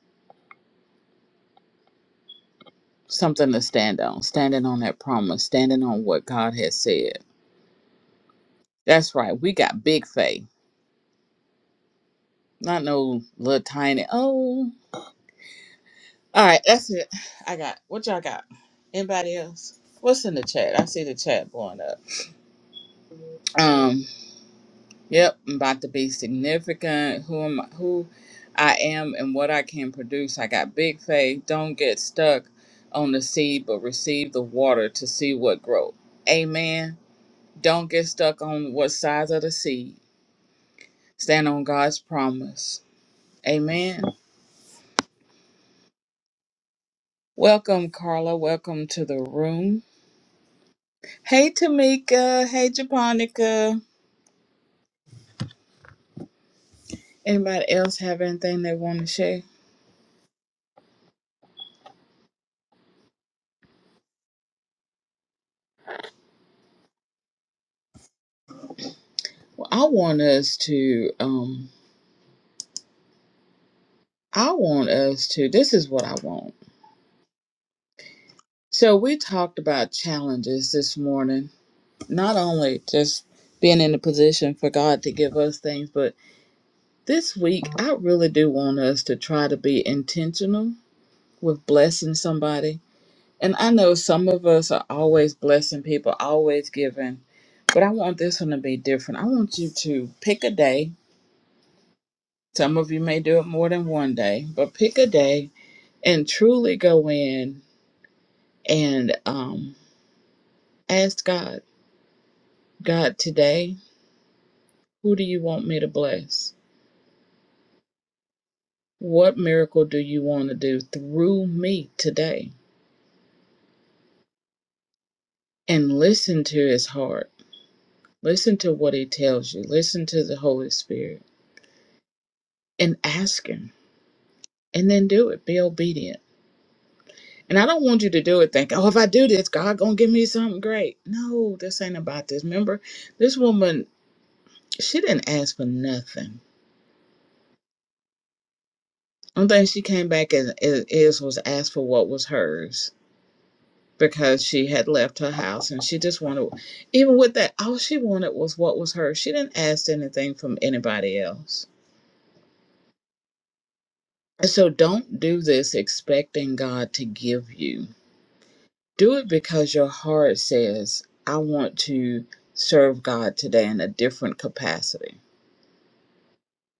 Speaker 2: Something to stand on, standing on that promise, standing on what God has said. That's right. We got big faith. Not no little tiny oh. All right, that's it. I got what y'all got? Anybody else? What's in the chat? I see the chat blowing up. Um, yep, I'm about to be significant. Who am who I am and what I can produce. I got big faith. Don't get stuck on the seed, but receive the water to see what grows. Amen. Don't get stuck on what size of the seed. Stand on God's promise. Amen. Welcome, Carla. Welcome to the room. Hey, Tamika. Hey, Japonica. Anybody else have anything they want to share? Well, I want us to. um. I want us to, this is what I want. So, we talked about challenges this morning, not only just being in a position for God to give us things, but this week, I really do want us to try to be intentional with blessing somebody. And I know some of us are always blessing people, always giving, but I want this one to be different. I want you to pick a day. Some of you may do it more than one day, but pick a day and truly go in and um. Ask God, God, today, who do you want me to bless? What miracle do you want to do through me today? And listen to his heart. Listen to what he tells you. Listen to the Holy Spirit and ask him. And then do it. Be obedient. And I don't want you to do it think, oh, if I do this, God gonna give me something great. No, this ain't about this. Remember, this woman, she didn't ask for nothing. only thing she came back and is was asked for what was hers because she had left her house and she just wanted even with that all she wanted was what was hers she didn't ask anything from anybody else and so don't do this expecting god to give you do it because your heart says i want to serve god today in a different capacity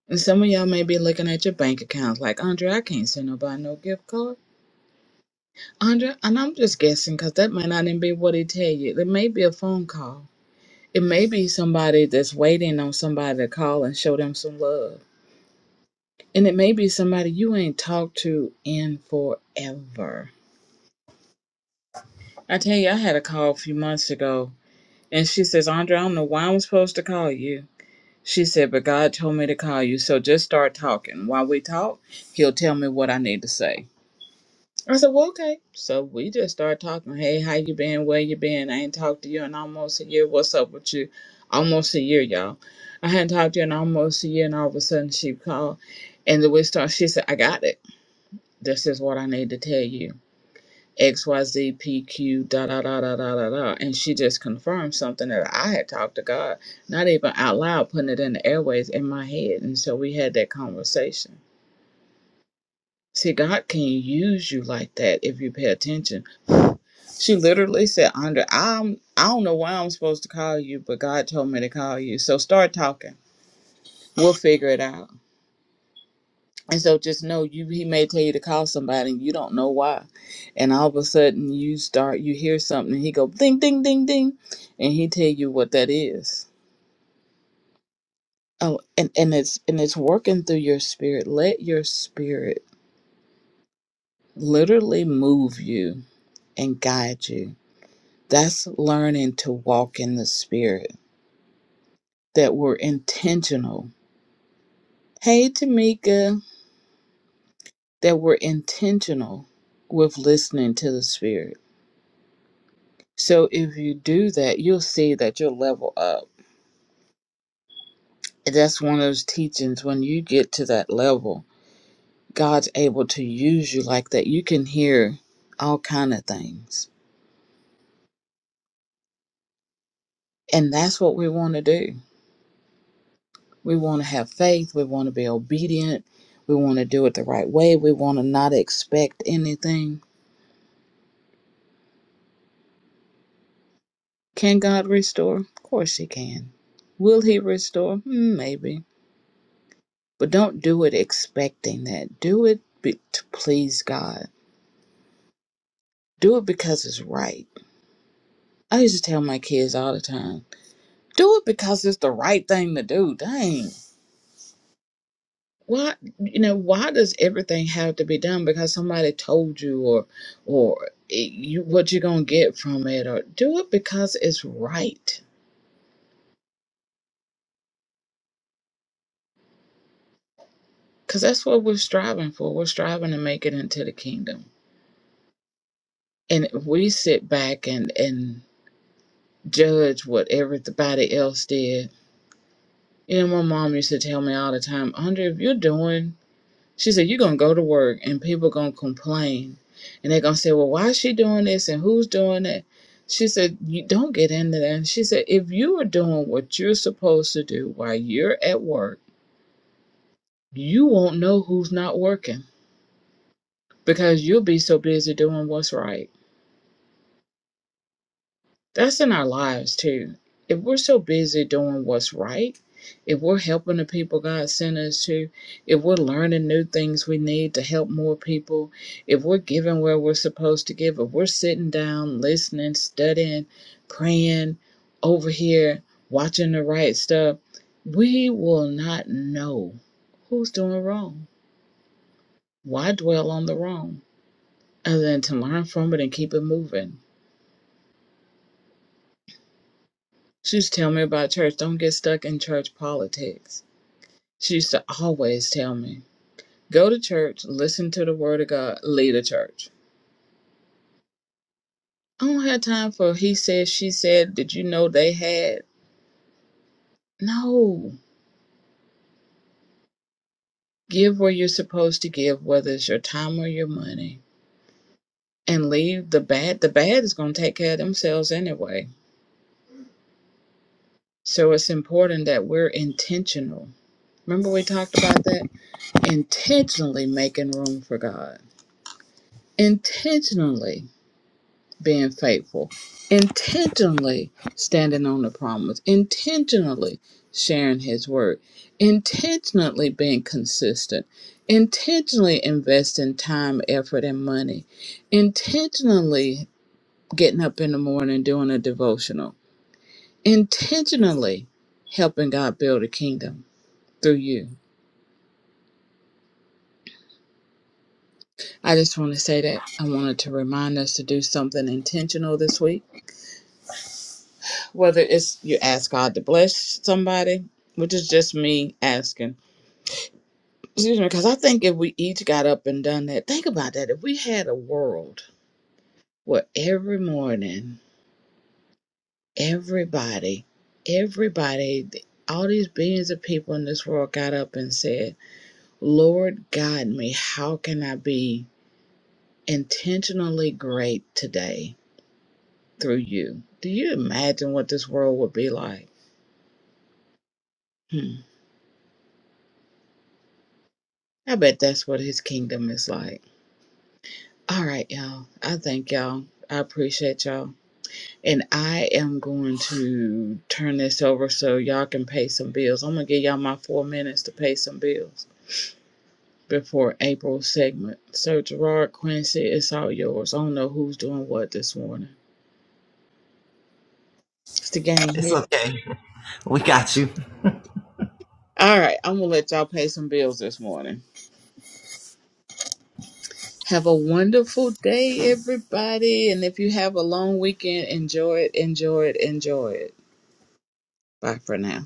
Speaker 2: and some of y'all may be looking at your bank accounts like andre i can't send nobody no gift card andre and i'm just guessing because that may not even be what he tell you there may be a phone call It may be somebody that's waiting on somebody to call and show them some love. And it may be somebody you ain't talked to in forever. I tell you, I had a call a few months ago, and she says, Andre, I don't know why I'm supposed to call you. She said, but God told me to call you, so just start talking. While we talk, He'll tell me what I need to say. I said, well, okay. So we just started talking. Hey, how you been? Where you been? I ain't talked to you in almost a year. What's up with you? Almost a year, y'all. I hadn't talked to you in almost a year, and all of a sudden she called, and the we started. She said, I got it. This is what I need to tell you. X Y Z P Q da da da da da da da, and she just confirmed something that I had talked to God, not even out loud, putting it in the airways in my head. And so we had that conversation. See, God can use you like that if you pay attention She literally said, "Andre, I'm I don't know why I'm supposed to call you, but God told me to call you. So start talking. We'll figure it out." And so just know you he may tell you to call somebody and you don't know why. And all of a sudden you start you hear something and he go ding ding ding ding and he tell you what that is. Oh, and, and it's and it's working through your spirit. Let your spirit literally move you and guide you. That's learning to walk in the spirit that we're intentional Hey, Tamika, that we're intentional with listening to the Spirit. So if you do that, you'll see that you'll level up. And That's one of those teachings. When you get to that level, God's able to use you like that. You can hear all kind of things. And that's what we want to do. We want to have faith. We want to be obedient. We want to do it the right way. We want to not expect anything. Can God restore? Of course He can. Will He restore? Hmm, Maybe But don't do it expecting that. Do it be- to please God. Do it because it's right. I used to tell my kids all the time, do it because it's the right thing to do. Dang. Why you know, why does everything have to be done because somebody told you or or it, you what you're going to get from it or do it because it's right. Cuz that's what we're striving for. We're striving to make it into the kingdom. And if we sit back and and judge what everybody else did You know, my mom used to tell me all the time, Andre, if you're doing, she said, you're going to go to work and people going to complain. And they're going to say, well, why is she doing this and who's doing that? She said, you don't get into that. she said, if you are doing what you're supposed to do while you're at work, you won't know who's not working because you'll be so busy doing what's right. That's in our lives too. If we're so busy doing what's right, if we're helping the people God sent us to, if we're learning new things we need to help more people, if we're giving where we're supposed to give, if we're sitting down, listening, studying, praying over here, watching the right stuff, we will not know who's doing wrong. Why dwell on the wrong other than to learn from it and keep it moving? She used to tell me about church. Don't get stuck in church politics. She used to always tell me, go to church, listen to the word of God, lead a church. I don't have time for he said, she said, did you know they had? No. Give where you're supposed to give, whether it's your time or your money, and leave the bad. The bad is going to take care of themselves anyway. So it's important that we're intentional. Remember, we talked about that? Intentionally making room for God. Intentionally being faithful, intentionally standing on the promise, intentionally sharing his word, intentionally being consistent, intentionally investing time, effort, and money, intentionally getting up in the morning doing a devotional, intentionally helping God build a kingdom through you. I just want to say that I wanted to remind us to do something intentional this week whether it's you ask God to bless somebody, which is just me asking. Excuse me, because I think if we each got up and done that, think about that. If we had a world where every morning, everybody, everybody, all these billions of people in this world got up and said, Lord, guide me. How can I be intentionally great today through you? Do you imagine what this world would be like? Hmm. I bet that's what his kingdom is like All right, y'all. I thank y'all. I appreciate y'all. And I am going to turn this over so y'all can pay some bills. I'm going to give y'all my four minutes to pay some bills before April's segment. So, Gerard Quincy, it's all yours. I don't know who's doing what this morning. It's the game here. All right, I'm going to let y'all pay some bills this morning. Have a wonderful day, everybody. And if you have a long weekend, enjoy it, enjoy it, enjoy it. Bye for now.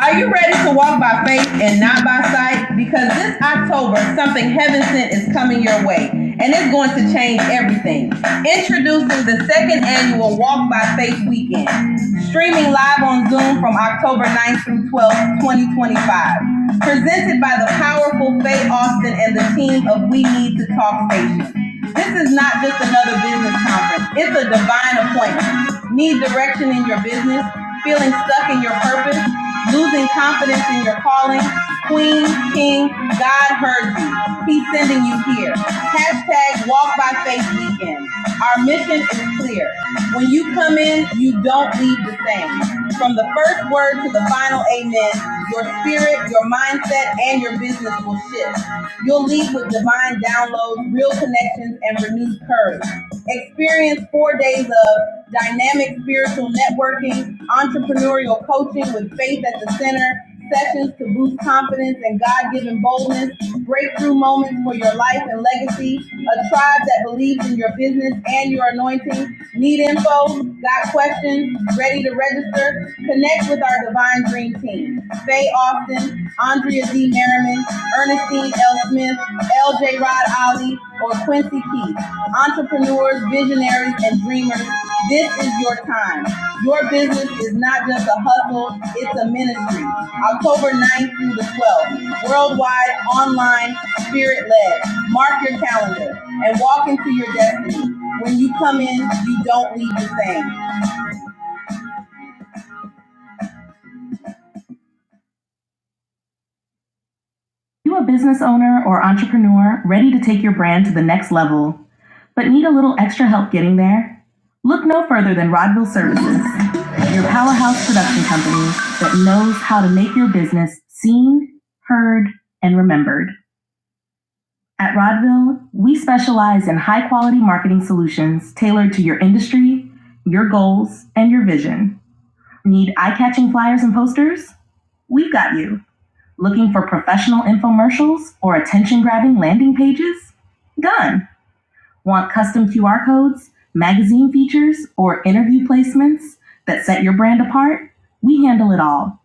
Speaker 5: Are you ready to walk by faith and not by sight? Because this October, something heaven sent is coming your way, and it's going to change everything. Introducing the second annual Walk by Faith Weekend, streaming live on Zoom from October 9th through 12th, 2025. Presented by the powerful Faye Austin and the team of We Need to Talk Station. This is not just another business conference. It's a divine appointment. Need direction in your business? Feeling stuck in your purpose? Losing confidence in your calling? Queen, King, God heard you. He's sending you here. Hashtag Walk by Faith Weekend. Our mission is clear. When you come in, you don't leave the same. From the first word to the final amen, your spirit, your mindset, and your business purposeful shift. You'll leave with divine downloads, real connections, and renewed courage. Experience four days of dynamic spiritual networking, entrepreneurial coaching with faith at the center, sessions to boost confidence and God given boldness, breakthrough moments for your life and legacy, a tribe that believes in your business and your anointing. Need info? Got questions? Ready to register? Connect with our divine and Green Team. Faye Austin, Andrea D. Merriman, Ernestine L. Smith, LJ Rod Ali, or Quincy Keith. Entrepreneurs, visionaries, and dreamers, this is your time. Your business is not just a hustle, it's a ministry. October ninth through the 12th, worldwide, online, spirit led. Mark your calendar and walk into your destiny. When you come in, you don't leave the same. You a business owner or entrepreneur ready to take your brand to the next level, but need a little extra help getting there? Look no further than Rodville Services, your powerhouse production company that knows how to make your business seen, heard, and remembered. At Rodville, we specialize in high quality marketing solutions tailored to your industry, your goals, and your vision. Need eye catching flyers and posters? We've got you. Looking for professional infomercials or attention grabbing landing pages? Done. Want custom QR codes, magazine features, or interview placements that set your brand apart? We handle it all.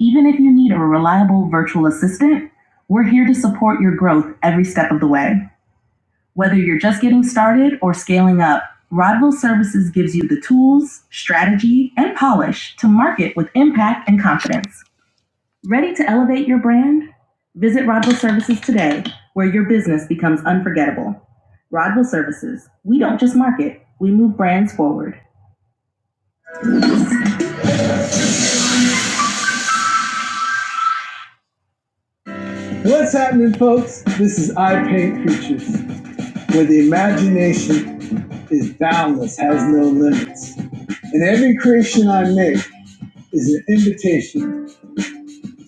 Speaker 5: Even if you need a reliable virtual assistant, we're here to support your growth every step of the way. Whether you're just getting started or scaling up, Rodville Services gives you the tools, strategy, and polish to market with impact and confidence. Ready to elevate your brand? Visit Rodwell Services today, where your business becomes unforgettable. Rodwell Services, we don't just market, we move brands forward. What's happening, folks? This is I Paint Pictures, where the imagination is boundless, has no limits. And every creation I make is an invitation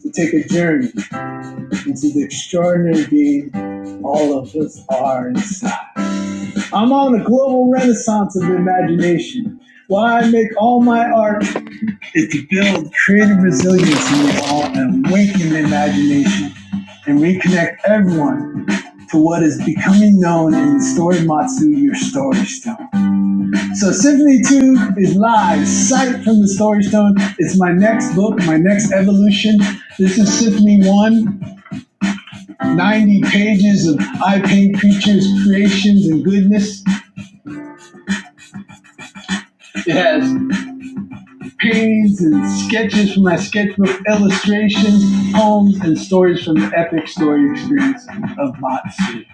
Speaker 5: to take a journey into the extraordinary being all of us are inside. I'm on a global renaissance of the imagination. Why I make all my art is to build creative resilience in you all and awaken the imagination and reconnect everyone to what is becoming known in the Story Matsu, your Story Stone. So Symphony 2 is live, sight from the Story Stone. It's my next book, my next evolution. This is Symphony 1, 90 pages of I Paint Creatures, creations, and goodness. It has paintings and sketches from my sketchbook, illustrations, poems, and stories from the epic story experience of Matsu.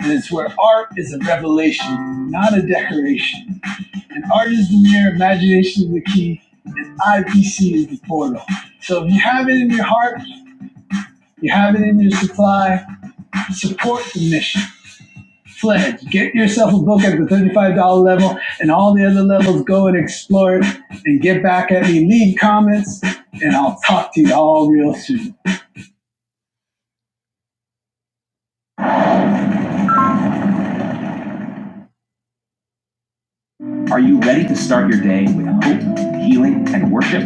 Speaker 5: And it's where art is a revelation, not a decoration. And art is the mirror, imagination is the key, and IPC is the portal. So if you have it in your heart, you have it in your supply, support the mission. Fledge. Get yourself a book at the $35 level and all the other levels. Go and explore it and get back at me. Leave comments and I'll talk to you all real soon. Are you ready to start your day with hope, healing, and worship?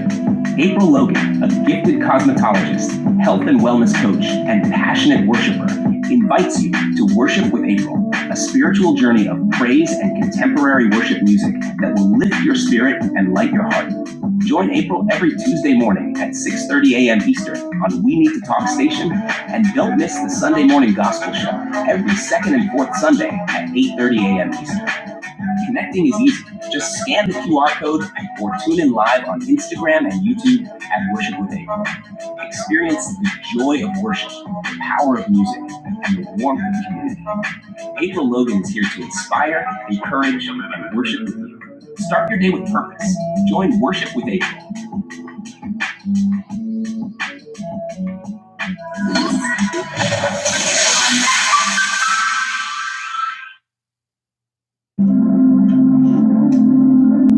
Speaker 5: April Logan, a gifted cosmetologist, health and wellness coach, and passionate worshiper, invites you to Worship with April, a spiritual journey of praise and contemporary worship music that will lift your spirit and light your heart. Join April every Tuesday morning at 6:30 a.m. Eastern on We Need to Talk station, and don't miss the Sunday morning gospel show every second and fourth Sunday at 8:30 a.m. Eastern. Connecting is easy. Just scan the QR code or tune in live on Instagram and YouTube at Worship with April. Experience the joy of worship, the power of music, and the warmth of community. April Logan is here to inspire, encourage, and worship with you. Start your day with purpose. Join Worship with April.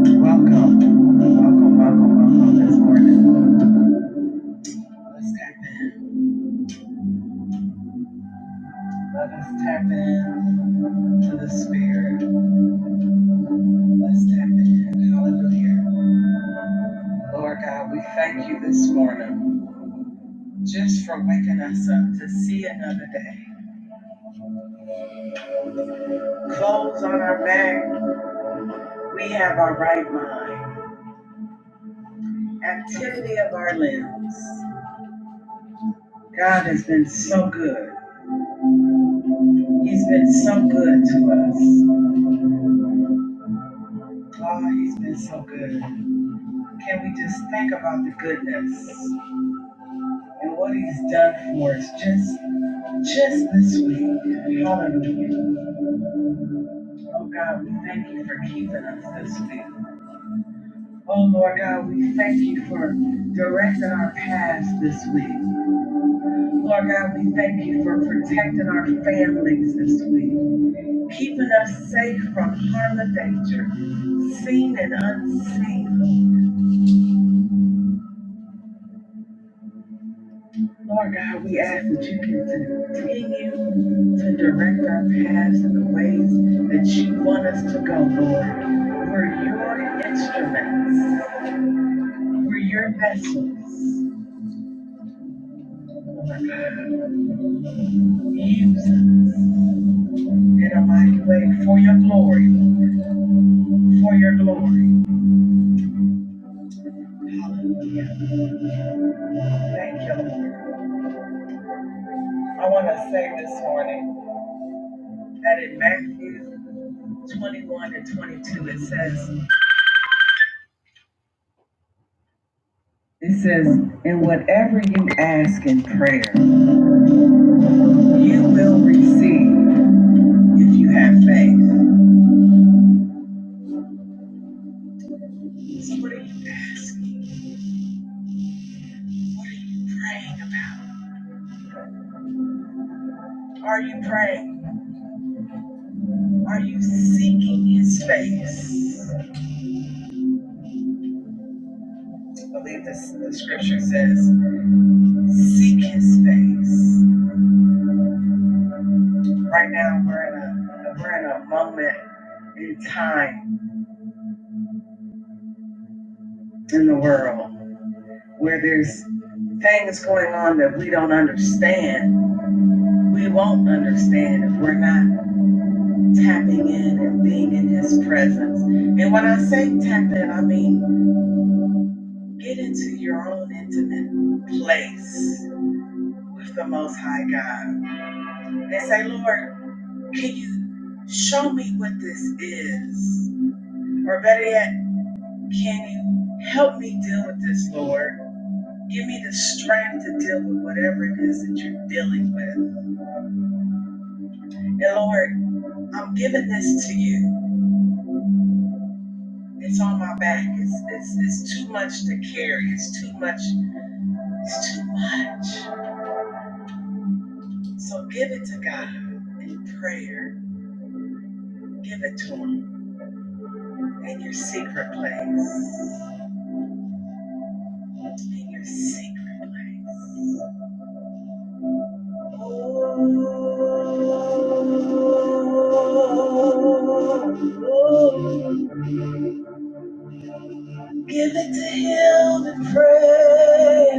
Speaker 5: Welcome, welcome, welcome, welcome this morning. Let's tap in. Let us tap in to the Spirit. Let's tap in. Hallelujah. Lord God, we thank you this morning just for waking us up to see another day. Clothes on our back, we have our right mind, activity of our limbs. God has been so good. He's been so good to us. Oh, he's been so good. Can we just think about the goodness and what he's done for us just just this week? Hallelujah. Oh God, we thank you for keeping us this week. Oh Lord God, we thank you for directing our paths this week. Lord God, we thank you for protecting our families this week, keeping us safe from harm and danger, seen and unseen. Lord God, we ask that you continue to direct our paths in the ways that you want us to go, Lord. We're your instruments, we're your vessels. Lord God, use us. in a mighty way for your glory, for your glory. Hallelujah. Thank you, Lord. I want to say this morning that in Matthew 21 and 22, it says, it says, in whatever you ask in prayer, you will receive if you have faith. So what are you asking? What are you praying about? Are you praying? Are you seeking his face? I believe this the scripture says. Seek his face. Right now we're in a we're in a moment in time in the world where there's things going on that we don't understand. We won't understand if we're not tapping in and being in his presence. And when I say tap in, I mean get into your own intimate place with the most high God. And say, Lord, can you show me what this is? Or better yet, Can you help me deal with this, Lord? Give me the strength to deal with whatever it is that you're dealing with. And Lord, I'm giving this to you. It's on my back. It's, it's, it's too much to carry. It's too much. It's too much. So give it to God in prayer. Give it to Him in your secret place. In your secret place. Give it to him in prayer.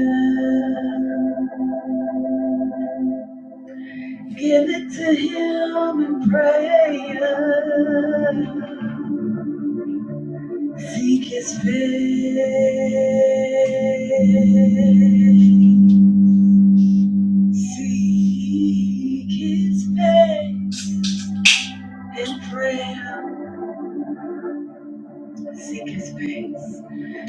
Speaker 5: Give it to him in prayer. Seek his face. Seek his face in prayer. Seek his face.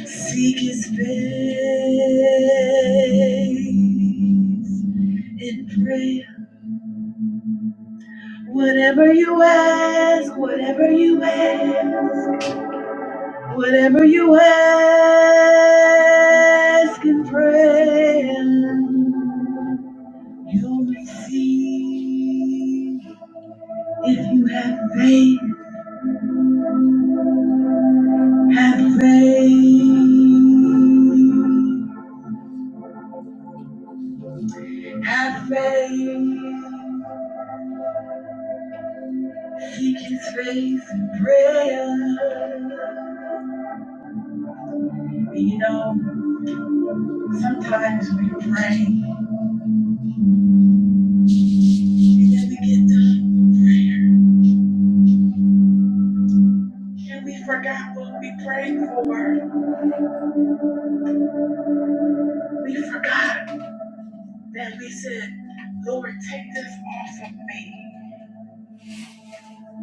Speaker 5: Seek his face in prayer. Whatever you ask, whatever you ask, whatever you ask in prayer, you'll receive. If you have faith, have faith, have faith. Seek his face in prayer. You know, sometimes we pray and then we get done with prayer and we forgot what we prayed for. We forgot that we said, Lord, take this off of me.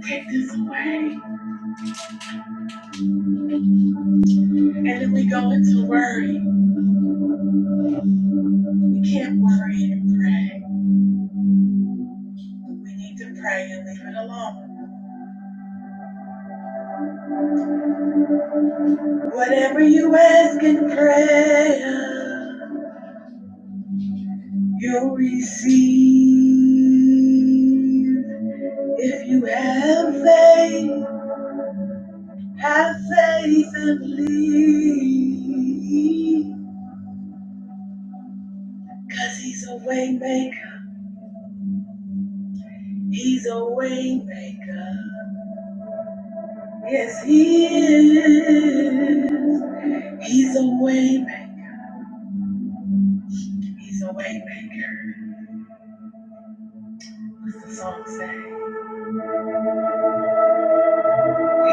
Speaker 5: Take this away. And then we go into worry. We can't worry and pray. We need to pray and leave it alone. Whatever you ask in prayer. You'll receive if you have faith. Have faith and believe, 'cause he's a waymaker. He's a waymaker. Yes, he is. He's a waymaker. He's a waymaker. What's the song say?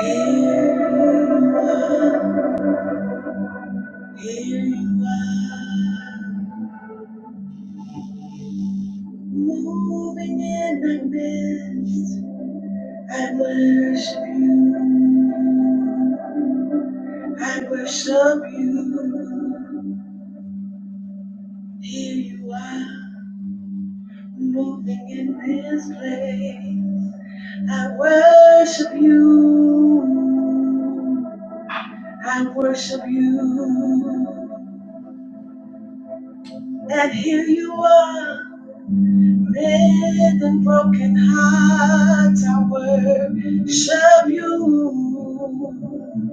Speaker 5: Here you are. Here you are. Moving in my midst, I worship you. I worship you. Here you are, moving in this place. I worship you. I worship you. And here you are, mend and broken hearts. I worship you.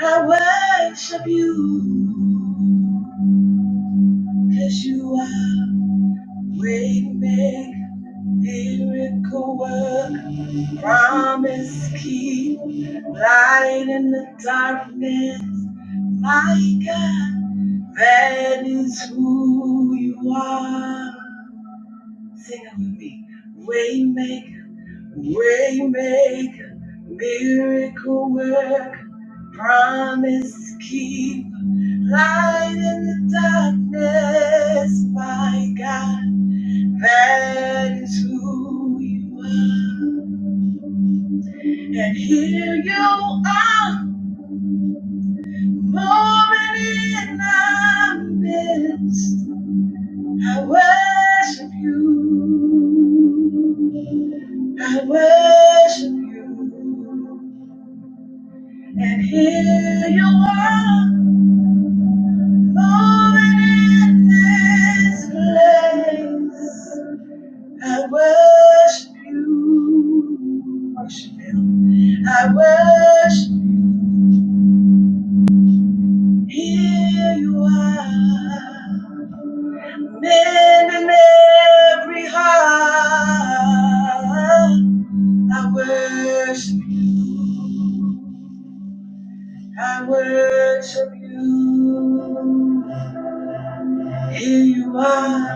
Speaker 5: I worship you because you are way make miracle work, promise keep light in the darkness. My God, that is who you are. Sing it with me. Waymaker, Waymaker, miracle work, promise keep, light in the darkness, my God, that is who you are. And here you are, moving in our midst. I worship you. I worship you. And here you are. Moment in this place, I worship you. Worship you. I worship here you are. Men in every heart, I worship, I worship you. Here you are.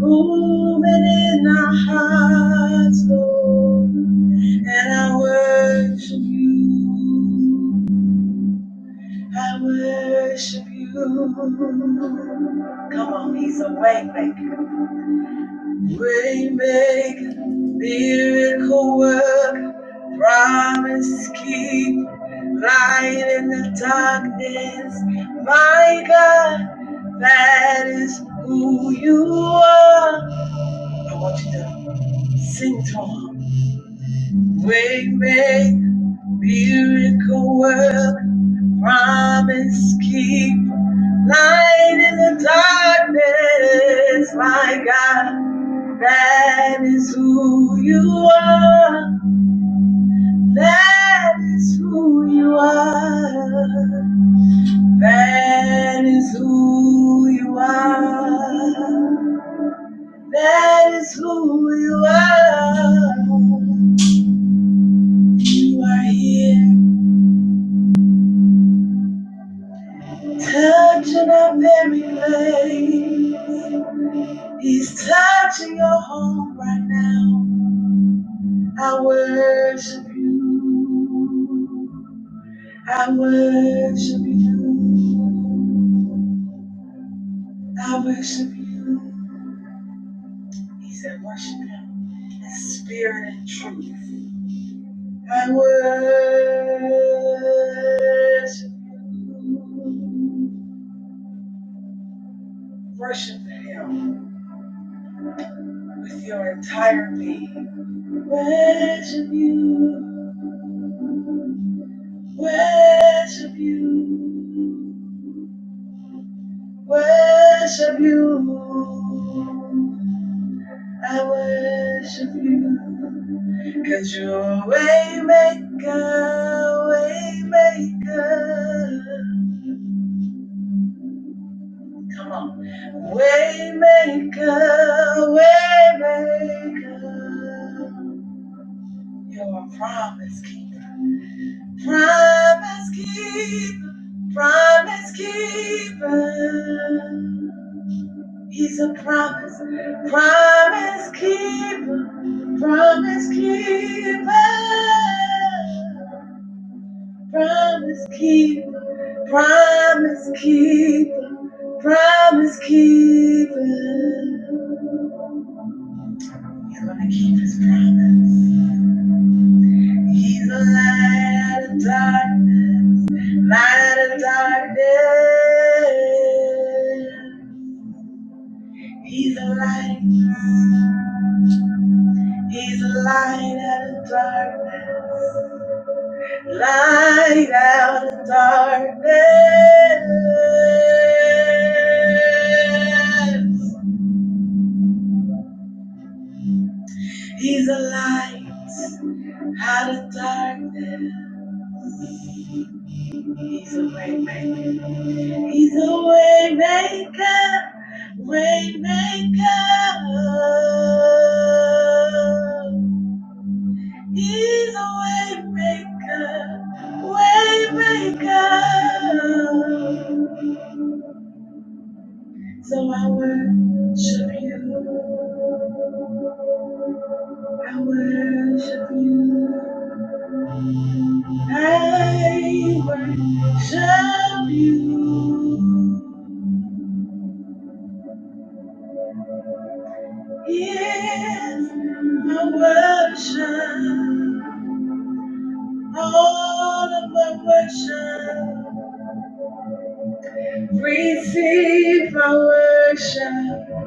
Speaker 5: Moving in our hearts, Lord, and I worship you. I worship you. Come on, he's a waymaker, waymaker, miracle worker, promise keep, light in the darkness. My God, that is who you are. I want you to sing to him. Way make miracle work, promise keep light in the darkness. My God, that is who you are. That is who you are. That is who you are. That is who you are. You are here. Touching our very place. He's touching your home right now. I worship you. I worship you. I worship you. He said, worship him in spirit and truth. I worship you. Worship him with your entire being. Worship you, worship you, worship you. I worship you, cause you're a way maker, way maker. Come on. Waymaker, waymaker, you're a promise keeper. Promise keeper, promise keeper. He's a promise, promise keeper, promise keeper. Promise keeper, promise keeper, promise keeper. He's gonna keep his promise. He's a light out of darkness, light out of darkness. He's a light, he's a light out of darkness, light out of darkness. He's a light out of darkness. He's a way maker, he's a way maker, way maker. He's a way maker, way maker. So I worship you, I worship you, I worship you. Yes, my worship, all of my worship. Receive my worship,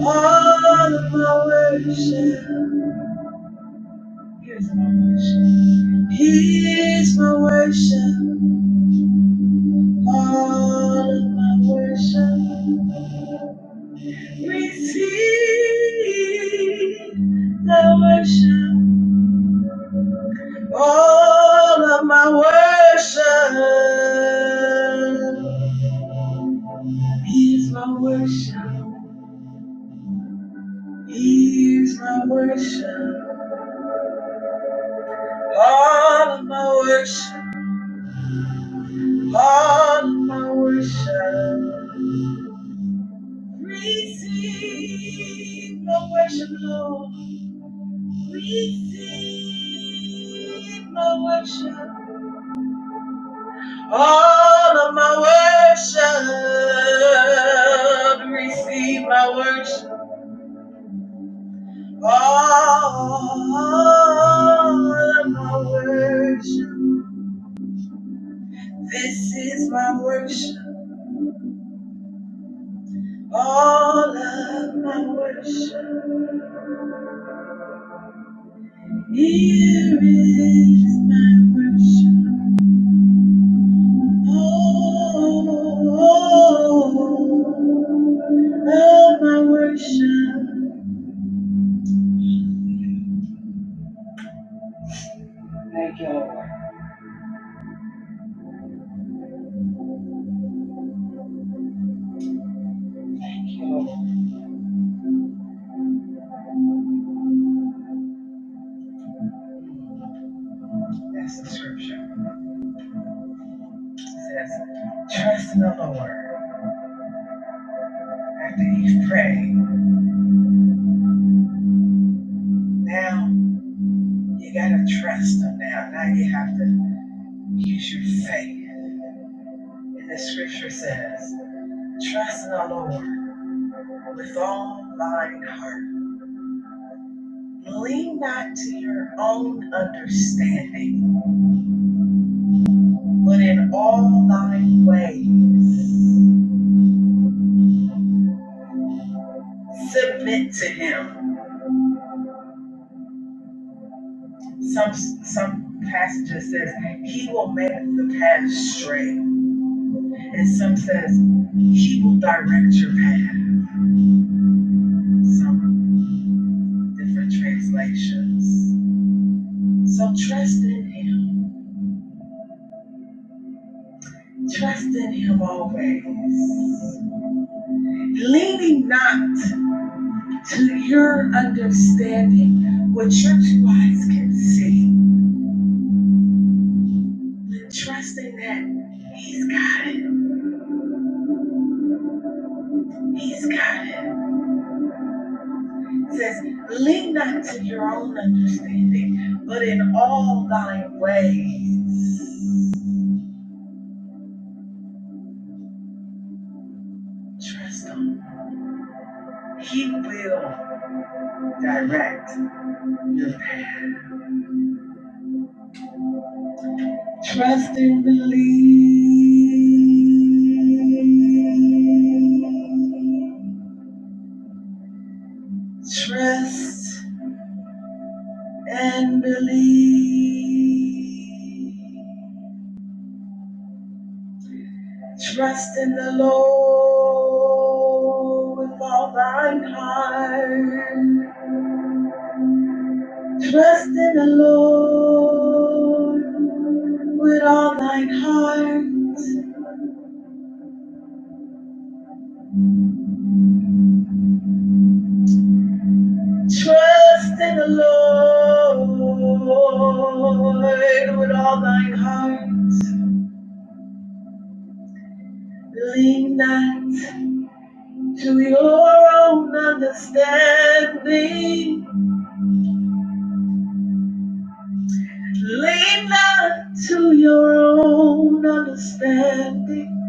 Speaker 5: all of my worship. Here's my worship. Here's my worship. All of my worship. Receive my worship. All of my worship. Here's my worship. Here's my worship. All of my worship. All of my worship. Receive my worship, Lord. Receive my worship, all of my worship. Receive my worship, all of my worship. This is my worship, all of my worship. Here is my worship. oh. oh, oh. my worship. Thank you, Lord. Thank you, Lord. That's the scripture. It says, trust in the Lord. After you've prayed, now you gotta trust him now. Now you have to use your faith. And the scripture says, trust in the Lord with all thine heart. Lean not to your own understanding, but in all thine ways submit to him Some some passages says he will make the path straight, and some says he will direct your path. Some different translations. So trust in him. Trust in him always leaning not to your understanding, what your two eyes can see, trusting that He's got it. He's got it. says, lean not to your own understanding, but in all thy ways, trust him. He will direct your path. Trust and believe. Trust and believe. Trust in the Lord with all thine heart Trust in the Lord with all thine heart. Trust in the Lord with all thine heart. Lean not to your own understanding. Lean not to your own understanding.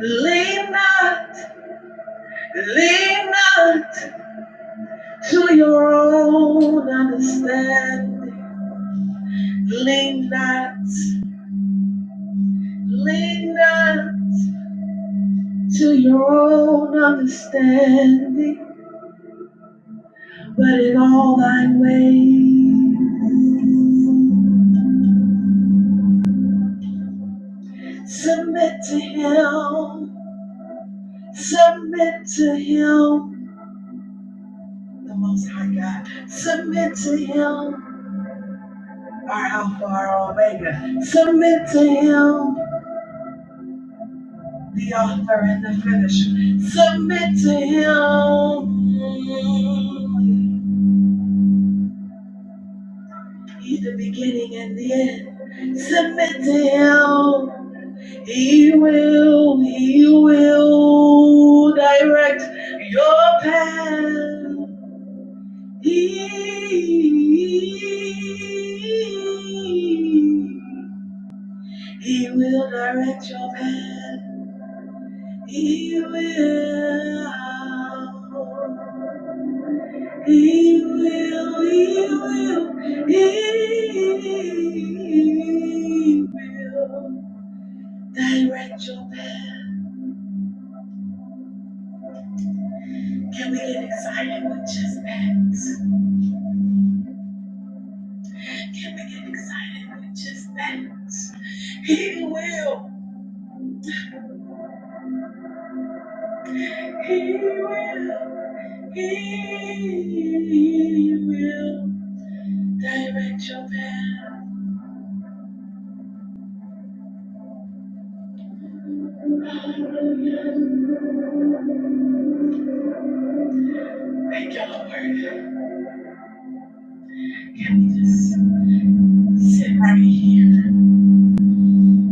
Speaker 5: Lean not, lean not. to your own understanding. Lean not, lean not to your own understanding, but in all thy ways. Submit to him, submit to him, the most high God. Submit to him, our Alpha, our Omega. Submit to him. the author and the finisher. Submit to him. He's the beginning and the end. Submit to him. He will, he will direct your path. He, he will direct your path. He will. He will, He will, He will direct your path. Can we get excited with just that? Can we get excited with just that? He will, he will, he will direct your path. Hallelujah. Thank you, Lord. Can we just sit right here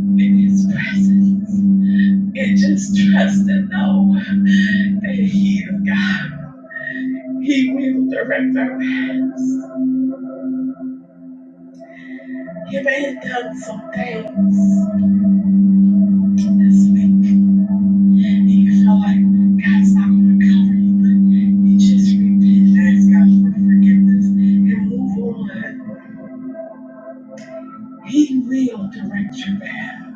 Speaker 5: in his presence? and just trust and know that He is God. He will direct our paths. You may have done some things this week, and you feel like God's not going to cover you, but you just repent, ask God for forgiveness, and move on. He will direct your path.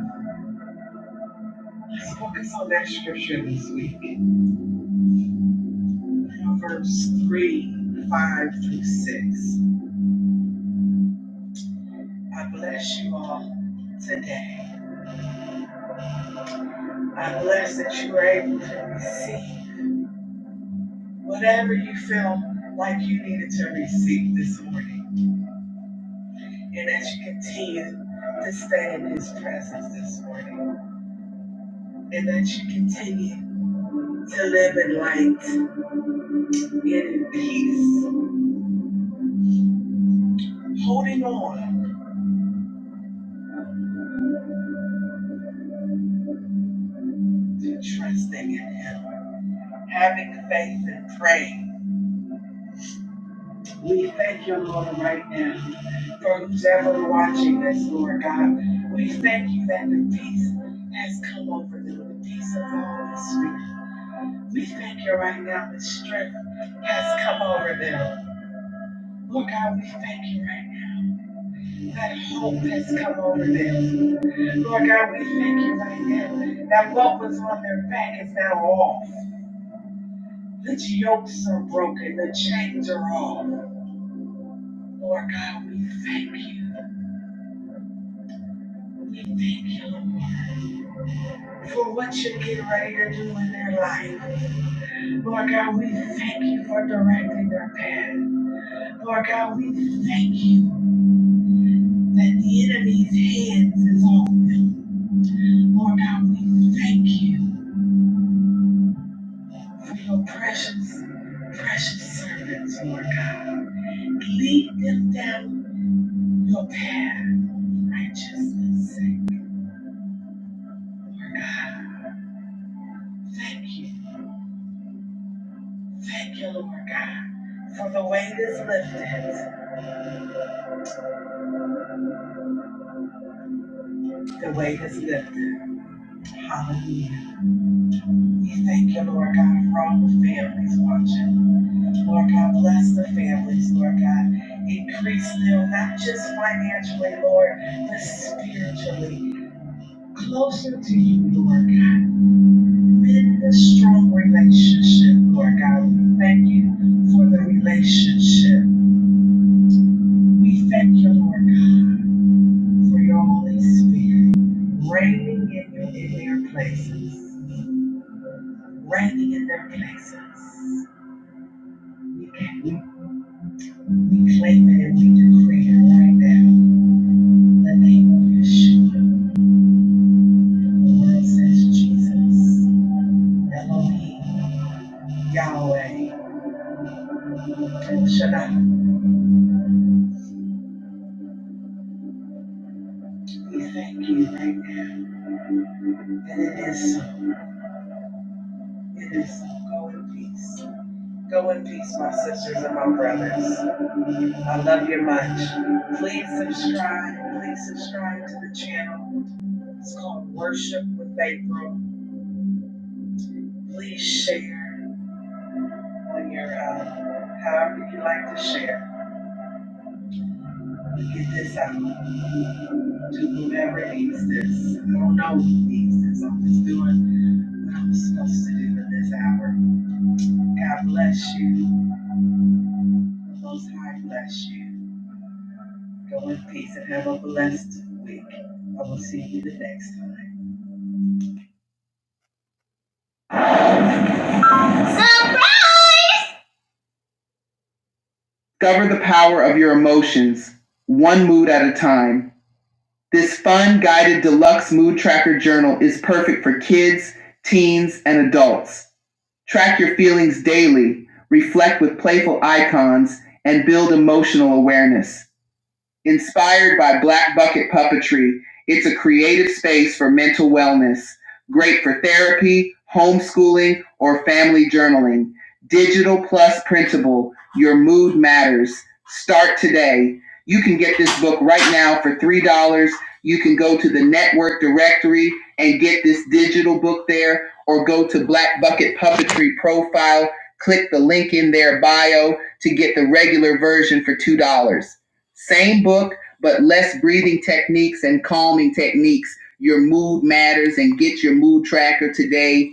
Speaker 5: Let's focus on that scripture this week. verse 3, 5 through 6. I bless you all today. I'm blessed that you were able to receive whatever you feel like you needed to receive this morning. And that you continue to stay in his presence this morning. And that you continue to live in light and in peace, holding on to trusting in him, having faith and praying. We thank you, Lord, right now for who's ever watching this, Lord God. We thank you that the peace has come over them, the peace of the Holy Spirit. We thank you right now, that strength has come over them. Lord God, we thank you right now that hope has come over them. Lord God, we thank you right now that what was on their back is now off. The yokes are broken, the chains are off. Lord God, we thank you. for what you're getting ready to do in their life. Lord God, we thank you for directing their path. Lord God, we thank you that the enemy's hands is on them. Lord God, we thank you for your precious, precious servants, Lord God. Lead them down your path of righteousness, Lord God. Thank you. Thank you, Lord God, for the weight is lifted. The weight is lifted. Hallelujah. We thank you, Lord God, for all the families watching. Lord God, bless the families, Lord God. Increase them, not just financially, Lord, but spiritually. Closer to you, Lord God. Mend the strong relationship, Lord God. We thank you for the relationship. We thank you, Lord God. for your Holy Spirit reigning in your in their places, reigning in their places. We can- we we claim it and we decree it right now. The name of Yeshua. The word says Jesus, Elohim, Yahweh, El Shaddai. We thank you right now. And it is so. It is so. Go in peace. Go in peace, my sisters and my brothers. I love you much. Please subscribe. Please subscribe to the channel. It's called Worship with April. Please share on your, uh, however you like to share. Get this out to whomever needs this. I don't know who needs this. I'm just doing what I'm supposed to do in this hour. God bless you. The Most High bless you. Go in peace and have a blessed week. I will see you the next time. Discover the power of your emotions, one mood at a time. This fun guided deluxe mood tracker journal is perfect for kids, teens, and adults. Track your feelings daily, reflect with playful icons, and build emotional awareness. Inspired by Black Bucket Puppetry, it's a creative space for mental wellness, great for therapy, homeschooling, or family journaling. Digital plus printable, your mood matters. Start today. You can get this book right now for $3. You can go to the network directory and get this digital book there, or go to Black Bucket Puppetry profile, click the link in their bio to get the regular version for $2. Same book, but less breathing techniques and calming techniques. Your mood matters and get your mood tracker today.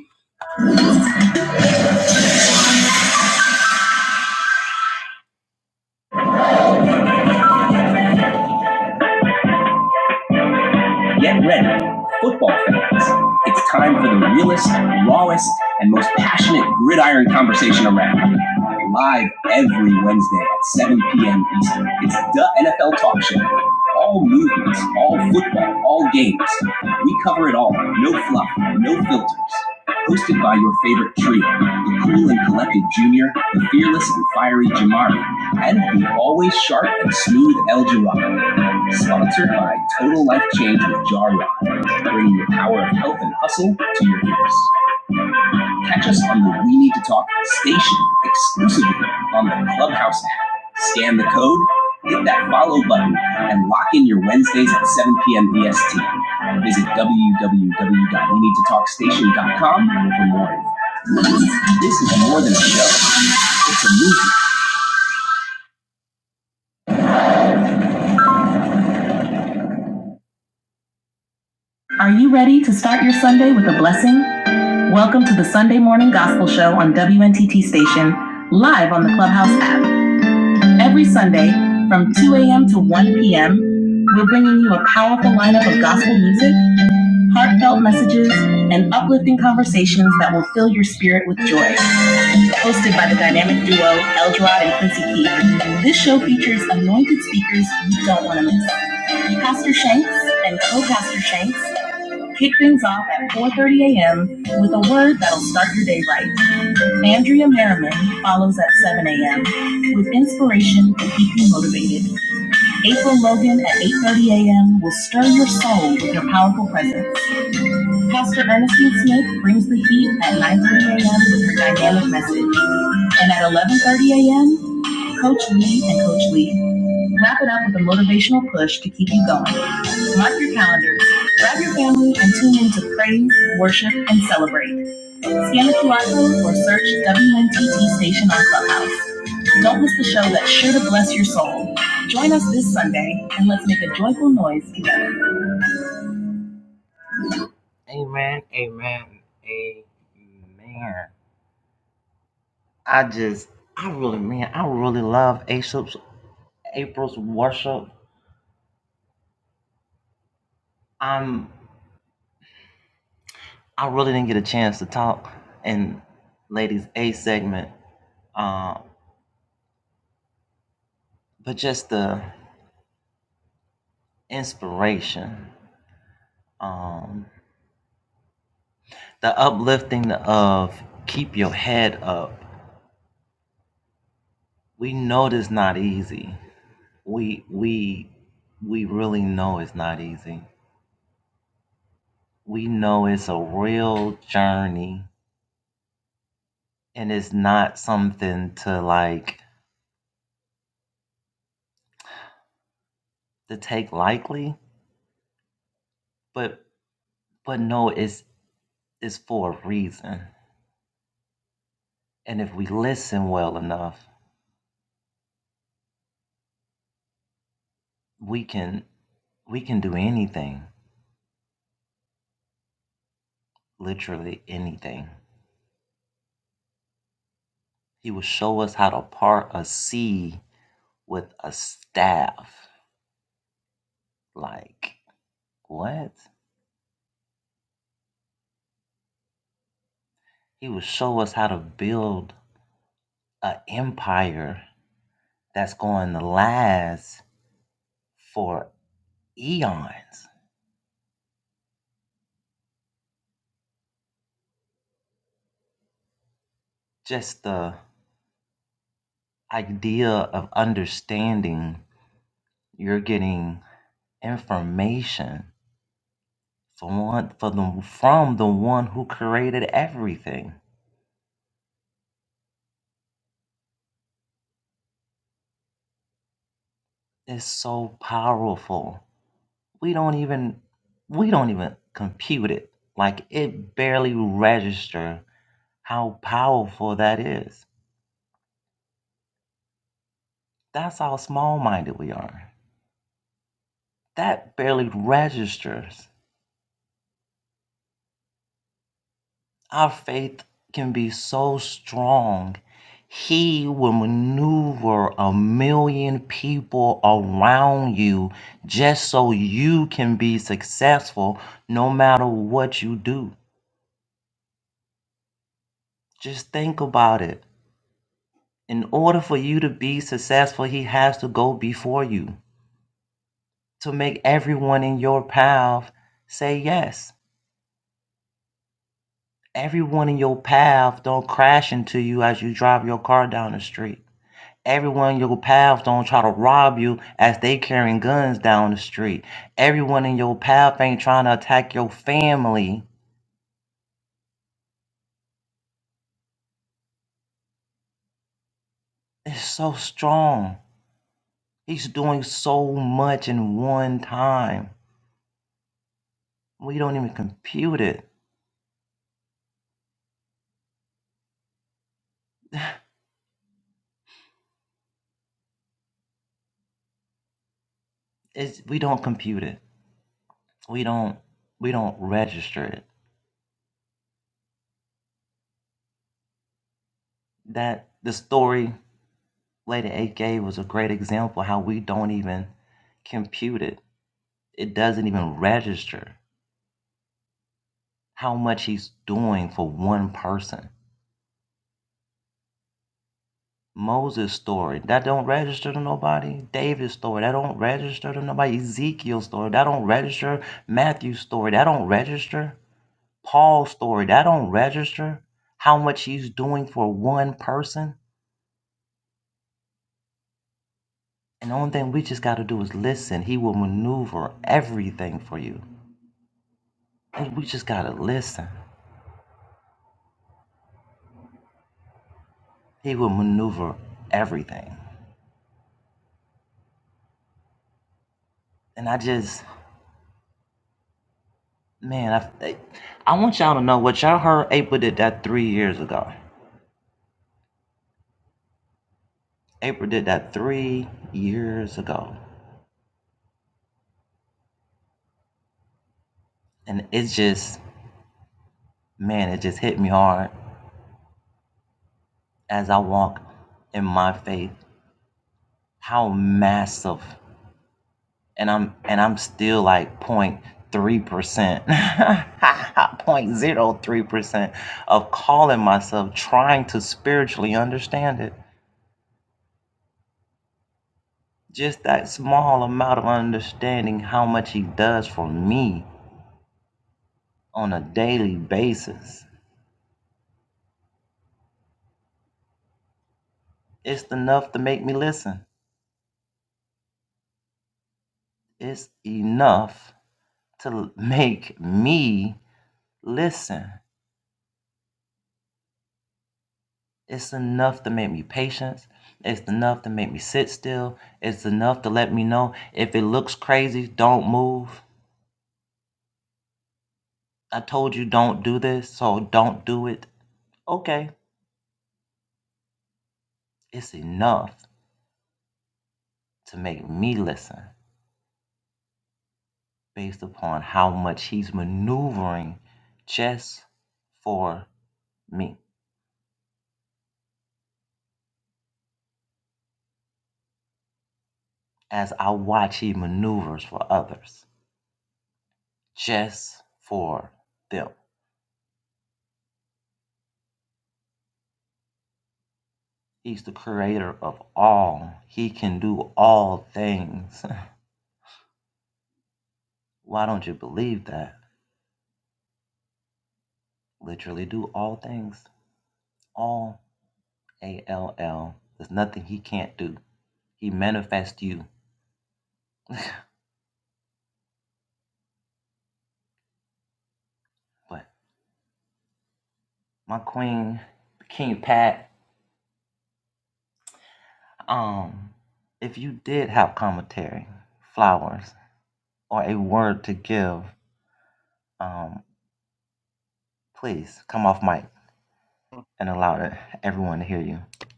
Speaker 5: Get ready, football fans. It's time for the realest, rawest, and most passionate gridiron conversation around. Live every Wednesday at 7 p.m. Eastern. It's the NFL Talk Show. All movements, all football, all games. We cover it all. No fluff, no filters. Hosted by your favorite trio, the cool and collected Junior, the fearless and fiery Jamari, and the always sharp and smooth El Jirado. Sponsored by Total Life Change with Jar Rod, bringing the power of health and hustle to your ears. Catch us on the We Need to Talk station exclusively on the Clubhouse app. Scan the code, hit that follow button, and lock in your Wednesdays at 7 p.m. EST. Visit www.weneedtotalkstation.com for more info. This is more than a show. It's a movie. Are you ready to start your Sunday with a blessing? Welcome to the Sunday Morning Gospel Show on WNTT Station, live on the Clubhouse app. Every Sunday from 2 a.m. to 1 p.m., we're bringing you a powerful lineup of gospel music, heartfelt messages, and uplifting conversations that will fill your spirit with joy. Hosted by the dynamic duo Eldrod and Quincy Keith, this show features anointed speakers you don't want to miss. Pastor Shanks and co-pastor Shanks kick things off at 4.30 a.m. with a word that'll start your day right. Andrea Merriman follows at 7 a.m. with inspiration to keep you motivated. April Logan at 8.30 a.m. will stir your soul with her powerful presence. Pastor Ernestine Smith brings the heat at 9.30 a.m. with her dynamic message. And at 11.30 a.m., Coach Lee and Coach Lee wrap it up with a motivational push to keep you going. Mark your calendars, grab your family, and tune in to praise, worship, and celebrate. Scan the QR code or search WNTT station on Clubhouse. Don't miss the show that's sure to bless your soul. Join us this Sunday and let's make a joyful noise together.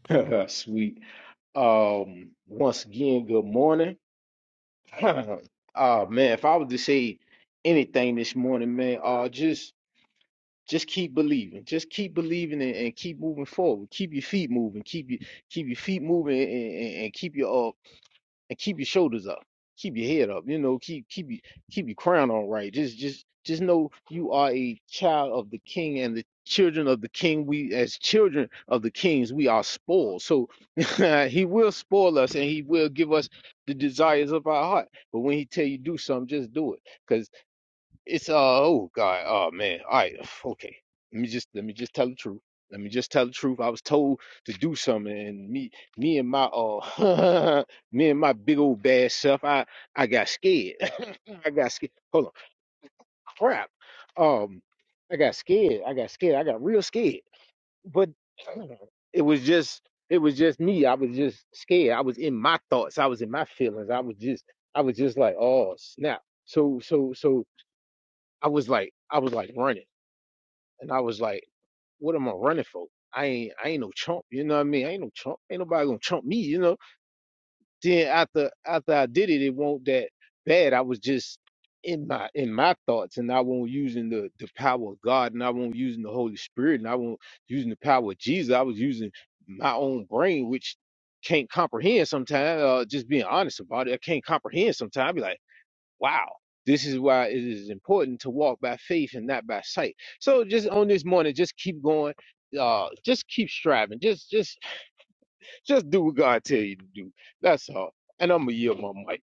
Speaker 4: mic. [LAUGHS] Sweet. Um, once again, good morning. [COUGHS] [CLEARS THROAT] oh man, if I was to say anything this morning, man, uh just just keep believing. Just keep believing and, and keep moving forward. Keep your feet moving. Keep your keep your feet moving and, and, and keep your uh and keep your shoulders up, keep your head up, you know, keep keep your keep your crown on right. Just just just know you are a child of the king and the children of the king. We as children of the kings, we are spoiled. So [LAUGHS] he will spoil us and he will give us the desires of our heart. But when he tell you do something, just do it. cause. It's uh oh God, oh man. All right, [SIGHS] okay. Let me just let me just tell the truth. Let me just tell the truth. I was told to do something and me me and my uh [LAUGHS] me and my big old bad self, I I got scared. [LAUGHS] I got scared. Hold on. Crap. Um I got scared. I got scared. I got real scared. But [CLEARS THROAT] it was just it was just me. I was just scared. I was in my thoughts. I was in my feelings. I was just I was just like, oh snap. So so so I was like I was like running. And I was like, what am I running for? I ain't I ain't no chump, you know what I mean? I ain't no chump. Ain't nobody gonna chump me, you know. Then after after I did it, it won't that bad. I was just in my in my thoughts and I won't using the the power of God and I won't using the Holy Spirit and I won't using the power of Jesus. I was using my own brain, which can't comprehend sometimes, uh, just being honest about it. I can't comprehend sometimes. I be like. Wow. This is why it is important to walk by faith and not by sight. So just on this morning, just keep going. Uh, just keep striving. Just, just, just do what God tell you to do. That's all. And I'm gonna yield my mic.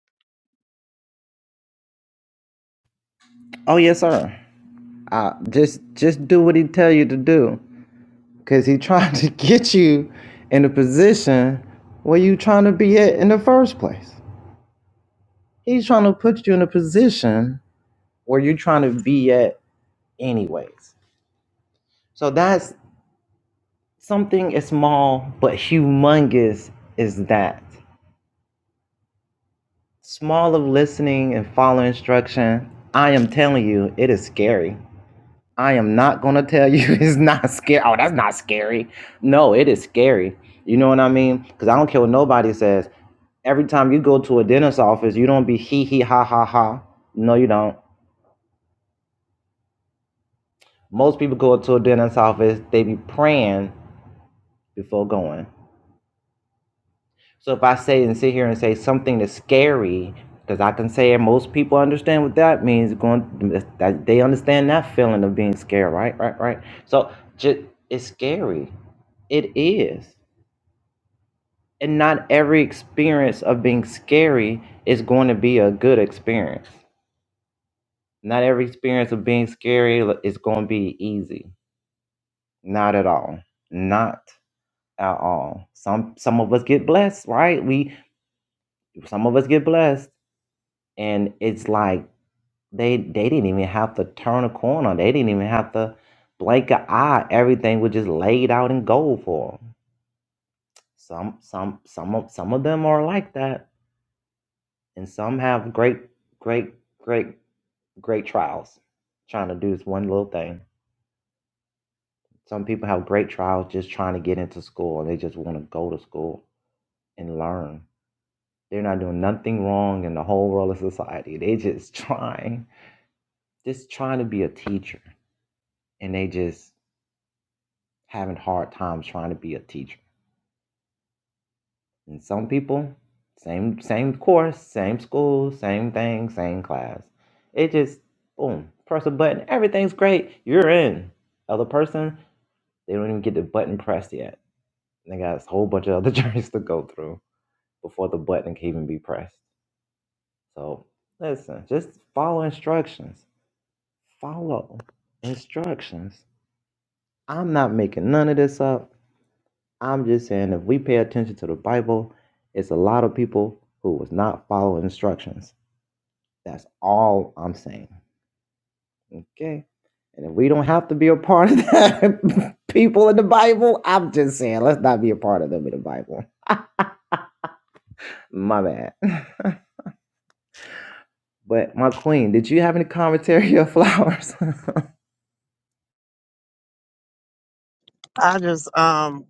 Speaker 3: I just um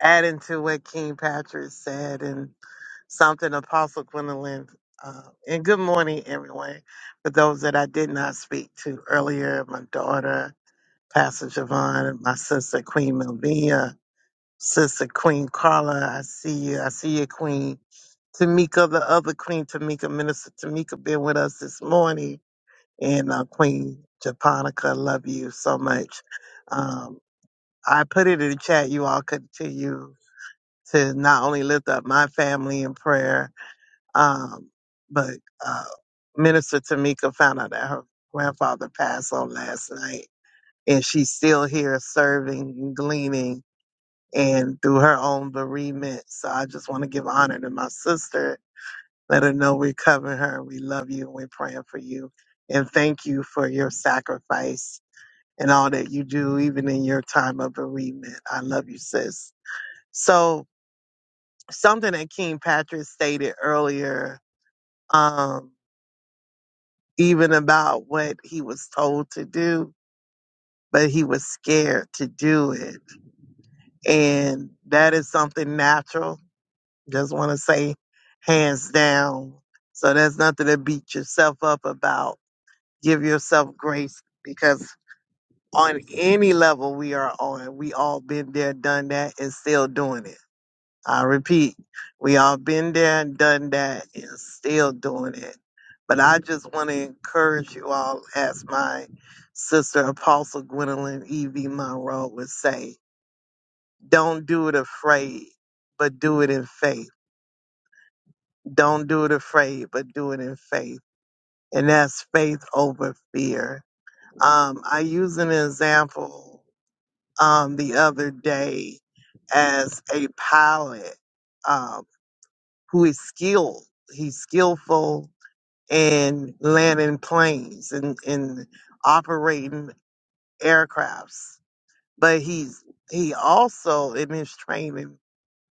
Speaker 3: adding to what King Patrick said and something Apostle Gwendolyn. Uh, and good morning, everyone. For those that I did not speak to earlier, my daughter, Pastor Javon, my sister, Queen Melvina, sister, Queen Carla, I see you. I see you, Queen. Tamika, the other Queen Tamika, Minister Tamika, been with us this morning. And uh, Queen Japonica, love you so much. Um, I put it in the chat. You all continue to not only lift up my family in prayer, um, but uh, Minister Tamika found out that her grandfather passed on last night. And she's still here serving and gleaning and through her own bereavement. So I just want to give honor to my sister let her know we're covering her. We love you and we're praying for you. And thank you for your sacrifice and all that you do, even in your time of bereavement. I love you, sis. So something that King Patrick stated earlier, um, even about what he was told to do, but he was scared to do it. And that is something natural. Just want to say hands down. So there's nothing to beat yourself up about Give yourself grace because on any level we are on, we all been there, done that, and still doing it. I repeat, we all been there, done that, and still doing it. But I just want to encourage you all, as my sister Apostle Gwendolyn E.V. Monroe would say, don't do it afraid, but do it in faith. Don't do it afraid, but do it in faith. And that's faith over fear. Um, I use an example. um, the other day as a pilot um, who is skilled. He's skillful in landing planes and in operating aircrafts, but he's he also in his training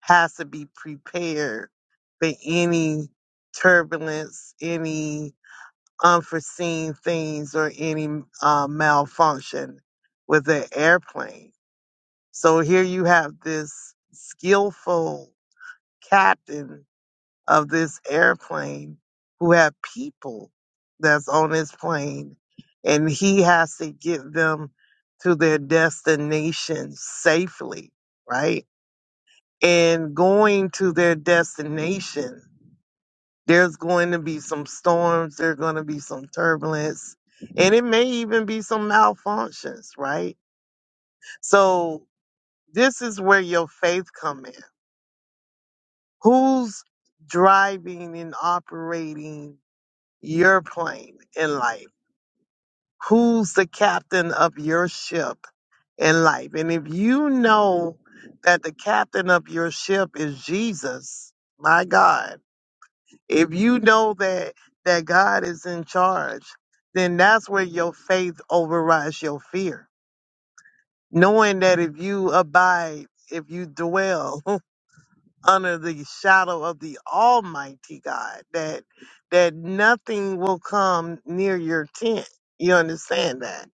Speaker 3: has to be prepared for any turbulence, any unforeseen things, or any uh, malfunction with the airplane so here you have this skillful captain of this airplane who have people that's on his plane and he has to get them to their destination safely, right? And going to their destination, there's going to be some storms, there's going to be some turbulence, and it may even be some malfunctions, right? So this is where your faith come in Who's driving and operating your plane in life? Who's the captain of your ship in life? And if you know that the captain of your ship is Jesus, my God, if you know that that God is in charge, then that's where your faith overrides your fear. Knowing that if you abide, if you dwell, [LAUGHS] under the shadow of the Almighty God, that that nothing will come near your tent. You understand that?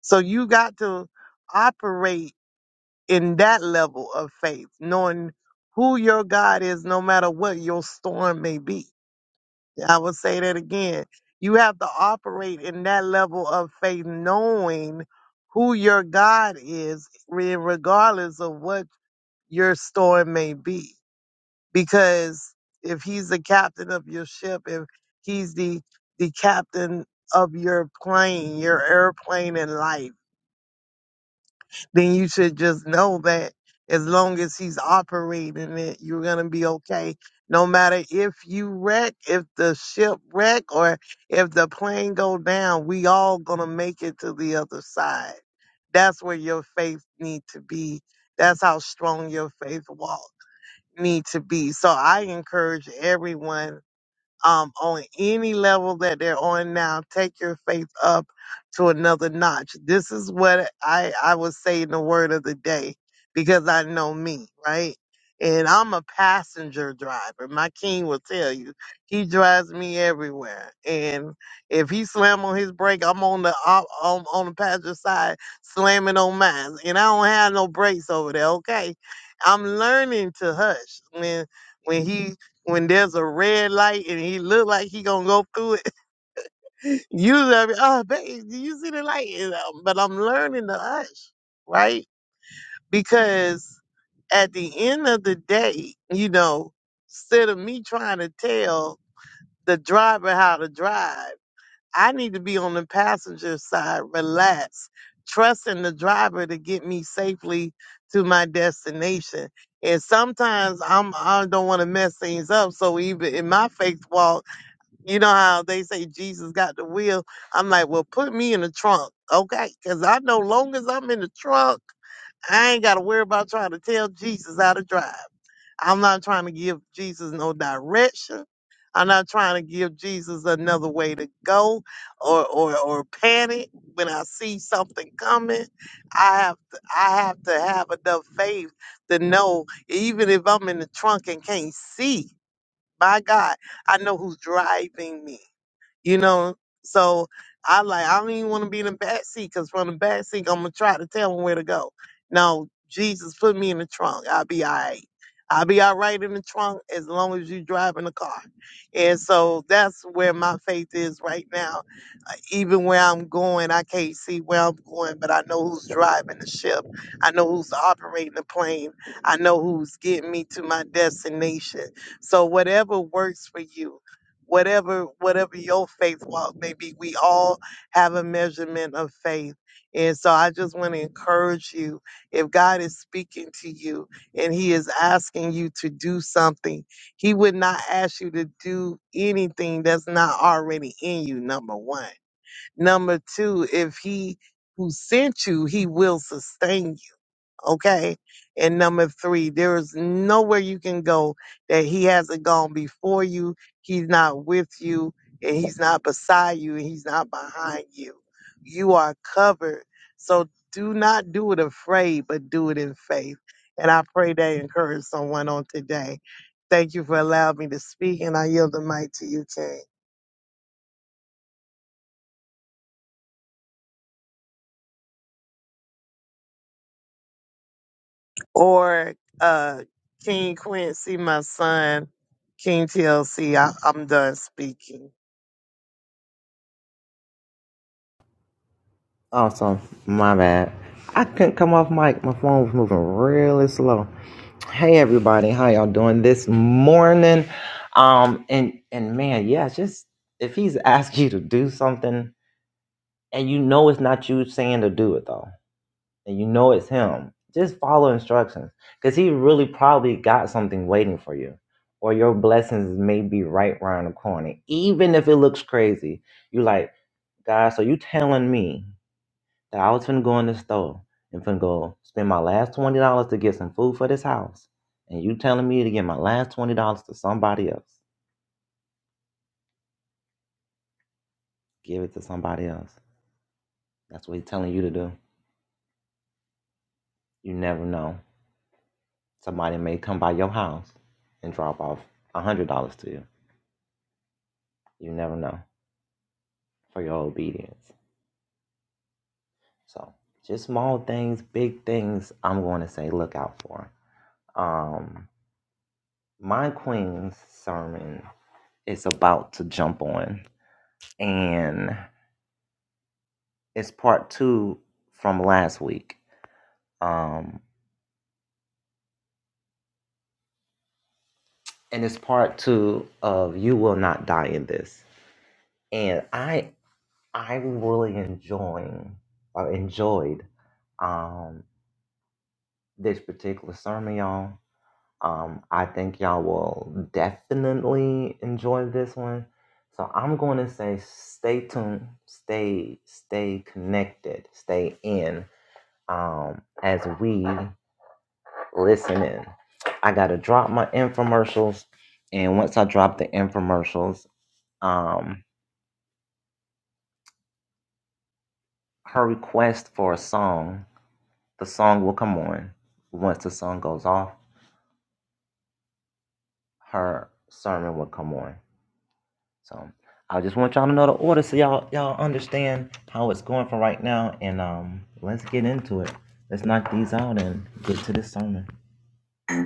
Speaker 3: So you got to operate in that level of faith, knowing who your God is no matter what your storm may be. I will say that again. You have to operate in that level of faith, knowing who your God is, re- regardless of what your storm may be because if he's the captain of your ship, if he's the the captain of your plane, your airplane in life, then you should just know that as long as he's operating it, you're gonna be okay. No matter if you wreck, if the ship wreck, or if the plane go down, we all gonna make it to the other side. That's where your faith need to be. That's how strong your faith walk need to be. So I encourage everyone um, on any level that they're on now, take your faith up to another notch. This is what I, I would say in the word of the day because I know me, right? And I'm a passenger driver. My king will tell you. He drives me everywhere. And if he slam on his brake, I'm on the I'm, I'm on the passenger side slamming on mine. And I don't have no brakes over there, okay? I'm learning to hush when when he when there's a red light and he look like he gonna go through it, [LAUGHS] usually I be, oh babe, do you see the light? And, um, But I'm learning to hush, right? Because at the end of the day, you know, instead of me trying to tell the driver how to drive, I need to be on the passenger side, relax, trusting the driver to get me safely to my destination. And sometimes I'm I don't want to mess things up. So even in my faith walk. You know how they say Jesus got the wheel? I'm like, well, put me in the trunk, okay? Because I know long as I'm in the trunk, I ain't got to worry about trying to tell Jesus how to drive. I'm not trying to give Jesus no direction. I'm not trying to give Jesus another way to go or, or, or panic when I see something coming. I have to, I have to have enough faith to know even if I'm in the trunk and can't see, my God, I know who's driving me you know. So I like I don't even want to be in the back seat because from the back seat I'm gonna try to tell them where to go. No, Jesus, put me in the trunk. I'll be all right. I'll be all right in the trunk as long as you driving the car. And so that's where my faith is right now. Uh, Even where I'm going, I can't see where I'm going, but I know who's driving the ship. I know who's operating the plane. I know who's getting me to my destination. So whatever works for you, whatever whatever your faith walk may be we all have a measurement of faith and so i just want to encourage you if god is speaking to you and he is asking you to do something he would not ask you to do anything that's not already in you number one number two if he who sent you he will sustain Okay. And number three, there is nowhere you can go that he hasn't gone before you. He's not with you and he's not beside you and he's not behind you. You are covered. So do not do it afraid, but do it in faith. And I pray that encourage someone on today. Thank you for allowing me to speak and I yield the mic to you, King. Or uh King Quincy, my son, King TLC, I'm done speaking.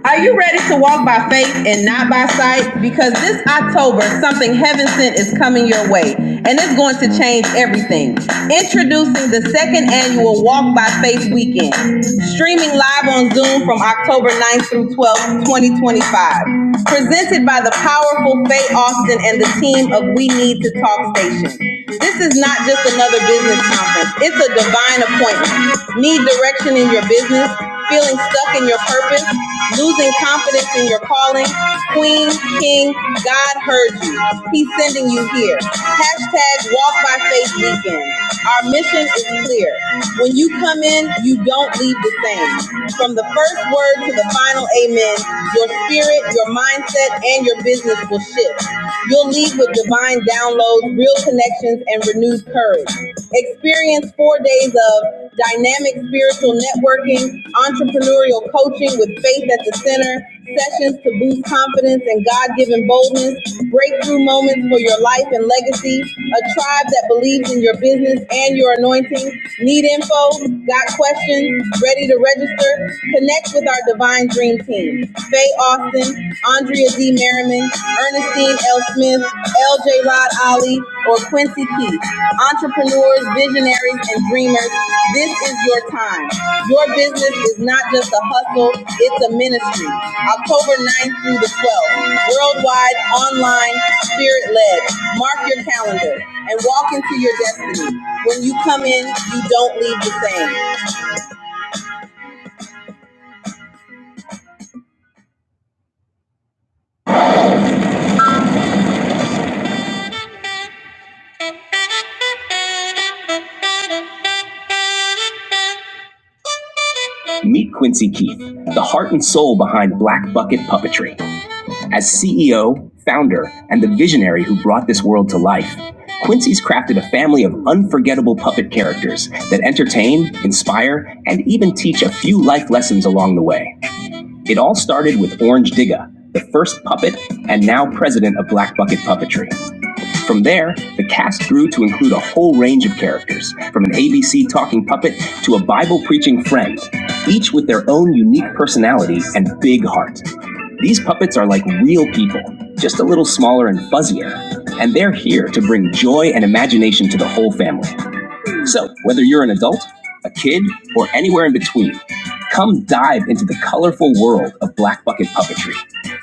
Speaker 5: Are you ready to walk by faith and not by sight? Because this October, something heaven sent is coming your way, and it's going to change everything. Introducing the second annual Walk by Faith Weekend, streaming live on Zoom from October ninth through 12th, 2025. Presented by the powerful Faye Austin and the team of We Need to Talk Station. This is not just another business conference. It's a divine appointment. Need direction in your business? feeling stuck in your purpose, losing confidence in your calling. Queen, King, God heard you. He's sending you here. Hashtag Walk by Faith Weekend. Our mission is clear. When you come in, you don't leave the same. From the first word to the final amen, your spirit, your mindset, and your business will shift. You'll leave with divine downloads, real connections, and renewed courage. Experience four days of dynamic spiritual networking, entrepreneurial coaching with faith at the center, sessions to boost confidence and God given boldness, breakthrough moments for your life and legacy, a tribe that believes in your business and your anointing. Need info? Got questions? Ready to register? Connect with our Divine Dream Team. Faye Austin, Andrea G. Merriman, Ernestine L. Smith, L.J. Rod Ali, or Quincy Keith. Entrepreneurs, visionaries, and dreamers, this is your time. Your business is not just a hustle, it's a ministry. October ninth through the 12th, worldwide, online, spirit-led. Mark your calendar and walk into your destiny. When you come in, you don't leave the same. Meet Quincy Keith, the heart and soul behind Black Bucket Puppetry. As CEO, founder, and the visionary who brought this world to life, Quincy's crafted a family of unforgettable puppet characters that entertain, inspire, and even teach a few life lessons along the way. It all started with Orange Digga, the first puppet and now president of Black Bucket Puppetry. From there, the cast grew to include a whole range of characters, from an ABC talking puppet to a Bible preaching friend, each with their own unique personality and big heart. These puppets are like real people, just a little smaller and fuzzier, and they're here to bring joy and imagination to the whole family. So, whether you're an adult, a kid, or anywhere in between, come dive into the colorful world of Black Bucket Puppetry,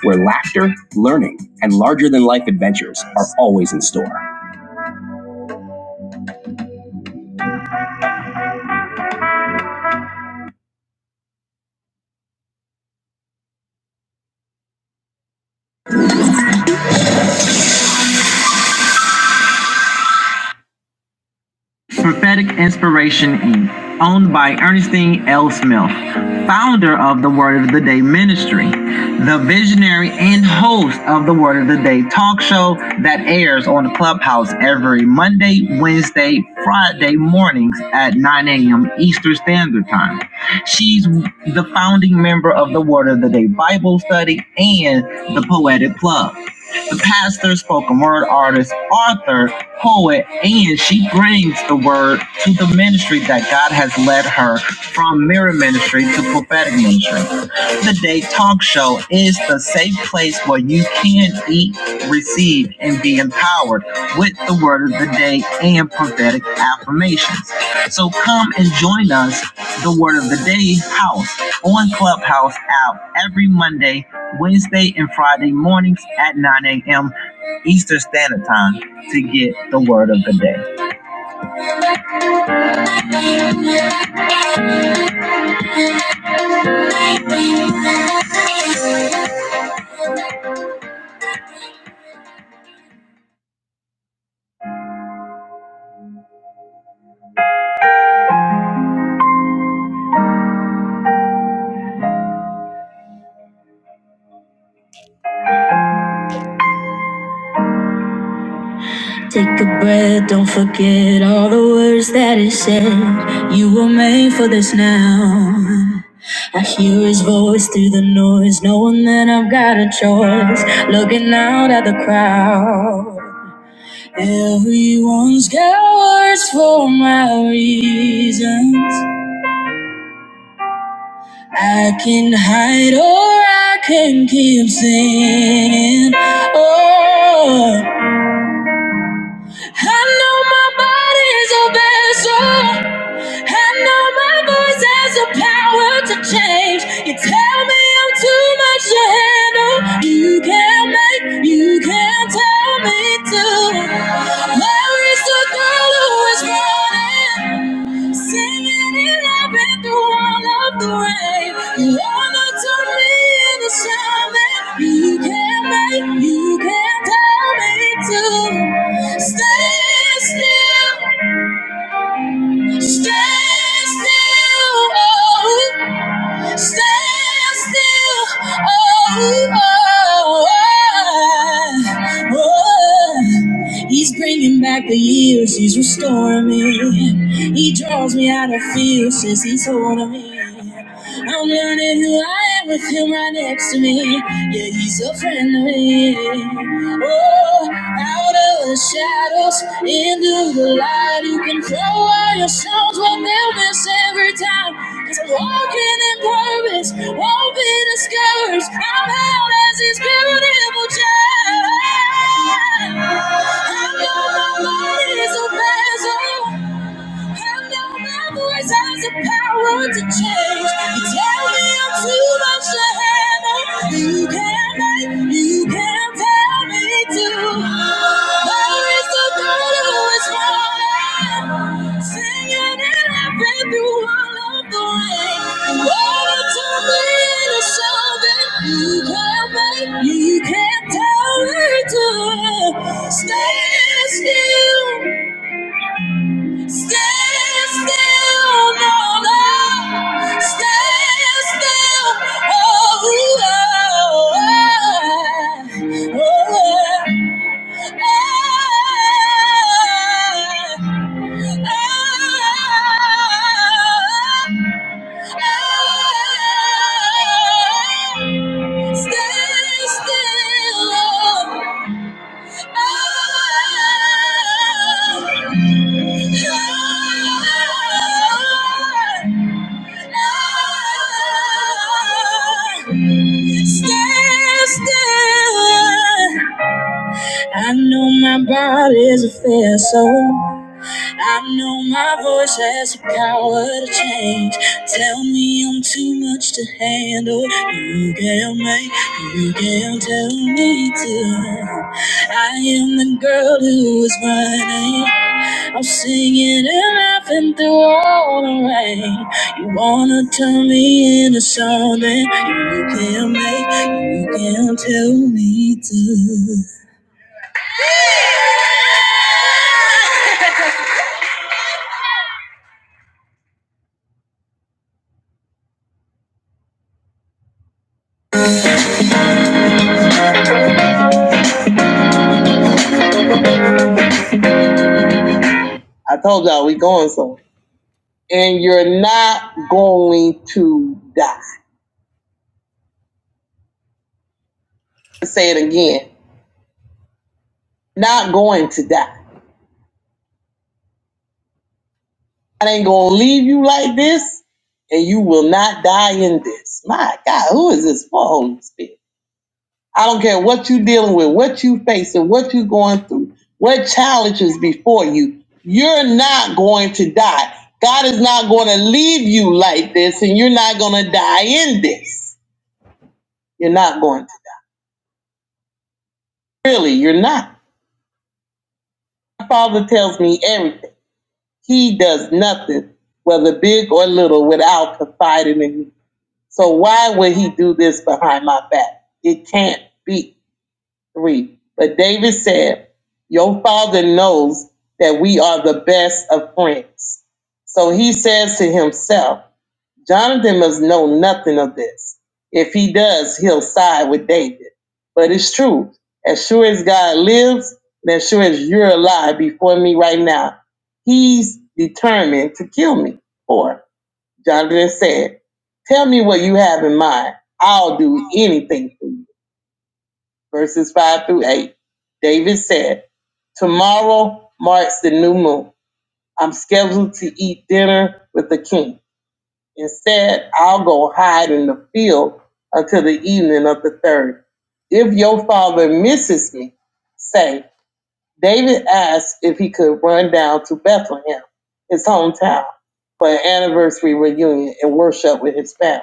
Speaker 5: where laughter, learning, and larger than life adventures are always in store. Rudolph, founder of the Word of the Day Ministry, the visionary and host of the Word of the Day talk show that airs on Clubhouse every Monday, Wednesday, Friday mornings at 9 a.m. Eastern Standard Time. She's the founding member of the Word of the Day Bible Study and the Poetic Club. The pastor, spoken word artist, author, poet, and she brings the word to the ministry that God has led her from mirror ministry to prophetic ministry. The Day Talk Show is the safe place where you can eat, receive, and be empowered with the word of the day and prophetic affirmations. So come and join us, the Word of the Day House on Clubhouse app every Monday Wednesday and Friday mornings at 9 a.m. Eastern Standard Time to get the word of the day. Take a breath, don't forget all the words that it said. You were made for this now. I hear his voice through the noise, knowing that I've got a choice. Looking out at the crowd. Everyone's got words for my reasons. I can hide or I can keep singing. Oh, I know my body's a vessel. I know my voice has the power to change. You tell me I'm too much to handle. You can't make, you can't tell me to. Where is the girl who is running? Singing and laughing through all of the rain. You ever took me in the summer. You can't make, you can't tell me to stay still, stay still. oh. Stand still, oh, oh, oh. oh. He's bringing back the years, he's restoring me. He draws me out of fear since he's holding me. I'm learning who I am with him right next to me. Yeah, he's a friend of me. Oh, out of the shadows, into the light, you can throw all your songs, but they'll miss every time. Cause I'm walking in purpose, won't be discouraged. I'm out as his beautiful child. I know my body's a vessel. And now my voice has the power to change. You tell me I'm too much to handle. You can't make, you can't tell me to. There is the God who is running, singing and laughing through all of the rain. And all the water tumbling is shoving. You can't make, you can't tell me to. Stay still. Stand still, no, no. Stand still, oh, Lord. Oh, Lord. Stand still, oh. yeah. I know my body's a fair soul. I know my voice has the power to change. Tell me I'm too much to handle. You can make, you can tell me to. I am the girl who is running. I'm singing and laughing through all the rain. You wanna turn me into something? You can make, you can tell me to. I told y'all we going somewhere. and you're not going to die. Let's Say it again. Not going to die. I ain't gonna leave you like this, and you will not die in this. My God, who is this for, Holy Spirit? I don't care what you're dealing with, what you facing, what you are going through, what challenges before you. You're not going to die. God is not going to leave you like this, and you're not going to die in this. You're not going to. Really, you're not. My father tells me everything. He does nothing, whether big or little, without confiding in me. So why would he do this behind my back? It can't be three. But David said, Your father knows that we are the best of friends. So he says to himself, Jonathan must know nothing of this. If he does, he'll side with David. But it's true. As sure as God lives, and as sure as you're alive before me right now, he's determined to kill me. Or, Jonathan said, Tell me what you have in mind. I'll do anything for you. Verses 5 through 8. David said, Tomorrow marks the new moon. I'm scheduled to eat dinner with the king. Instead, I'll go hide in the field until the evening of the third. If your father misses me, say, David asked if he could run down to Bethlehem, his hometown, for an anniversary reunion and worship with his family.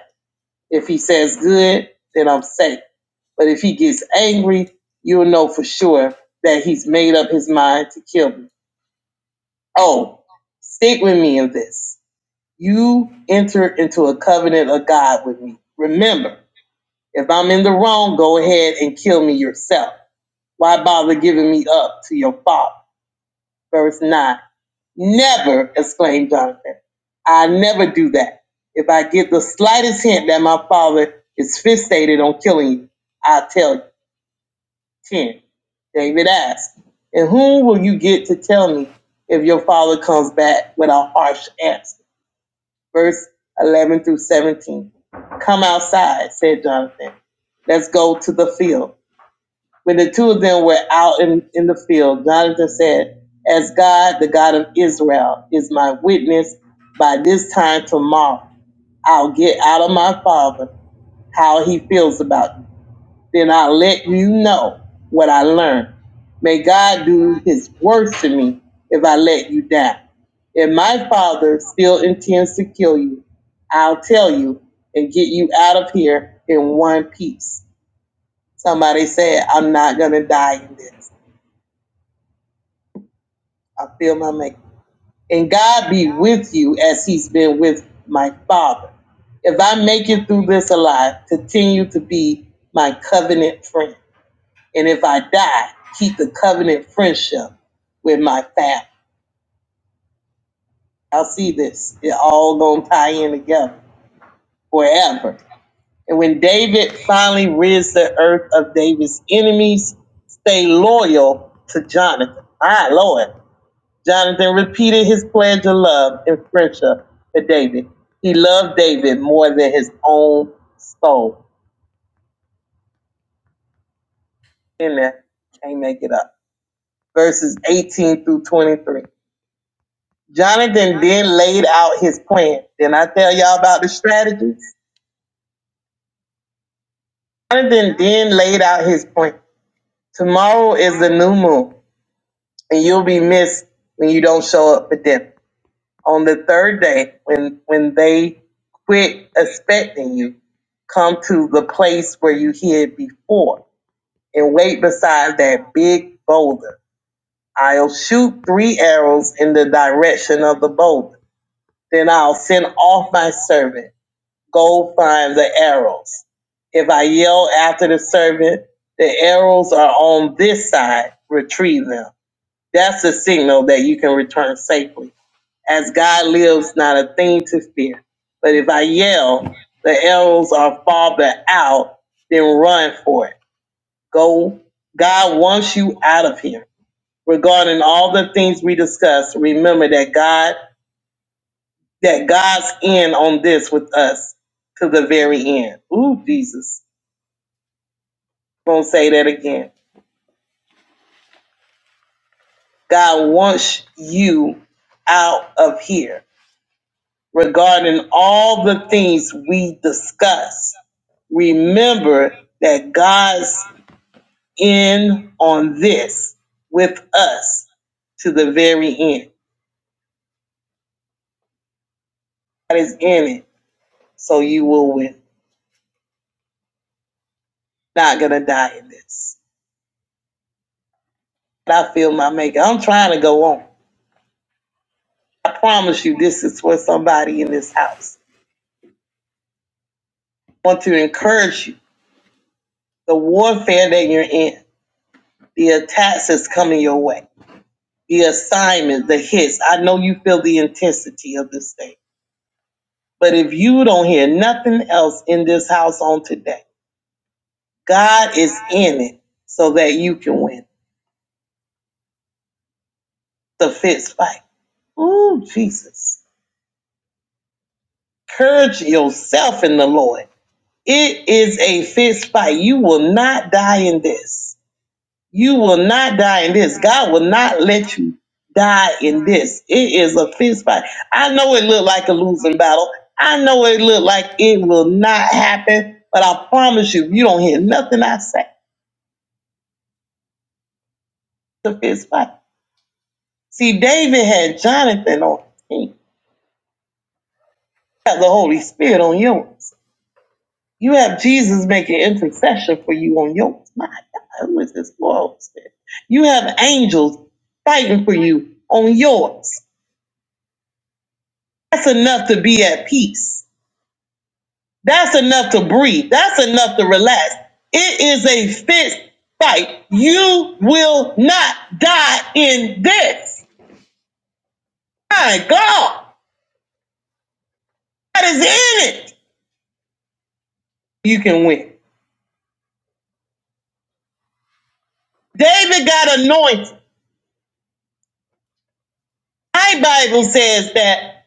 Speaker 5: If he says good, then I'm safe. But if he gets angry, you'll know for sure that he's made up his mind to kill me. Oh, stick with me in this. You entered into a covenant of God with me. Remember, if I'm in the wrong, go ahead and kill me yourself. Why bother giving me up to your father? Verse 9. Never, exclaimed Jonathan. I never do that. If I get the slightest hint that my father is fixated on killing you, I'll tell you. 10. David asked, And whom will you get to tell me if your father comes back with a harsh answer? verse 11 through 17. Come outside, said Jonathan. Let's go to the field. When the two of them were out in, in the field, Jonathan said, As God, the God of Israel, is my witness, by this time tomorrow, I'll get out of my father how he feels about you then I'll let you know what I learned. May God do his worst to me if I let you down. If my father still intends to kill you, I'll tell you and get you out of here in one piece. Somebody said, I'm not going to die in this. I feel my make. And God be with you as he's been with my father. If I make it through this alive, continue to be my covenant friend. And if I die, keep the covenant friendship with my family. I'll see this. It all gonna tie in together forever. And when David finally rids the earth of David's enemies, stay loyal to Jonathan. My Lord. Jonathan repeated his pledge of love and friendship to David. He loved David more than his own soul. In there, can't make it up. Verses 18 through 23. Jonathan then laid out his plan. Didn't I tell y'all about the strategy? Jonathan then laid out his plan. Tomorrow is the new moon, and you'll be missed when you don't show up for dinner. On the third day, when when they quit expecting you, come to the place where you hid before and wait beside that big boulder. I'll shoot three arrows in the direction of the boulder. Then I'll send off my servant go find the arrows. If I yell after the servant, the arrows are on this side, retrieve them. That's a signal that you can return safely. As God lives, not a thing to fear. But if I yell, the arrows are farther out, then run for it. Go. God wants you out of here. Regarding all the things we discussed, remember that God that God's in on this with us to the very end. Ooh, Jesus. Gonna say that again. God wants you out of here regarding all the things we discuss. Remember that God's in on this with us to the very end. God is in it, so you will win. Not gonna die in this. And I feel my maker. I'm trying to go on. I promise you, this is for somebody in this house. I want to encourage you. The warfare that you're in, the attacks that's coming your way, the assignments, the hits. I know you feel the intensity of this thing. But if you don't hear nothing else in this house on today, God is in it so that you can win the fist fight. Ooh, Jesus. Courage yourself in the Lord. It is a fist fight. You will not die in this. You will not die in this. God will not let you die in this. It is a fist fight. I know it looked like a losing battle. I know it looked like it will not happen, but I promise you, you don't hear nothing I say. It's a fist fight. See, David had Jonathan on his team. You have the Holy Spirit on yours. You have Jesus making intercession for you on yours. My God, who is this Lord? You have angels fighting for you on yours. That's enough to be at peace. That's enough to breathe. That's enough to relax. It is a fist fight. You will not die in this. My God, that is in it. You can win. David got anointed. My Bible says that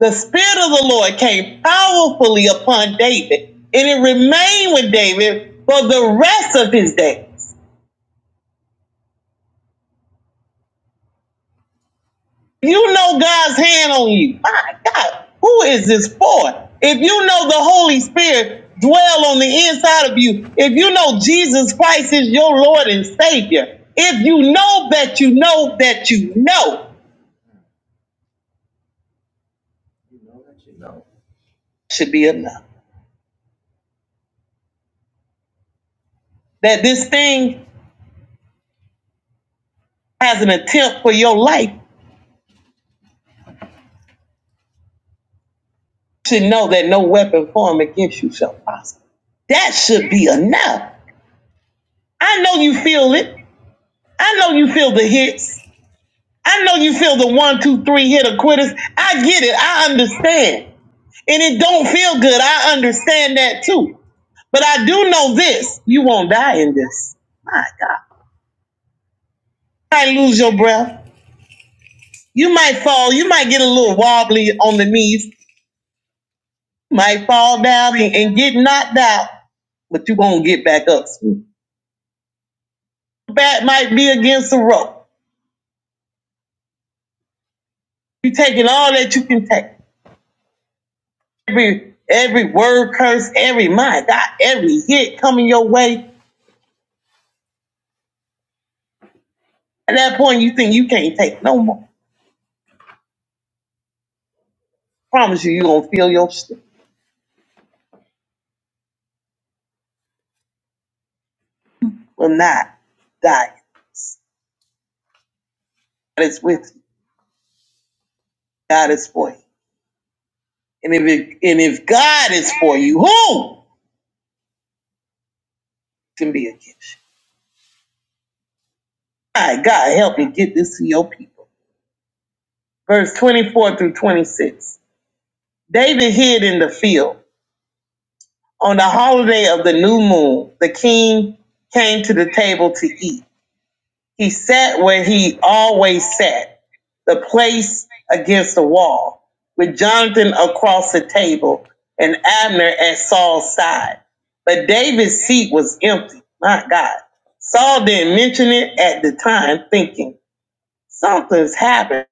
Speaker 5: the Spirit of the Lord came powerfully upon David, and it remained with David for the rest of his days. You know God's hand on you. My God, who is this for? If you know the Holy Spirit dwell on the inside of you, if you know Jesus Christ is your Lord and Savior, if you know that you know that you know should be enough. That this thing has an attempt for your life should know that no weapon formed against you shall prosper. That should be enough. I know you feel it. I know you feel the hits. I know you feel the one, two, three hit or quitters. I get it. I understand. And it don't feel good. I understand that too. But I do know this. You won't die in this. My God. You might lose your breath. You might fall. You might get a little wobbly on the knees. You might fall down and, and get knocked out, but you going to get back up. Bat might be against the rope. You taking all that you can take. Every every word curse, every my God, every hit coming your way At that point, you think you can't take no more. Promise you, you're going to feel your strength will not die. God is with you. God is for you. And if, it, and if God is for you, who can be against you? My God, help me get this to your people. Verse 24 through 26. David hid in the field. On the holiday of the new moon, the king came to the table to eat. He sat where he always sat, the place against the wall, with Jonathan across the table and Abner at Saul's side. But David's seat was empty. My God. Saul didn't mention it at the time, thinking, something's happened.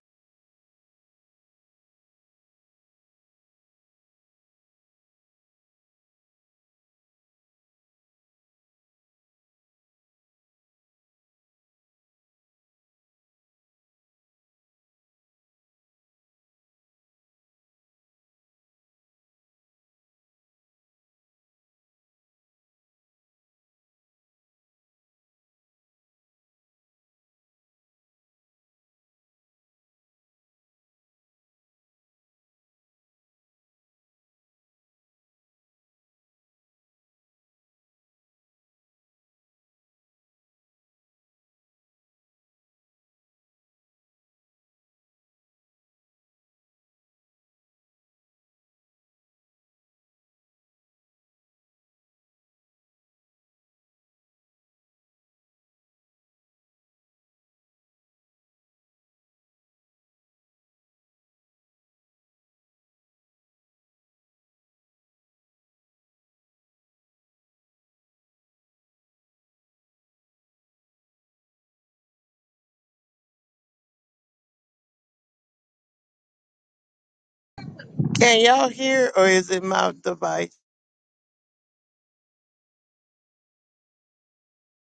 Speaker 3: Can y'all hear or is it my device?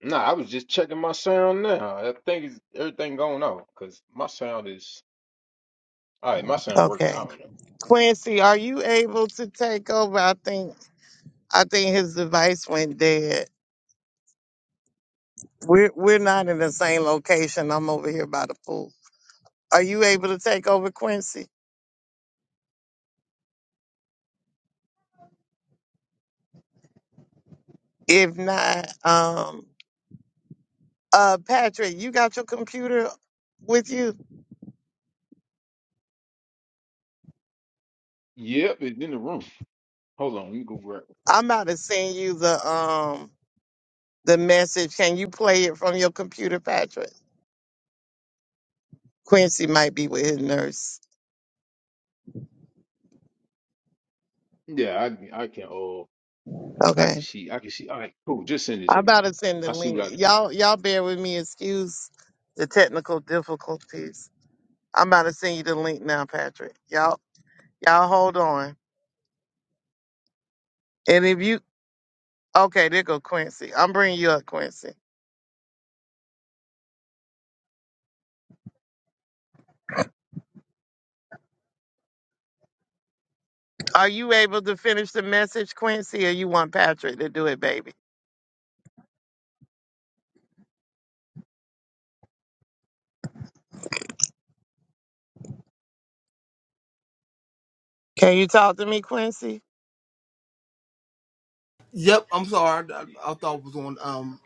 Speaker 4: Nah, I was just checking my sound now. I think it's everything going on because my sound is all right. My sound working. I
Speaker 3: Okay.
Speaker 4: don't know.
Speaker 3: Quincy, are you able to take over? I think I think his device went dead. We're we're not in the same location. I'm over here by the pool. Are you able to take over, Quincy? If not, um uh Patrick, you got your computer with you?
Speaker 4: Yep, it's in the room. Hold on, let me go grab.
Speaker 3: I'm about to send you the um the message. Can you play it from your computer, Patrick? Quincy might be with his nurse.
Speaker 4: it. Yeah, I I can. Oh, I
Speaker 3: Okay.
Speaker 4: can see. I can see. All right, cool. Just send it
Speaker 3: I'm
Speaker 4: to me.
Speaker 3: about to send the
Speaker 4: I see what
Speaker 3: link.
Speaker 4: I can do.
Speaker 3: Y'all, y'all bear with me. Excuse the technical difficulties. I'm about to send you the link now, Patrick. Y'all, y'all hold on. And if you, okay, there go Quincy. I'm bringing you up, Quincy. Are you able to finish the message, Quincy, or you want Patrick to do it, baby? Can you talk to me, Quincy?
Speaker 1: Yep, I'm sorry. I, I thought it was on um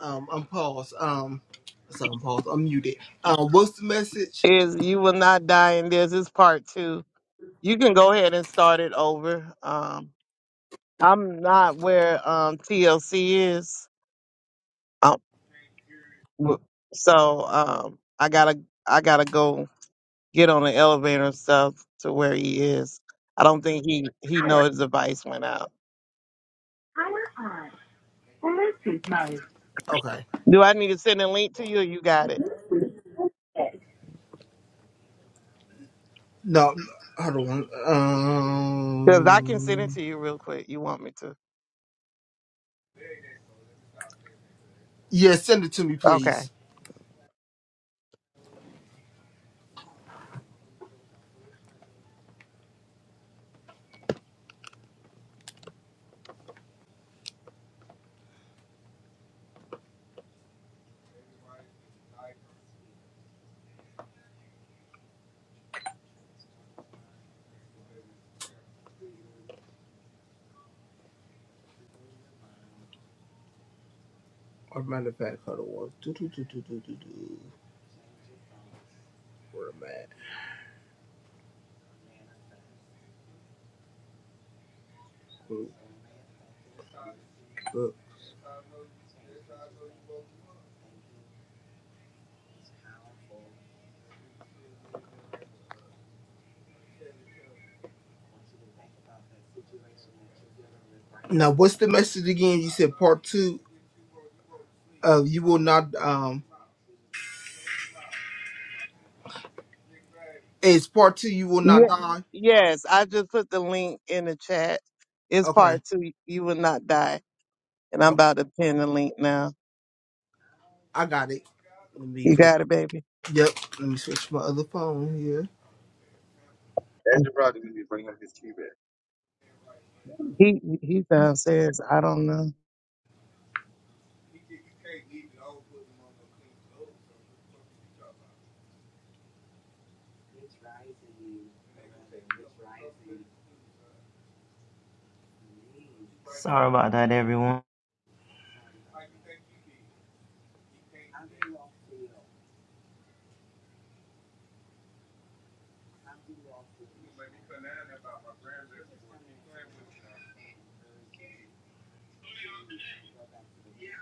Speaker 1: um unpause. Um sorry, unpause. Unmuted. Um what's the message?
Speaker 3: Is you will not die in this is part two. You can go ahead and start it over. Um, I'm not where um, TLC is. Uh, W- So um, I gotta I gotta go get on the elevator and stuff to where he is. I don't think he he know his device went out.
Speaker 1: Okay.
Speaker 3: Do I need to send a link to you? Or you got it?
Speaker 1: No, hold on.
Speaker 3: Cause I can send it
Speaker 1: Um
Speaker 3: to you real quick. You want me to?
Speaker 1: Yeah, send it to me
Speaker 3: Okay.
Speaker 1: please. Or matter of fact, hold on. Do, do, do, do, do, do, do. Where am I at? Now, what's the message again? You said part two of you will not. Um, it's part two. You will not
Speaker 3: Yeah.
Speaker 1: die.
Speaker 3: Yes, I just put the link in the chat. It's
Speaker 1: Okay,
Speaker 3: part two. You will not die. And I'm
Speaker 1: okay,
Speaker 3: about to pin the link now.
Speaker 1: I got it. Let me
Speaker 3: You
Speaker 1: go.
Speaker 3: got it, baby.
Speaker 1: Yep. Let me switch my other phone here.
Speaker 3: He he downstairs. I don't know.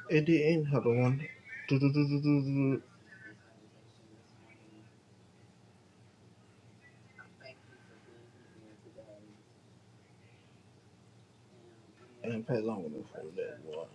Speaker 1: It didn't. Hold on. Do, do, do, do, do, do. And play along with me for that one.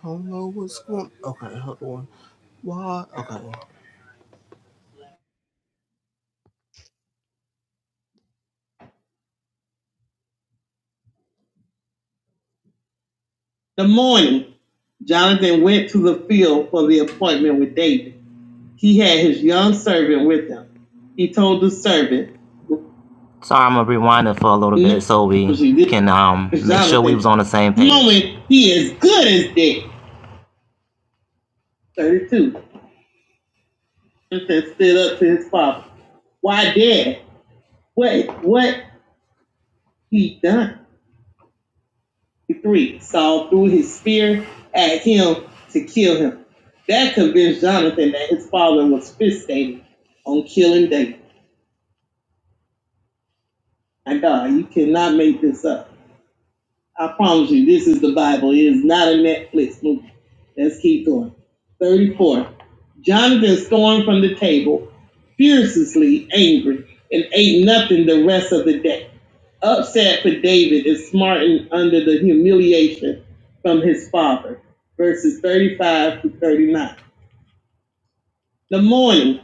Speaker 1: I don't know what's going. Okay, hold on. Why? Okay.
Speaker 5: The morning, Jonathan went to the field for the appointment with David. He had his young servant with him. He told the servant, Woman, he is good as dead. 32. And stood up to his father. Why dad? What what he done? Three Saul threw his spear at him to kill him. That convinced Jonathan that his father was fixated on killing David. And uh, you cannot make this up. I promise you, this is the Bible. It is not a Netflix movie. Let's keep going. 34. Jonathan stormed from the table, furiously angry, and ate nothing the rest of the day. Upset for David is smartened under the humiliation from his father. Verses 35 to 39. The morning,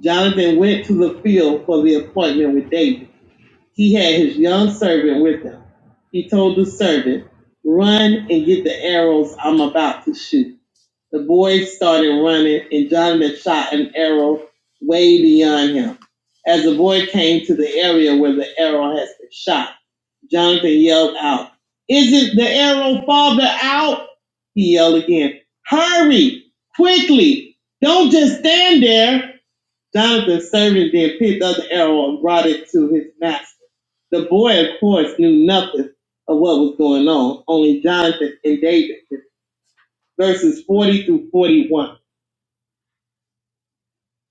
Speaker 5: Jonathan went to the field for the appointment with David. He had his young servant with him. He told the servant, Run and get the arrows I'm about to shoot. The boy started running, and Jonathan shot an arrow way beyond him. As the boy came to the area where the arrow has been shot, Jonathan yelled out, Isn't the arrow farther out? He yelled again, Hurry, quickly, don't just stand there. Jonathan servant then picked up the arrow and brought it to his master. The boy, of course, knew nothing of what was going on, only Jonathan and David. Verses 40 through 41.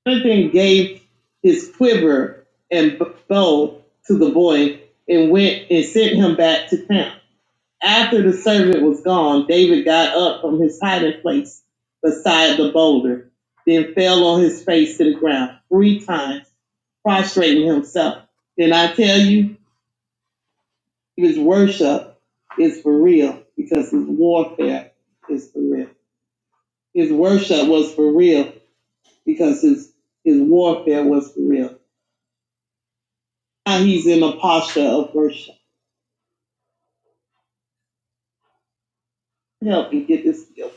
Speaker 5: Jonathan gave his quiver and bow to the boy and went and sent him back to town. After the servant was gone, David got up from his hiding place beside the boulder, then fell on his face to the ground three times, prostrating himself. Then I tell you, his worship is for real because his warfare is for real. His worship was for real because his his warfare was for real. Now he's in a posture of worship. Help me get this healed.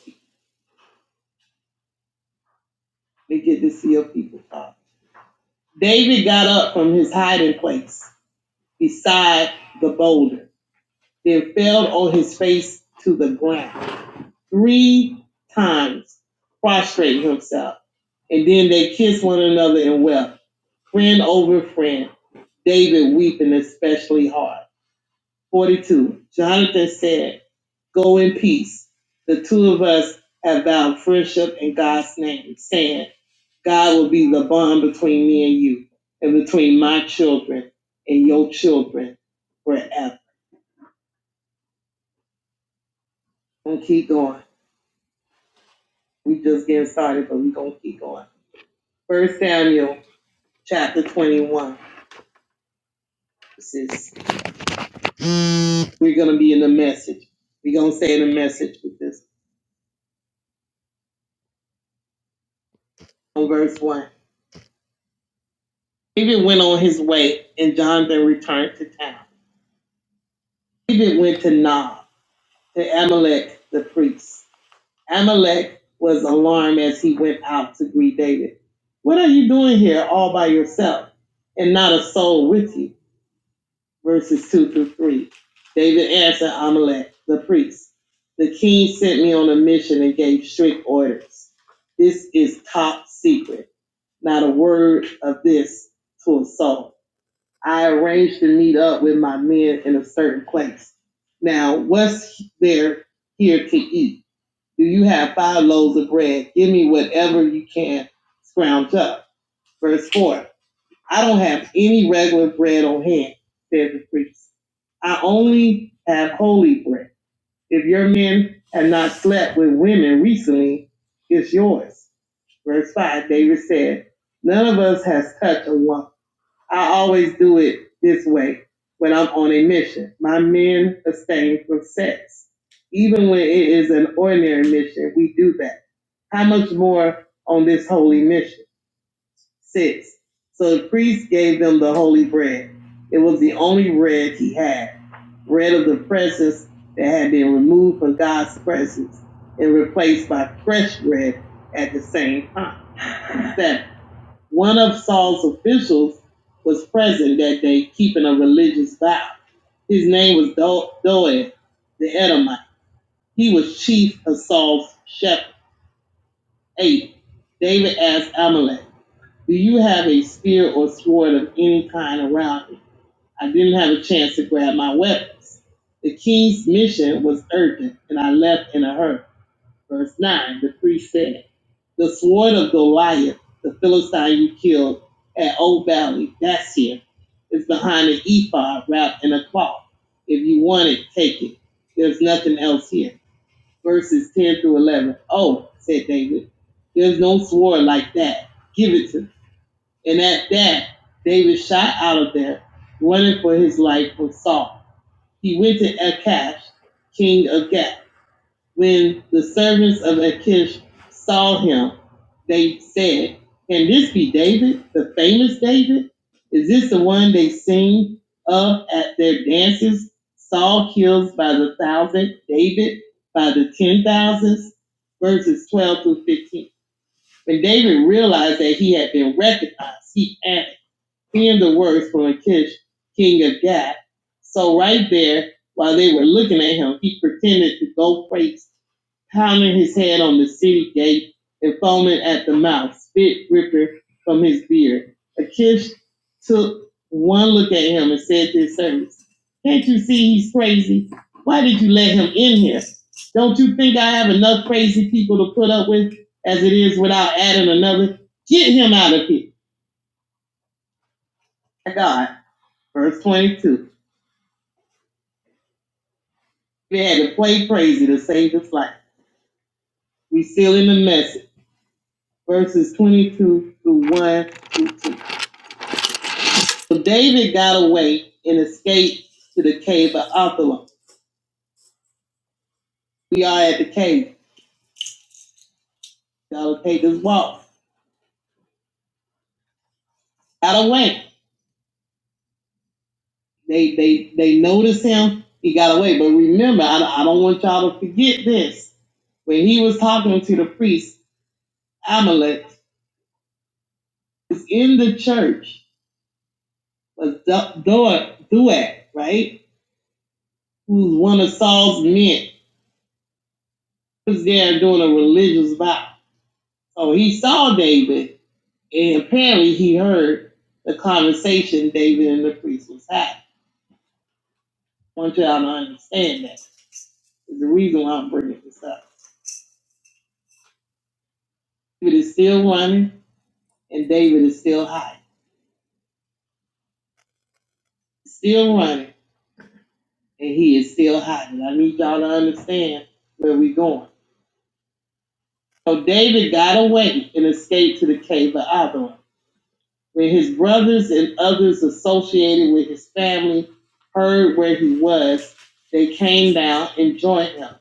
Speaker 5: Let me get this healed people. God. David got up from his hiding place beside the boulder, then fell on his face to the ground three times, prostrating himself. And then they kissed one another and wept, friend over friend, David weeping especially hard. 42. Jonathan said, Go in peace. The two of us have vowed friendship in God's name, saying, God will be the bond between me and you, and between my children and your children forever. And keep going. We just getting started, but we gonna keep going. First Samuel chapter 21. This is we're gonna be in the message. We're gonna stay in the message with this. On verse one. David went on his way and Jonathan returned to town. David went to Nob, to Amalek the priest. Amalek was alarmed as he went out to greet David. What are you doing here all by yourself and not a soul with you? Verses 2 through 3. David answered Amalek the priest, The king sent me on a mission and gave strict orders. This is top secret, not a word of this to a soul. I arranged to meet up with my men in a certain place. Now, what's there here to eat? Do you have five loaves of bread? Give me whatever you can scrounge up. Verse 4 I don't have any regular bread on hand, said the priest. I only have holy bread. If your men have not slept with women recently, it's yours. Verse 5 David said, None of us has touched a woman I always do it this way when I'm on a mission. My men abstain from sex. Even when it is an ordinary mission, we do that. How much more on this holy mission? Six. So the priest gave them the holy bread. It was the only bread he had, bread of the presence that had been removed from God's presence and replaced by fresh bread at the same time. Seven. One of Saul's officials was present that day keeping a religious vow. His name was Do- Doeg the Edomite. He was chief of Saul's shepherd. 8. David asked Amalek, Do you have a spear or sword of any kind around you? I didn't have a chance to grab my weapons. The king's mission was urgent, and I left in a hurry. Verse 9, the priest said, The sword of Goliath, the Philistine you killed at Old Valley, that's here, is behind an ephod wrapped in a cloth. If you want it, take it. There's nothing else here. Verses 10 through 11. Oh, said David, there's no sword like that. Give it to me. And at that, David shot out of there, running for his life from Saul. He went to Achash, king of Gath when the servants of Achish saw him, they said, Can this be David, the famous David? Is this the one they sing of at their dances? Saul kills by the thousand, David by the ten thousands." verses 12 through 15. When David realized that he had been recognized, he asked. Hearing the words from Achish, king of Gath. So right there, while they were looking at him, he pretended to go crazy, pounding his head on the city gate and foaming at the mouth, spit dripping from his beard. Achish took one look at him and said to his servants, Can't you see he's crazy? Why did you let him in here? Don't you think I have enough crazy people to put up with as it is without adding another? Get him out of here. God. Verse 22. They had to play crazy to save his life. We seal in the message. Verses 22 through 1 through 2. So David got away and escaped to the cave of Adullam. We are at the cave. Y'all take this walk. Got away. They they they noticed him. He got away. But remember, I, I don't want y'all to forget this. When he was talking to the priest, Amalek was in the church, was Do- Doeg, right? who's one of Saul's men, was there doing a religious vow. So he saw David, and apparently he heard the conversation David and the priest was having. I want y'all to understand that. It's the reason why I'm bringing this up. David is still running, and David is still hiding. Still running, and he is still hiding. I need y'all to understand where we're going. So David got away and escaped to the cave of Adullam. When his brothers and others associated with his family heard where he was, they came down and joined him.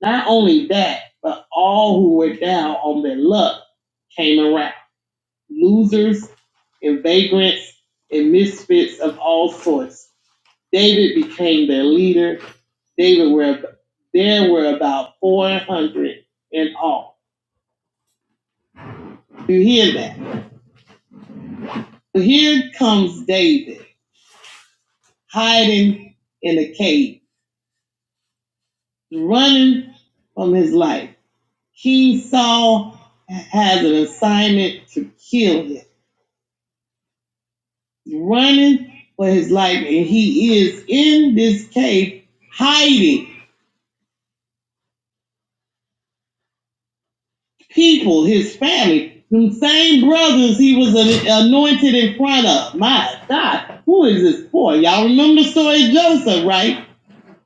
Speaker 5: Not only that, but all who were down on their luck came around. Losers and vagrants and misfits of all sorts. David became their leader. David were there were about four hundred in all. You hear that? Here comes David hiding in a cave running from his life. He saw has an assignment to kill him. He's running for his life, and he is in this cave hiding people, his family, the same brothers he was anointed in front of. My God, who is this for? Y'all remember the story of Joseph, right?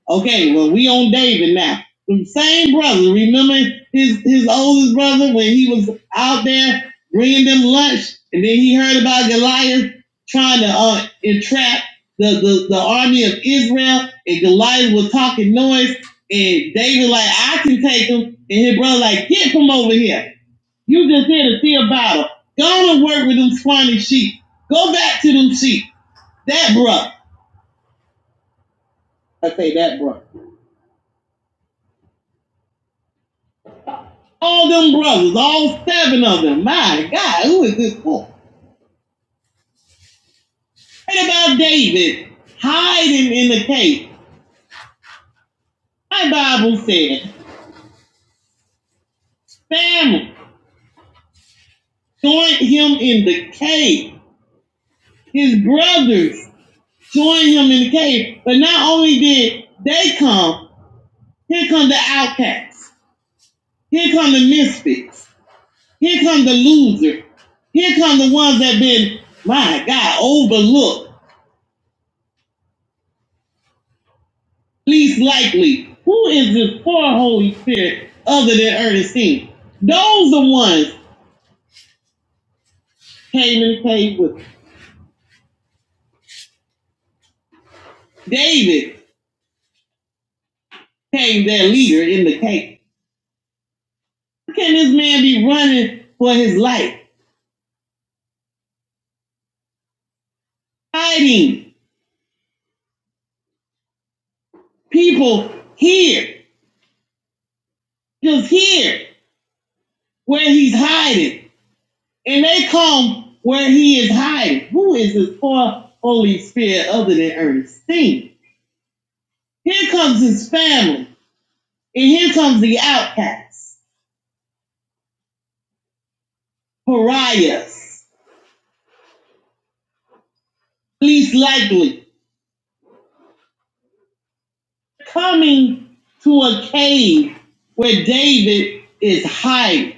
Speaker 5: Okay, well, we on David now. The same brother, remember his, his oldest brother when he was out there bringing them lunch, and then he heard about Goliath trying to uh, entrap the, the, the army of Israel, and Goliath was talking noise, and David like, I can take him, and his brother like, get from over here. You just here to see a battle. Go to work with them swine sheep. Go back to them sheep. That brother, I say that brother. All them brothers, all seven of them. My God, who is this for? And about David hiding in the cave. My Bible said, Samuel joined him in the cave. His brothers joined him in the cave. But not only did they come, here come the outcasts. Here come the misfits. Here come the loser. Here come the ones that have been, my God, overlooked. least likely. Who is this poor Holy Spirit other than Ernestine? Those the ones came and played with David, came their leader in the cake. How can this man be running for his life, hiding people here, just here, where he's hiding, and they come where he is hiding? Who is this poor Holy Spirit other than Ernestine? Here comes his family, and here comes the outcasts. pariahs, least likely, coming to a cave where David is hiding.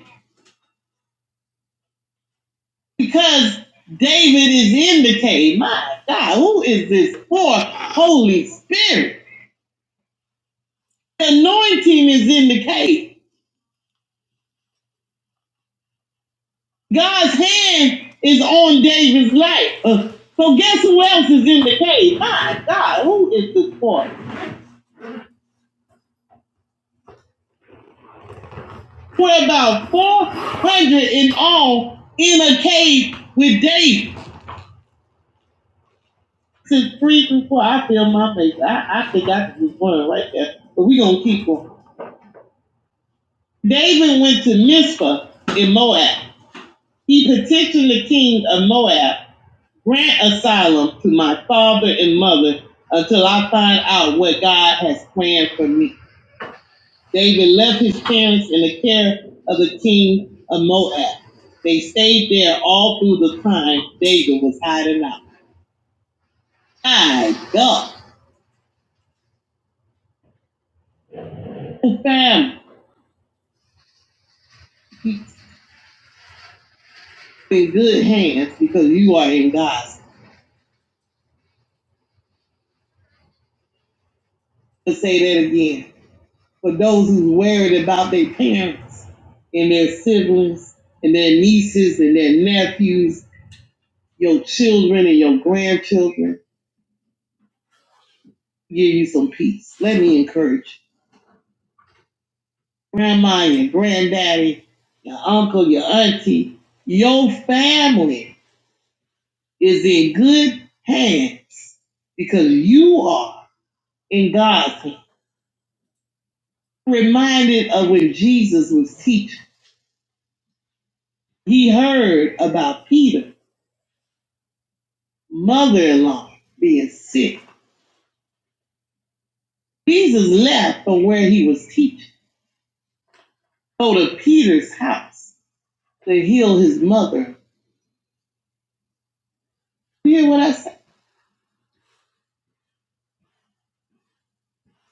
Speaker 5: Because David is in the cave. My God, who is this poor Holy Spirit? The anointing is in the cave. God's hand is on David's life. Uh, so guess who else is in the cave? My God, who is this poor? We're about 400 in all in a cave with David. See, three through four, I feel my face. I, I think I could just run right there. But we gonna keep going. David went to Mizpah in Moab. He petitioned the king of Moab, grant asylum to my father and mother until I find out what God has planned for me. David left his parents in the care of the king of Moab. They stayed there all through the time David was hiding out. My God, family He in good hands because you are in God's. To say that again, for those who's worried about their parents and their siblings and their nieces and their nephews, your children and your grandchildren, give you some peace. Let me encourage you. grandma, your granddaddy, your uncle, your auntie, your family is in good hands because you are in God's hands. Reminded of when Jesus was teaching. He heard about Peter's mother-in-law being sick. Jesus left from where he was teaching, go to Peter's house to heal his mother. You hear what I said?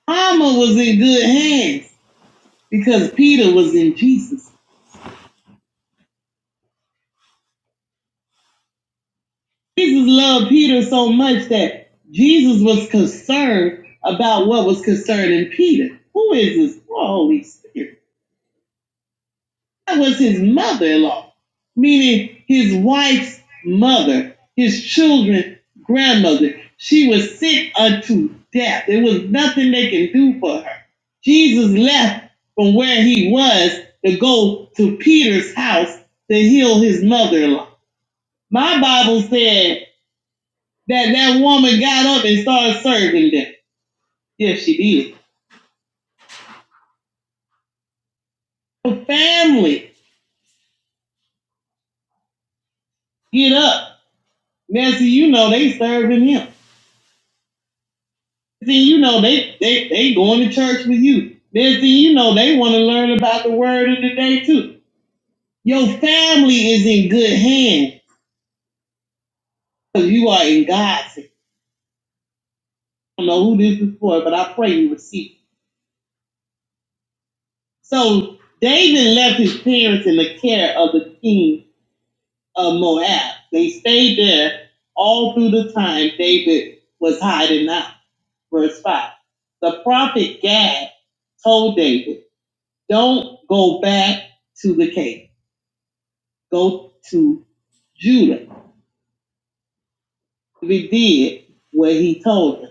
Speaker 5: Alma was in good hands because Peter was in Jesus. Jesus loved Peter so much that Jesus was concerned about what was concerning Peter. Who is this? Oh, Holy Spirit. That was his mother in law, meaning his wife's mother, his children's grandmother. She was sick unto death. There was nothing they can do for her. Jesus left from where he was to go to Peter's house to heal his mother in law. My Bible said that that woman got up and started serving them. Yes, she did. The family get up. Nancy, you know they serving him. See, you know, they, they, they going to church with you. Then see, you know, they want to learn about the word of the day too. Your family is in good hands because you are in God's hands. I don't know who this is for, but I pray you receive. So David left his parents in the care of the king of Moab. They stayed there all through the time David was hiding out. Verse 5. The prophet Gad told David, Don't go back to the cave go to Judah. He did what he told him.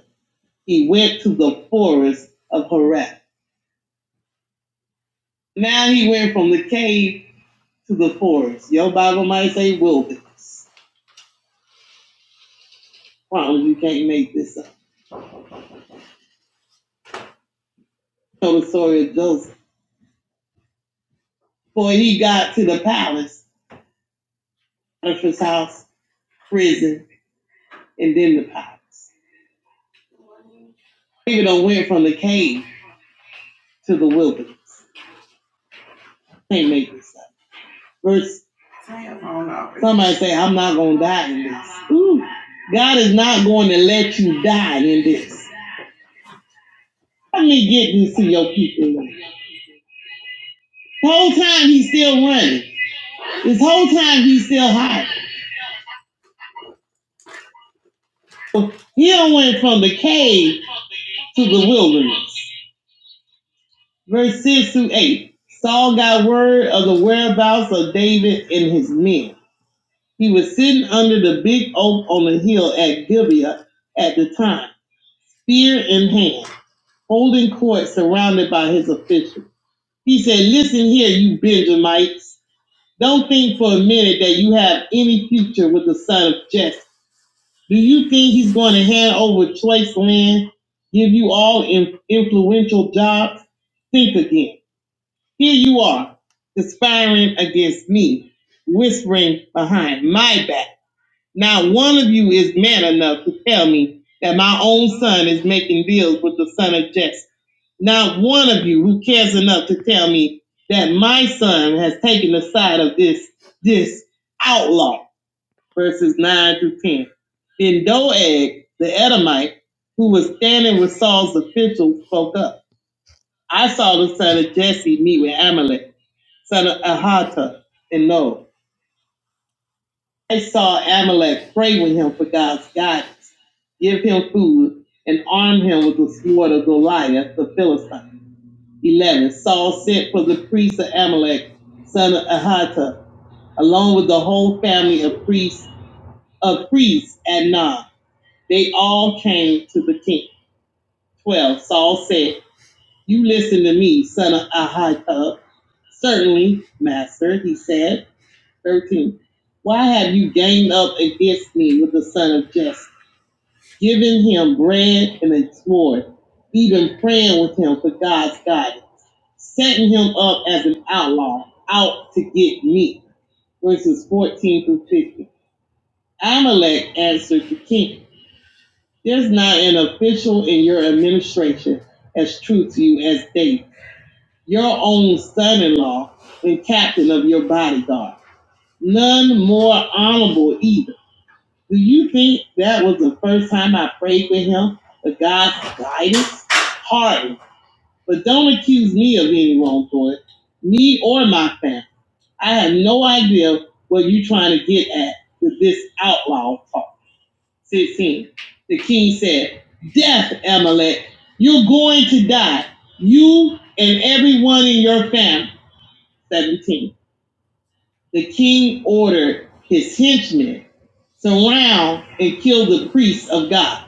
Speaker 5: He went to the forest of Horeb. Now he went from the cave to the forest. Your Bible might say wilderness. Promise you can't make this up. Tell the story of Joseph. For he got to the palace, Potiphar's house, prison, and then the palace. David done went from the cave to the wilderness. Can't make this up. Verse Somebody say, I'm not going to die in this. Ooh, God is not going to let you die in this. Let me get this to your people. The whole time he's still running. This whole time he's still hiding. So, He done went from the cave to the wilderness. Verse 6 through 8. Saul got word of the whereabouts of David and his men. He was sitting under the big oak on the hill at Gibeah at the time. spear in hand, holding court surrounded by his officials. He said, Listen here, you Benjamites. Don't think for a minute that you have any future with the son of Jesse. Do you think he's going to hand over choice land, give you all in- influential jobs? Think again. Here you are, conspiring against me, whispering behind my back not one of you is man enough to tell me that my own son is making deals with the son of Jesse. Not one of you who cares enough to tell me that my son has taken the side of this this outlaw. Verses nine through ten. Then Doeg the Edomite, who was standing with Saul's officials, spoke up. I saw the son of Jesse meet with Amalek, son of Ahata, and Nob. I saw Amalek pray with him for God's guidance, give him food, and arm him with the sword of Goliath the Philistine. 11. Saul sent for the priest of Amalek, son of Ahata, along with the whole family of priests of priests at Nob. They all came to the king. 12. Saul said, You listen to me, son of Ahata. Certainly, master, he said. 13. Why have you gained up against me with the son of Jesse? giving him bread and a sword, even praying with him for God's guidance, setting him up as an outlaw, out to get me. Verses 14 through 15. Amalek answered the king, There's not an official in your administration as true to you as David, your own son in law and captain of your bodyguard. None more honorable either Do you think that was the first time I prayed with him for God's guidance? Hardly. But don't accuse me of any wrongdoing, me or my family. I have no idea what you're trying to get at with this outlaw talk. 16. The king said, Death, Amalek, you're going to die, you and everyone in your family. 17. The king ordered his henchmen surround and kill the priests of God.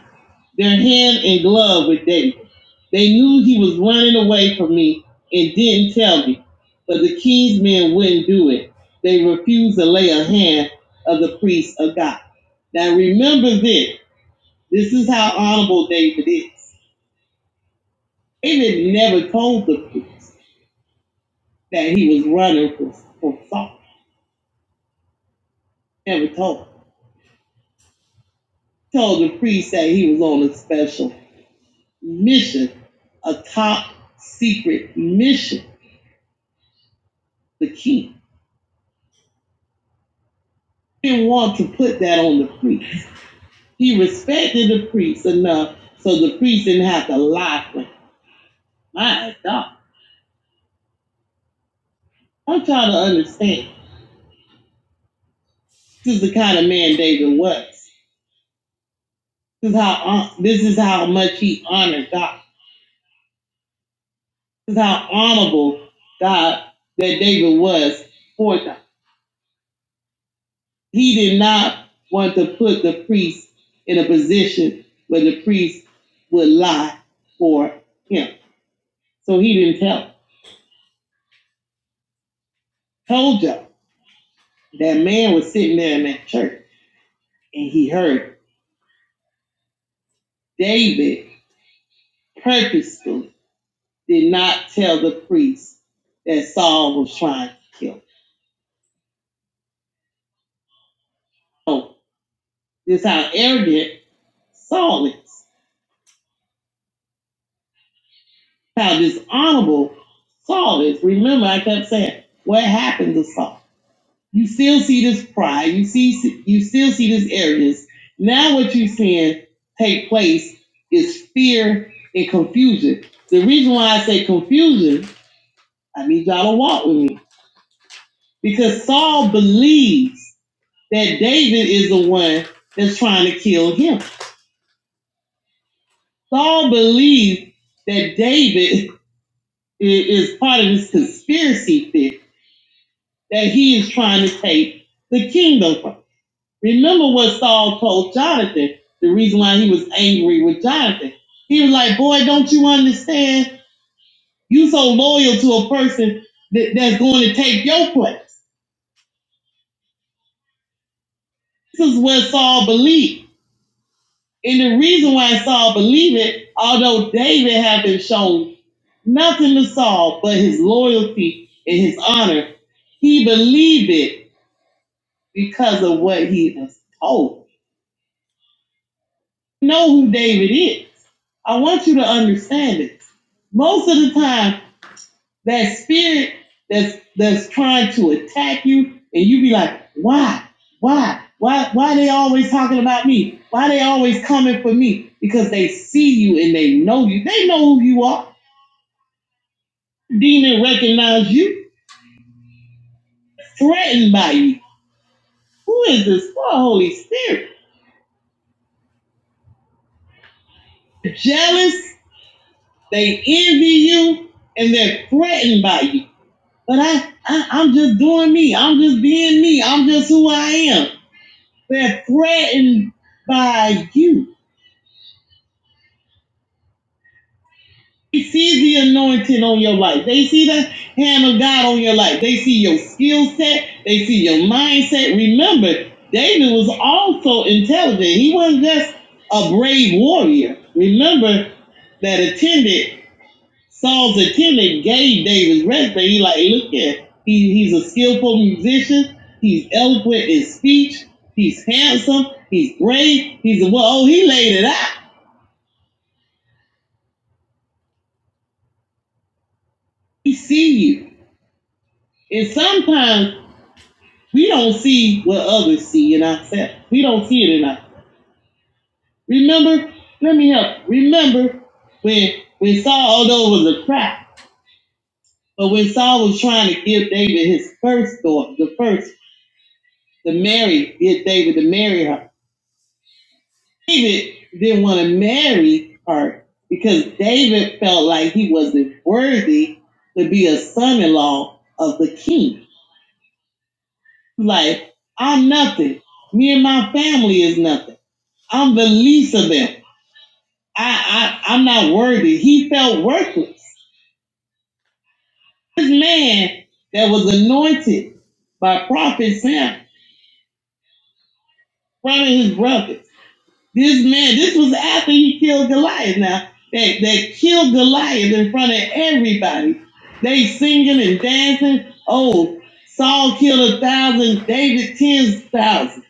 Speaker 5: Their hand in glove with David. They knew he was running away from me and didn't tell me. But the king's men wouldn't do it. They refused to lay a hand of the priest of God. Now remember this. This is how honorable David is. David never told the priest that he was running from, from Saul. Never told. him. Told the priest that he was on a special mission, a top secret mission, the king. He didn't want to put that on the priest. He respected the priest enough so the priest didn't have to lie for him. My God. I'm trying to understand. This is the kind of man David was. This is how this is how much he honored God. This is how honorable God that David was for God. He did not want to put the priest in a position where the priest would lie for him. So he didn't tell. Told you. That man was sitting there in that church and he heard David purposely did not tell the priest that Saul was trying to kill him. So this is how arrogant Saul is, how dishonorable Saul is. Remember, I kept saying, what happened to Saul? You still see this pride. You see, you still see this arrogance. Now, what you're seeing take place is fear and confusion. The reason why I say confusion I need y'all to walk with me because Saul believes that David is the one that's trying to kill him. Saul believes that David [LAUGHS] is part of this conspiracy theory that he is trying to take the kingdom from. Remember what Saul told Jonathan, the reason why he was angry with Jonathan. He was like, Boy, don't you understand? You so loyal to a person that, that's going to take your place. This is what Saul believed. And the reason why Saul believed it, although David had been shown nothing to Saul but his loyalty and his honor, he believed it because of what he was told. Know who David is. I want you to understand it. Most of the time, That spirit that's that's trying to attack you, and you be like, why, why, why, why are they always talking about me? Why are they always coming for me? Because they see you and they know you. They know who you are. Demon recognize you, threatened by you. Who is this poor Holy Spirit? Jealous. They envy you and they're threatened by you. But I, I, I'm just doing me. I'm just being me. I'm just who I am. They're threatened by you. They see the anointing on your life. They see the hand of God on your life. They see your skill set. They see your mindset. Remember, David was also intelligent. He wasn't just a brave warrior. Remember that attendant, Saul's attendant gave David rest, but he like, look at he, he's a skillful musician. He's eloquent in speech. He's handsome. He's brave. He's a well. Oh, he laid it out. We see you. And sometimes we don't see what others see in ourselves. We don't see it in us. Remember, let me help. Remember when when Saul, although it was a trap, but when Saul was trying to give David his first daughter, the first, the Mary, get David to marry her. David didn't want to marry her because David felt like he wasn't worthy to be a son-in-law of the king. Like, I'm nothing. Me and my family is nothing. I'm the least of them. I, I, I'm not worthy. He felt worthless. This man that was anointed by Prophet Sam, one of his brothers. This man, this was after he killed Goliath now. That, that killed Goliath in front of everybody. They singing and dancing. Oh, Saul killed a thousand, David ten thousand.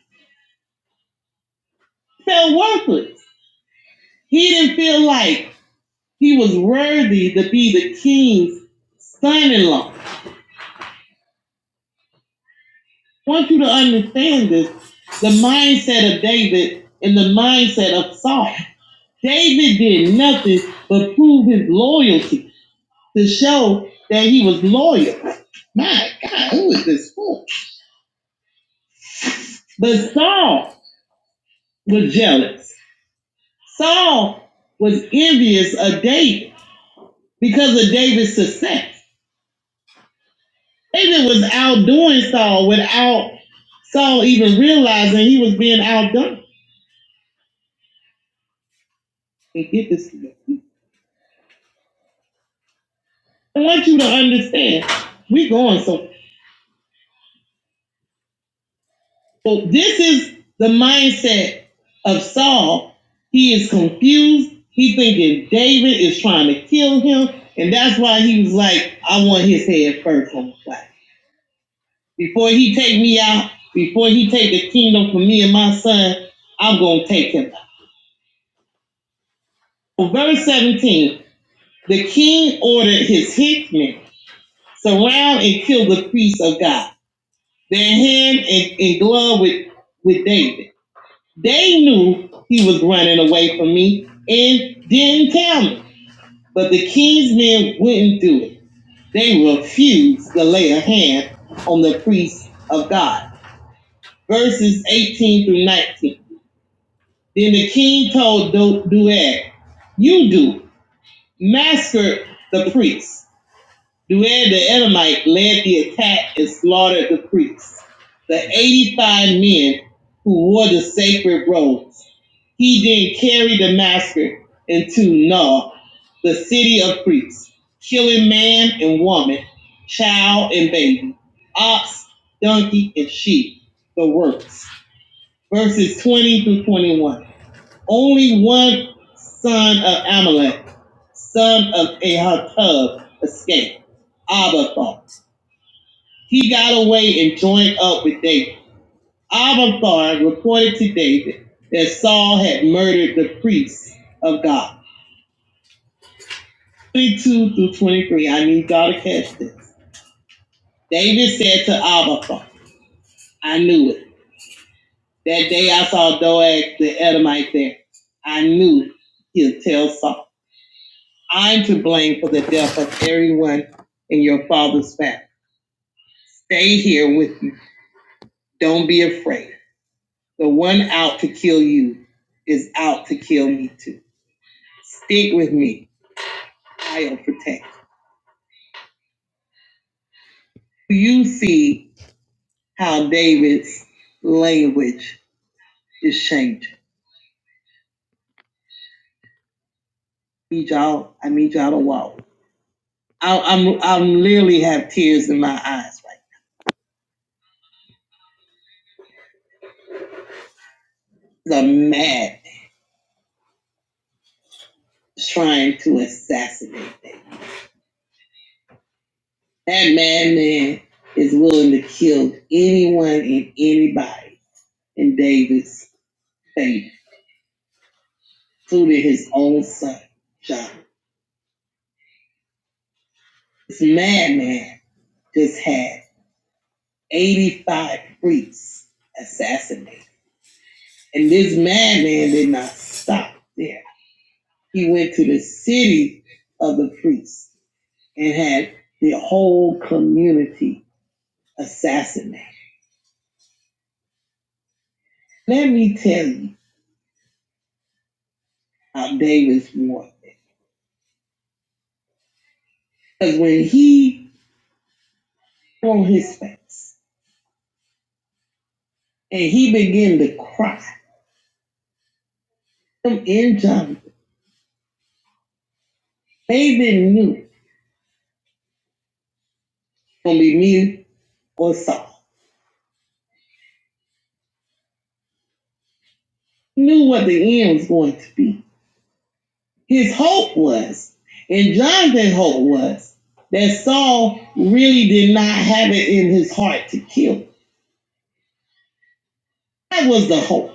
Speaker 5: Felt worthless. He didn't feel like He was worthy to be the king's son in law. I want you to understand this the mindset of David and the mindset of Saul. David did nothing but prove his loyalty to show that he was loyal. My God, who is this for? But Saul was jealous. Saul was envious of David because of David's success. David was outdoing Saul without Saul even realizing he was being outdone. Okay, get this. together. I want you to understand. We're going so. So this is the mindset of Saul. He is confused. He thinking David is trying to kill him, and that's why he was like, "I want his head first on the plaque. Before he take me out, before he take the kingdom for me and my son, I'm gonna take him out." So Verse 17. The king ordered his hitmen surround and kill the priests of God. Their hand and, and glove with, with David. They knew he was running away from me and didn't tell me. But the king's men wouldn't do it. They refused to lay a hand on the priests of God. Verses 18 through 19. Then the king told Do- Doeg, You do, massacre the priests Duer the Edomite led the attack and slaughtered the priests, the 85 men who wore the sacred robes. He then carried the massacre into Nob, the city of priests, killing man and woman, child and baby, ox, donkey, and sheep, the works. Verses 20 through 21 only one son of Amalek, son of Ahitub, escaped. Abathar. He got away and joined up with David. Abathar reported to David that Saul had murdered the priests of God. 22 through 23, I need y'all to catch this. David said to Abathar, I knew it. That day I saw Doeg the Edomite there. I knew he'll tell Saul. I'm to blame for the death of everyone in your father's family. Stay here with me. Don't be afraid. The one out to kill you is out to kill me too. Stick with me. I'll protect. you. You see how David's language is changing. I need y'all. I need y'all to walk. I, I'm I'm literally have tears in my eyes right. now. The mad trying to assassinate. them. That madman is willing to kill anyone and anybody in David's favor, including his own son, John. This madman just had 85 priests assassinated. And this madman did not stop there. He went to the city of the priests and had the whole community assassinated. Let me tell you how David's warfare. Because when he on his face. And he began to cry. Him and Jonathan, David knew it was going to be me or Saul. Knew what the end was going to be. His hope was, and Jonathan's hope was, that Saul really did not have it in his heart to kill. That was the hope.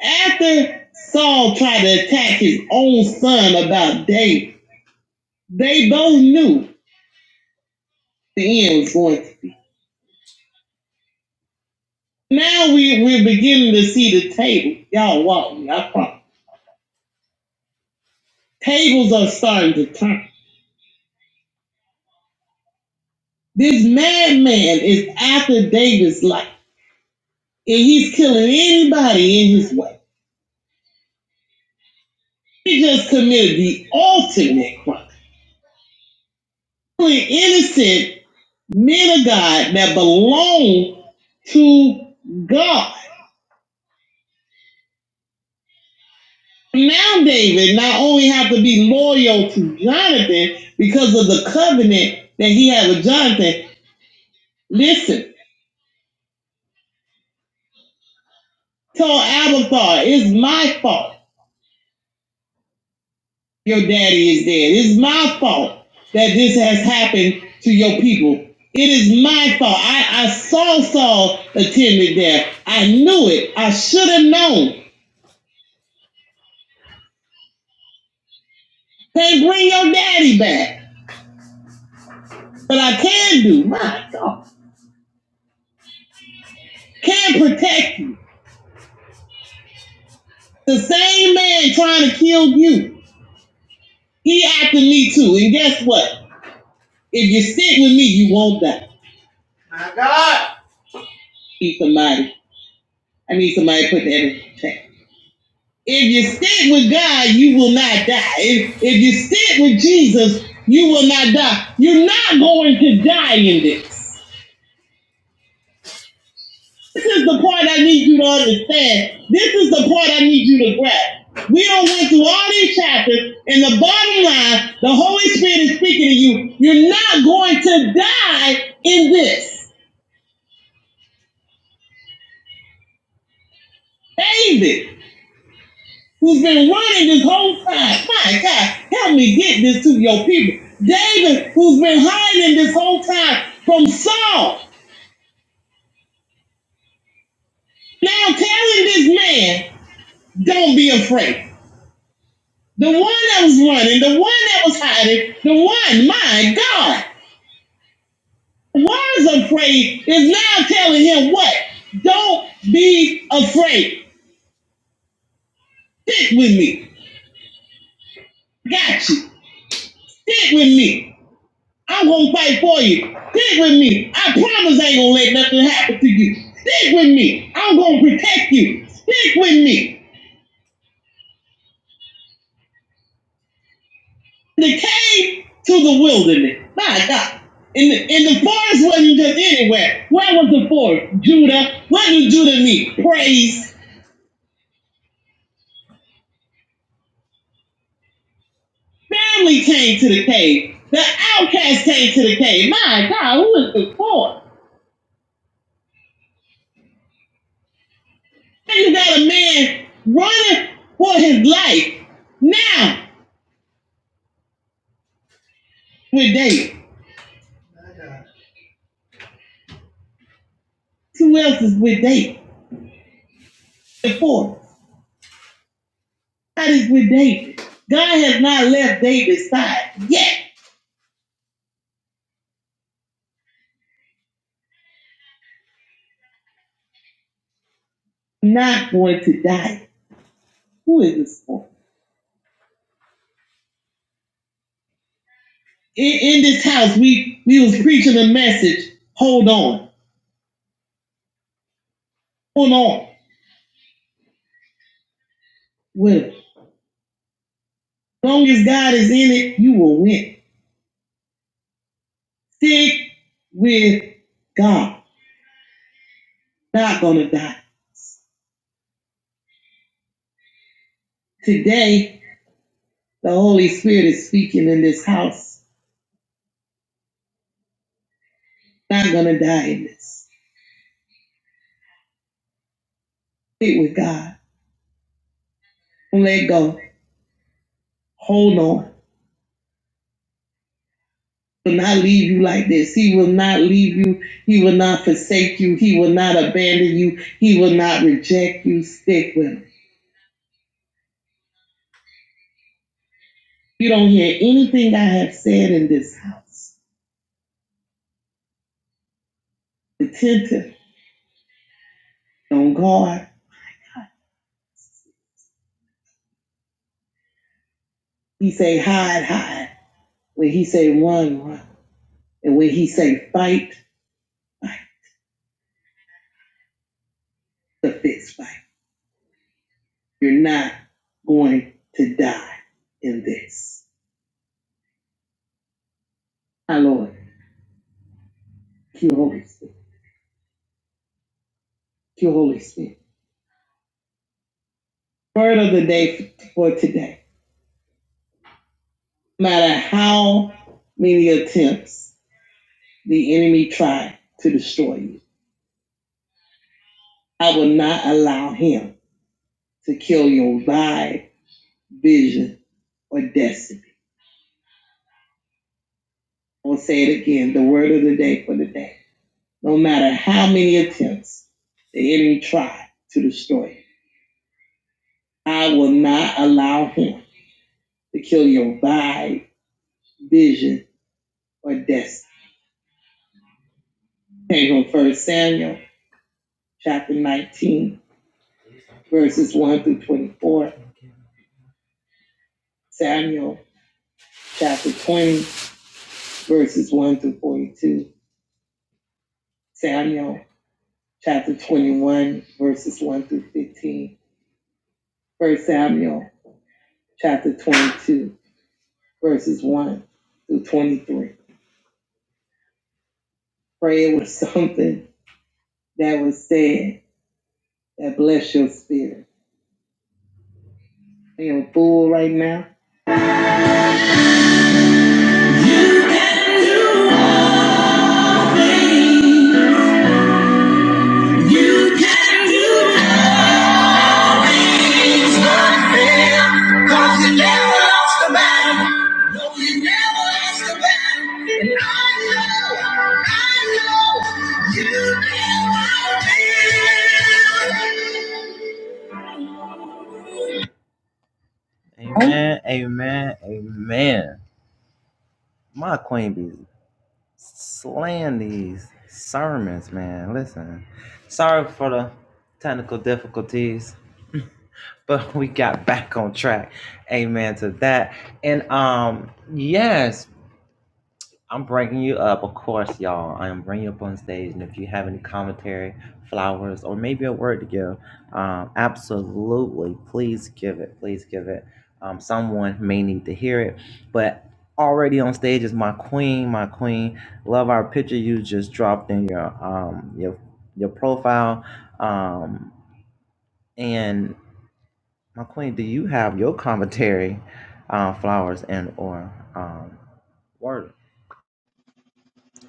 Speaker 5: After Saul tried to attack his own son about David, they both knew the end was going to be. Now we, we're beginning to see the table. Y'all walk me, I promise. Tables are starting to turn. This madman is after David's life, and he's killing anybody in his way. He just committed the ultimate crime. Killing innocent men of God that belong to God. Now David not only have to be loyal to Jonathan because of the covenant that he had with Jonathan. Listen, told Abathar, it's my fault your daddy is dead. It's my fault that this has happened to your people. It is my fault. I, I saw Saul attended there. I knew it. I should have known. Can't bring your daddy back. But I can do. My God. Can protect you. The same man trying to kill you. He after me too. And guess what? If you sit with me, you won't die. Need somebody. I need somebody to put that in check. If you stick with God, you will not die. If, if you stick with Jesus, you will not die. You're not going to die in this. This is the part I need you to understand. This is the part I need you to grasp. We don't went through all these chapters, and the bottom line, the Holy Spirit is speaking to you. You're not going to die in this. David. who's been running this whole time. My God, help me get this to your people. David, who's been hiding this whole time from Saul, now telling this man, don't be afraid. The one that was running, the one that was hiding, the one, my God, was afraid is now telling him what? Don't be afraid. Stick with me. Got you. Stick with me. I'm gonna fight for you. Stick with me. I promise I ain't gonna let nothing happen to you. Stick with me. I'm gonna protect you. Stick with me. The cave to the wilderness. My God. And the, and the forest wasn't just anywhere. Where was the forest? Judah. What did Judah need? Praise. Family came to the cave. The outcast came to the cave. My God, who is this for? And you got a man running for his life now with David. Who else is with David? The fourth. God is with David. God has not left David's side yet. not going to die. Who is this for? In, in this house, we we was preaching a message. Hold on. Hold on. Well, as long as God is in it, you will win. Stick with God. Not gonna die. Today, the Holy Spirit is speaking in this house. Not gonna die in this. Stick with God. Don't let go. Hold on He will not leave you like this. He will not leave you. He will not forsake you. He will not abandon you. He will not reject you. Stick with him. You don't hear anything I have said in this house. Attentive, on guard. He say hide, hide. When he say run, run. And when he say fight, fight the fist fight. You're not going to die in this. Our Lord, thank you, Holy Spirit. Thank you, Holy Spirit. Word of the day for today. matter how many attempts the enemy try to destroy you. I will not allow him to kill your vibe, vision, or destiny. I'll say it again, the word of the day for the day. No matter how many attempts the enemy try to destroy you, I will not allow him to kill your vibe, vision, or destiny. Came from First Samuel chapter 19, verses 1 through 24. Samuel chapter 20, verses 1 through 42. Samuel, chapter 21, verses 1 through 15. First Samuel, chapter 22, verses 1 through 23. Pray it was [LAUGHS] something that was said that bless your spirit. Are You know, fool right now. I know, I know you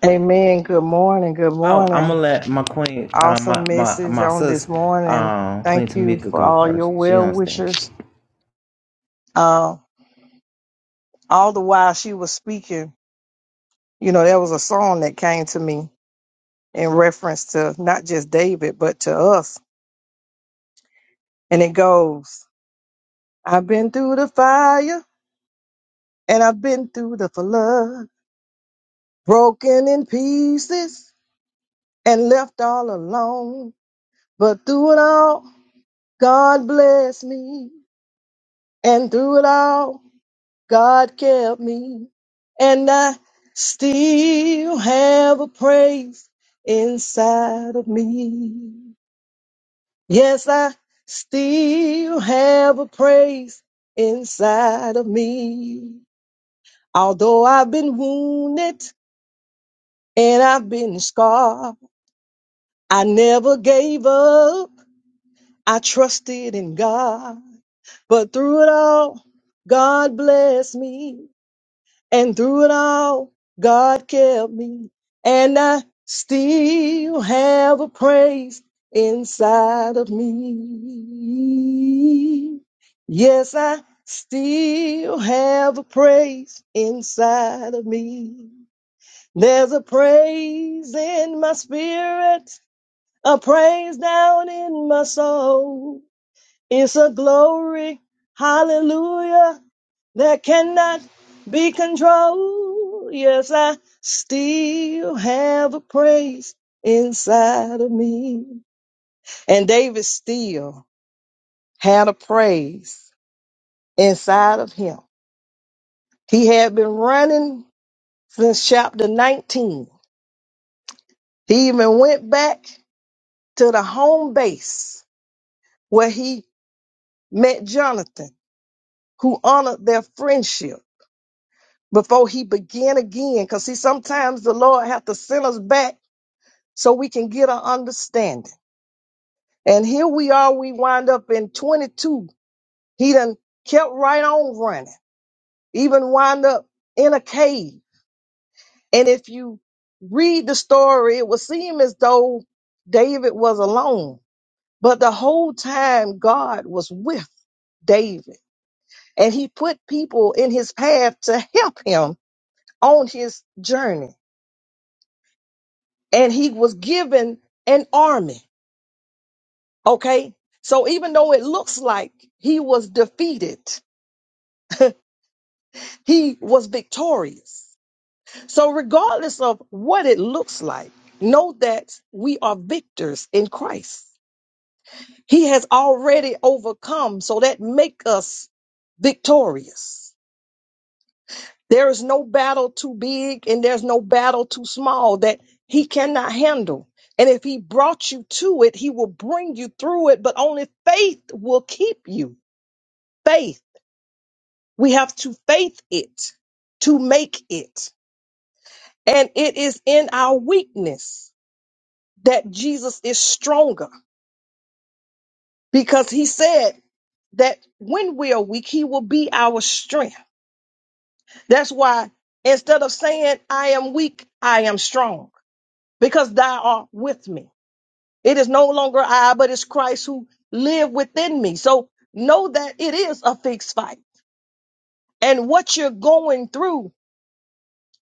Speaker 6: Amen. Good morning. Good morning. Awesome message on this morning. Thank you for all your well wishers. Uh, all the while she was speaking, you know, there was a song that came to me in reference to not just David, but to us. And it goes, I've been through the fire and I've been through the flood, broken in pieces and left all alone. But through it all, God bless me. And through it all, God kept me, and I still have a praise inside of me. Yes, I still have a praise inside of me. Although I've been wounded and I've been scarred, I never gave up. I trusted in God, but through it all, God blessed me. And through it all, God kept me. And I still have a praise inside of me. Yes, I still have a praise inside of me. There's a praise in my spirit, a praise down in my soul. It's a glory, hallelujah, that cannot be controlled. Yes, I still have a praise inside of me. And David still had a praise inside of him. He had been running since chapter 19. He even went back to the home base where he met Jonathan, who honored their friendship. before he began again because see sometimes the lord have to send us back so we can get an understanding and here we are we wind up in 22 he done kept right on running even wind up in a cave and if you read the story it would seem as though david was alone but the whole time god was with david and he put people in his path to help him on his journey and he was given an army. Okay. So even though it looks like he was defeated, he was victorious. So regardless of what it looks like, know that we are victors in Christ. He has already overcome. So that make us victorious. There is no battle too big and there's no battle too small that he cannot handle. And if he brought you to it, he will bring you through it, but only faith will keep you. Faith. We have to faith it to make it. And it is in our weakness that Jesus is stronger because he said that when we are weak, he will be our strength. That's why instead of saying, I am weak, I am strong. because thou art with me. It is no longer I, but it's Christ who live within me. So know that it is a fixed fight. And what you're going through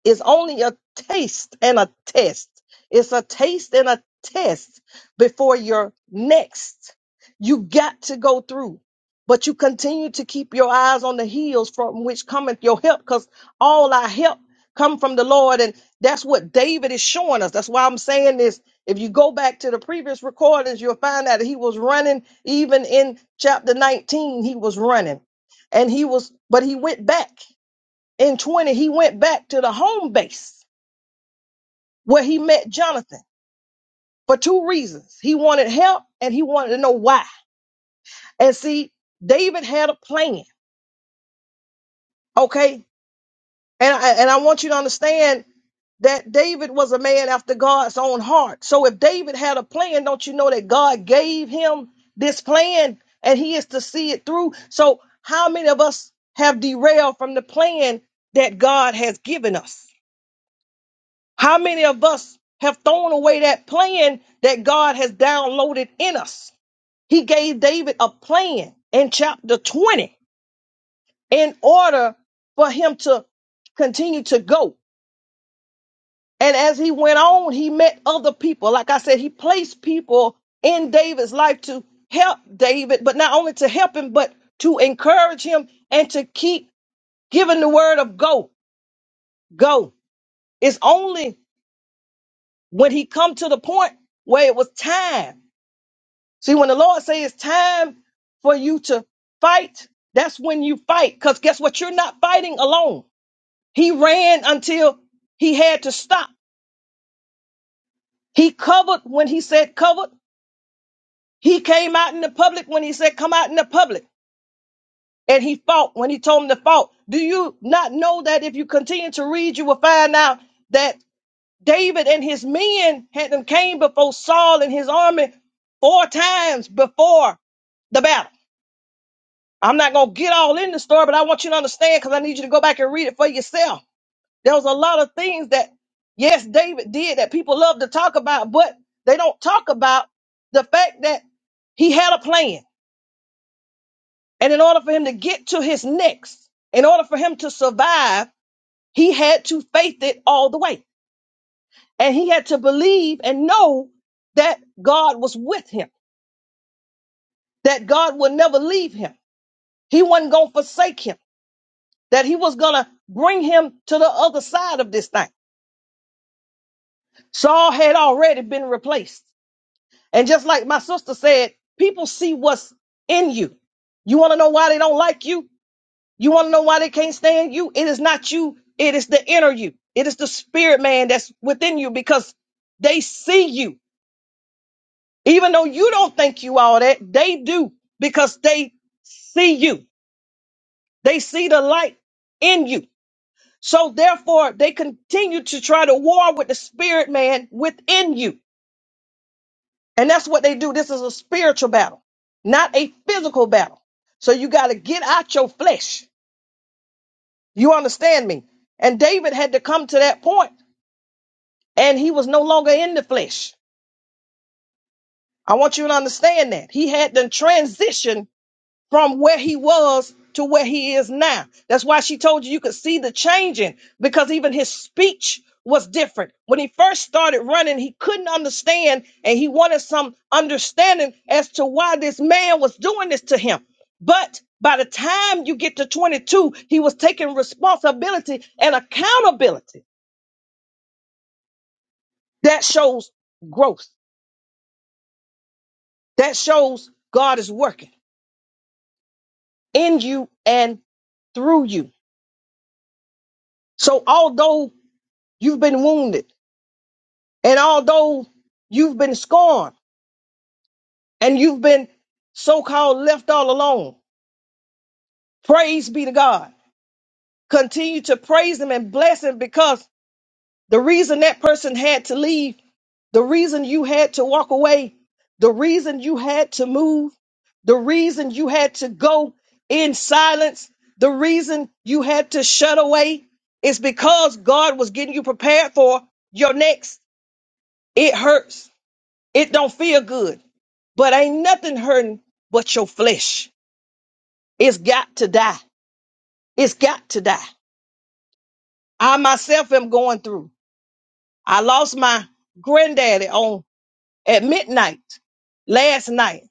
Speaker 6: is only a taste and a test. It's a taste and a test before your next. You got to go through, but you continue to keep your eyes on the hills from which cometh your help, because all our help come from the Lord, and that's what David is showing us. That's why I'm saying this. If you go back to the previous recordings, you'll find out that he was running. Even in chapter 19, he was running, and he was, but he went back. In 20, he went back to the home base where he met Jonathan for two reasons. He wanted help and he wanted to know why. And see, David had a plan. Okay. And I, and I want you to understand that David was a man after God's own heart. So if David had a plan, don't you know that God gave him this plan and he is to see it through? So how many of us have derailed from the plan that God has given us? How many of us have thrown away that plan that God has downloaded in us? He gave David a plan in chapter 20 in order for him to continue to go. And as he went on, he met other people. Like I said, he placed people in David's life to help David, but not only to help him, but to encourage him and to keep giving the word of go, go. It's only when he come to the point where it was time See, when the Lord says it's time for you to fight, that's when you fight. Because guess what? You're not fighting alone. He ran until he had to stop. He covered when he said covered. He came out in the public when he said come out in the public. And he fought when he told him to fight. Do you not know that if you continue to read, you will find out that David and his men had them came before Saul and his army four times before the battle. I'm not going to get all in the story, but I want you to understand because I need you to go back and read it for yourself. There was a lot of things that, yes, David did that people love to talk about, but they don't talk about the fact that he had a plan. And in order for him to get to his next, in order for him to survive, he had to faith it all the way. And he had to believe and know that God was with him, that God would never leave him. He wasn't going to forsake him. that he was going to bring him to the other side of this thing. Saul had already been replaced. And just like my sister said, people see what's in you. You want to know why they don't like you? You want to know why they can't stand you? It is not you, it is the inner you. It is the spirit man that's within you because they see you. Even though you don't think you all that, they do because they see you. They see the light in you. So therefore, they continue to try to war with the spirit man within you. And that's what they do. This is a spiritual battle, not a physical battle. So you got to get out your flesh. You understand me? And David had to come to that point and he was no longer in the flesh. I want you to understand that he had to transition from where he was to where he is now. That's why she told you you could see the changing because even his speech was different. When he first started running, he couldn't understand and he wanted some understanding as to why this man was doing this to him. But by the time you get to 22, he was taking responsibility and accountability. That shows growth. That shows God is working in you and through you. So although you've been wounded, And although you've been scorned and you've been so called left all alone, praise be to God. Continue to praise Him and bless Him because the reason that person had to leave, the reason you had to walk away, the reason you had to move, the reason you had to go in silence, the reason you had to shut away is because God was getting you prepared for your next. It hurts It don't feel good, but ain't nothing hurting but your flesh. It's got to die. It's got to die. I myself am going through. I lost my granddaddy on at midnight last night,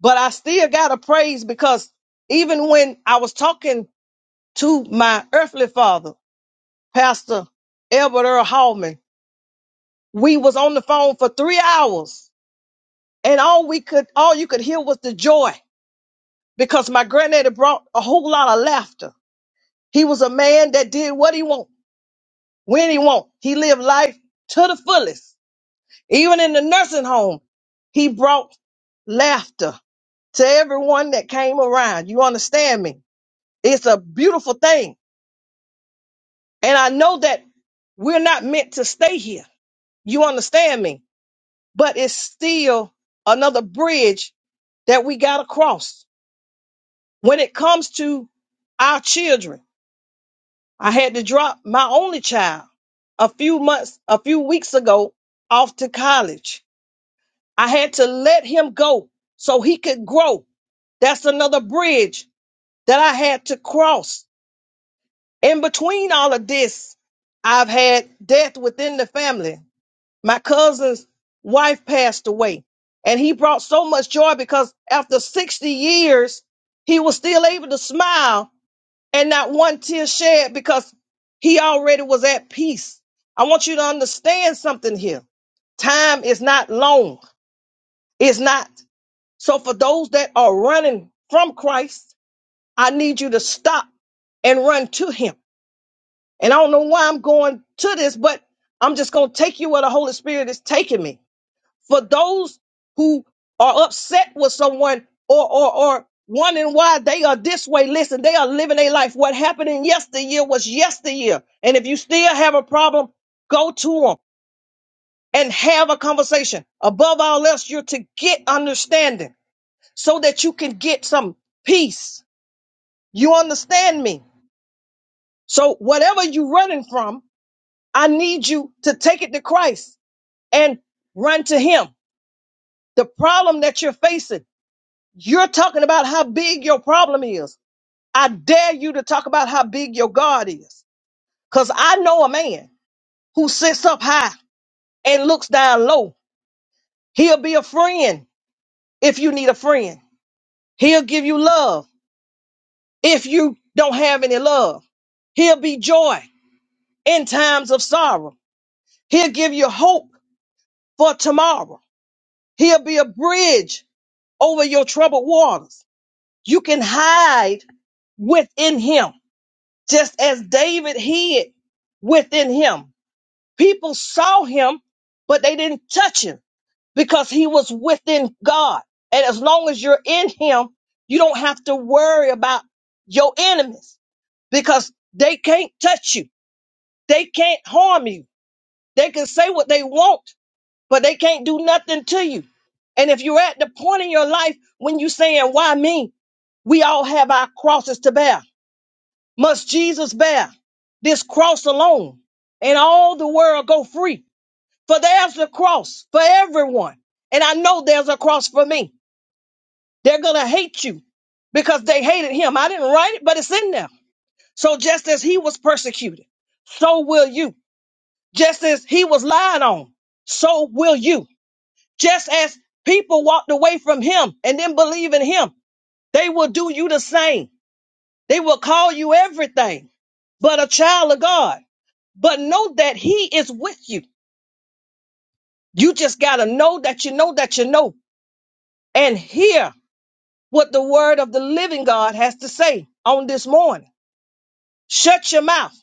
Speaker 6: but I still got to praise because even when I was talking to my earthly father, Pastor Albert Earl Hallman, we was on the phone for three hours and all we could, all you could hear was the joy because my granddaddy brought a whole lot of laughter. He was a man that did what he want, when he want. He lived life to the fullest. Even in the nursing home, he brought laughter to everyone that came around. You understand me? It's a beautiful thing. And I know that we're not meant to stay here. You understand me? But it's still another bridge that we got to cross when it comes to our children I had to drop my only child a few months, a few weeks ago off to college. I had to let him go so he could grow. That's another bridge that I had to cross. In between all of this, I've had death within the family. My cousin's wife passed away, and he brought so much joy because after 60 years, he was still able to smile and not one tear shed because he already was at peace. I want you to understand something here. Time is not long. It's not. So for those that are running from Christ, I need you to stop and run to him. And I don't know why I'm going to this, but I'm just going to take you where the Holy Spirit is taking me for those who are upset with someone or or or wondering why they are this way. Listen, they are living their life. What happened in yesteryear was yesteryear. And if you still have a problem, go to them and have a conversation. Above all else, you're to get understanding so that you can get some peace. You understand me? So whatever you're running from, I need you to take it to Christ and run to him. The problem that you're facing You're talking about how big your problem is. I dare you to talk about how big your God is. Because I know a man who sits up high and looks down low. He'll be a friend if you need a friend. He'll give you love if you don't have any love. He'll be joy in times of sorrow. He'll give you hope for tomorrow. He'll be a bridge over your troubled waters. You can hide within him just as David hid within him. People saw him, but they didn't touch him because he was within God. And as long as you're in him, you don't have to worry about your enemies because they can't touch you. They can't harm you. They can say what they want, but they can't do nothing to you. And if you're at the point in your life when you're saying, why me? We all have our crosses to bear. must Jesus bear this cross alone and all the world go free. For there's a cross for everyone. And I know there's a cross for me. They're going to hate you because they hated him. I didn't write it, but it's in there. So just as he was persecuted, so will you. Just as he was lied on, so will you. Just as people walked away from him and didn't believe in him, they will do you the same. They will call you everything but a child of God. but know that he is with you. You just got to know that you know that you know and hear what the word of the living God has to say on this morning. Shut your mouth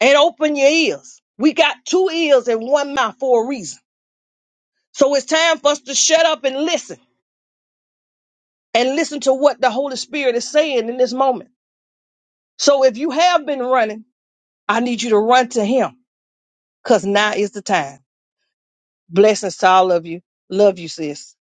Speaker 6: and open your ears. We got two ears and one mouth for a reason. So it's time for us to shut up and listen and listen to what the Holy Spirit is saying in this moment. So if you have been running, I need you to run to him because now is the time. Blessings to all of you. Love you, sis.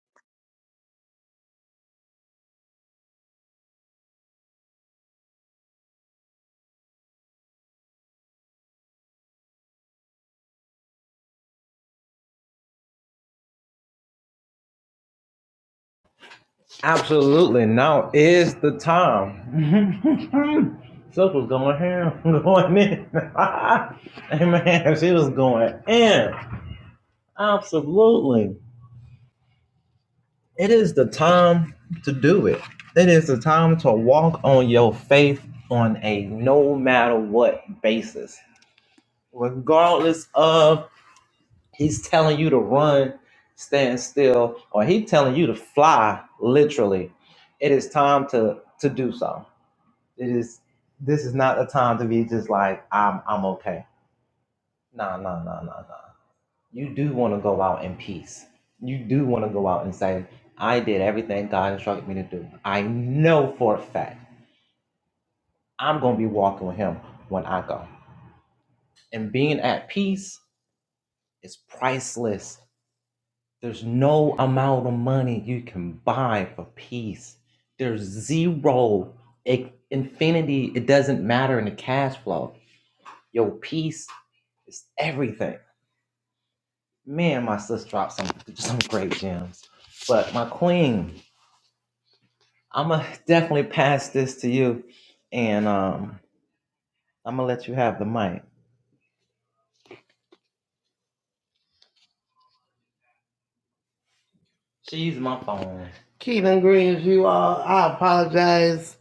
Speaker 5: Keaton Greens, you all, I apologize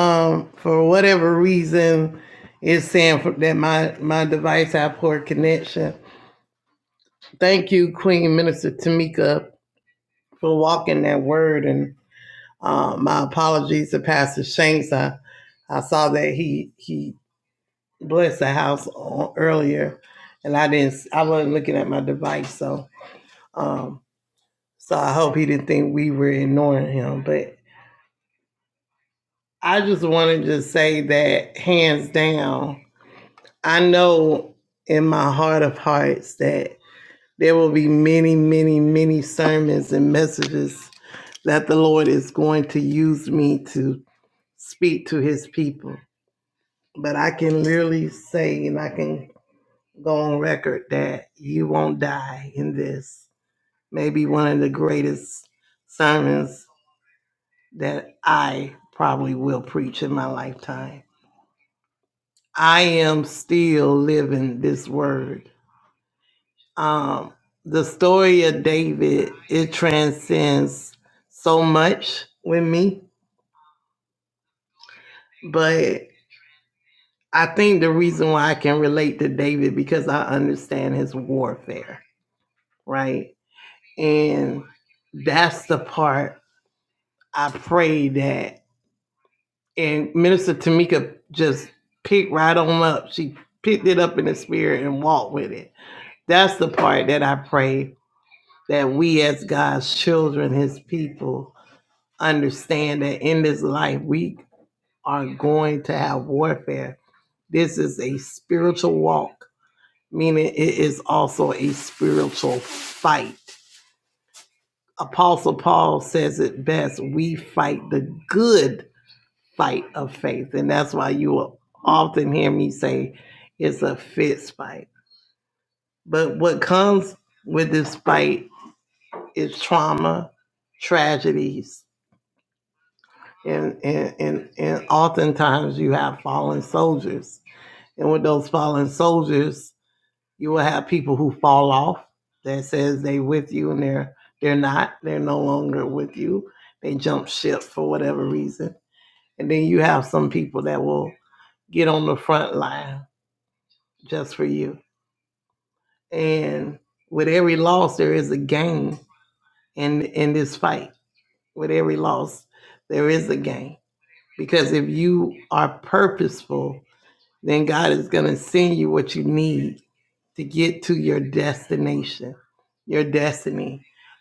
Speaker 5: um, for whatever reason it's saying for, that my, my device had poor connection. Thank you, Minister Tamika, for walking that word. And uh, my apologies to Pastor Shanks. I, I saw that he he blessed the house on, earlier, and I didn't s- looking at my device. So um, so I hope he didn't think we were ignoring him. but. I just wanted to say that hands down, I know in my heart of hearts that there will be many, many, many sermons and messages that the Lord is going to use me to speak to his people. But I can literally say, and I can go on record, that you won't die in this. Maybe one of the greatest sermons that I probably will preach in my lifetime. I am still living this word. Um, the story of David, it transcends so much with me, but I think the reason why I can relate to David because I understand his warfare, right? And that's the part I've had. And Minister Tip just picked right on up. She picked it up in the spirit and walked with it. That's the part that I pray that we as God's children, his people, understand that in this life we are going to have warfare. This is a spiritual walk, meaning it is also a spiritual fight. Apostle Paul says it best we fight the good fight of faith. And that's why you will often hear me say it's a fist fight. But what comes with this fight is trauma, tragedies, and, and, and, and often you have fights. And with those You will have people who fall off that says they with you and they're they're not. They're no longer with you. They jump ship for whatever reason. And then you have some people that will get on the front line just for you. And with every loss there is a gain in in this fight. With every loss there is a gain. Because if you are purposeful, then God is gonna send you what you need to get to your destination.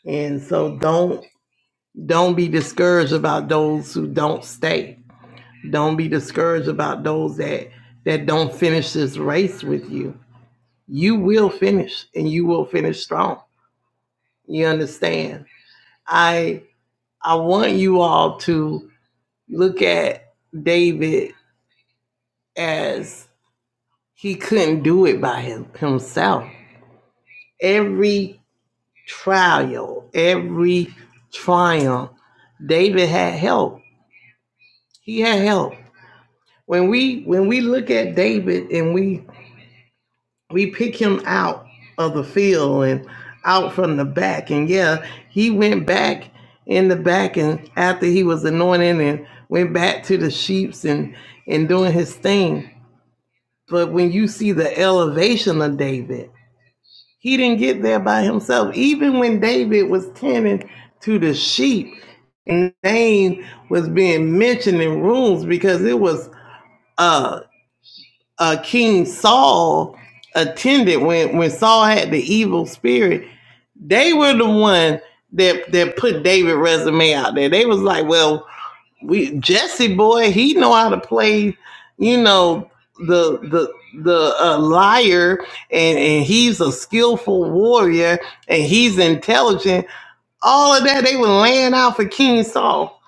Speaker 5: And so don't Don't be discouraged about those who don't stay. Don't be discouraged about those that that don't finish this race with you. You will finish and you will finish strong. You understand? I I want you all to look at David as he couldn't do it by him, himself. Every trial, every triumph, David had help. He had help. When we when we look at David and we we pick him like uh, uh King Saul attended when when Saul had the evil spirit. They were the one that that put David resume out there. They was like, well, we Jesse boy, he know how to play, you know the the the uh, liar and and he's a skillful warrior and he's intelligent all of that they were laying out for king saul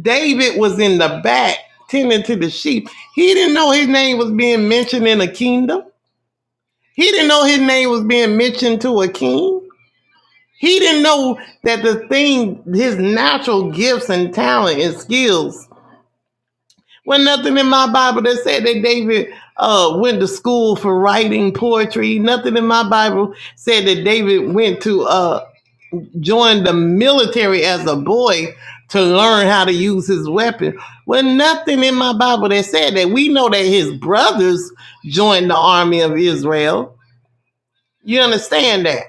Speaker 5: david was in the back of the school for uh, joined as a boy to learn how to use his weapon. Nothing in my Bible that said that. We know that his brothers joined the army of Israel. You understand that?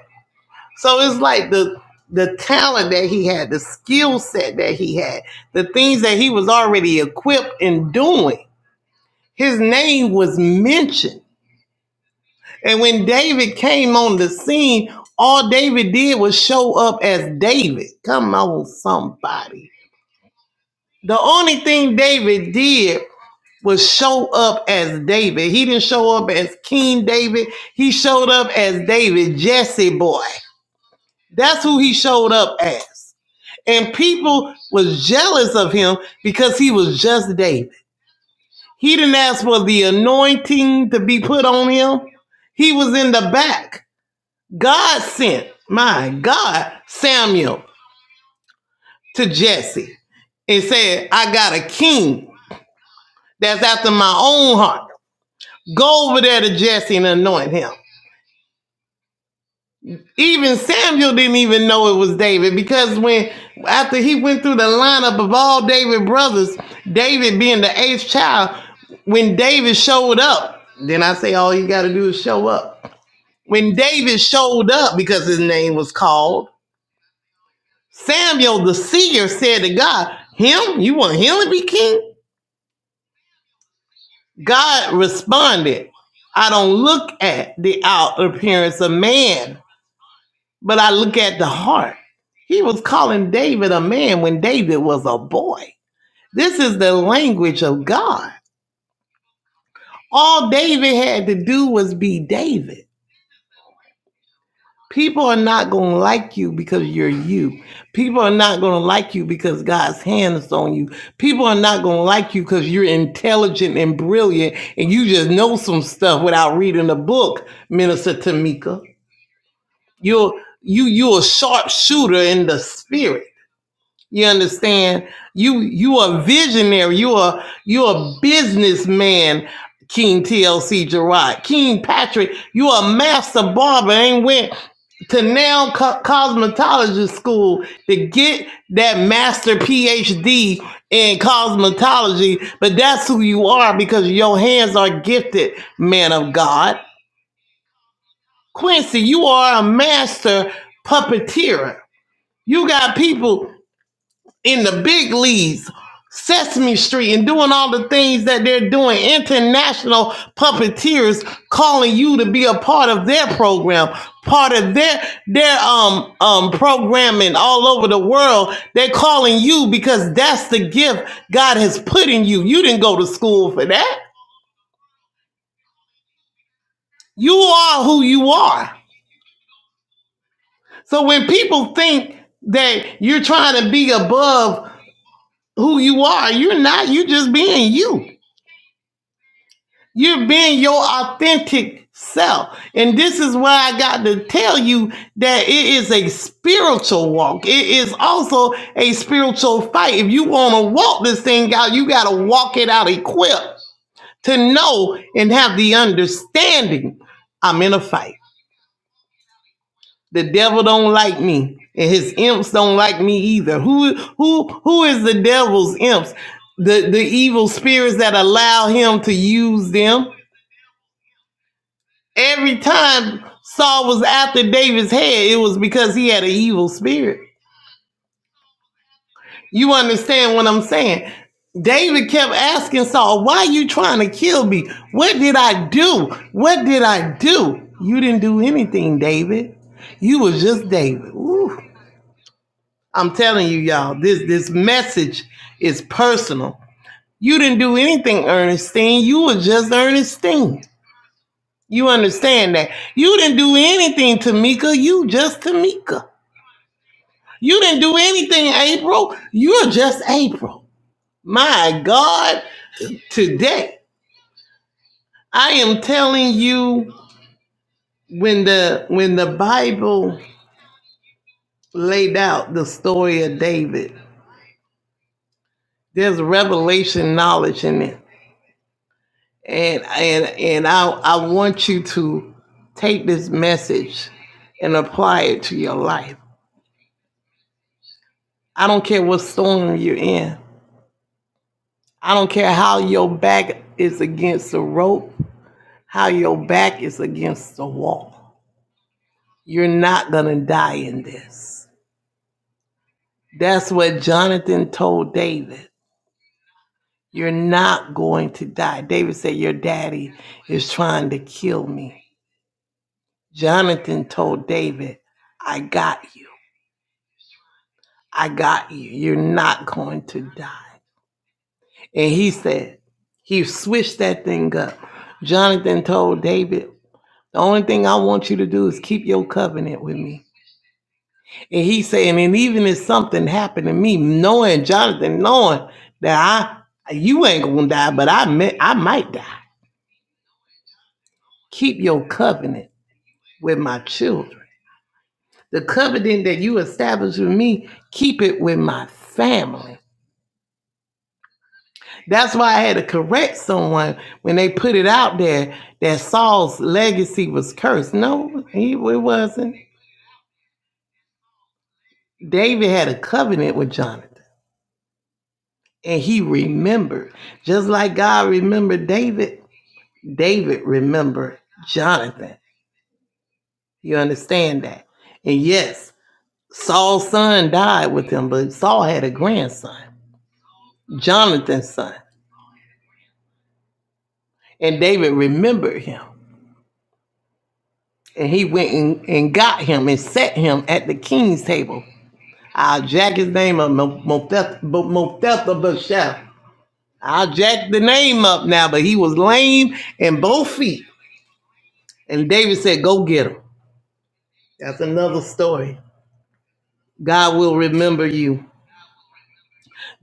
Speaker 5: So it's like the the talent that he had, the skill set that he had, the things that he was already equipped in doing. His name was mentioned. And when David came on the scene, all David did was show up as King David, up as they- as he showed up as. And people was of him because he was just David. He put him in the back. God sent, my God, Samuel to Jesse and said, I got a king that's after my own heart. Go over there to Jesse and anoint him. Even because when after he went through the lineup of all David's, David, when David showed up, then yeah, some cosmetologists will be, but it, to when the when the Bible story there's revelation knowledge in it and and and i i want you to take this message and apply it to your life it's against the rope how your back is against the wall you're not gonna die in it. that's what jonathan told david you're not going to die david said your daddy is trying to kill me jonathan told david I got going to die. And he's got Jonathan, what you to do is keep your me. And he Now I you ain't gonna die, but I, I might die. Keep your covenant. He went now, but he was lame in both feet. And David said, Go get him. That's another story. God will re-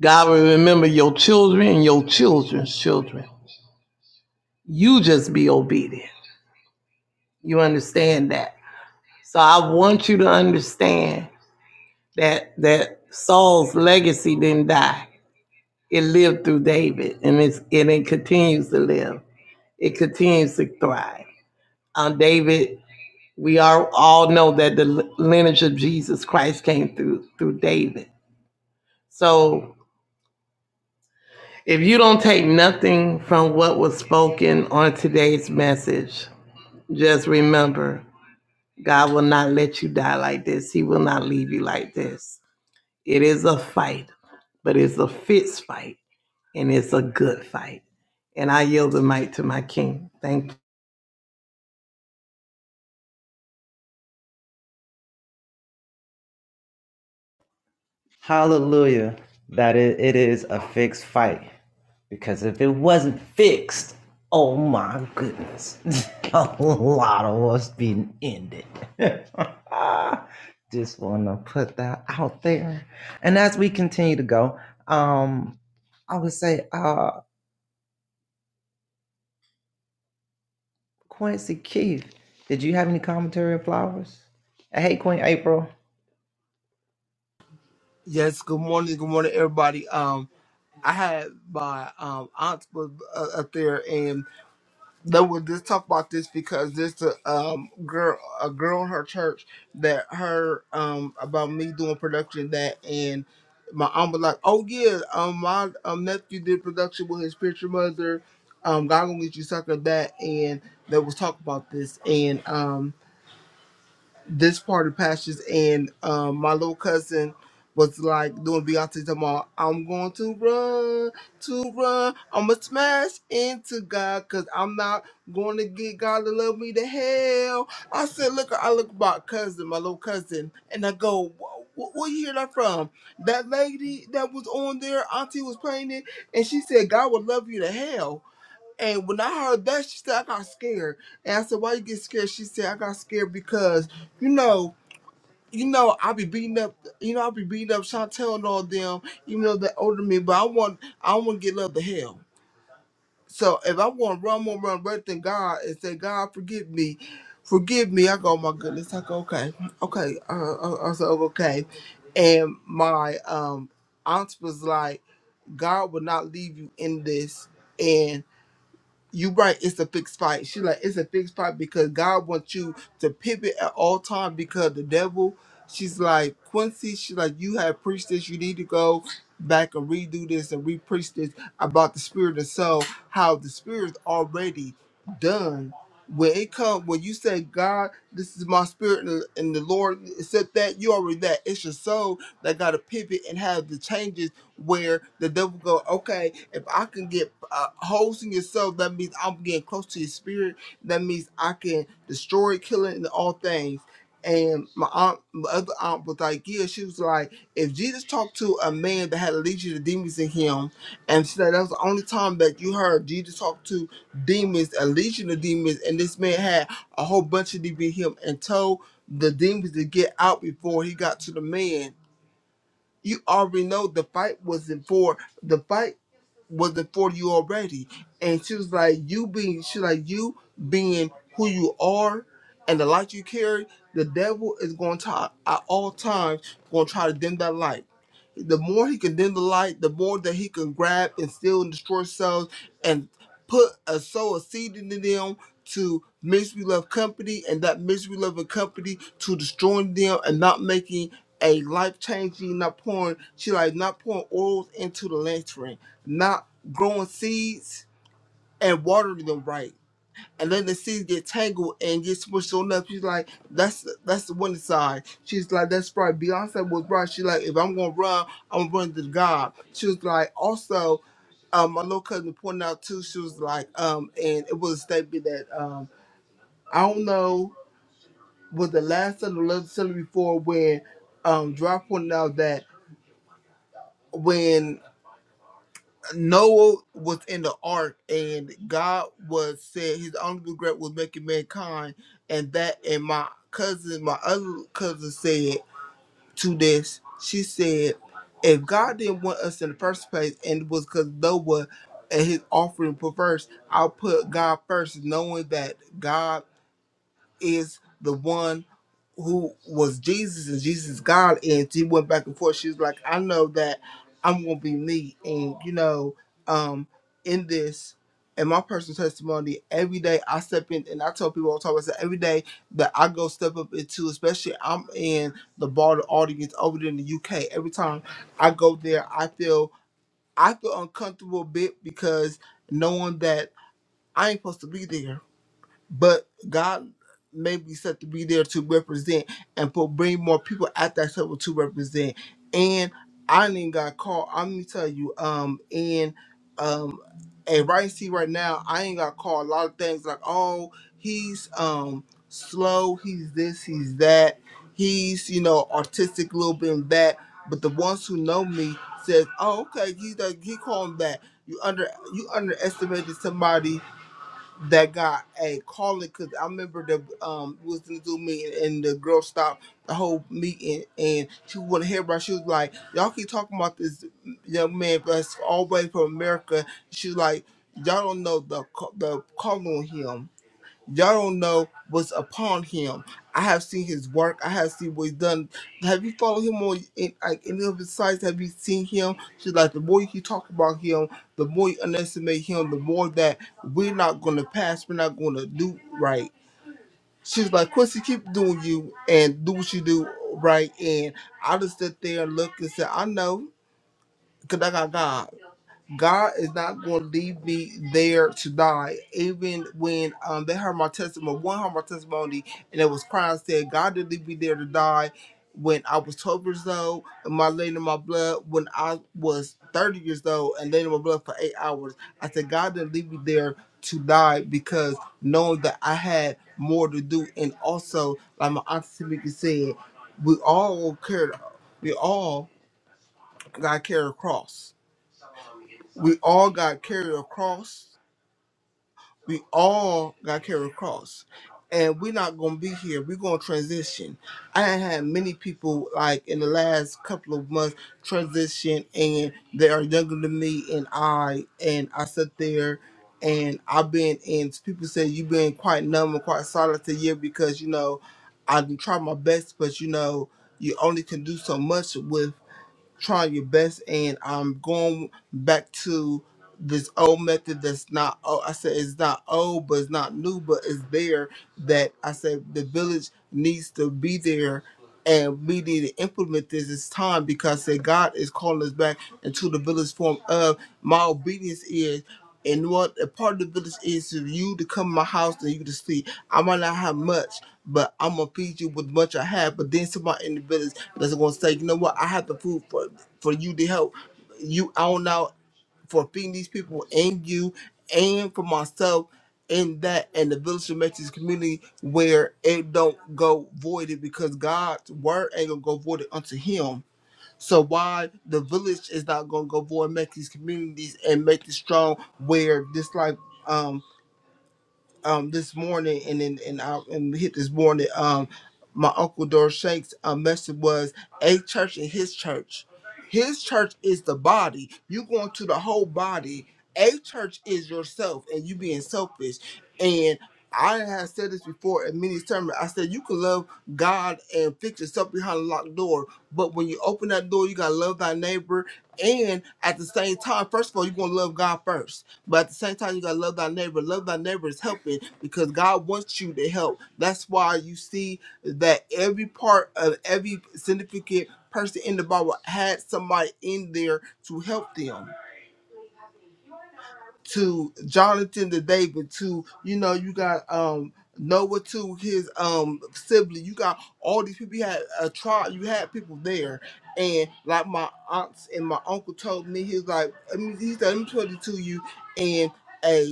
Speaker 5: God will remember your children and your children's children. You just be obedient. You understand that. So I want you to understand that that Saul's legacy didn't die. It lived through David and it's and it continues to live. It continues to thrive. Um, David we are all know that the lineage of Jesus Christ came through through David. So if you don't take nothing from what was spoken on today's message, just remember God will not let you die like this. He will not leave you like
Speaker 1: Yes, good morning, good morning, everybody. Um, I had my um aunt was uh, up there, and they were just talk about this because there's a um girl, a girl in her church that heard um about me doing production that, and my aunt was like, "Oh yeah, um my um nephew did production with his spiritual mother, um God gonna get you something of that," and they was talk about this, and um this part of pastures and um, my little cousin was like doing Beyonce tomorrow. I'm going to run, to run. I'ma smash into God because I'm not going to get God to love me to hell. I said, look, I look at my cousin, my little cousin, and I go, "Wh- wh- where you hear that from? That lady that was on there, Auntie was playing it, and she said, God will love you to hell. And when I heard that, she said, I got scared. And I said, Why you get scared? She said, I got scared because, you know, you know, I be beating up you know, I be beating up Chantel and all them, even though they're older than me, but I want I wanna get love to hell. So if I wanna run, I'm gonna run right to God and say, God forgive me. Forgive me. I go, oh my goodness. I go, okay, okay. Uh, I, I said, okay. And my um aunt was like, God will not leave you in this you right, it's a fixed fight. She like it's a fixed fight because God wants you to pivot at all time because the devil, she's like Quincy, she like you have preached this, you need to go back and redo this and re-preach this about the spirit and soul, how the spirit's already done. When it comes, when you say, God, this is my spirit, and the, and the Lord said that, you already that. It's your soul that got to pivot and have the changes where the devil go, okay, if I can get uh, holes in your soul, that means I'm getting close to your spirit. That means I can destroy, killing, and all things. And my aunt, my other aunt was like, yeah, she was like, if Jesus talked to a man that had a legion of demons in him, and she said that was the only time that you heard Jesus talk to demons, a legion of demons, and this man had a whole bunch of demons in him and told the demons to get out before he got to the man you already know the fight wasn't for the fight wasn't for you already. And she was like, you being, she like, you being who you are and the light you carry, the devil is going to, at all times, going to try to dim that light. The more he can dim the light, the more that he can grab and steal and destroy cells and put a soul, a seed into them to misery love company and that misery loving company to destroying them and not making a life changing, not pouring, she like not pouring oils into the lantern not growing seeds and watering them right. And then the seeds get tangled and get smushed on up. She's like, that's that's the one side. She's like, that's right. Beyonce was right. She's like, if I'm gonna run, I'm gonna run to God. She was like, also, um, my little cousin pointed out too, she was like, um, and it was a statement that um I don't know was the last of the love Sunday before when um Dry pointed out that when. Noah was in the ark, and God was said his only regret was making mankind, and that and my cousin, my other cousin said to this, she said, if God didn't want us in the first place, and it was because Noah and his offering perverse, I'll put God first, knowing that God is the one who was Jesus and Jesus God. And she went back and forth. She was like, I know that I'm gonna be me. And you know, um, in this in my personal testimony, every day I step in and I tell people all the time, I say every day that I go step up into, especially I'm in the bar audience over there in the UK. Every time I go there, I feel I feel uncomfortable a bit because knowing that I ain't supposed to be there but God may be set to be there to represent and put bring more people at that table to represent. And I ain't got called. I'm gonna tell you, um, and um, and right see right now, I ain't got called a lot of things like oh he's um slow, he's this, he's that, he's you know artistic a little bit and that. But the ones who know me says, oh okay, he's that he called him that. You under you underestimated somebody that got a calling because I remember the um we was in the Zoom meeting and the girl stopped the whole meeting and she wouldn't hear She was like, "Y'all keep talking about this young man that's all the way from America." She was like, "Y'all don't know the ca- the calling on him." y'all don't know what's upon him. I have seen his work. I have seen what he's done. Have you followed him on in, like any of his sites? Have you seen him? She's like the more you talk about him, the more you underestimate him, the more that we're not gonna pass. We're not gonna do right. She's like Quincy, keep doing you and do what you do right. And I just sit there and look and say, I know, cause I got God. God is not going to leave me there to die. Even when um, they heard my testimony, one heard my testimony, and it was crying, said, God didn't leave me there to die. When I was 12 years old, and my lady in my blood, when I was 30 years old, and laid in my blood for eight hours, I said, God didn't leave me there to die because knowing that I had more to do. And also, like my auntie Tamika said, we all carry, we all got to carry a cross we all got carried across. We all got carried across. And we're not gonna be here. We're gonna transition. I done had many people like in the last couple of months transition and they are younger than me and I and I sit there and I've been and people say you've been quite numb and quite solid to year because you know I done tried my best but you know you only can do so much with trying your best and I'm going back to this old method that's not oh I said it's not old but it's not new but it's there that I said the village needs to be there and we need to implement this it's time because I said God is calling us back into the village form of my obedience is and what a part of the village is for you to come to my house and you to see. I might not have much, but I'm gonna feed you with much I have. But then somebody in the village that's gonna say, you know what, I have the food for for you to help you out now for feeding these people and you and for myself and that and the village should make this community where it don't go voided because God's word ain't gonna go voided unto him so why the village is not gonna go forward and make these communities and make it strong where this like um this morning and then and I and we hit this morning um my uncle Doris Shanks' uh, message was a church and his church. His church is the body. You going to the whole body. A church is yourself and you being selfish. And I have said this before in many sermons. I said you can love God and fix yourself behind a locked door, but when you open that door, you gotta love thy neighbor. And at the same time, first of all, you're gonna love God first but at the same time, you gotta love thy neighbor. Love thy neighbor is helping because God wants you to help. That's why you see that every part of every significant person in the Bible had somebody in there to help them. To Jonathan to David, to you know, you got um Noah to his um sibling. You got all these people. You had a tribe. You had people there, and like my aunts and my uncle told me, he was like, I mean, he said, "Let me tell it to you," and. a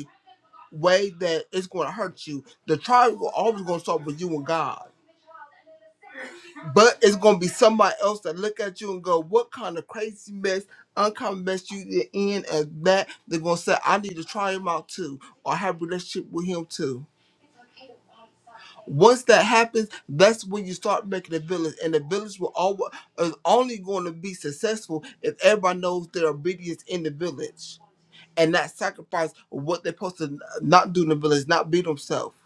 Speaker 1: way that it's going to hurt you. The trial is always going to start with you and God. But it's going to be somebody else that look at you and go, what kind of crazy mess, uncommon mess you in and that. They're going to say, I need to try him out too or have a relationship with him too. Once that happens, that's when you start making a village. And the village will always, is only going to be successful if everybody knows their obedience in the village and not sacrifice what they're supposed to not do in the village, not be themselves.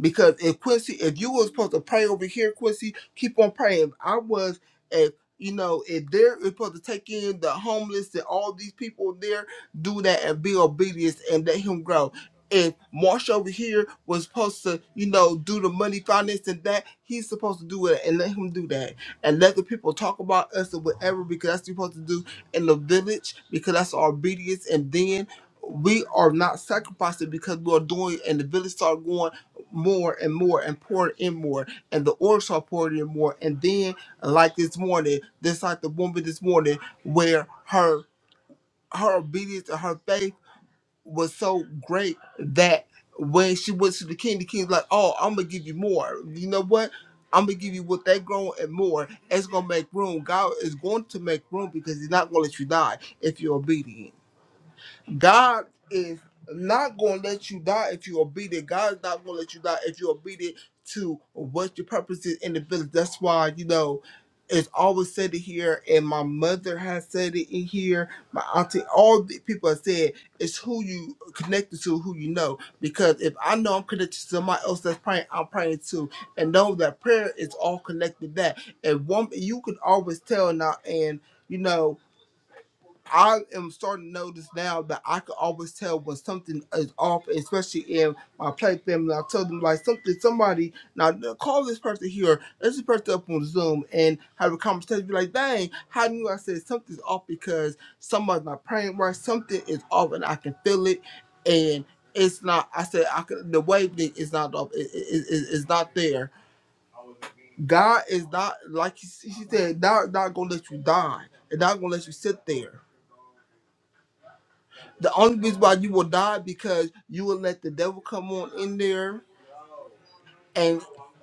Speaker 1: Because if Quincy, if you was supposed to pray over here, Quincy, keep on praying. I was, if you know, if they're supposed to take in the homeless and all these people there, do that and be obedient and let him grow. If Marsh over here was supposed to, you know, do the money finance and that, he's supposed to do it and let him do that. And let the people talk about us or whatever because that's what you're supposed to do in the village because that's our obedience. And then we are not sacrificing because we are doing and the village start going more and more and poured in more and the oil started pouring in more and then like this morning just like the woman this morning where her her obedience and her faith was so great that when she went to the king the king's like oh i'm gonna give you more you know what I'm gonna give you what they grown and more. It's gonna make room. God is going to make room because He's not gonna let you die if you're obedient. God is not gonna let you die if you obedient. God is not gonna let you die if you're obedient to what your purpose is in the village. That's why you know it's always said it here, and my mother has said it in here. My auntie, all the people have said it's who you connected to, who you know. Because if I know I'm connected to somebody else that's praying, I'm praying too, and know that prayer is all connected. to That and one, you can always tell now, and you know I am starting to notice now that I can always tell when something is off, especially in my play family. I tell them like something, somebody now call this person here, let's just person up on Zoom and have a conversation. Be like, dang, how knew I said something's off because somebody's not praying right. Something is off, and I can feel it, and it's not. I said I can. The wave thing is not off. It, is it, it- it's not there. God is not like she she said. Not not gonna let you die. And not gonna let you sit there The only reason why you will die because you will let the devil come on in there and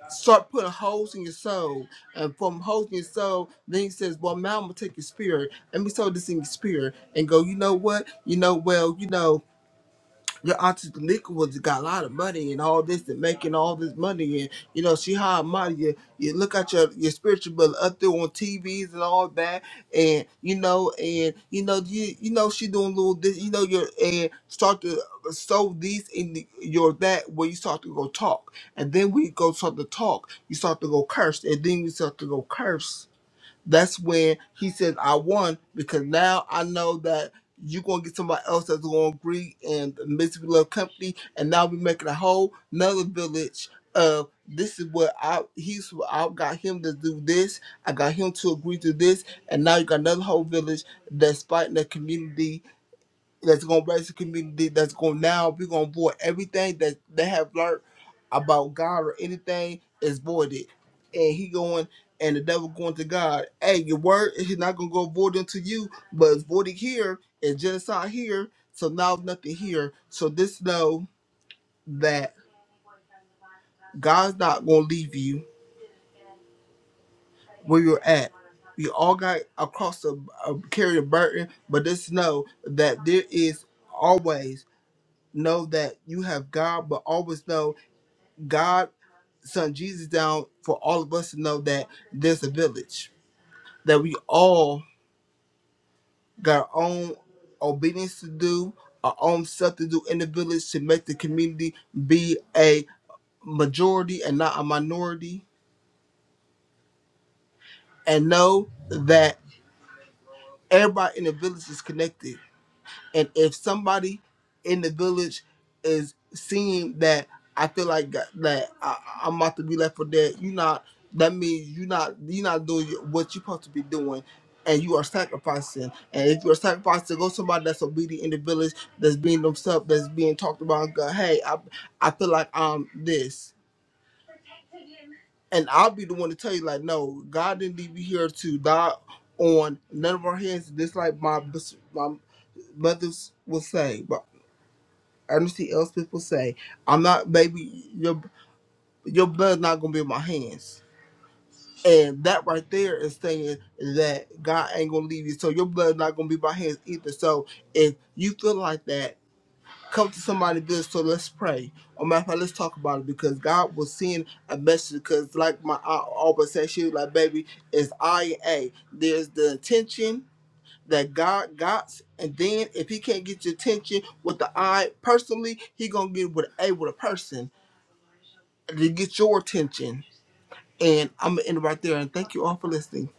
Speaker 1: start putting holes in your soul. And from holes in your soul, then he says, Well, now I'm gonna take your spirit. Let me throw this in your spirit and go, you know what? You know, well, you know, your auntie Tamika was got a lot of money and all this and making all this money and you know she high and mighty. You, you look at your your spiritual brother up there on TVs and all that and you know and you know you you know she doing little this you know your and start to sow these in the, your that where you start to go talk and then we go start to talk you start to go curse and then you start to go curse that's when he says, I won because now I know that you're gonna get somebody else that's gonna agree and the Mississippi Love Company and now we're making a whole another village of this is what I he's what I got him to do this, I got him to agree to this, and now you got another whole village that's fighting the community that's gonna raise the community. That's gonna now we're gonna void everything that they have learned about God or anything is voided, and he going and the devil going to God. Hey, your word is not gonna go void into you, but it's voided here. It's genocide here. So now nothing here. So this know that God's not gonna leave you where you're at. We all got across the uh, carry the burden, but just know that there is always. know that you have God, but always know God sent Jesus down for all of us to know that there's a village, that we all got our own obedience to do, our own stuff to do in the village to make the community be a majority and not a minority, and know that everybody in the village is connected And if somebody in the village is seeing that, I feel like that that I, I'm about to be left for dead. You not that means you not you not doing what you are supposed to be doing, and you are sacrificing. And if you are sacrificing, go somebody that's obedient in the village, that's being themselves, that's being talked about. And go, hey, I I feel like I'm this, and I'll be the one to tell you like, no, God didn't leave you here to die on none of our hands. Just like my my mothers will say. I Anything else people say, I'm not. Baby, your your blood's not gonna be in my hands. And that right there is saying that God ain't gonna leave you. So your blood's not gonna be in my hands either. So if you feel like that, come to somebody good. So let's pray. Or matter of fact, let's talk about it because God will send a message. Because like my I always say, she was like, baby, it's I and A. There's the intention that God got, and then if he can't get your attention with the eye personally, he gonna get with a with a person to get your attention. And I'm gonna end it right there. And thank you all for listening.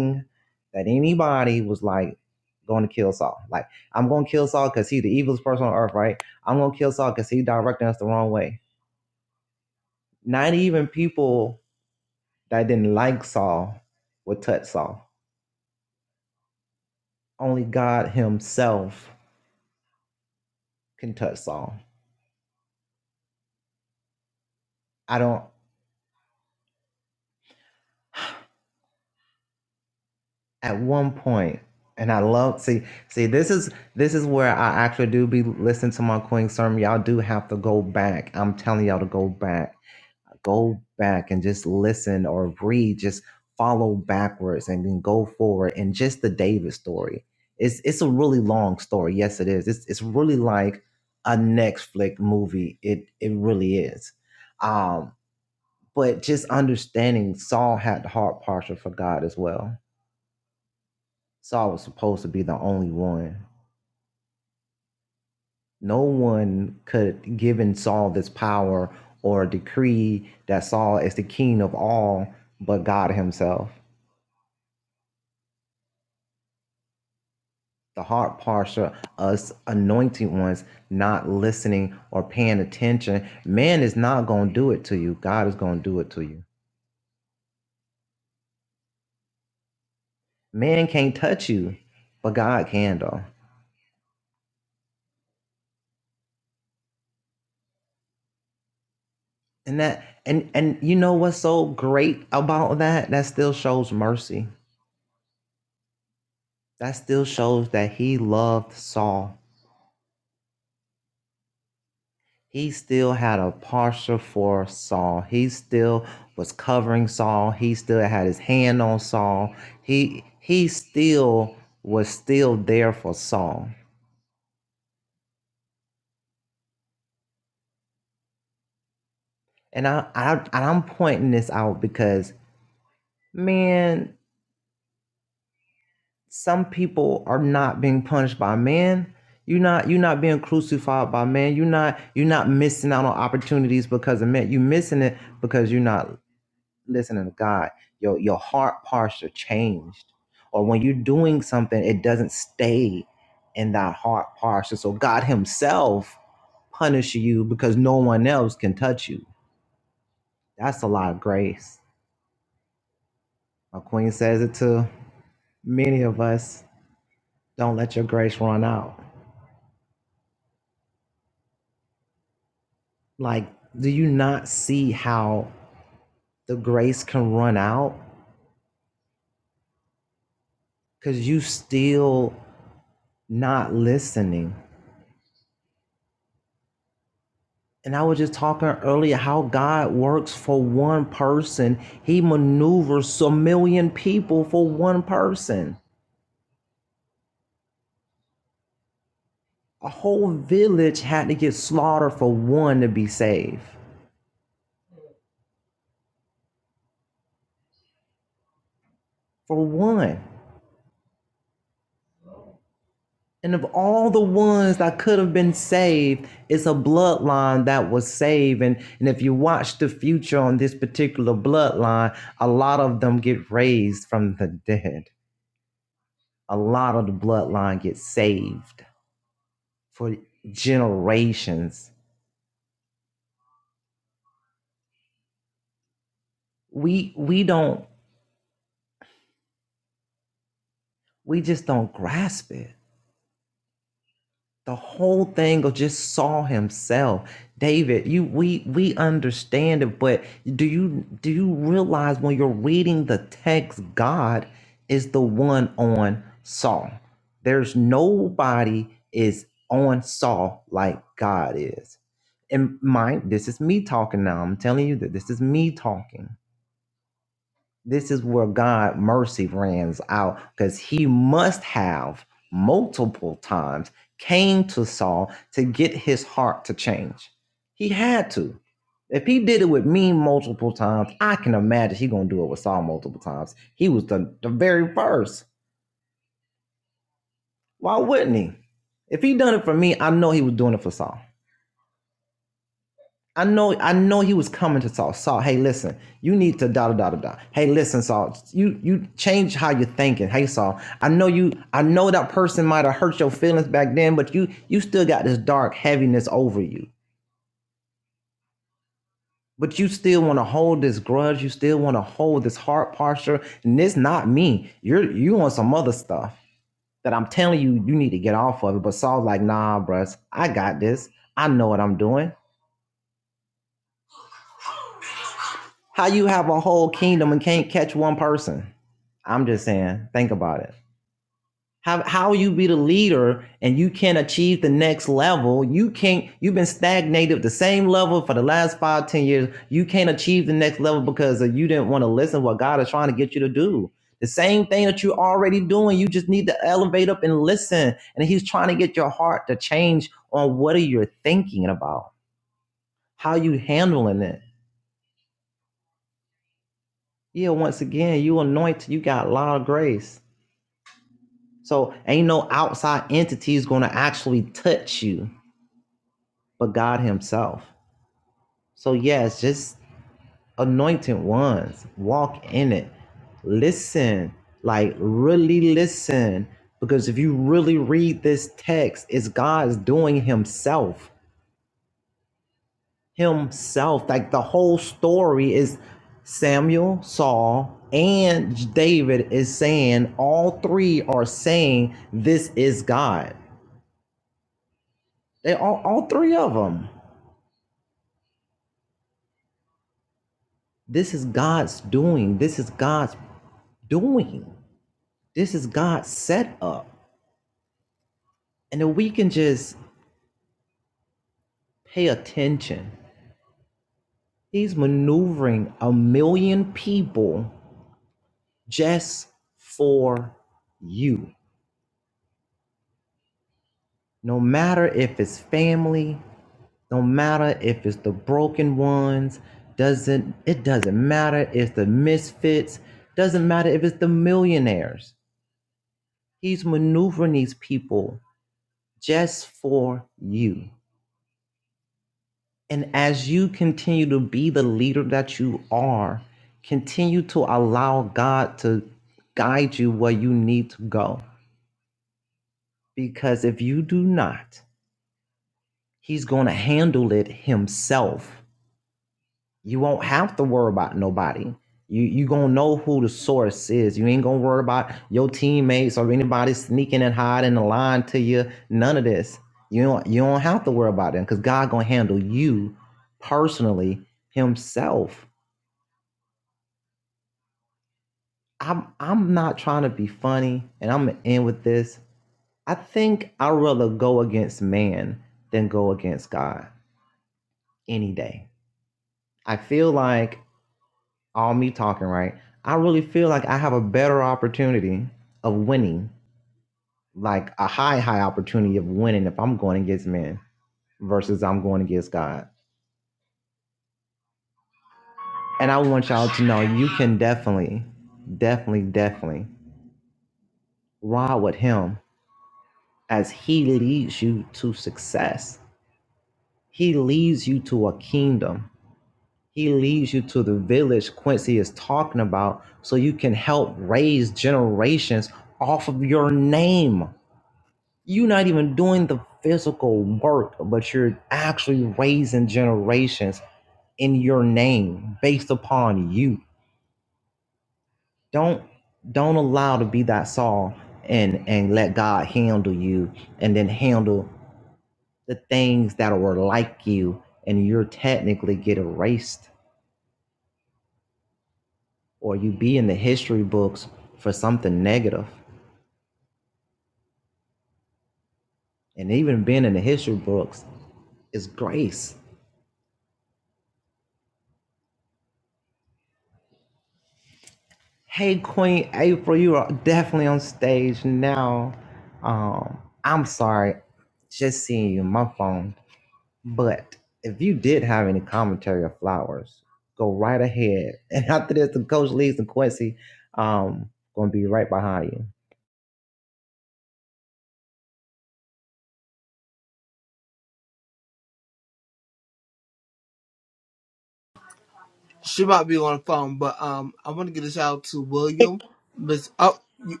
Speaker 1: She might be on the phone, but um, I want to get a shout out to William. Miss, oh, you,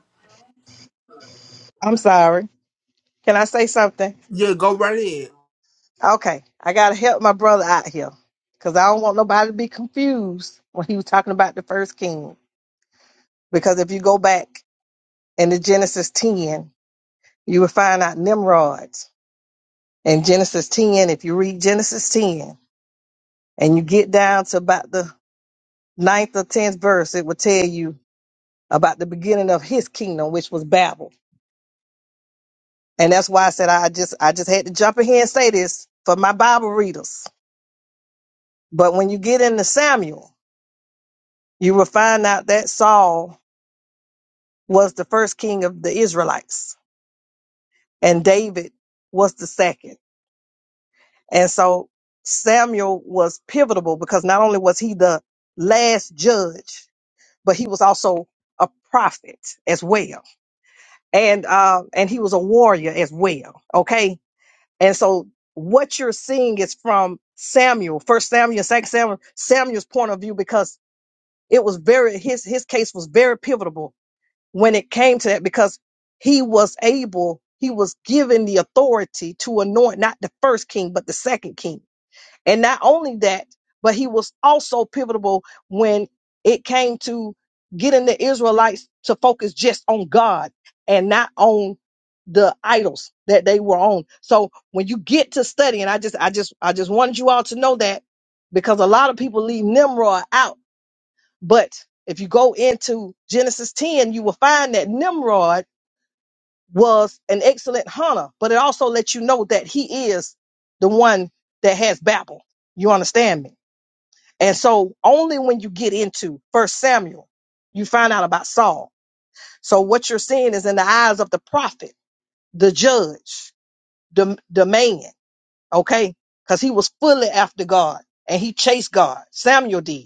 Speaker 6: I'm sorry. Can I say something?
Speaker 1: yeah, go right ahead.
Speaker 6: Okay, I gotta help my brother out here because I don't want nobody to be confused when he was talking about the first king. Because if you go back into Genesis 10, you will find out Nimrod in Genesis 10. If you read Genesis 10 and you get down to about the ninth or tenth verse, it will tell you about the beginning of his kingdom, which was Babel. And that's why I said I just I just had to jump in here and say this for my Bible readers. But when you get into Samuel, you will find out that Saul was the first king of the Israelites, and David was the second. And so Samuel was pivotal because not only was he the last judge, but he was also a prophet as well, and uh, and he was a warrior as well. Okay, and so what you're seeing is from Samuel, First Samuel, Second Samuel, Samuel's point of view because it was very his his case was very pivotal when it came to that because he was able, he was given the authority to anoint not the first king, but the second king. And not only that, but he was also pivotal when it came to getting the Israelites to focus just on God and not on the idols that they were on. So when you get to studying, I just, I just, I just wanted you all to know that because a lot of people leave Nimrod out but if you go into Genesis 10, you will find that Nimrod was an excellent hunter, but it also lets you know that he is the one that has Babel. You understand me? And so only when you get into First Samuel, you find out about Saul. So what you're seeing is in the eyes of the prophet, the judge, the, the man, okay? Because he was fully after God and he chased God. Samuel did.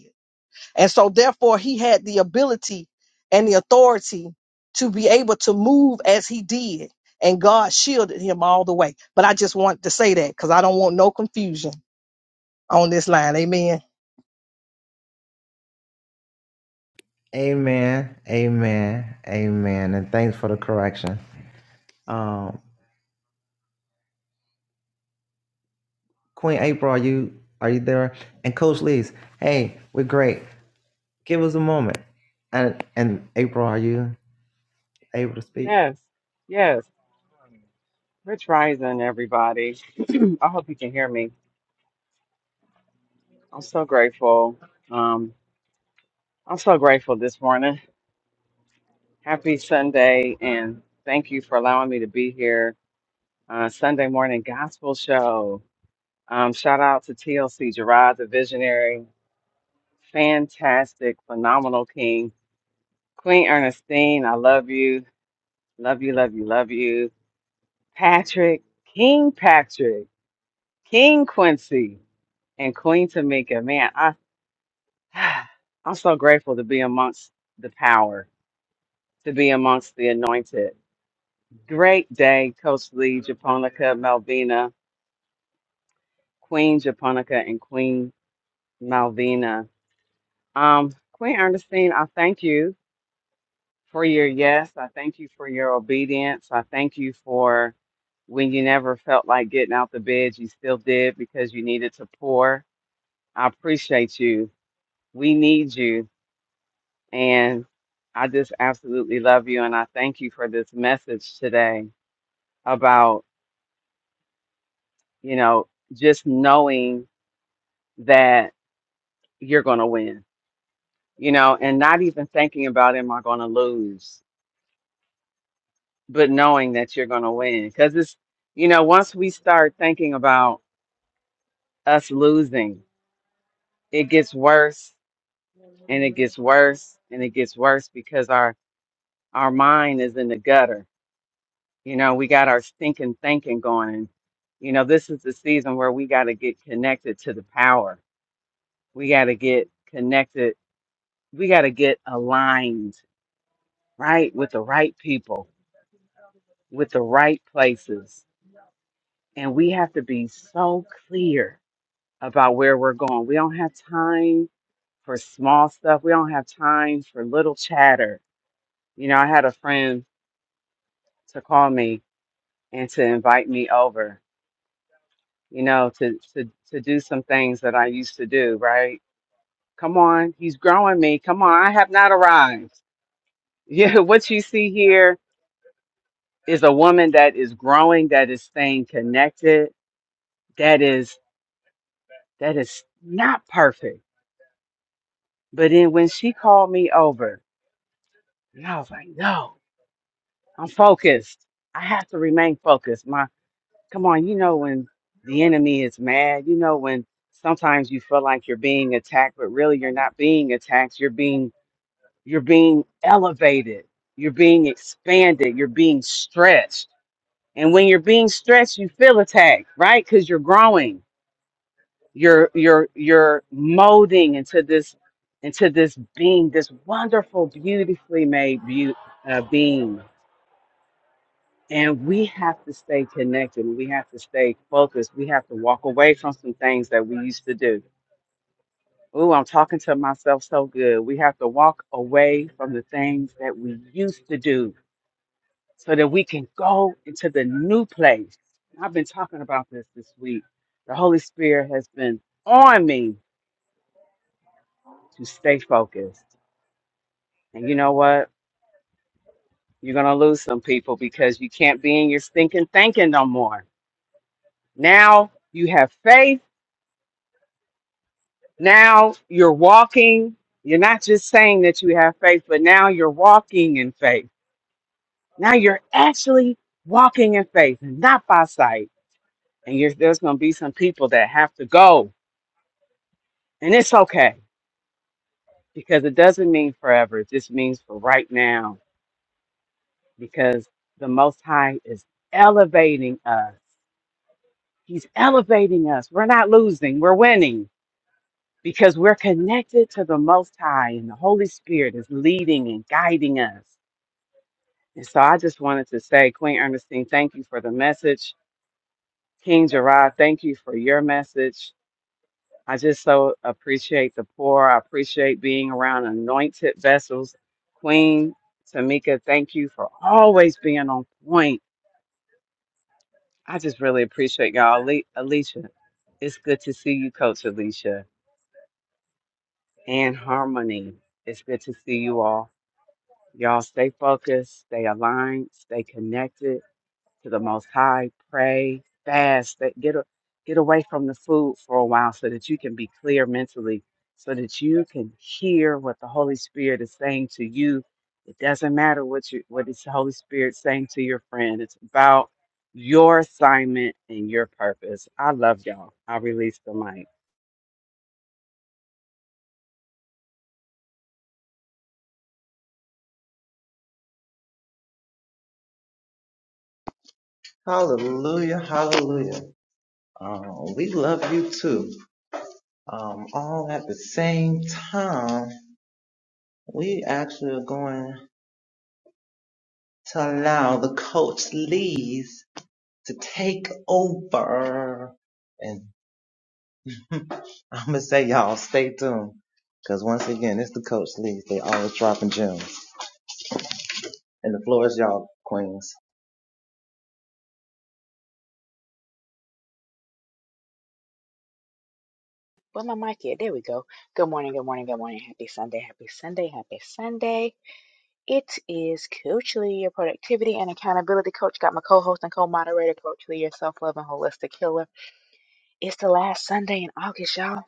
Speaker 6: And so, therefore, he had the ability and the authority to be able to move as he did. And God shielded him all the way. But I just want to say that because I don't want no confusion on this line. Amen.
Speaker 7: Yes, yes. Rich Rising, everybody. [CLEARS THROAT] I hope you can hear me. I'm so grateful. Um, I'm so grateful this morning. Happy Sunday, and thank you for allowing me to be here. Uh, Sunday morning gospel show. Um, shout out to TLC Gerard, the visionary, fantastic, phenomenal king. Queen Ernestine, I love you. Love you, love you, love you. Patrick, King Patrick, King Quincy and Queen Tamika. Man, I [SIGHS] I'm so grateful to be amongst the power, to be amongst the anointed. Great day, Coach Lee, Japonica, Malvina, Queen Japonica, and Queen Malvina. Um, Queen Ernestine, I thank you for your yes. I thank you for your obedience. I thank you for when you never felt like getting out the bed, you still did because you needed to pour. I appreciate you. We need you And I just absolutely love you. And I thank you for this message today about, you know, just knowing that you're going to win, you know, and not even thinking about, am I going to lose, but knowing that you're going to win. Because it's, you know, once we start thinking about us losing, it gets worse and it gets worse and it gets worse because our, our mind is in the gutter You know, we got our stinking thinking going. And, you know, this is the season where we got to get connected to the power. We got to get connected. We got to get aligned, right? With the right people, with the right places. And we have to be so clear about where we're going. We don't have time for small stuff. We don't have time for little chatter. You know, I had a friend to call me and to invite me over you know, to to to do some things that I used to do, right? Come on, he's growing me. Come on, I have not arrived. Yeah, [LAUGHS] what you see here is a woman that is growing, that is staying connected, that is that is not perfect. But then when she called me over, and I was like, no, I'm focused. I have to remain focused. My come on, you know when the enemy is mad, you know when sometimes you feel like you're being attacked, but really you're not being attacked. You're being You're being elevated. You're being expanded. You're being stretched. And when you're being stretched, you feel attacked, right? Because you're growing. You're you're you're molding into this into this being, this wonderful, beautifully made be- uh, being. And we have to stay connected. We have to stay focused. We have to walk away from some things that we used to do. Ooh, I'm talking to myself so good. We have to walk away from the things that we used to do so that we can go into the new place. And I've been talking about this this week. The Holy Spirit has been on me to stay focused. And you know what? You're going to lose some people because you can't be in your stinking thinking no more. Now you have faith. Now you're walking. You're not just saying that you have faith, but now you're walking in faith. Now you're actually walking in faith and not by sight. And you're, there's going to be some people that have to go. And it's okay because it doesn't mean forever. It just means for right now because the Most High is elevating us. He's elevating us. We're not losing, we're winning because we're connected to the Most High and the Holy Spirit is leading and guiding us. And so I just wanted to say, Queen Ernestine, thank you for the message. King Gerard, thank you for your message. I just so appreciate the poor. I appreciate being around anointed vessels. Queen Tamika, thank you for always being on point. I just really appreciate y'all. Ale- Alicia, it's good to see you, Coach Alicia, and Harmony. It's good to see you all. Y'all stay focused, stay aligned, stay connected to the Most High, pray, fast, that get a, get away from the food for a while so that you can be clear mentally, so that you can hear what the Holy Spirit is saying to you. It doesn't matter what you what is the Holy Spirit saying to your friend. It's about your assignment and your purpose. I love y'all. I release the mic.
Speaker 8: Well, my mic here. There we go. Good morning, good morning, good morning. Happy Sunday, happy Sunday, happy Sunday. It is Coach Lee, your productivity and accountability coach. Got my co-host and co-moderator, Coach Lee, your self-love and holistic healer. It's the last Sunday in August, y'all.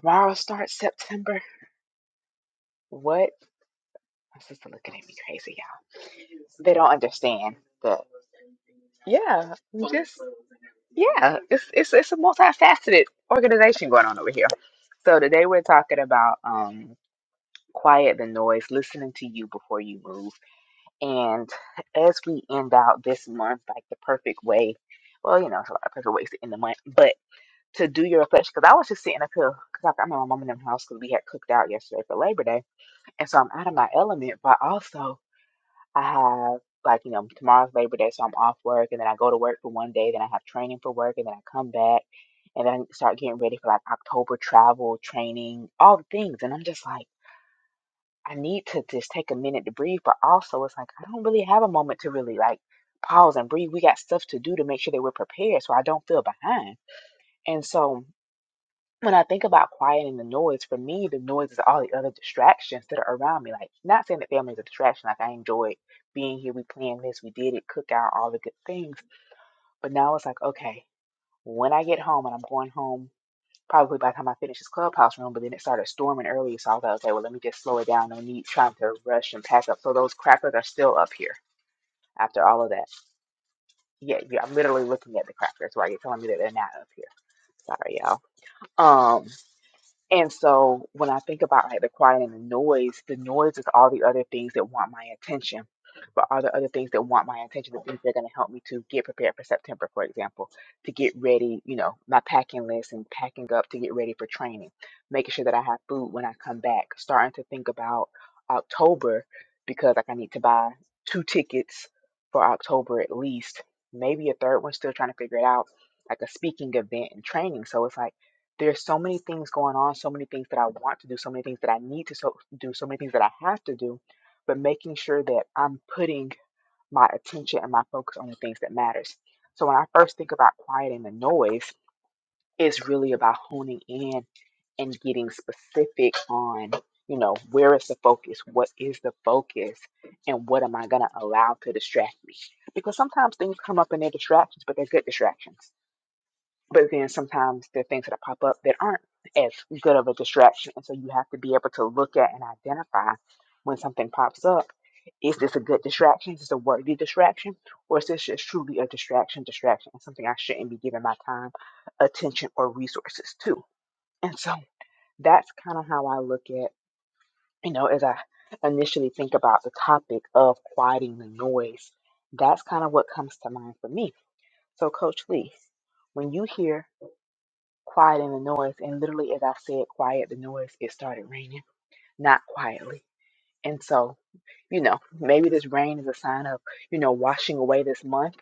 Speaker 8: Tomorrow starts September. What? My sister looking at me crazy, y'all. They don't understand that. Yeah, just yeah. It's it's it's a multifaceted organization going on over here. So today we're talking about. um. quiet the noise, listening to you before you move. And as we end out this month, like the perfect way, well, you know, it's a lot of perfect ways to end the month, but to do your reflection, because I was just sitting up here, because I'm in my mom and them house because we had cooked out yesterday for Labor Day. And so I'm out of my element, but also I have, like, you know, tomorrow's Labor Day, so I'm off work, and then I go to work for one day, then I have training for work, and then I come back, and then I start getting ready for like October travel, training, all the things. And I'm just like, I need to just take a minute to breathe, but also it's like I don't really have a moment to really like pause and breathe. We got stuff to do to make sure that we're prepared so I don't feel behind. And so when I think about quieting the noise, for me, the noise is all the other distractions that are around me. Like, not saying that family is a distraction, like, I enjoyed being here, we planned this, we did it, cook out, all the good things. But now it's like, okay, when I get home and I'm going home probably by the time I finished this clubhouse room, but then it started storming early, so I was like, okay, well, let me just slow it down. No need trying to rush and pack up. So those crackers are still up here after all of that. Yeah, yeah, I'm literally looking at the crackers. Why you're telling me that they're not up here. Sorry, y'all. Um. And so when I think about like the quiet and the noise, the noise is all the other things that want my attention. But all the other things that want my attention, the things that are going to help me to get prepared for September, for example, to get ready, you know, my packing list and packing up to get ready for training, making sure that I have food when I come back, starting to think about October because like I need to buy two tickets for October at least, maybe a third one, still trying to figure it out, like a speaking event and training. So it's like, there's so many things going on, so many things that I want to do, so many things that I need to so, do, so many things that I have to do, but making sure that I'm putting my attention and my focus on the things that matters. So when I first think about quieting the noise, it's really about honing in and getting specific on, you know, where is the focus? What is the focus? And what am I going to allow to distract me? Because sometimes things come up and they're distractions, but they're good distractions. But then sometimes there are things that pop up that aren't as good of a distraction. And so you have to be able to look at and identify when something pops up. Is this a good distraction? Is this a worthy distraction? Or is this just truly a distraction, distraction, and something I shouldn't be giving my time, attention, or resources to? And so that's kind of how I look at, you know, as I initially think about the topic of quieting the noise, that's kind of what comes to mind for me. So, Coach Lee, when you hear quieting the noise. And literally, as I said, quiet the noise, it started raining, not quietly. And so, you know, maybe this rain is a sign of, you know, washing away this month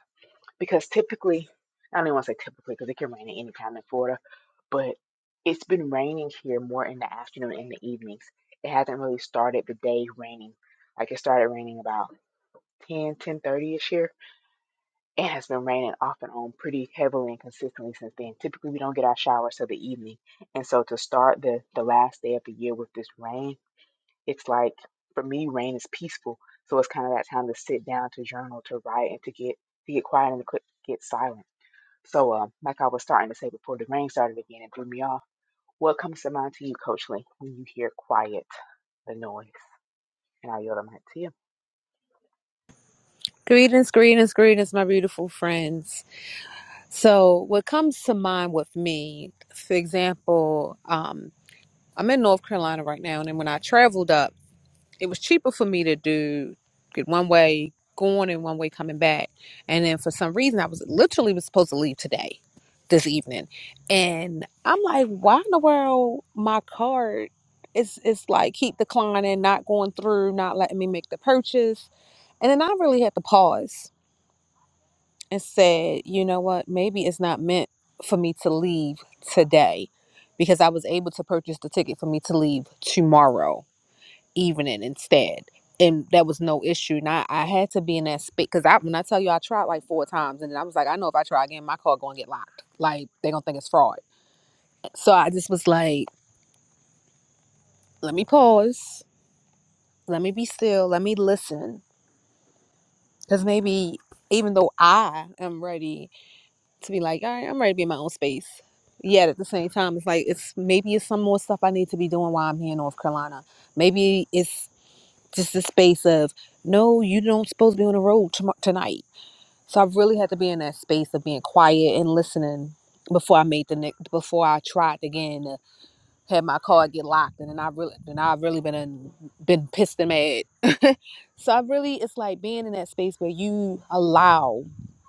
Speaker 8: because typically, I don't even want to say typically because it can rain at any time in Florida, but it's been raining here more in the afternoon and the evenings. It hasn't really started the day raining. Like it started raining about 10, ish here it has been raining off and on pretty heavily and consistently since then. Typically, we don't get our showers till the evening. And so to start the, the last day of the year with this rain, it's like, for me, rain is peaceful. So it's kind of that time to sit down, to journal, to write, and to get to get quiet and to quit- get silent. So, um, like I was starting to say before the rain started again, it threw me off. What comes to mind to you, Coach Lee, when you hear quiet, the noise? And I yield the mic to you.
Speaker 9: Greetings, greetings, greetings, my beautiful friends. So, what comes to mind with me, for example, um, I'm in North Carolina right now, and then when I traveled up, it was cheaper for me to do get one way going and one way coming back. And then for some reason, I was literally was supposed to leave today, this evening, and I'm like, why in the world my card is is like keep declining, not going through, not letting me make the purchase, and then I really had to pause and said, you know what, maybe it's not meant for me to leave today because I was able to purchase the ticket for me to leave tomorrow evening instead. And that was no issue. And I, I had to be in that space because I when I tell you I tried like four times and then I was like, I know if I try again, my car gonna get locked. Like they gonna think it's fraud. So I just was like, let me pause, let me be still, let me listen. Cause maybe even though I am ready to be like, all right, I'm ready to be in my own space. Yet at the same time, it's like it's maybe it's some more stuff I need to be doing while I'm here in North Carolina. Maybe it's just a space of no, you don't supposed to be on the road tom- tonight. So I've really had to be in that space of being quiet and listening before I made the next before I tried again to have my car get locked and then I really then I've really been in, been pissed and mad. [LAUGHS] so I really it's like being in that space where you allow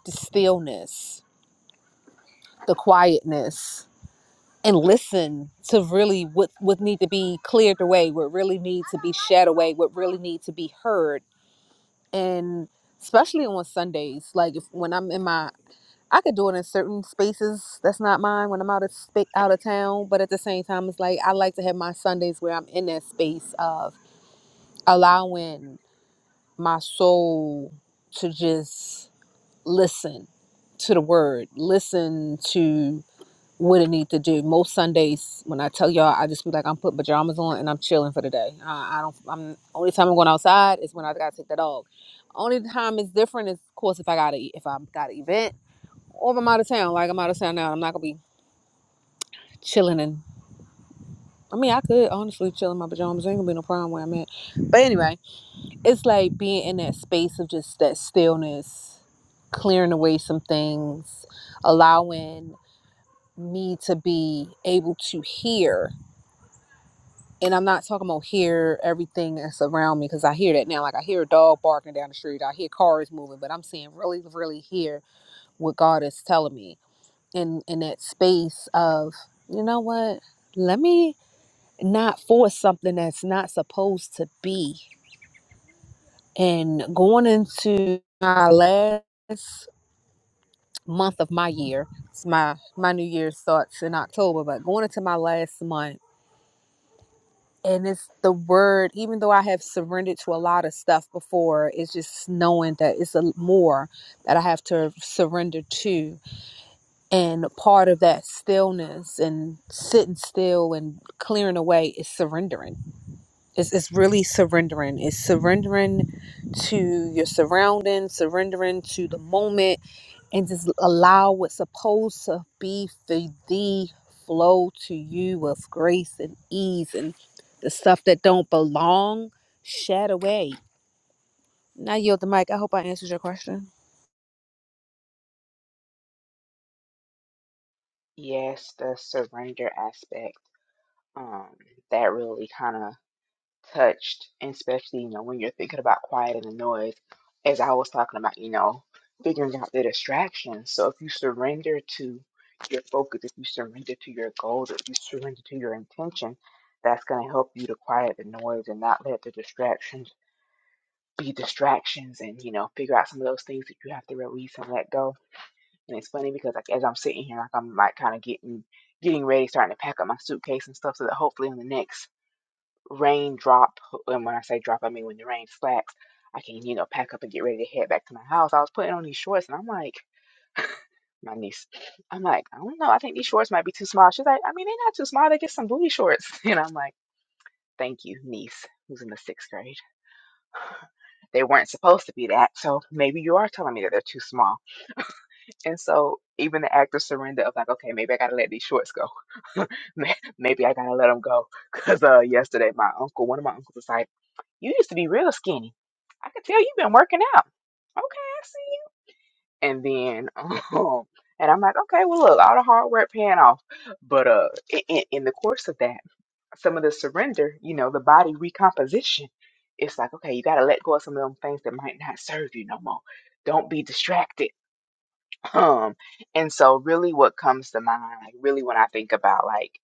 Speaker 9: the stillness, the quietness and listen to really what what need to be cleared away, what really need to be shed away, what really need to be heard, and especially on Sundays, like if when I'm in my, I could do it in certain spaces that's not mine when I'm out of sp- out of town, but at the same time, it's like I like to have my Sundays where I'm in that space of allowing my soul to just listen to the word, listen to what it need to do. Most Sundays, when I tell y'all, I just be like, I'm putting pajamas on and I'm chilling for the day. Uh, I don't. I'm only time I'm going outside is when I gotta take the dog. Only time it's different is, of course, if I gotta e, if I got an event or if I'm out of town. Like I'm out of town now, I'm not gonna be chilling and. I mean, I could honestly chill in my pajamas. There Ain't gonna be no problem where I'm at. But anyway, it's like being in that space of just that stillness, clearing away some things, allowing me to be able to hear and I'm not talking about hear everything that's around me because I hear that now. Like I hear a dog barking down the street, I hear cars moving, but I'm seeing really, really hear what God is telling me in in that space of you know what? Let me not force something that's not supposed to be. And going into my last month of my year, it's my my New Year's starts in October, but going into my last month and it's the word even though i have surrendered to a lot of stuff before it's just knowing that it's a more that i have to surrender to and part of that stillness and sitting still and clearing away is surrendering it's, it's really surrendering it's surrendering to your surroundings surrendering to the moment and just allow what's supposed to be for thee flow to you with grace and ease and the stuff that don't belong shed away. Now yield the mic. I hope I answered your question.
Speaker 8: Yes, the surrender aspect. Um, that really kind of touched, and especially, you know, when you're thinking about quiet and the noise, as I was talking about, you know, figuring out the distractions. So if you surrender to your focus, if you surrender to your goals, if you surrender to your intention, that's going to help you to quiet the noise and not let the distractions be distractions and, you know, figure out some of those things that you have to release and let go. And it's funny because like as I'm sitting here, like I'm like kind of getting getting ready, starting to pack up my suitcase and stuff so that hopefully on the next rain drop, and when I say drop, I mean when the rain slacks, I can, you know, pack up and get ready to head back to my house. I was putting on these shorts, and I'm like, my niece, I'm like, I don't know, I think these shorts might be too small. She's like, I mean, they're not too small. They get some booty shorts, [LAUGHS] and I'm like, thank you, niece, who's in the sixth grade. They weren't supposed to be that, so maybe you are telling me that they're too small. And so even the act of surrender of like, okay, maybe I gotta let these shorts go. [LAUGHS] May- Maybe I gotta let them go, because uh, yesterday my uncle, one of my uncles was like. You used to be real skinny. I can tell you've been working out. Okay, I see you. And then, [LAUGHS] um, and I'm like, okay, well, look, all the hard work paying off. But uh, in, in the course of that, some of the surrender, you know, the body recomposition, it's like, okay, you got to let go of some of them things that might not serve you no more. Don't be distracted um, and so really what comes to mind, like really when I think about like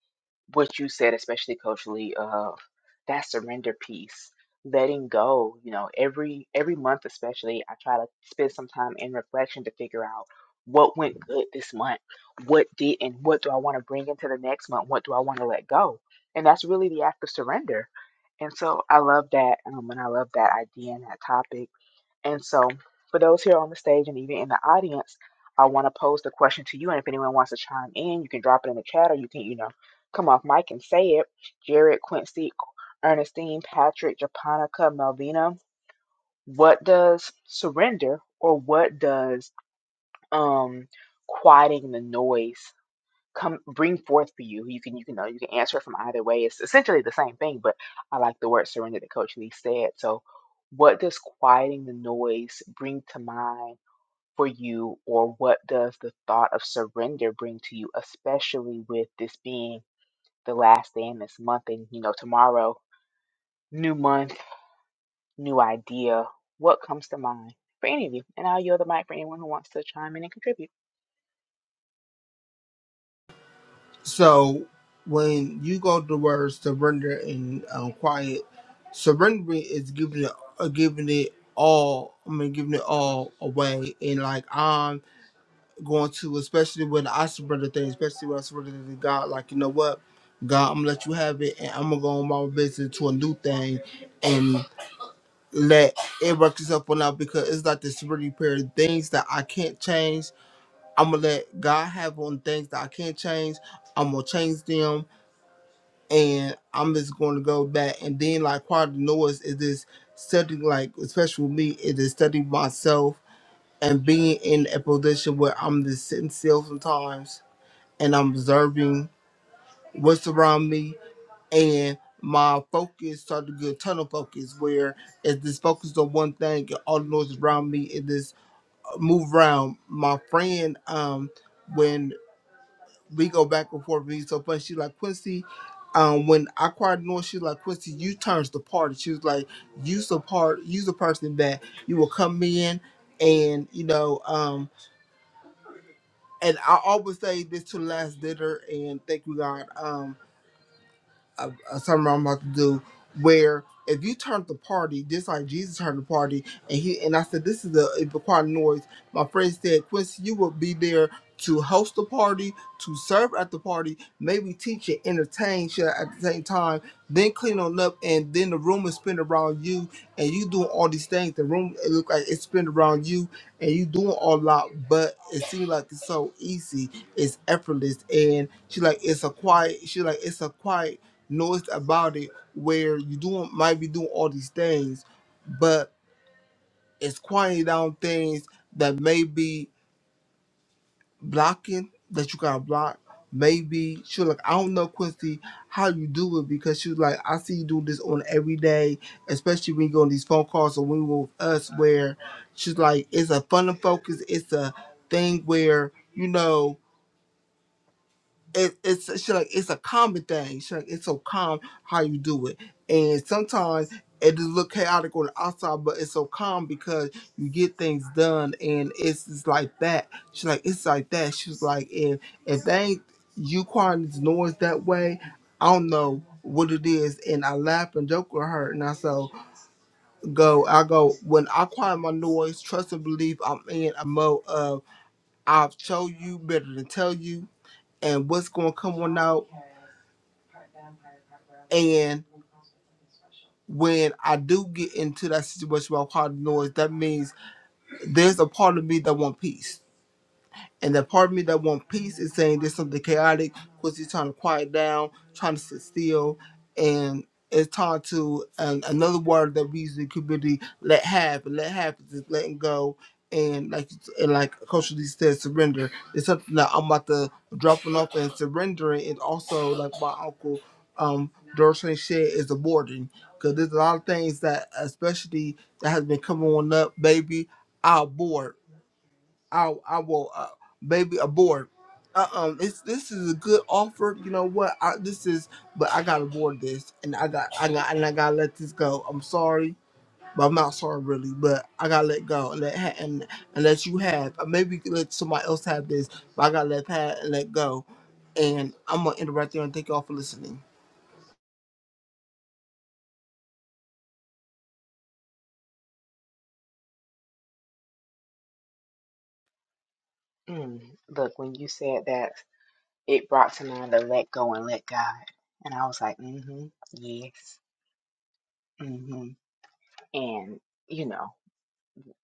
Speaker 8: what you said, especially culturally, of that surrender piece, letting go. You know, every every month, especially, I try to spend some time in reflection to figure out what went good this month, what did, and what do I want to bring into the next month, what do I want to let go, and that's really the act of surrender. And so I love that, um, and I love that idea and that topic. And so, for those here on the stage and even in the audience, I want to pose the question to you. And if anyone wants to chime in, you can drop it in the chat or you can, you know, come off mic and say it. Jared, Quincy, Ernestine, Patrick, Japonica, Melvina. What does surrender or what does um quieting the noise come bring forth for you. You can you can know you can answer it from either way. It's essentially the same thing, but I like the word surrender that Coach Lee said. So what does quieting the noise bring to mind for you, or what does the thought of surrender bring to you, especially with this being the last day in this month and you know tomorrow, new month, new idea. What comes to mind for any of you? And I'll yield the mic for anyone who wants to chime in and contribute.
Speaker 1: So when you go to the word surrender and um, quiet, surrendering is giving it, uh, giving it all. I mean, giving it all away, and like um. going to, especially when I surrender things, especially when I surrender to God. Like, you know what? God, I'm gonna let you have it, and I'm gonna go on my business to a new thing, and let it work itself on out because it's like this really pair of things that I can't change. I'm gonna let God have on things that I can't change. I'm gonna change them, and I'm just going to go back. And then, like part of the noise is this studying, like especially with me, it is studying myself and being in a position where I'm just sitting still sometimes and I'm observing what's around me and my focus started to get tunnel focus where it's this focus on one thing and all the noise around me is this move around. My friend, um, when we go back and forth, we so funny, she like Quincy, um, when I cried noise, she like Quincy, you turns the party. She was like, You's the part you's the person that you will come in and you know, um and I always say this to the last dinner and thank you God. Um, uh, uh, something I'm about to do where if you turn up the party, just like Jesus turned the party, and he and I said this is a, a required noise. My friend said, Quincy, you will be there to host the party, to serve at the party, maybe teach and entertain shit at the same time, then clean on up, and then the room is spin around you, and you doing all these things. The room it look like it's spin around you, and you doing all lot, but it seems like it's so easy, it's effortless, and she like it's a quiet. She like it's a quiet noticed about it where you doing might be doing all these things, but it's quieting down things that may be blocking that you gotta block. Maybe she was like, I don't know, Quincy, how you do it because she was like, I see you do this on every day, especially when you go on these phone calls or when you were with us where she's like, it's a fun and focus, it's a thing where, you know, it, it's she like it's a common thing. She like it's so calm how you do it, and sometimes it just look chaotic on the outside, but it's so calm because you get things done, and it's just like that. She like it's like that. She was like if if they ain't you crying this noise that way, I don't know what it is. And I laugh and joke with her, and I so go I go when I quiet my noise, trust and believe I'm in a mode of I'll show you better than tell you, and what's gonna come on out And when I do get into that situation where I'm part of the noise, that means there's a part of me that wants peace and that part of me that want peace is saying there's something chaotic because he's trying to quiet down, trying to sit still, and it's tied to an, another word that we usually could really let have. And let have is just letting go. And like and like Coach Lee said, surrender. It's something that I'm about to dropping off and surrendering. And also, like my uncle, um, Dorsey said, is aborting because there's a lot of things that, especially that has been coming on up, baby. I abort I I will uh, baby abort. Uh um, it's this is a good offer. You know what? I, this is, but I gotta board this, and I got I got and I gotta let this go. I'm sorry, but I'm not sorry really. But I gotta let go and let ha- and and let you have. Or maybe you can let somebody else have this, but I gotta let Pat and let go. And I'm gonna end it right there and thank y'all for listening.
Speaker 8: Mm, Look, when you said that it brought to mind the let go and let God. And I was like, mm-hmm, yes, mm-hmm. And, you know,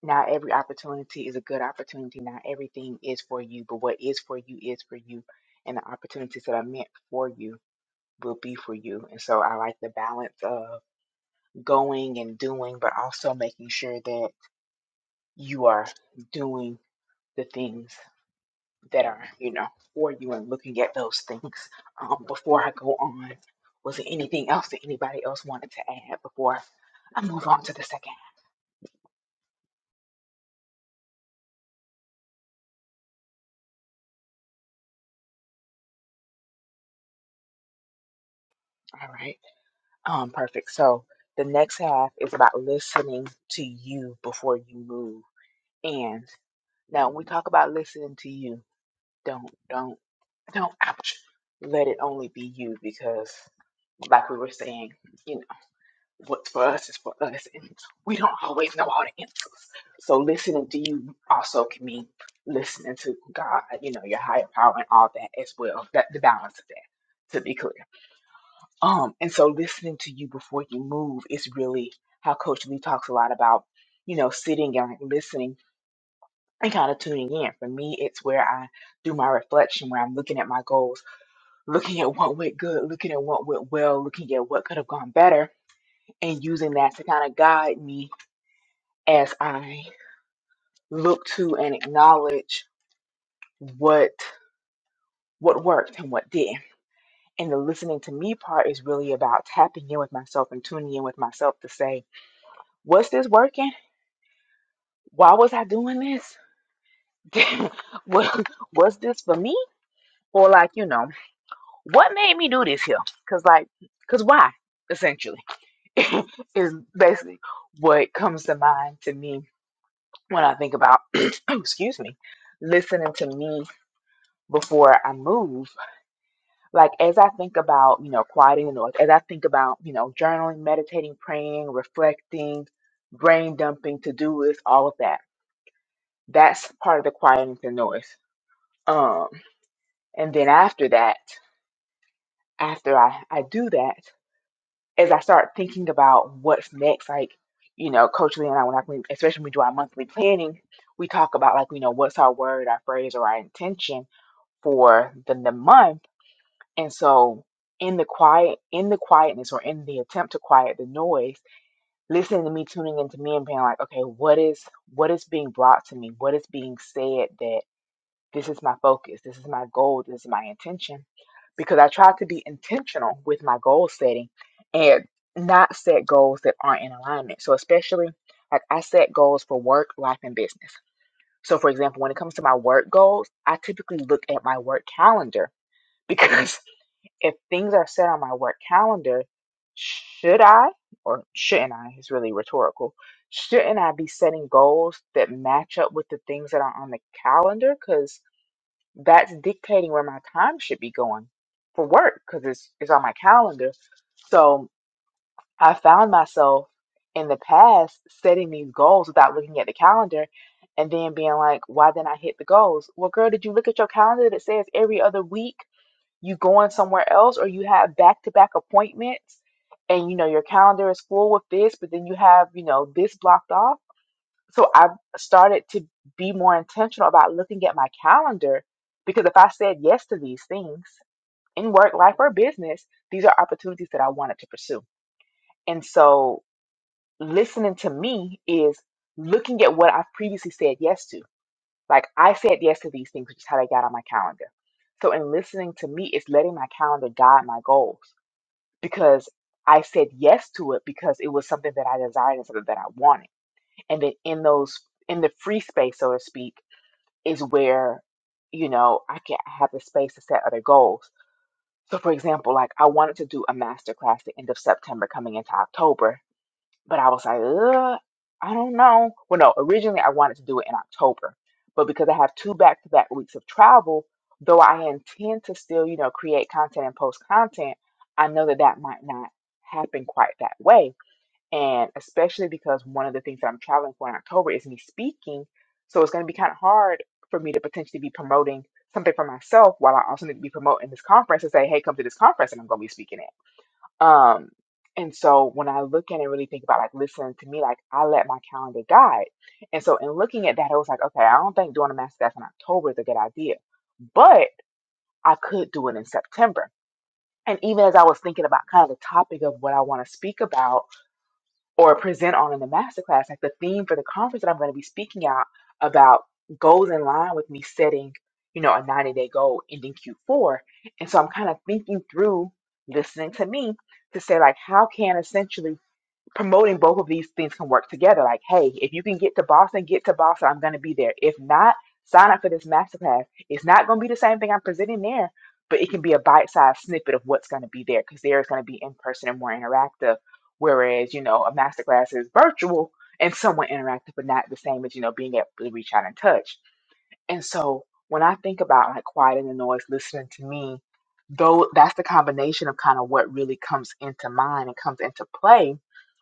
Speaker 8: not every opportunity is a good opportunity. Not everything is for you, but what is for you is for you. And the opportunities that are meant for you will be for you. And so I like the balance of going and doing, but also making sure that you are doing the things. that are, you know, for you and looking at those things. Um, before I go on, was there anything else that anybody else wanted to add before I move on to the second? half? All right. Um, perfect. So the next half is about listening to you before you move. And now when we talk about listening to you, don't, don't, don't, ouch, let it only be you because like we were saying, you know. what's for us is for us, and we don't always know all the answers. So listening to you also can mean listening to God, you know, your higher power and all that as well. That the balance of that, to be clear. Um, and so listening to you before you move is really how Coach Lee talks a lot about, you know, sitting and like, listening and kind of tuning in. For me, it's where I do my reflection, where I'm looking at my goals, looking at what went good, looking at what went well, looking at what could have gone better, and using that to kind of guide me as I look to and acknowledge what what worked and what didn't. And the listening to me part is really about tapping in with myself and tuning in with myself to say, was this working? Why was I doing this? [LAUGHS] was, was this for me? Or like, you know, what made me do this here? Cause like, cause why? Essentially, [LAUGHS] is basically what comes to mind to me when I think about, [CLEARS THROAT] excuse me, listening to me before I move like as I think about, you know, quieting the noise, as I think about, you know, journaling, meditating, praying, reflecting, brain dumping, to do list, all of that. That's part of the quieting the noise. Um, and then after that, after I, I do that, as I start thinking about what's next, like, you know, Coach Lee and I, when I, when- especially when we do our monthly planning, we talk about like, you know, what's our word, our phrase, or our intention for the, the month And so in the quiet, in the quietness or in the attempt to quiet the noise, listening to me tuning into me and being like, okay, what is what is being brought to me? What is being said that this is my focus, this is my goal, this is my intention. Because I try to be intentional with my goal setting and not set goals that aren't in alignment. So especially like I set goals for work, life, and business. So for example, when it comes to my work goals, I typically look at my work calendar [LAUGHS] because if things are set on my work calendar, should I or shouldn't I? It's really rhetorical. Shouldn't I be setting goals that match up with the things that are on the calendar? Because that's dictating where my time should be going for work because it's, it's on my calendar. So I found myself in the past setting these goals without looking at the calendar and then being like, why didn't I hit the goals? Well, girl, did you look at your calendar that says every other week? you going somewhere else or you have back to back appointments and you know your calendar is full with this, but then you have, you know, this blocked off. So I've started to be more intentional about looking at my calendar because if I said yes to these things in work, life, or business, these are opportunities that I wanted to pursue. And so listening to me is looking at what I've previously said yes to. Like I said yes to these things, which is how they got on my calendar. So in listening to me, it's letting my calendar guide my goals because I said yes to it because it was something that I desired and something that I wanted. And then in those, in the free space, so to speak, is where, you know, I can I have the space to set other goals. So, for example, like I wanted to do a master class the end of September coming into October but I was like, Ugh, I don't know. Well, no, originally I wanted to do it in October, but because I have two back to back weeks of travel, though I intend to still, you know, create content and post content, I know that that might not happen quite that way. And especially because one of the things that I'm traveling for in October is me speaking. So it's going to be kind of hard for me to potentially be promoting something for myself while I also need to be promoting this conference and say, hey, come to this conference and I'm going to be speaking at. Um, and so when I look at it and really think about like listening to me, like I let my calendar guide. And so in looking at that, I was like, okay, I don't think doing a master class in October is a good idea, but I could do it in September. And even as I was thinking about kind of the topic of what I want to speak about, or present on in the masterclass, like the theme for the conference that I'm going to be speaking out about goes in line with me setting, you know, a 90 day goal ending Q4. And so I'm kind of thinking through listening to me to say, like, how can essentially promoting both of these things can work together. Like, hey, if you can get to Boston, get to Boston. I'm going to be there. If not, sign up for this masterclass. It's not going to be the same thing I'm presenting there, but it can be a bite-sized snippet of what's going to be there because there is going to be in person and more interactive. Whereas, you know, a masterclass is virtual and somewhat interactive, but not the same as, you know, being able to reach out and touch. And so when I think about like quiet and the noise, listening to me, though that's the combination of kind of what really comes into mind and comes into play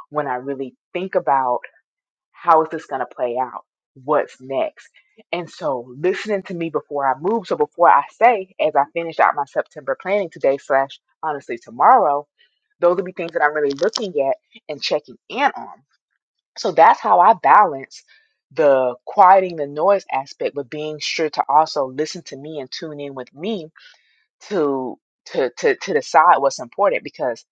Speaker 8: when I really think about how is this going to play out? What's next? And so listening to me before I move. So before I say, as I finish out my September planning today slash honestly tomorrow, those will be things that I'm really looking at and checking in on. So that's how I balance the quieting the noise aspect, but being sure to also listen to me and tune in with me to to to to decide what's important because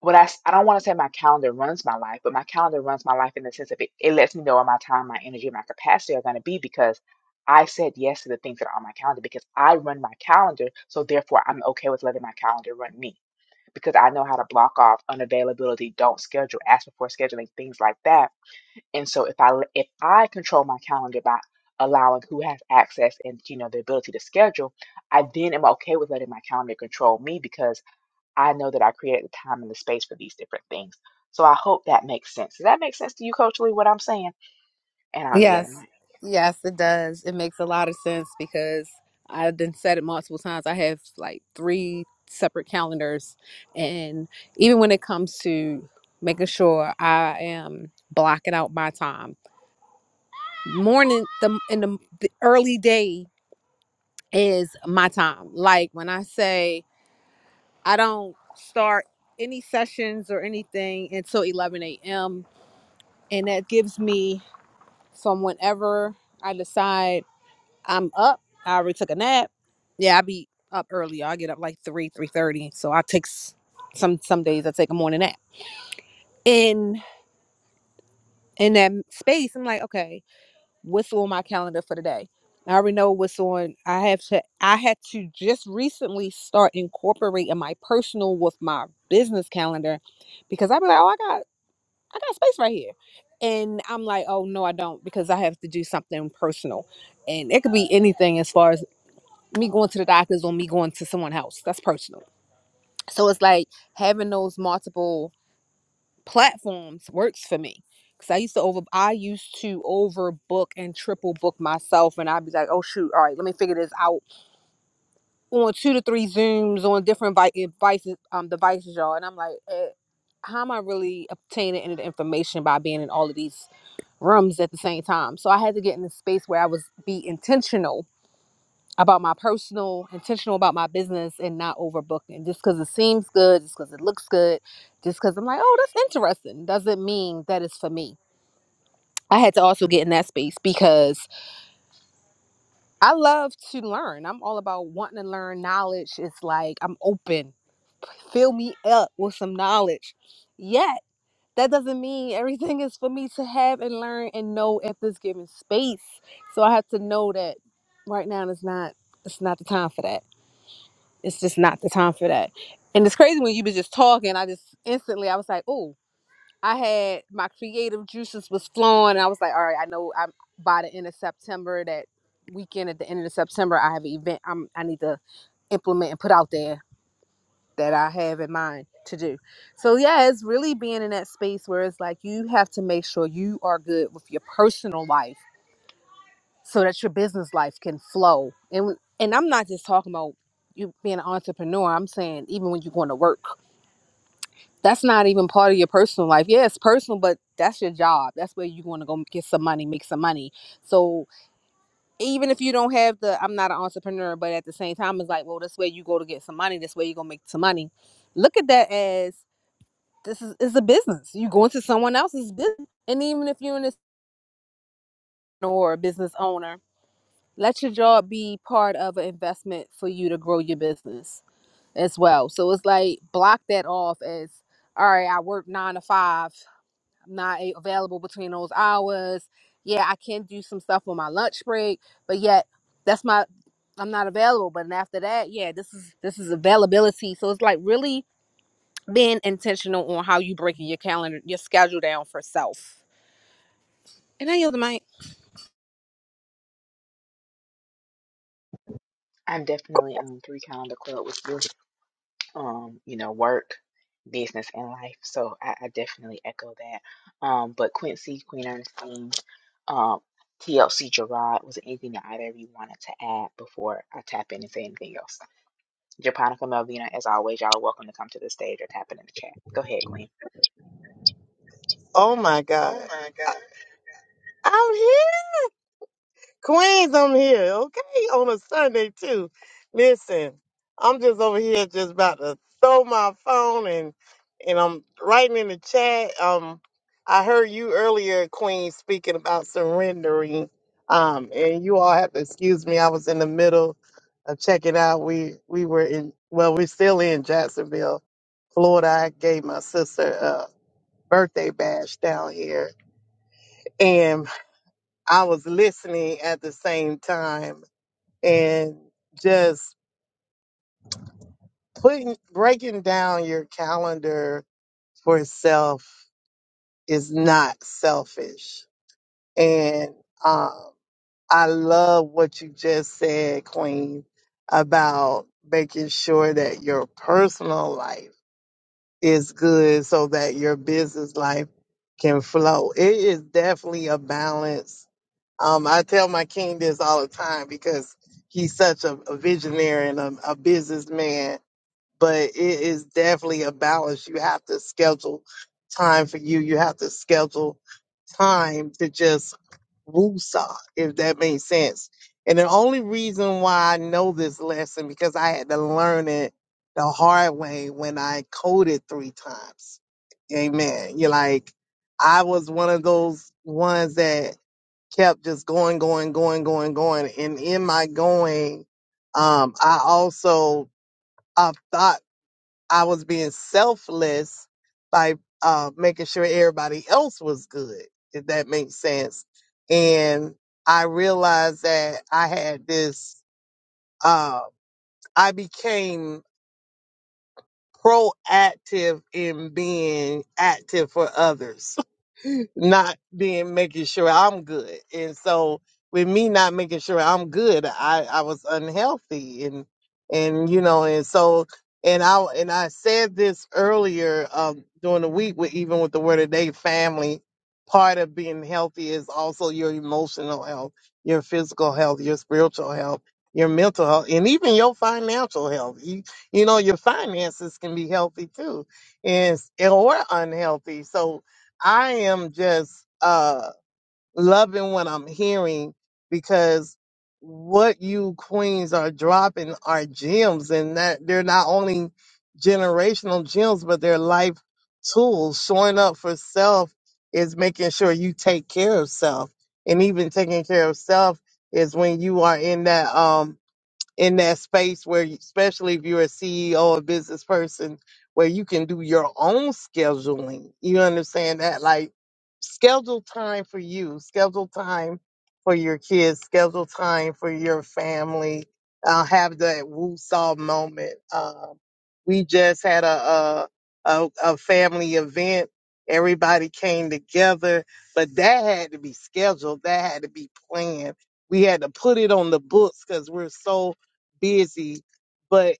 Speaker 8: what I, s- I don't want to say my calendar runs my life, but my calendar runs my life in the sense of it, it lets me know where my time, my energy, and my capacity are going to be because I said yes to the things that are on my calendar because I run my calendar. So therefore, I'm okay with letting my calendar run me because I know how to block off unavailability, don't schedule, ask before scheduling, things like that and so if I if I control my calendar by allowing who has access and you know the ability to schedule, I then am okay with letting my calendar control me because I know that I created the time and the space for these different things. So I hope that makes sense. Does that make sense to you, Coach Lee, what I'm saying? And I'll yield
Speaker 9: Yes.
Speaker 8: my.
Speaker 9: Yes, it does. It makes a lot of sense because I've been said it multiple times. I have like three separate calendars and even when it comes to making sure I am blocking out my time morning the in the, the early day is my time. Like when I say I don't start any sessions or anything until 11 a.m., and that gives me from whenever I decide I'm up. I already took a nap. Yeah, I be up early. I get up like three, three thirty. So I take s- some some days I take a morning nap. In in that space, I'm like, okay, what's on my calendar for today. I already know what's on. I have to. I had to just recently start incorporating my personal with my business calendar because I'd be like, oh, I got, I got space right here, and I'm like, oh no, I don't because I have to do something personal, and it could be anything as far as me going to the doctors or me going to someone's house. That's personal. So it's like having those multiple platforms works for me because I used to over I used to overbook and triple book myself, and I'd be like, oh shoot, all right, let me figure this out on two to three zooms on different vi- devices, um, devices, y'all, and I'm like. Eh, how am I really obtaining any of the information by being in all of these rooms at the same time? So I had to get in a space where I was be intentional about my personal, intentional about my business, and not overbooking. Just because it seems good, just because it looks good, just because I'm like, oh, that's interesting, doesn't mean that it's for me I had to also get in that space because I love to learn. I'm all about wanting to learn knowledge. It's like I'm open. Fill me up with some knowledge. Yet, that doesn't mean everything is for me to have and learn and know at this given space. So I have to know that right now is not it's not the time for that. It's just not the time for that. And it's crazy when you was just talking, I just instantly I was like, "Oh, I had my creative juices was flowing. And I was like, all right, I know I'm by the end of September, that weekend at the end of September, I have an event I'm I need to implement and put out there that I have in mind to do. So yeah, it's really being in that space where it's like you have to make sure you are good with your personal life so that your business life can flow. And and I'm not just talking about you being an entrepreneur. I'm saying even when you're going to work that's not even part of your personal life. Yeah, it's personal, but that's your job. That's where you want to go get some money, make some money. So even if you don't have the, I'm not an entrepreneur, but at the same time, it's like, well, this way you go to get some money. This way you gonna make some money. Look at that as this is, is a business. You go into someone else's business, and even if you're an entrepreneur or a business owner, let your job be part of an investment for you to grow your business as well. So it's like block that off as all right, I work nine to five. not available between those hours. Yeah, I can do some stuff on my lunch break, but yet that's my I'm not available. But then after that, yeah, this is this is availability. So it's like really being intentional on how you breaking your calendar, your schedule down for self. And I yield the mic.
Speaker 8: I'm definitely on three calendar club with you. um, you know, work, business, and life. So I, I definitely echo that. Um, but Quincy, Queen Ernestine, um, TLC Gerard, was there anything that either of you wanted to add before I tap in and say anything else? Japonica Melvina, as always, y'all are welcome to come to the stage or tap it in the chat. Go ahead, Queen.
Speaker 3: Oh my god. Oh my god. Out here. Queens, I'm here, okay? On a Sunday too. Listen, I'm just over here just about to throw my phone and and I'm writing in the chat. Um I heard you earlier, Queen, speaking about surrendering. Um, and you all have to excuse me. I was in the middle of checking out. We we were in well, we're still in Jacksonville, Florida. I gave my sister a birthday bash down here. And I was listening at the same time and just putting breaking down your calendar for self is not selfish. And um, I love what you just said, Queen, about making sure that your personal life is good so that your business life can flow. It is definitely a balance. Um, I tell my king this all the time because he's such a, a visionary and a, a businessman but it is definitely a balance. You have to schedule time for you. You have to schedule time to just woosah, if that makes sense. And the only reason why I know this lesson because I had to learn it the hard way when I coded three times. Amen. You're like, I was one of those ones that kept just going, going, going, going, going. And in my going, um, I also I thought. I was being selfless by uh, making sure everybody else was good, if that makes sense. And I realized that I had this, uh, I became proactive in being active for others, [LAUGHS] not being making sure I'm good. And so with me not making sure I'm good, I, I was unhealthy and and you know, and so and I and I said this earlier um during the week with even with the word of day family, part of being healthy is also your emotional health, your physical health, your spiritual health, your mental health, and even your financial health. You know, your finances can be healthy too, is or unhealthy. So I am just uh loving what I'm hearing because what you queens are dropping are gems and that they're not only generational gems, but they're life tools. Showing up for self is making sure you take care of self. And even taking care of self is when you are in that um in that space where, you- especially if you're a CEO, a business person, where you can do your own scheduling. You understand that? Like, schedule time for you, schedule time for your kids, schedule time for your family. Uh, have that woo-saw moment. Um, we just had a, a a a family event. Everybody came together, but that had to be scheduled. That had to be planned. We had to put it on the books because we're so busy, but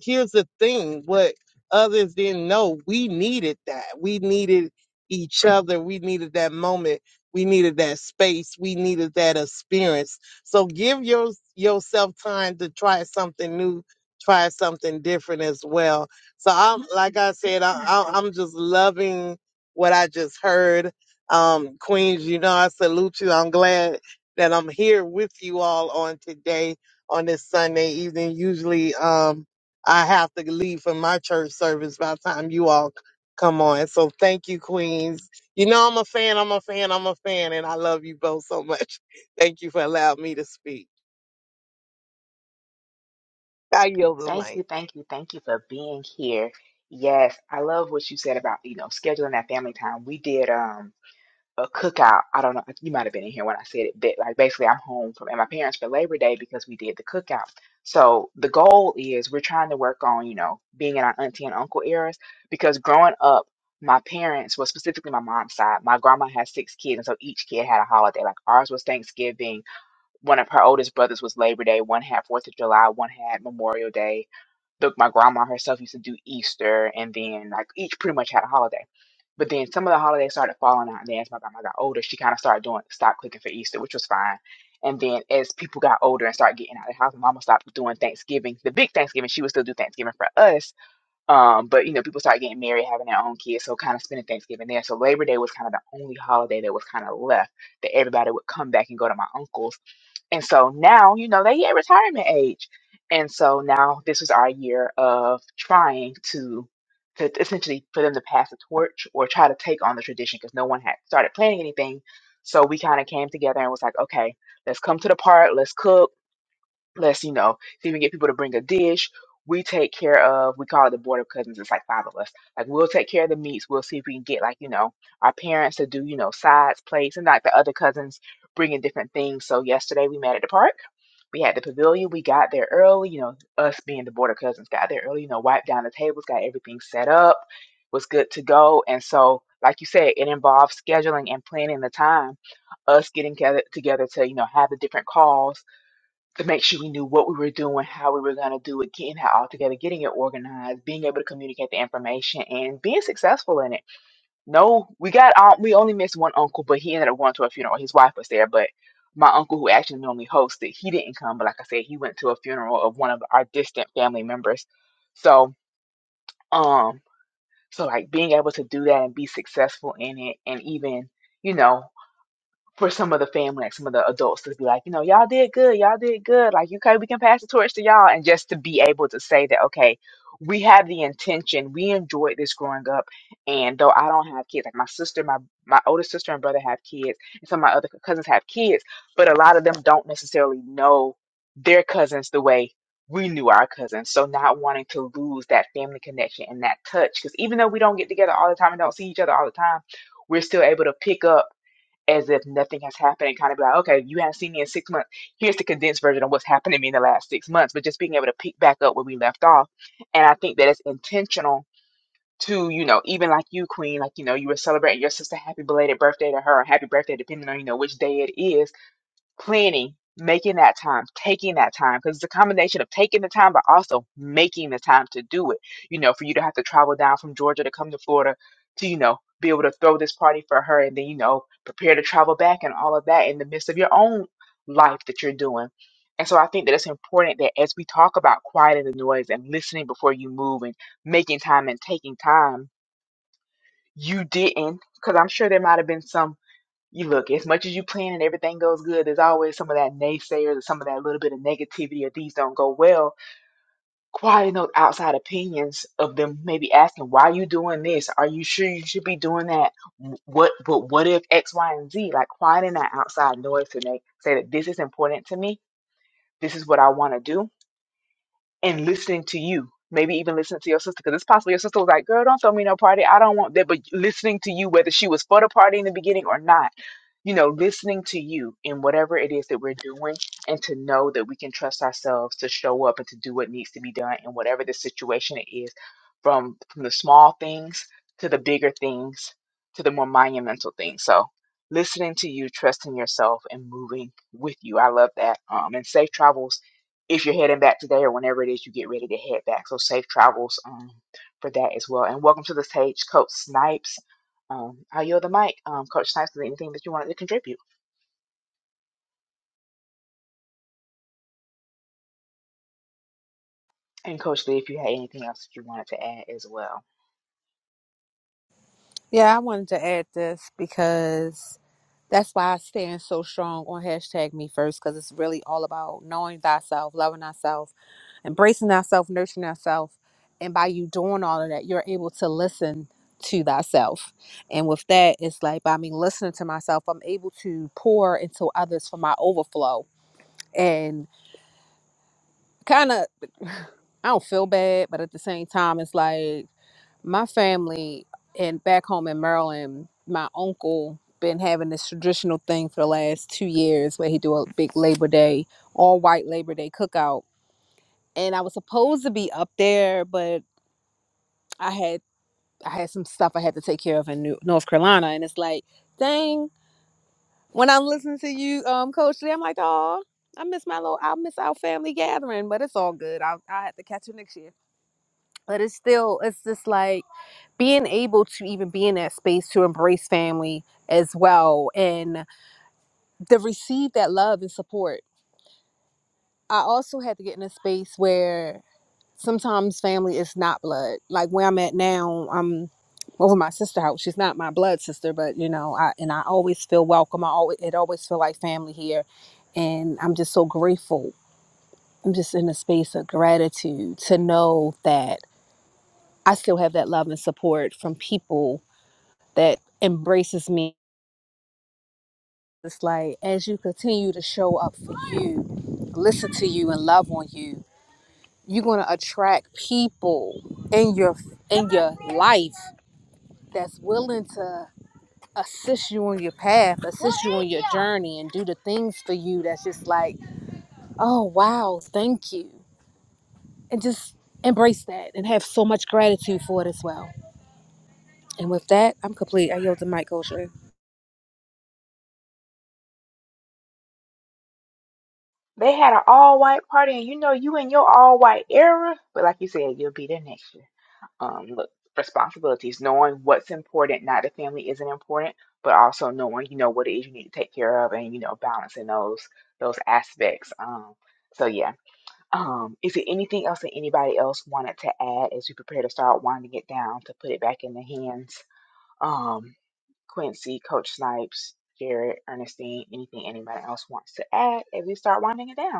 Speaker 3: here's the thing what others didn't know we needed that we needed each other we needed that moment we needed that space we needed that experience so give your, yourself time to try something new try something different as well so i'm like i said I, I, i'm just loving what i just heard um queens you know i salute you i'm glad that i'm here with you all on today on this sunday evening usually um I have to leave for my church service by the time you all c- come on. So thank you, Queens. You know I'm a fan, I'm a fan, I'm a fan, and I love you both so much. [LAUGHS] Thank you for allowing me to speak. I yield the
Speaker 8: Thank
Speaker 3: mic.
Speaker 8: you, thank you, thank you for being here. Yes, I love what you said about, you know, scheduling that family time. We did um a cookout. I don't know, you might have been in here when I said it, but like basically I'm home from and my parents for Labor Day because we did the cookout. So the goal is we're trying to work on, you know, being in our auntie and uncle eras because growing up, my parents, well, specifically my mom's side, my grandma had six kids, and so each kid had a holiday. Like ours was Thanksgiving. One of her oldest brothers was Labor Day. One had Fourth of July. One had Memorial Day the, my grandma herself used to do Easter, and then like each pretty much had a holiday. But then some of the holidays started falling out, and then as my grandma got older, she kind of started doing stop cooking for Easter, which was fine. And then as people got older and started getting out of the house, mama stopped doing Thanksgiving, the big Thanksgiving. She would still do Thanksgiving for us, um, but you know people started getting married, having their own kids, so kind of spending Thanksgiving there. So Labor Day was kind of the only holiday that was kind of left that everybody would come back and go to my uncle's and so now, you know, they at retirement age. And so now this is our year of trying to to essentially for them to pass the torch or try to take on the tradition because no one had started planning anything. So we kind of came together and was like, okay, let's come to the park, let's cook, let's, you know, see if we can get people to bring a dish. We take care of, we call it the board of cousins, it's like five of us. Like we'll take care of the meats. We'll see if we can get like, you know, our parents to do, you know, sides, plates, and like the other cousins bringing different things. So yesterday we met at the park we had the pavilion. We got there early. You know, us being the border cousins got there early. You know, wiped down the tables, got everything set up, was good to go. And so, like you said, it involved scheduling and planning the time. Us getting together, together to you know have the different calls to make sure we knew what we were doing, how we were going to do it, getting it all together, getting it organized, being able to communicate the information, and being successful in it. No, we got um, we only missed one uncle, but he ended up going to a funeral. His wife was there, but my uncle who actually normally hosted, he didn't come. But like I said, he went to a funeral of one of our distant family members. So um, so like being able to do that and be successful in it, and even you know for some of the family, like some of the adults to be like, you know, y'all did good, y'all did good. Like, okay, we can pass the torch to y'all. And just to be able to say that, okay, we have the intention, we enjoyed this growing up. And though I don't have kids, like my sister, my my oldest sister and brother have kids, and some of my other cousins have kids, but a lot of them don't necessarily know their cousins the way we knew our cousins. So not wanting to lose that family connection and that touch. Because even though we don't get together all the time and don't see each other all the time, we're still able to pick up as if nothing has happened and kind of be like, okay, you haven't seen me in six months. Here's the condensed version of what's happened to me in the last six months, but just being able to pick back up where we left off. And I think that it's intentional to, you know, even like you, Queen, like, you know, you were celebrating your sister happy belated birthday to her, or happy birthday, depending on, you know, which day it is planning, making that time, taking that time, because it's a combination of taking the time, but also making the time to do it. You know, for you to have to travel down from Georgia to come to Florida to, you know, be able to throw this party for her and then, you know, prepare to travel back and all of that in the midst of your own life that you're doing. And so I think that it's important that as we talk about quieting the noise and listening before you move and making time and taking time, you didn't, because I'm sure there might have been some you look, as much as you plan and everything goes good, there's always some of that naysayers or some of that little bit of negativity or these don't go well. Quieting those outside opinions of them maybe asking, why are you doing this? Are you sure you should be doing that? What but what if X, Y, and Z? Like quieting that outside noise to make say that this is important to me, this is what I want to do and listening to you. Maybe even listening to your sister, because it's possible your sister was like, "Girl, don't throw me no party. I don't want that." But listening to you, whether she was for the party in the beginning or not, you know, listening to you in whatever it is that we're doing, and to know that we can trust ourselves to show up and to do what needs to be done in whatever the situation it is, from from the small things to the bigger things to the more monumental things. So, listening to you, trusting yourself, and moving with you. I love that. Um, and safe travels if you're heading back today or whenever it is you get ready to head back. So safe travels um, for that as well. And welcome to the stage, Coach Snipes. Um, I yield the mic. Um, Coach Snipes, is there anything that you wanted to contribute? And Coach Lee, if you had anything else that you wanted to add as well.
Speaker 9: Yeah, I wanted to add this because That's why I stand so strong on hashtag me first, because it's really all about knowing thyself, loving thyself, embracing thyself, nurturing thyself. And by you doing all of that, you're able to listen to thyself. And with that, it's like by me listening to myself, I'm able to pour into others for my overflow. and kind of I don't feel bad, but at the same time, it's like my family and back home in Maryland, my uncle been having this traditional thing for the last two years where he do a big Labor Day, all white Labor Day cookout. And I was supposed to be up there, but I had I had some stuff I had to take care of in New- North Carolina, and it's like, dang. When I'm listening to you, um, Coach Lee, I'm like, oh, I miss my little, I miss our family gathering, but it's all good. I'll, I'll have to catch you next year. but it's still it's just like being able to even be in that space to embrace family as well and to receive that love and support i also had to get in a space where sometimes family is not blood like where i'm at now i'm over my sister house she's not my blood sister but you know i and i always feel welcome i always it always feel like family here and i'm just so grateful i'm just in a space of gratitude to know that i still have that love and support from people that embraces me. It's like as you continue to show up for you, listen to you, and love on you, you're gonna attract people in your in your life that's willing to assist you on your path, assist you on your journey, and do the things for you. That's just like, oh wow, thank you, and just embrace that and have so much gratitude for it as well. And with that, I'm complete. I yield to Mike Kosher.
Speaker 8: They had an all white party, and you know you in your all white era, but like you said, you'll be there next year. Um, look, responsibilities, knowing what's important, not that family isn't important, but also knowing you know what it is you need to take care of, and you know balancing those those aspects. Um, so yeah. Um, is there anything else that anybody else wanted to add as we prepare to start winding it down to put it back in the hands? Um, Quincy, Coach Snipes, Jared, Ernestine, anything anybody else wants to add as we start winding it down?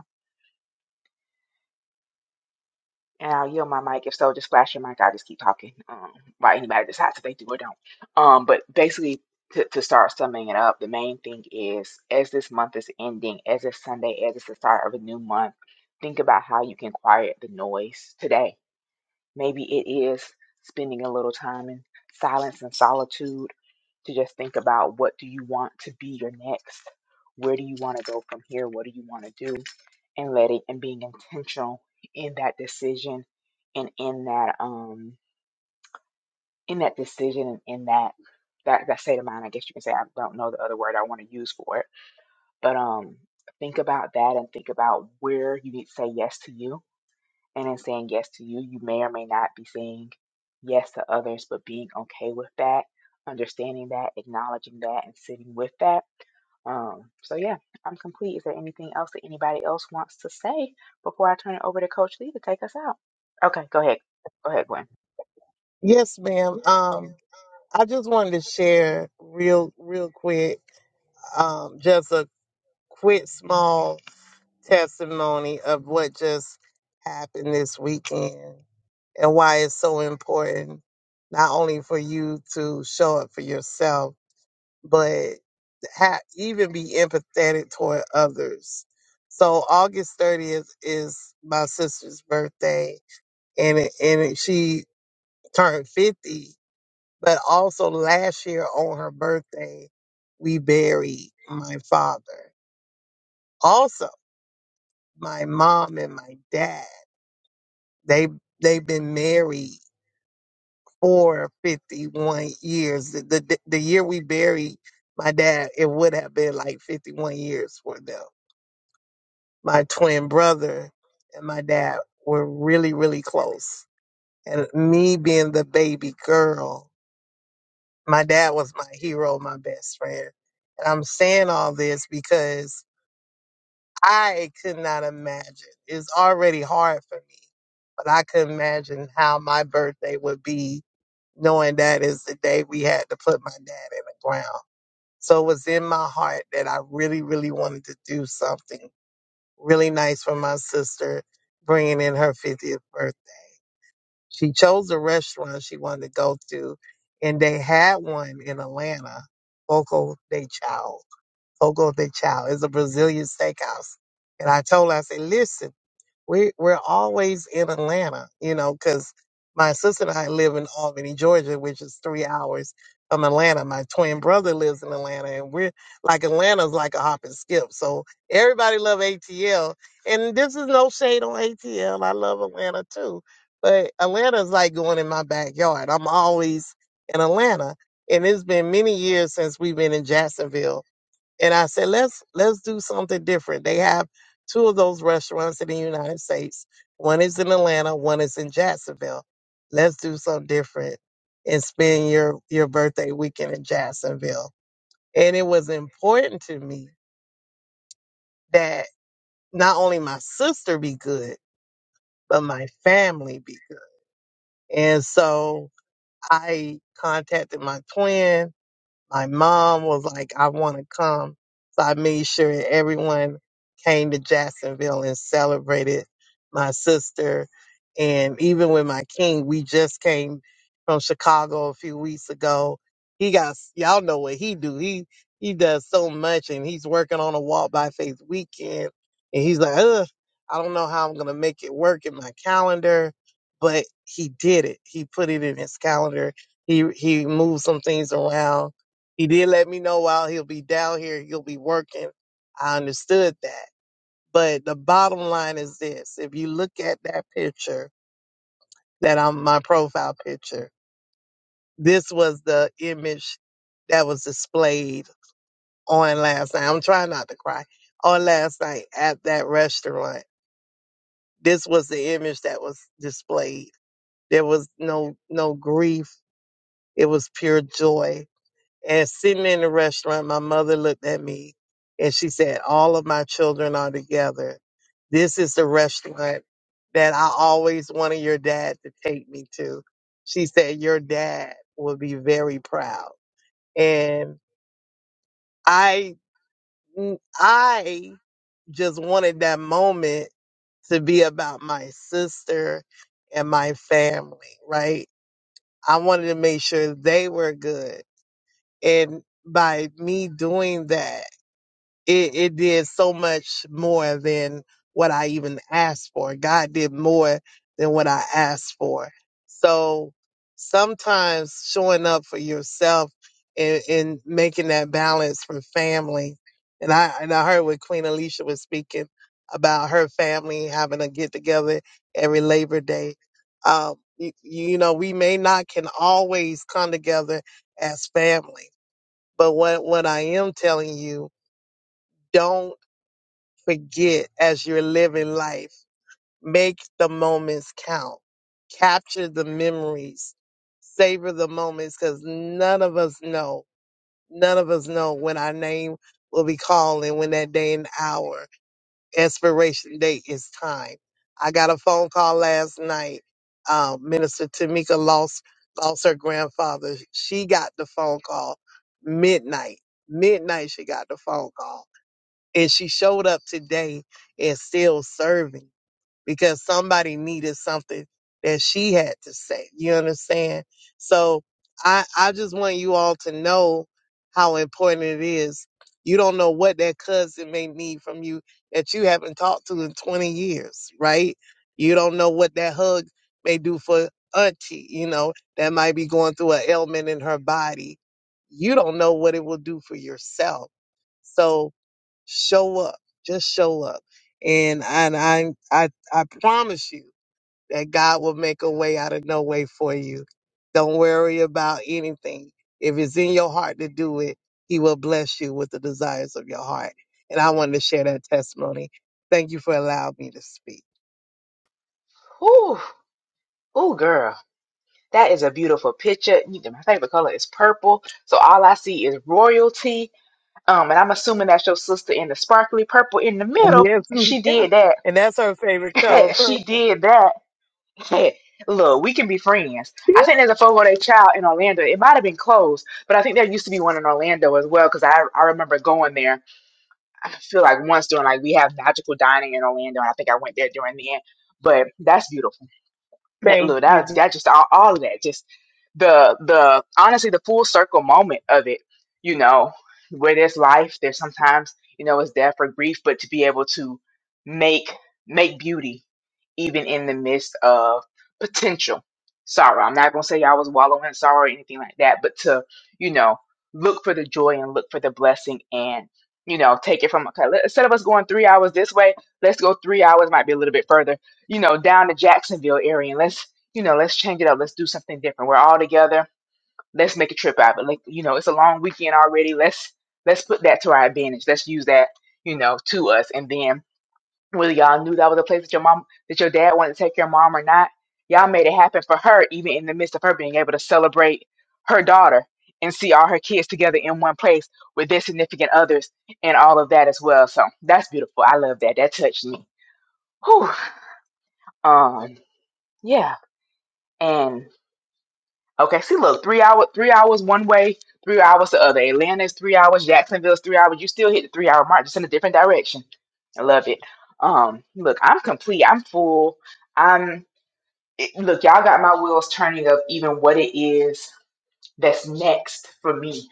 Speaker 8: And I'll yield my mic. If so, just flash your mic. I'll just keep talking um, while anybody decides if they do or don't. Um, but basically, to, to start summing it up, the main thing is as this month is ending, as it's Sunday, as it's the start of a new month, think about how you can quiet the noise today. Maybe it is spending a little time in silence and solitude to just think about what do you want to be your next where do you want to go from here what do you want to do and letting and being intentional in that decision and in that um in that decision and in that that that state of mind i guess you can say i don't know the other word i want to use for it but um think about that and think about where you need to say yes to you and in saying yes to you you may or may not be saying yes to others but being okay with that understanding that acknowledging that and sitting with that um, so yeah, I'm complete. Is there anything else that anybody else wants to say before I turn it over to Coach Lee to take us out? Okay, go ahead. Go ahead, Gwen.
Speaker 3: Yes, ma'am. Um, I just wanted to share real, real quick, um, just a quick small testimony of what just happened this weekend and why it's so important not only for you to show up for yourself but ha- even be empathetic toward others. So August 30th is my sister's birthday, and it, and it, she turned 50. But also last year on her birthday, we buried my father. Also, my mom and my dad they they've been married for 51 years. The, the the year we buried my dad, it would have been like 51 years for them my twin brother and my dad were really, really close. And me being the baby girl, my dad was my hero, my best friend. And I'm saying all this because I could not imagine. It's already hard for me, but I could imagine how my birthday would be knowing that is the day we had to put my dad in the ground. So it was in my heart that I really, really wanted to do something Really nice for my sister bringing in her 50th birthday. She chose a restaurant she wanted to go to, and they had one in Atlanta, Fogo de Chao. Fogo de Chao is a Brazilian steakhouse. And I told her, I said, listen we we're always in Atlanta, you know, because my sister and I live in Albany, Georgia, which is three hours from Atlanta. My twin brother lives in Atlanta, and we're like Atlanta's like a hop and skip. So everybody love ATL, and this is no shade on ATL. I love Atlanta too, but Atlanta's like going in my backyard. I'm always in Atlanta, and it's been many years since we've been in Jacksonville and I said, let's let's do something different. They have two of those restaurants in the United States. One is in Atlanta, one is in Jacksonville. Let's do something different and spend your your birthday weekend in Jacksonville. And it was important to me that not only my sister be good, but my family be good. And so I contacted my twin my mom was like, I want to come. So I made sure everyone came to Jacksonville and celebrated my sister. And even with my king, we just came from Chicago a few weeks ago. He got, y'all know what he do. He, he does so much and he's working on a walk by faith weekend. And he's like, ugh, I don't know how I'm going to make it work in my calendar, but he did it. He put it in his calendar. He, he moved some things around he did let me know while he'll be down here, he'll be working. I understood that. But the bottom line is this if you look at that picture, that I'm my profile picture, this was the image that was displayed on last night. I'm trying not to cry. On last night at that restaurant, this was the image that was displayed. There was no no grief. It was pure joy and sitting in the restaurant, my mother looked at me and she said, All of my children are together. This is the restaurant that I always wanted your dad to take me to. She said, Your dad will be very proud. And I, I just wanted that moment to be about my sister and my family, right? I wanted to make sure they were good. And by me doing that, it, it did so much more than what I even asked for. God did more than what I asked for. So sometimes showing up for yourself and, and making that balance for family. And I and I heard what Queen Alicia was speaking about her family having a get together every Labor Day. Um, you, you know, we may not can always come together as family, but what what I am telling you, don't forget as you're living life. Make the moments count. Capture the memories. Savor the moments because none of us know. None of us know when our name will be called and when that day and hour expiration date is time. I got a phone call last night. Uh, Minister Tamika lost lost her grandfather. She got the phone call midnight. Midnight she got the phone call and she showed up today and still serving because somebody needed something that she had to say. You understand? So I I just want you all to know how important it is. You don't know what that cousin may need from you that you haven't talked to in 20 years, right? You don't know what that hug may do for auntie, you know, that might be going through an ailment in her body. You don't know what it will do for yourself. So Show up. Just show up. And and I I I promise you that God will make a way out of no way for you. Don't worry about anything. If it's in your heart to do it, he will bless you with the desires of your heart. And I wanted to share that testimony. Thank you for allowing me to speak.
Speaker 8: Ooh, ooh, girl, that is a beautiful picture. You- My favorite color is purple, so all I see is royalty. Um, and I'm assuming that's your sister in the sparkly purple in the middle.
Speaker 3: Yes, ma'am.
Speaker 8: She did that.
Speaker 3: And that's her favorite color,
Speaker 8: [LAUGHS] she
Speaker 3: purple.
Speaker 8: did that. [LAUGHS] Hey, look, we can be friends.
Speaker 3: [LAUGHS]
Speaker 8: I think there's a Fogo de Chao in Orlando. It might have been closed, but I think there used to be one in Orlando as well because I, I remember going there. I feel like once during like we have magical dining in Orlando, and I think I went there during the end. But that's beautiful. That
Speaker 3: Thank
Speaker 8: look, that was
Speaker 3: you.
Speaker 8: that just all, all of that. Just the the honestly the full circle moment of it, you know, where there's life, there's sometimes, you know, it's death or grief, but to be able to make make beauty even in the midst of potential sorrow. I'm not gonna say I was wallowing in sorrow or anything like that, but to, you know, look for the joy and look for the blessing and you know, take it from okay. let- Instead of us going three hours this way, let's go three hours. Might be a little bit further, you know, down to Jacksonville area and let's, you know, let's change it up. Let's do something different. We're all together. Let's make a trip out of it. Like, you know, it's a long weekend already. Let's let's put that to our advantage. Let's use that, you know, to us. And then whether y'all knew that was a place that your mom that your dad wanted to take your mom or not, y'all made it happen for her, even in the midst of her being able to celebrate her daughter and see all her kids together in one place with their significant others and all of that as well. So that's beautiful. I love that. That touched me. Whew. Um, yeah And okay, see, look, three hour, three hours one way, three hours the other. Atlanta's three hours, Jacksonville's three hours. You still hit the three hour mark, just in a different direction. I love it. Um, look, I'm complete. I'm full. I'm it, look, y'all got my wheels turning of even what it is that's next for me.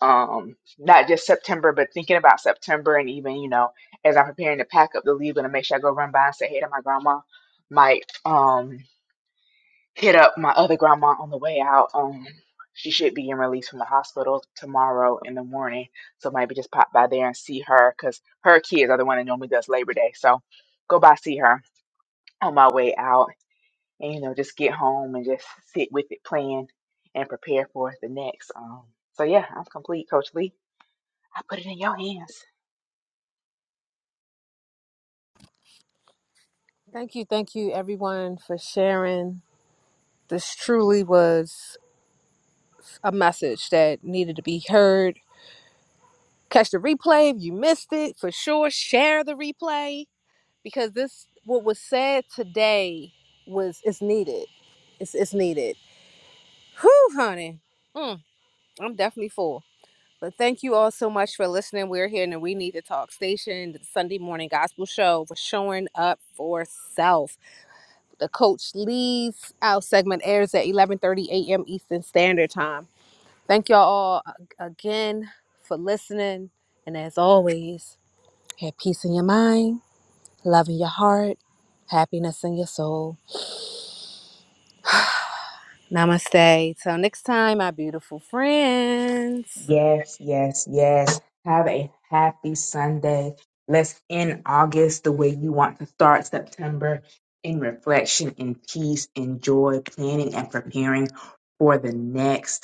Speaker 8: Um, not just September, but thinking about September and even you know, as I'm preparing to pack up to leave, gonna make sure I go run by and say hey to my grandma. Mike. um hit up my other grandma on the way out. Um, she should be in release from the hospital tomorrow in the morning, so maybe just pop by there and see her because her kids are the one that normally does Labor Day. So go by see her on my way out, and you know just get home and just sit with it, plan and prepare for the next. Um, so yeah, I'm complete, Coach Lee. I put it in your hands.
Speaker 9: Thank you, thank you, everyone, for sharing This truly was a message that needed to be heard. Catch the replay if you missed it, for sure. Share the replay because this what was said today was it's needed. It's it's needed. Whew, honey. Mm, I'm definitely full. But thank you all so much for listening. We're here in the We Need to Talk Station, the Sunday morning gospel show for showing up for self. The Coach Lee's out segment airs at 11:30 a.m. Eastern Standard Time. Thank y'all all ag- again for listening. And as always, have peace in your mind, love in your heart, happiness in your soul. Namaste. Till next time, my beautiful friends.
Speaker 8: Yes, yes, yes. Have a happy Sunday. Let's end August the way you want to start September in reflection, in peace, in joy, planning and preparing for the next.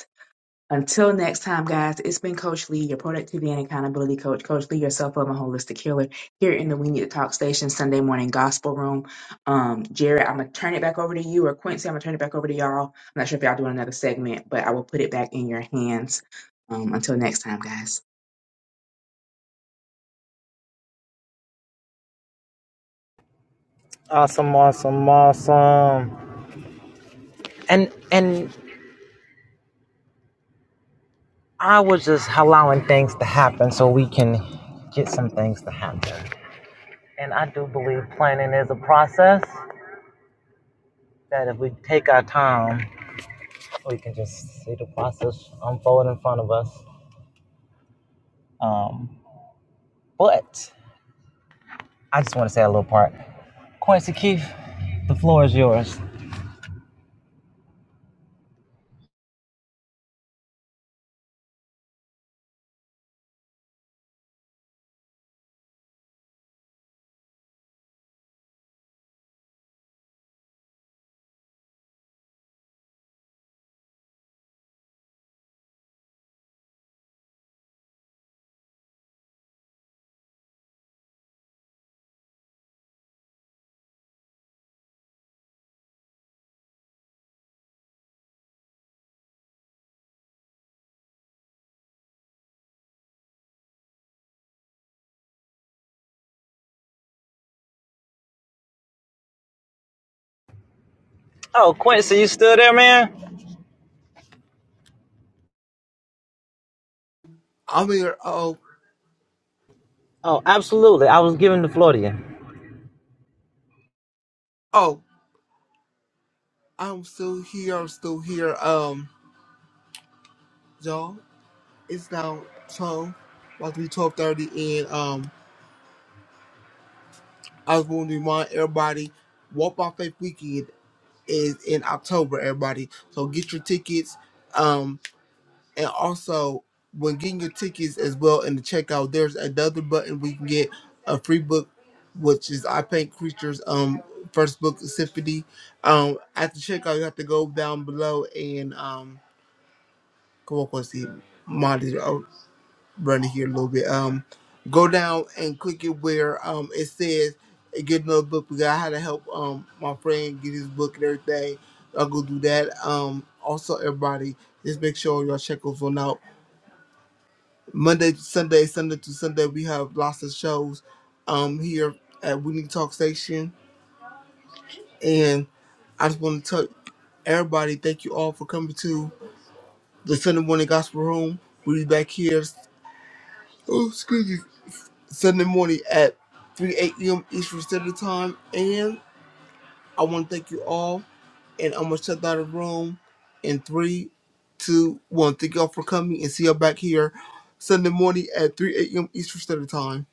Speaker 8: Until next time, guys, it's been Coach Lee, your productivity and accountability coach. Coach Lee, your self love and holistic healer here in the We Need to Talk Station Sunday morning gospel room. Um, Jared, I'm going to turn it back over to you, or Quincy, I'm going to turn it back over to y'all. I'm not sure if y'all doing another segment, but I will put it back in your hands. Um, until next time, guys.
Speaker 1: I'm here. Oh oh, I'm still here. I'm still here. Um, y'all, it's now twelve, about to be twelve thirty, and um. I just want to remind everybody, Walk by Faith Weekend is in October, everybody. So get your tickets. Um, and also when getting your tickets as well in the checkout, there's another button we can get a free book, which is I Paint Creatures um first book symphony. Um at the checkout you have to go down below and um come on, Quincy. monitor run it here a little bit. Um, go down and click it where um it says "Hey, get another book. We got how to help um my friend get his book and everything. I'll go do that. Um, also everybody just make sure y'all check us on out. Monday to Sunday, Sunday to Sunday, we have lots of shows um here at We Need to Talk Station. And I just want to tell everybody thank you all for coming to the Sunday morning gospel room. We'll be back here. Oh, excuse me Sunday morning at 3 8 a.m. Eastern Standard Time. And I want to thank you all. And I'm going to shut down the room in three, two, one. Thank you all for coming and see you all back here Sunday morning at 3 8 a.m. Eastern Standard Time.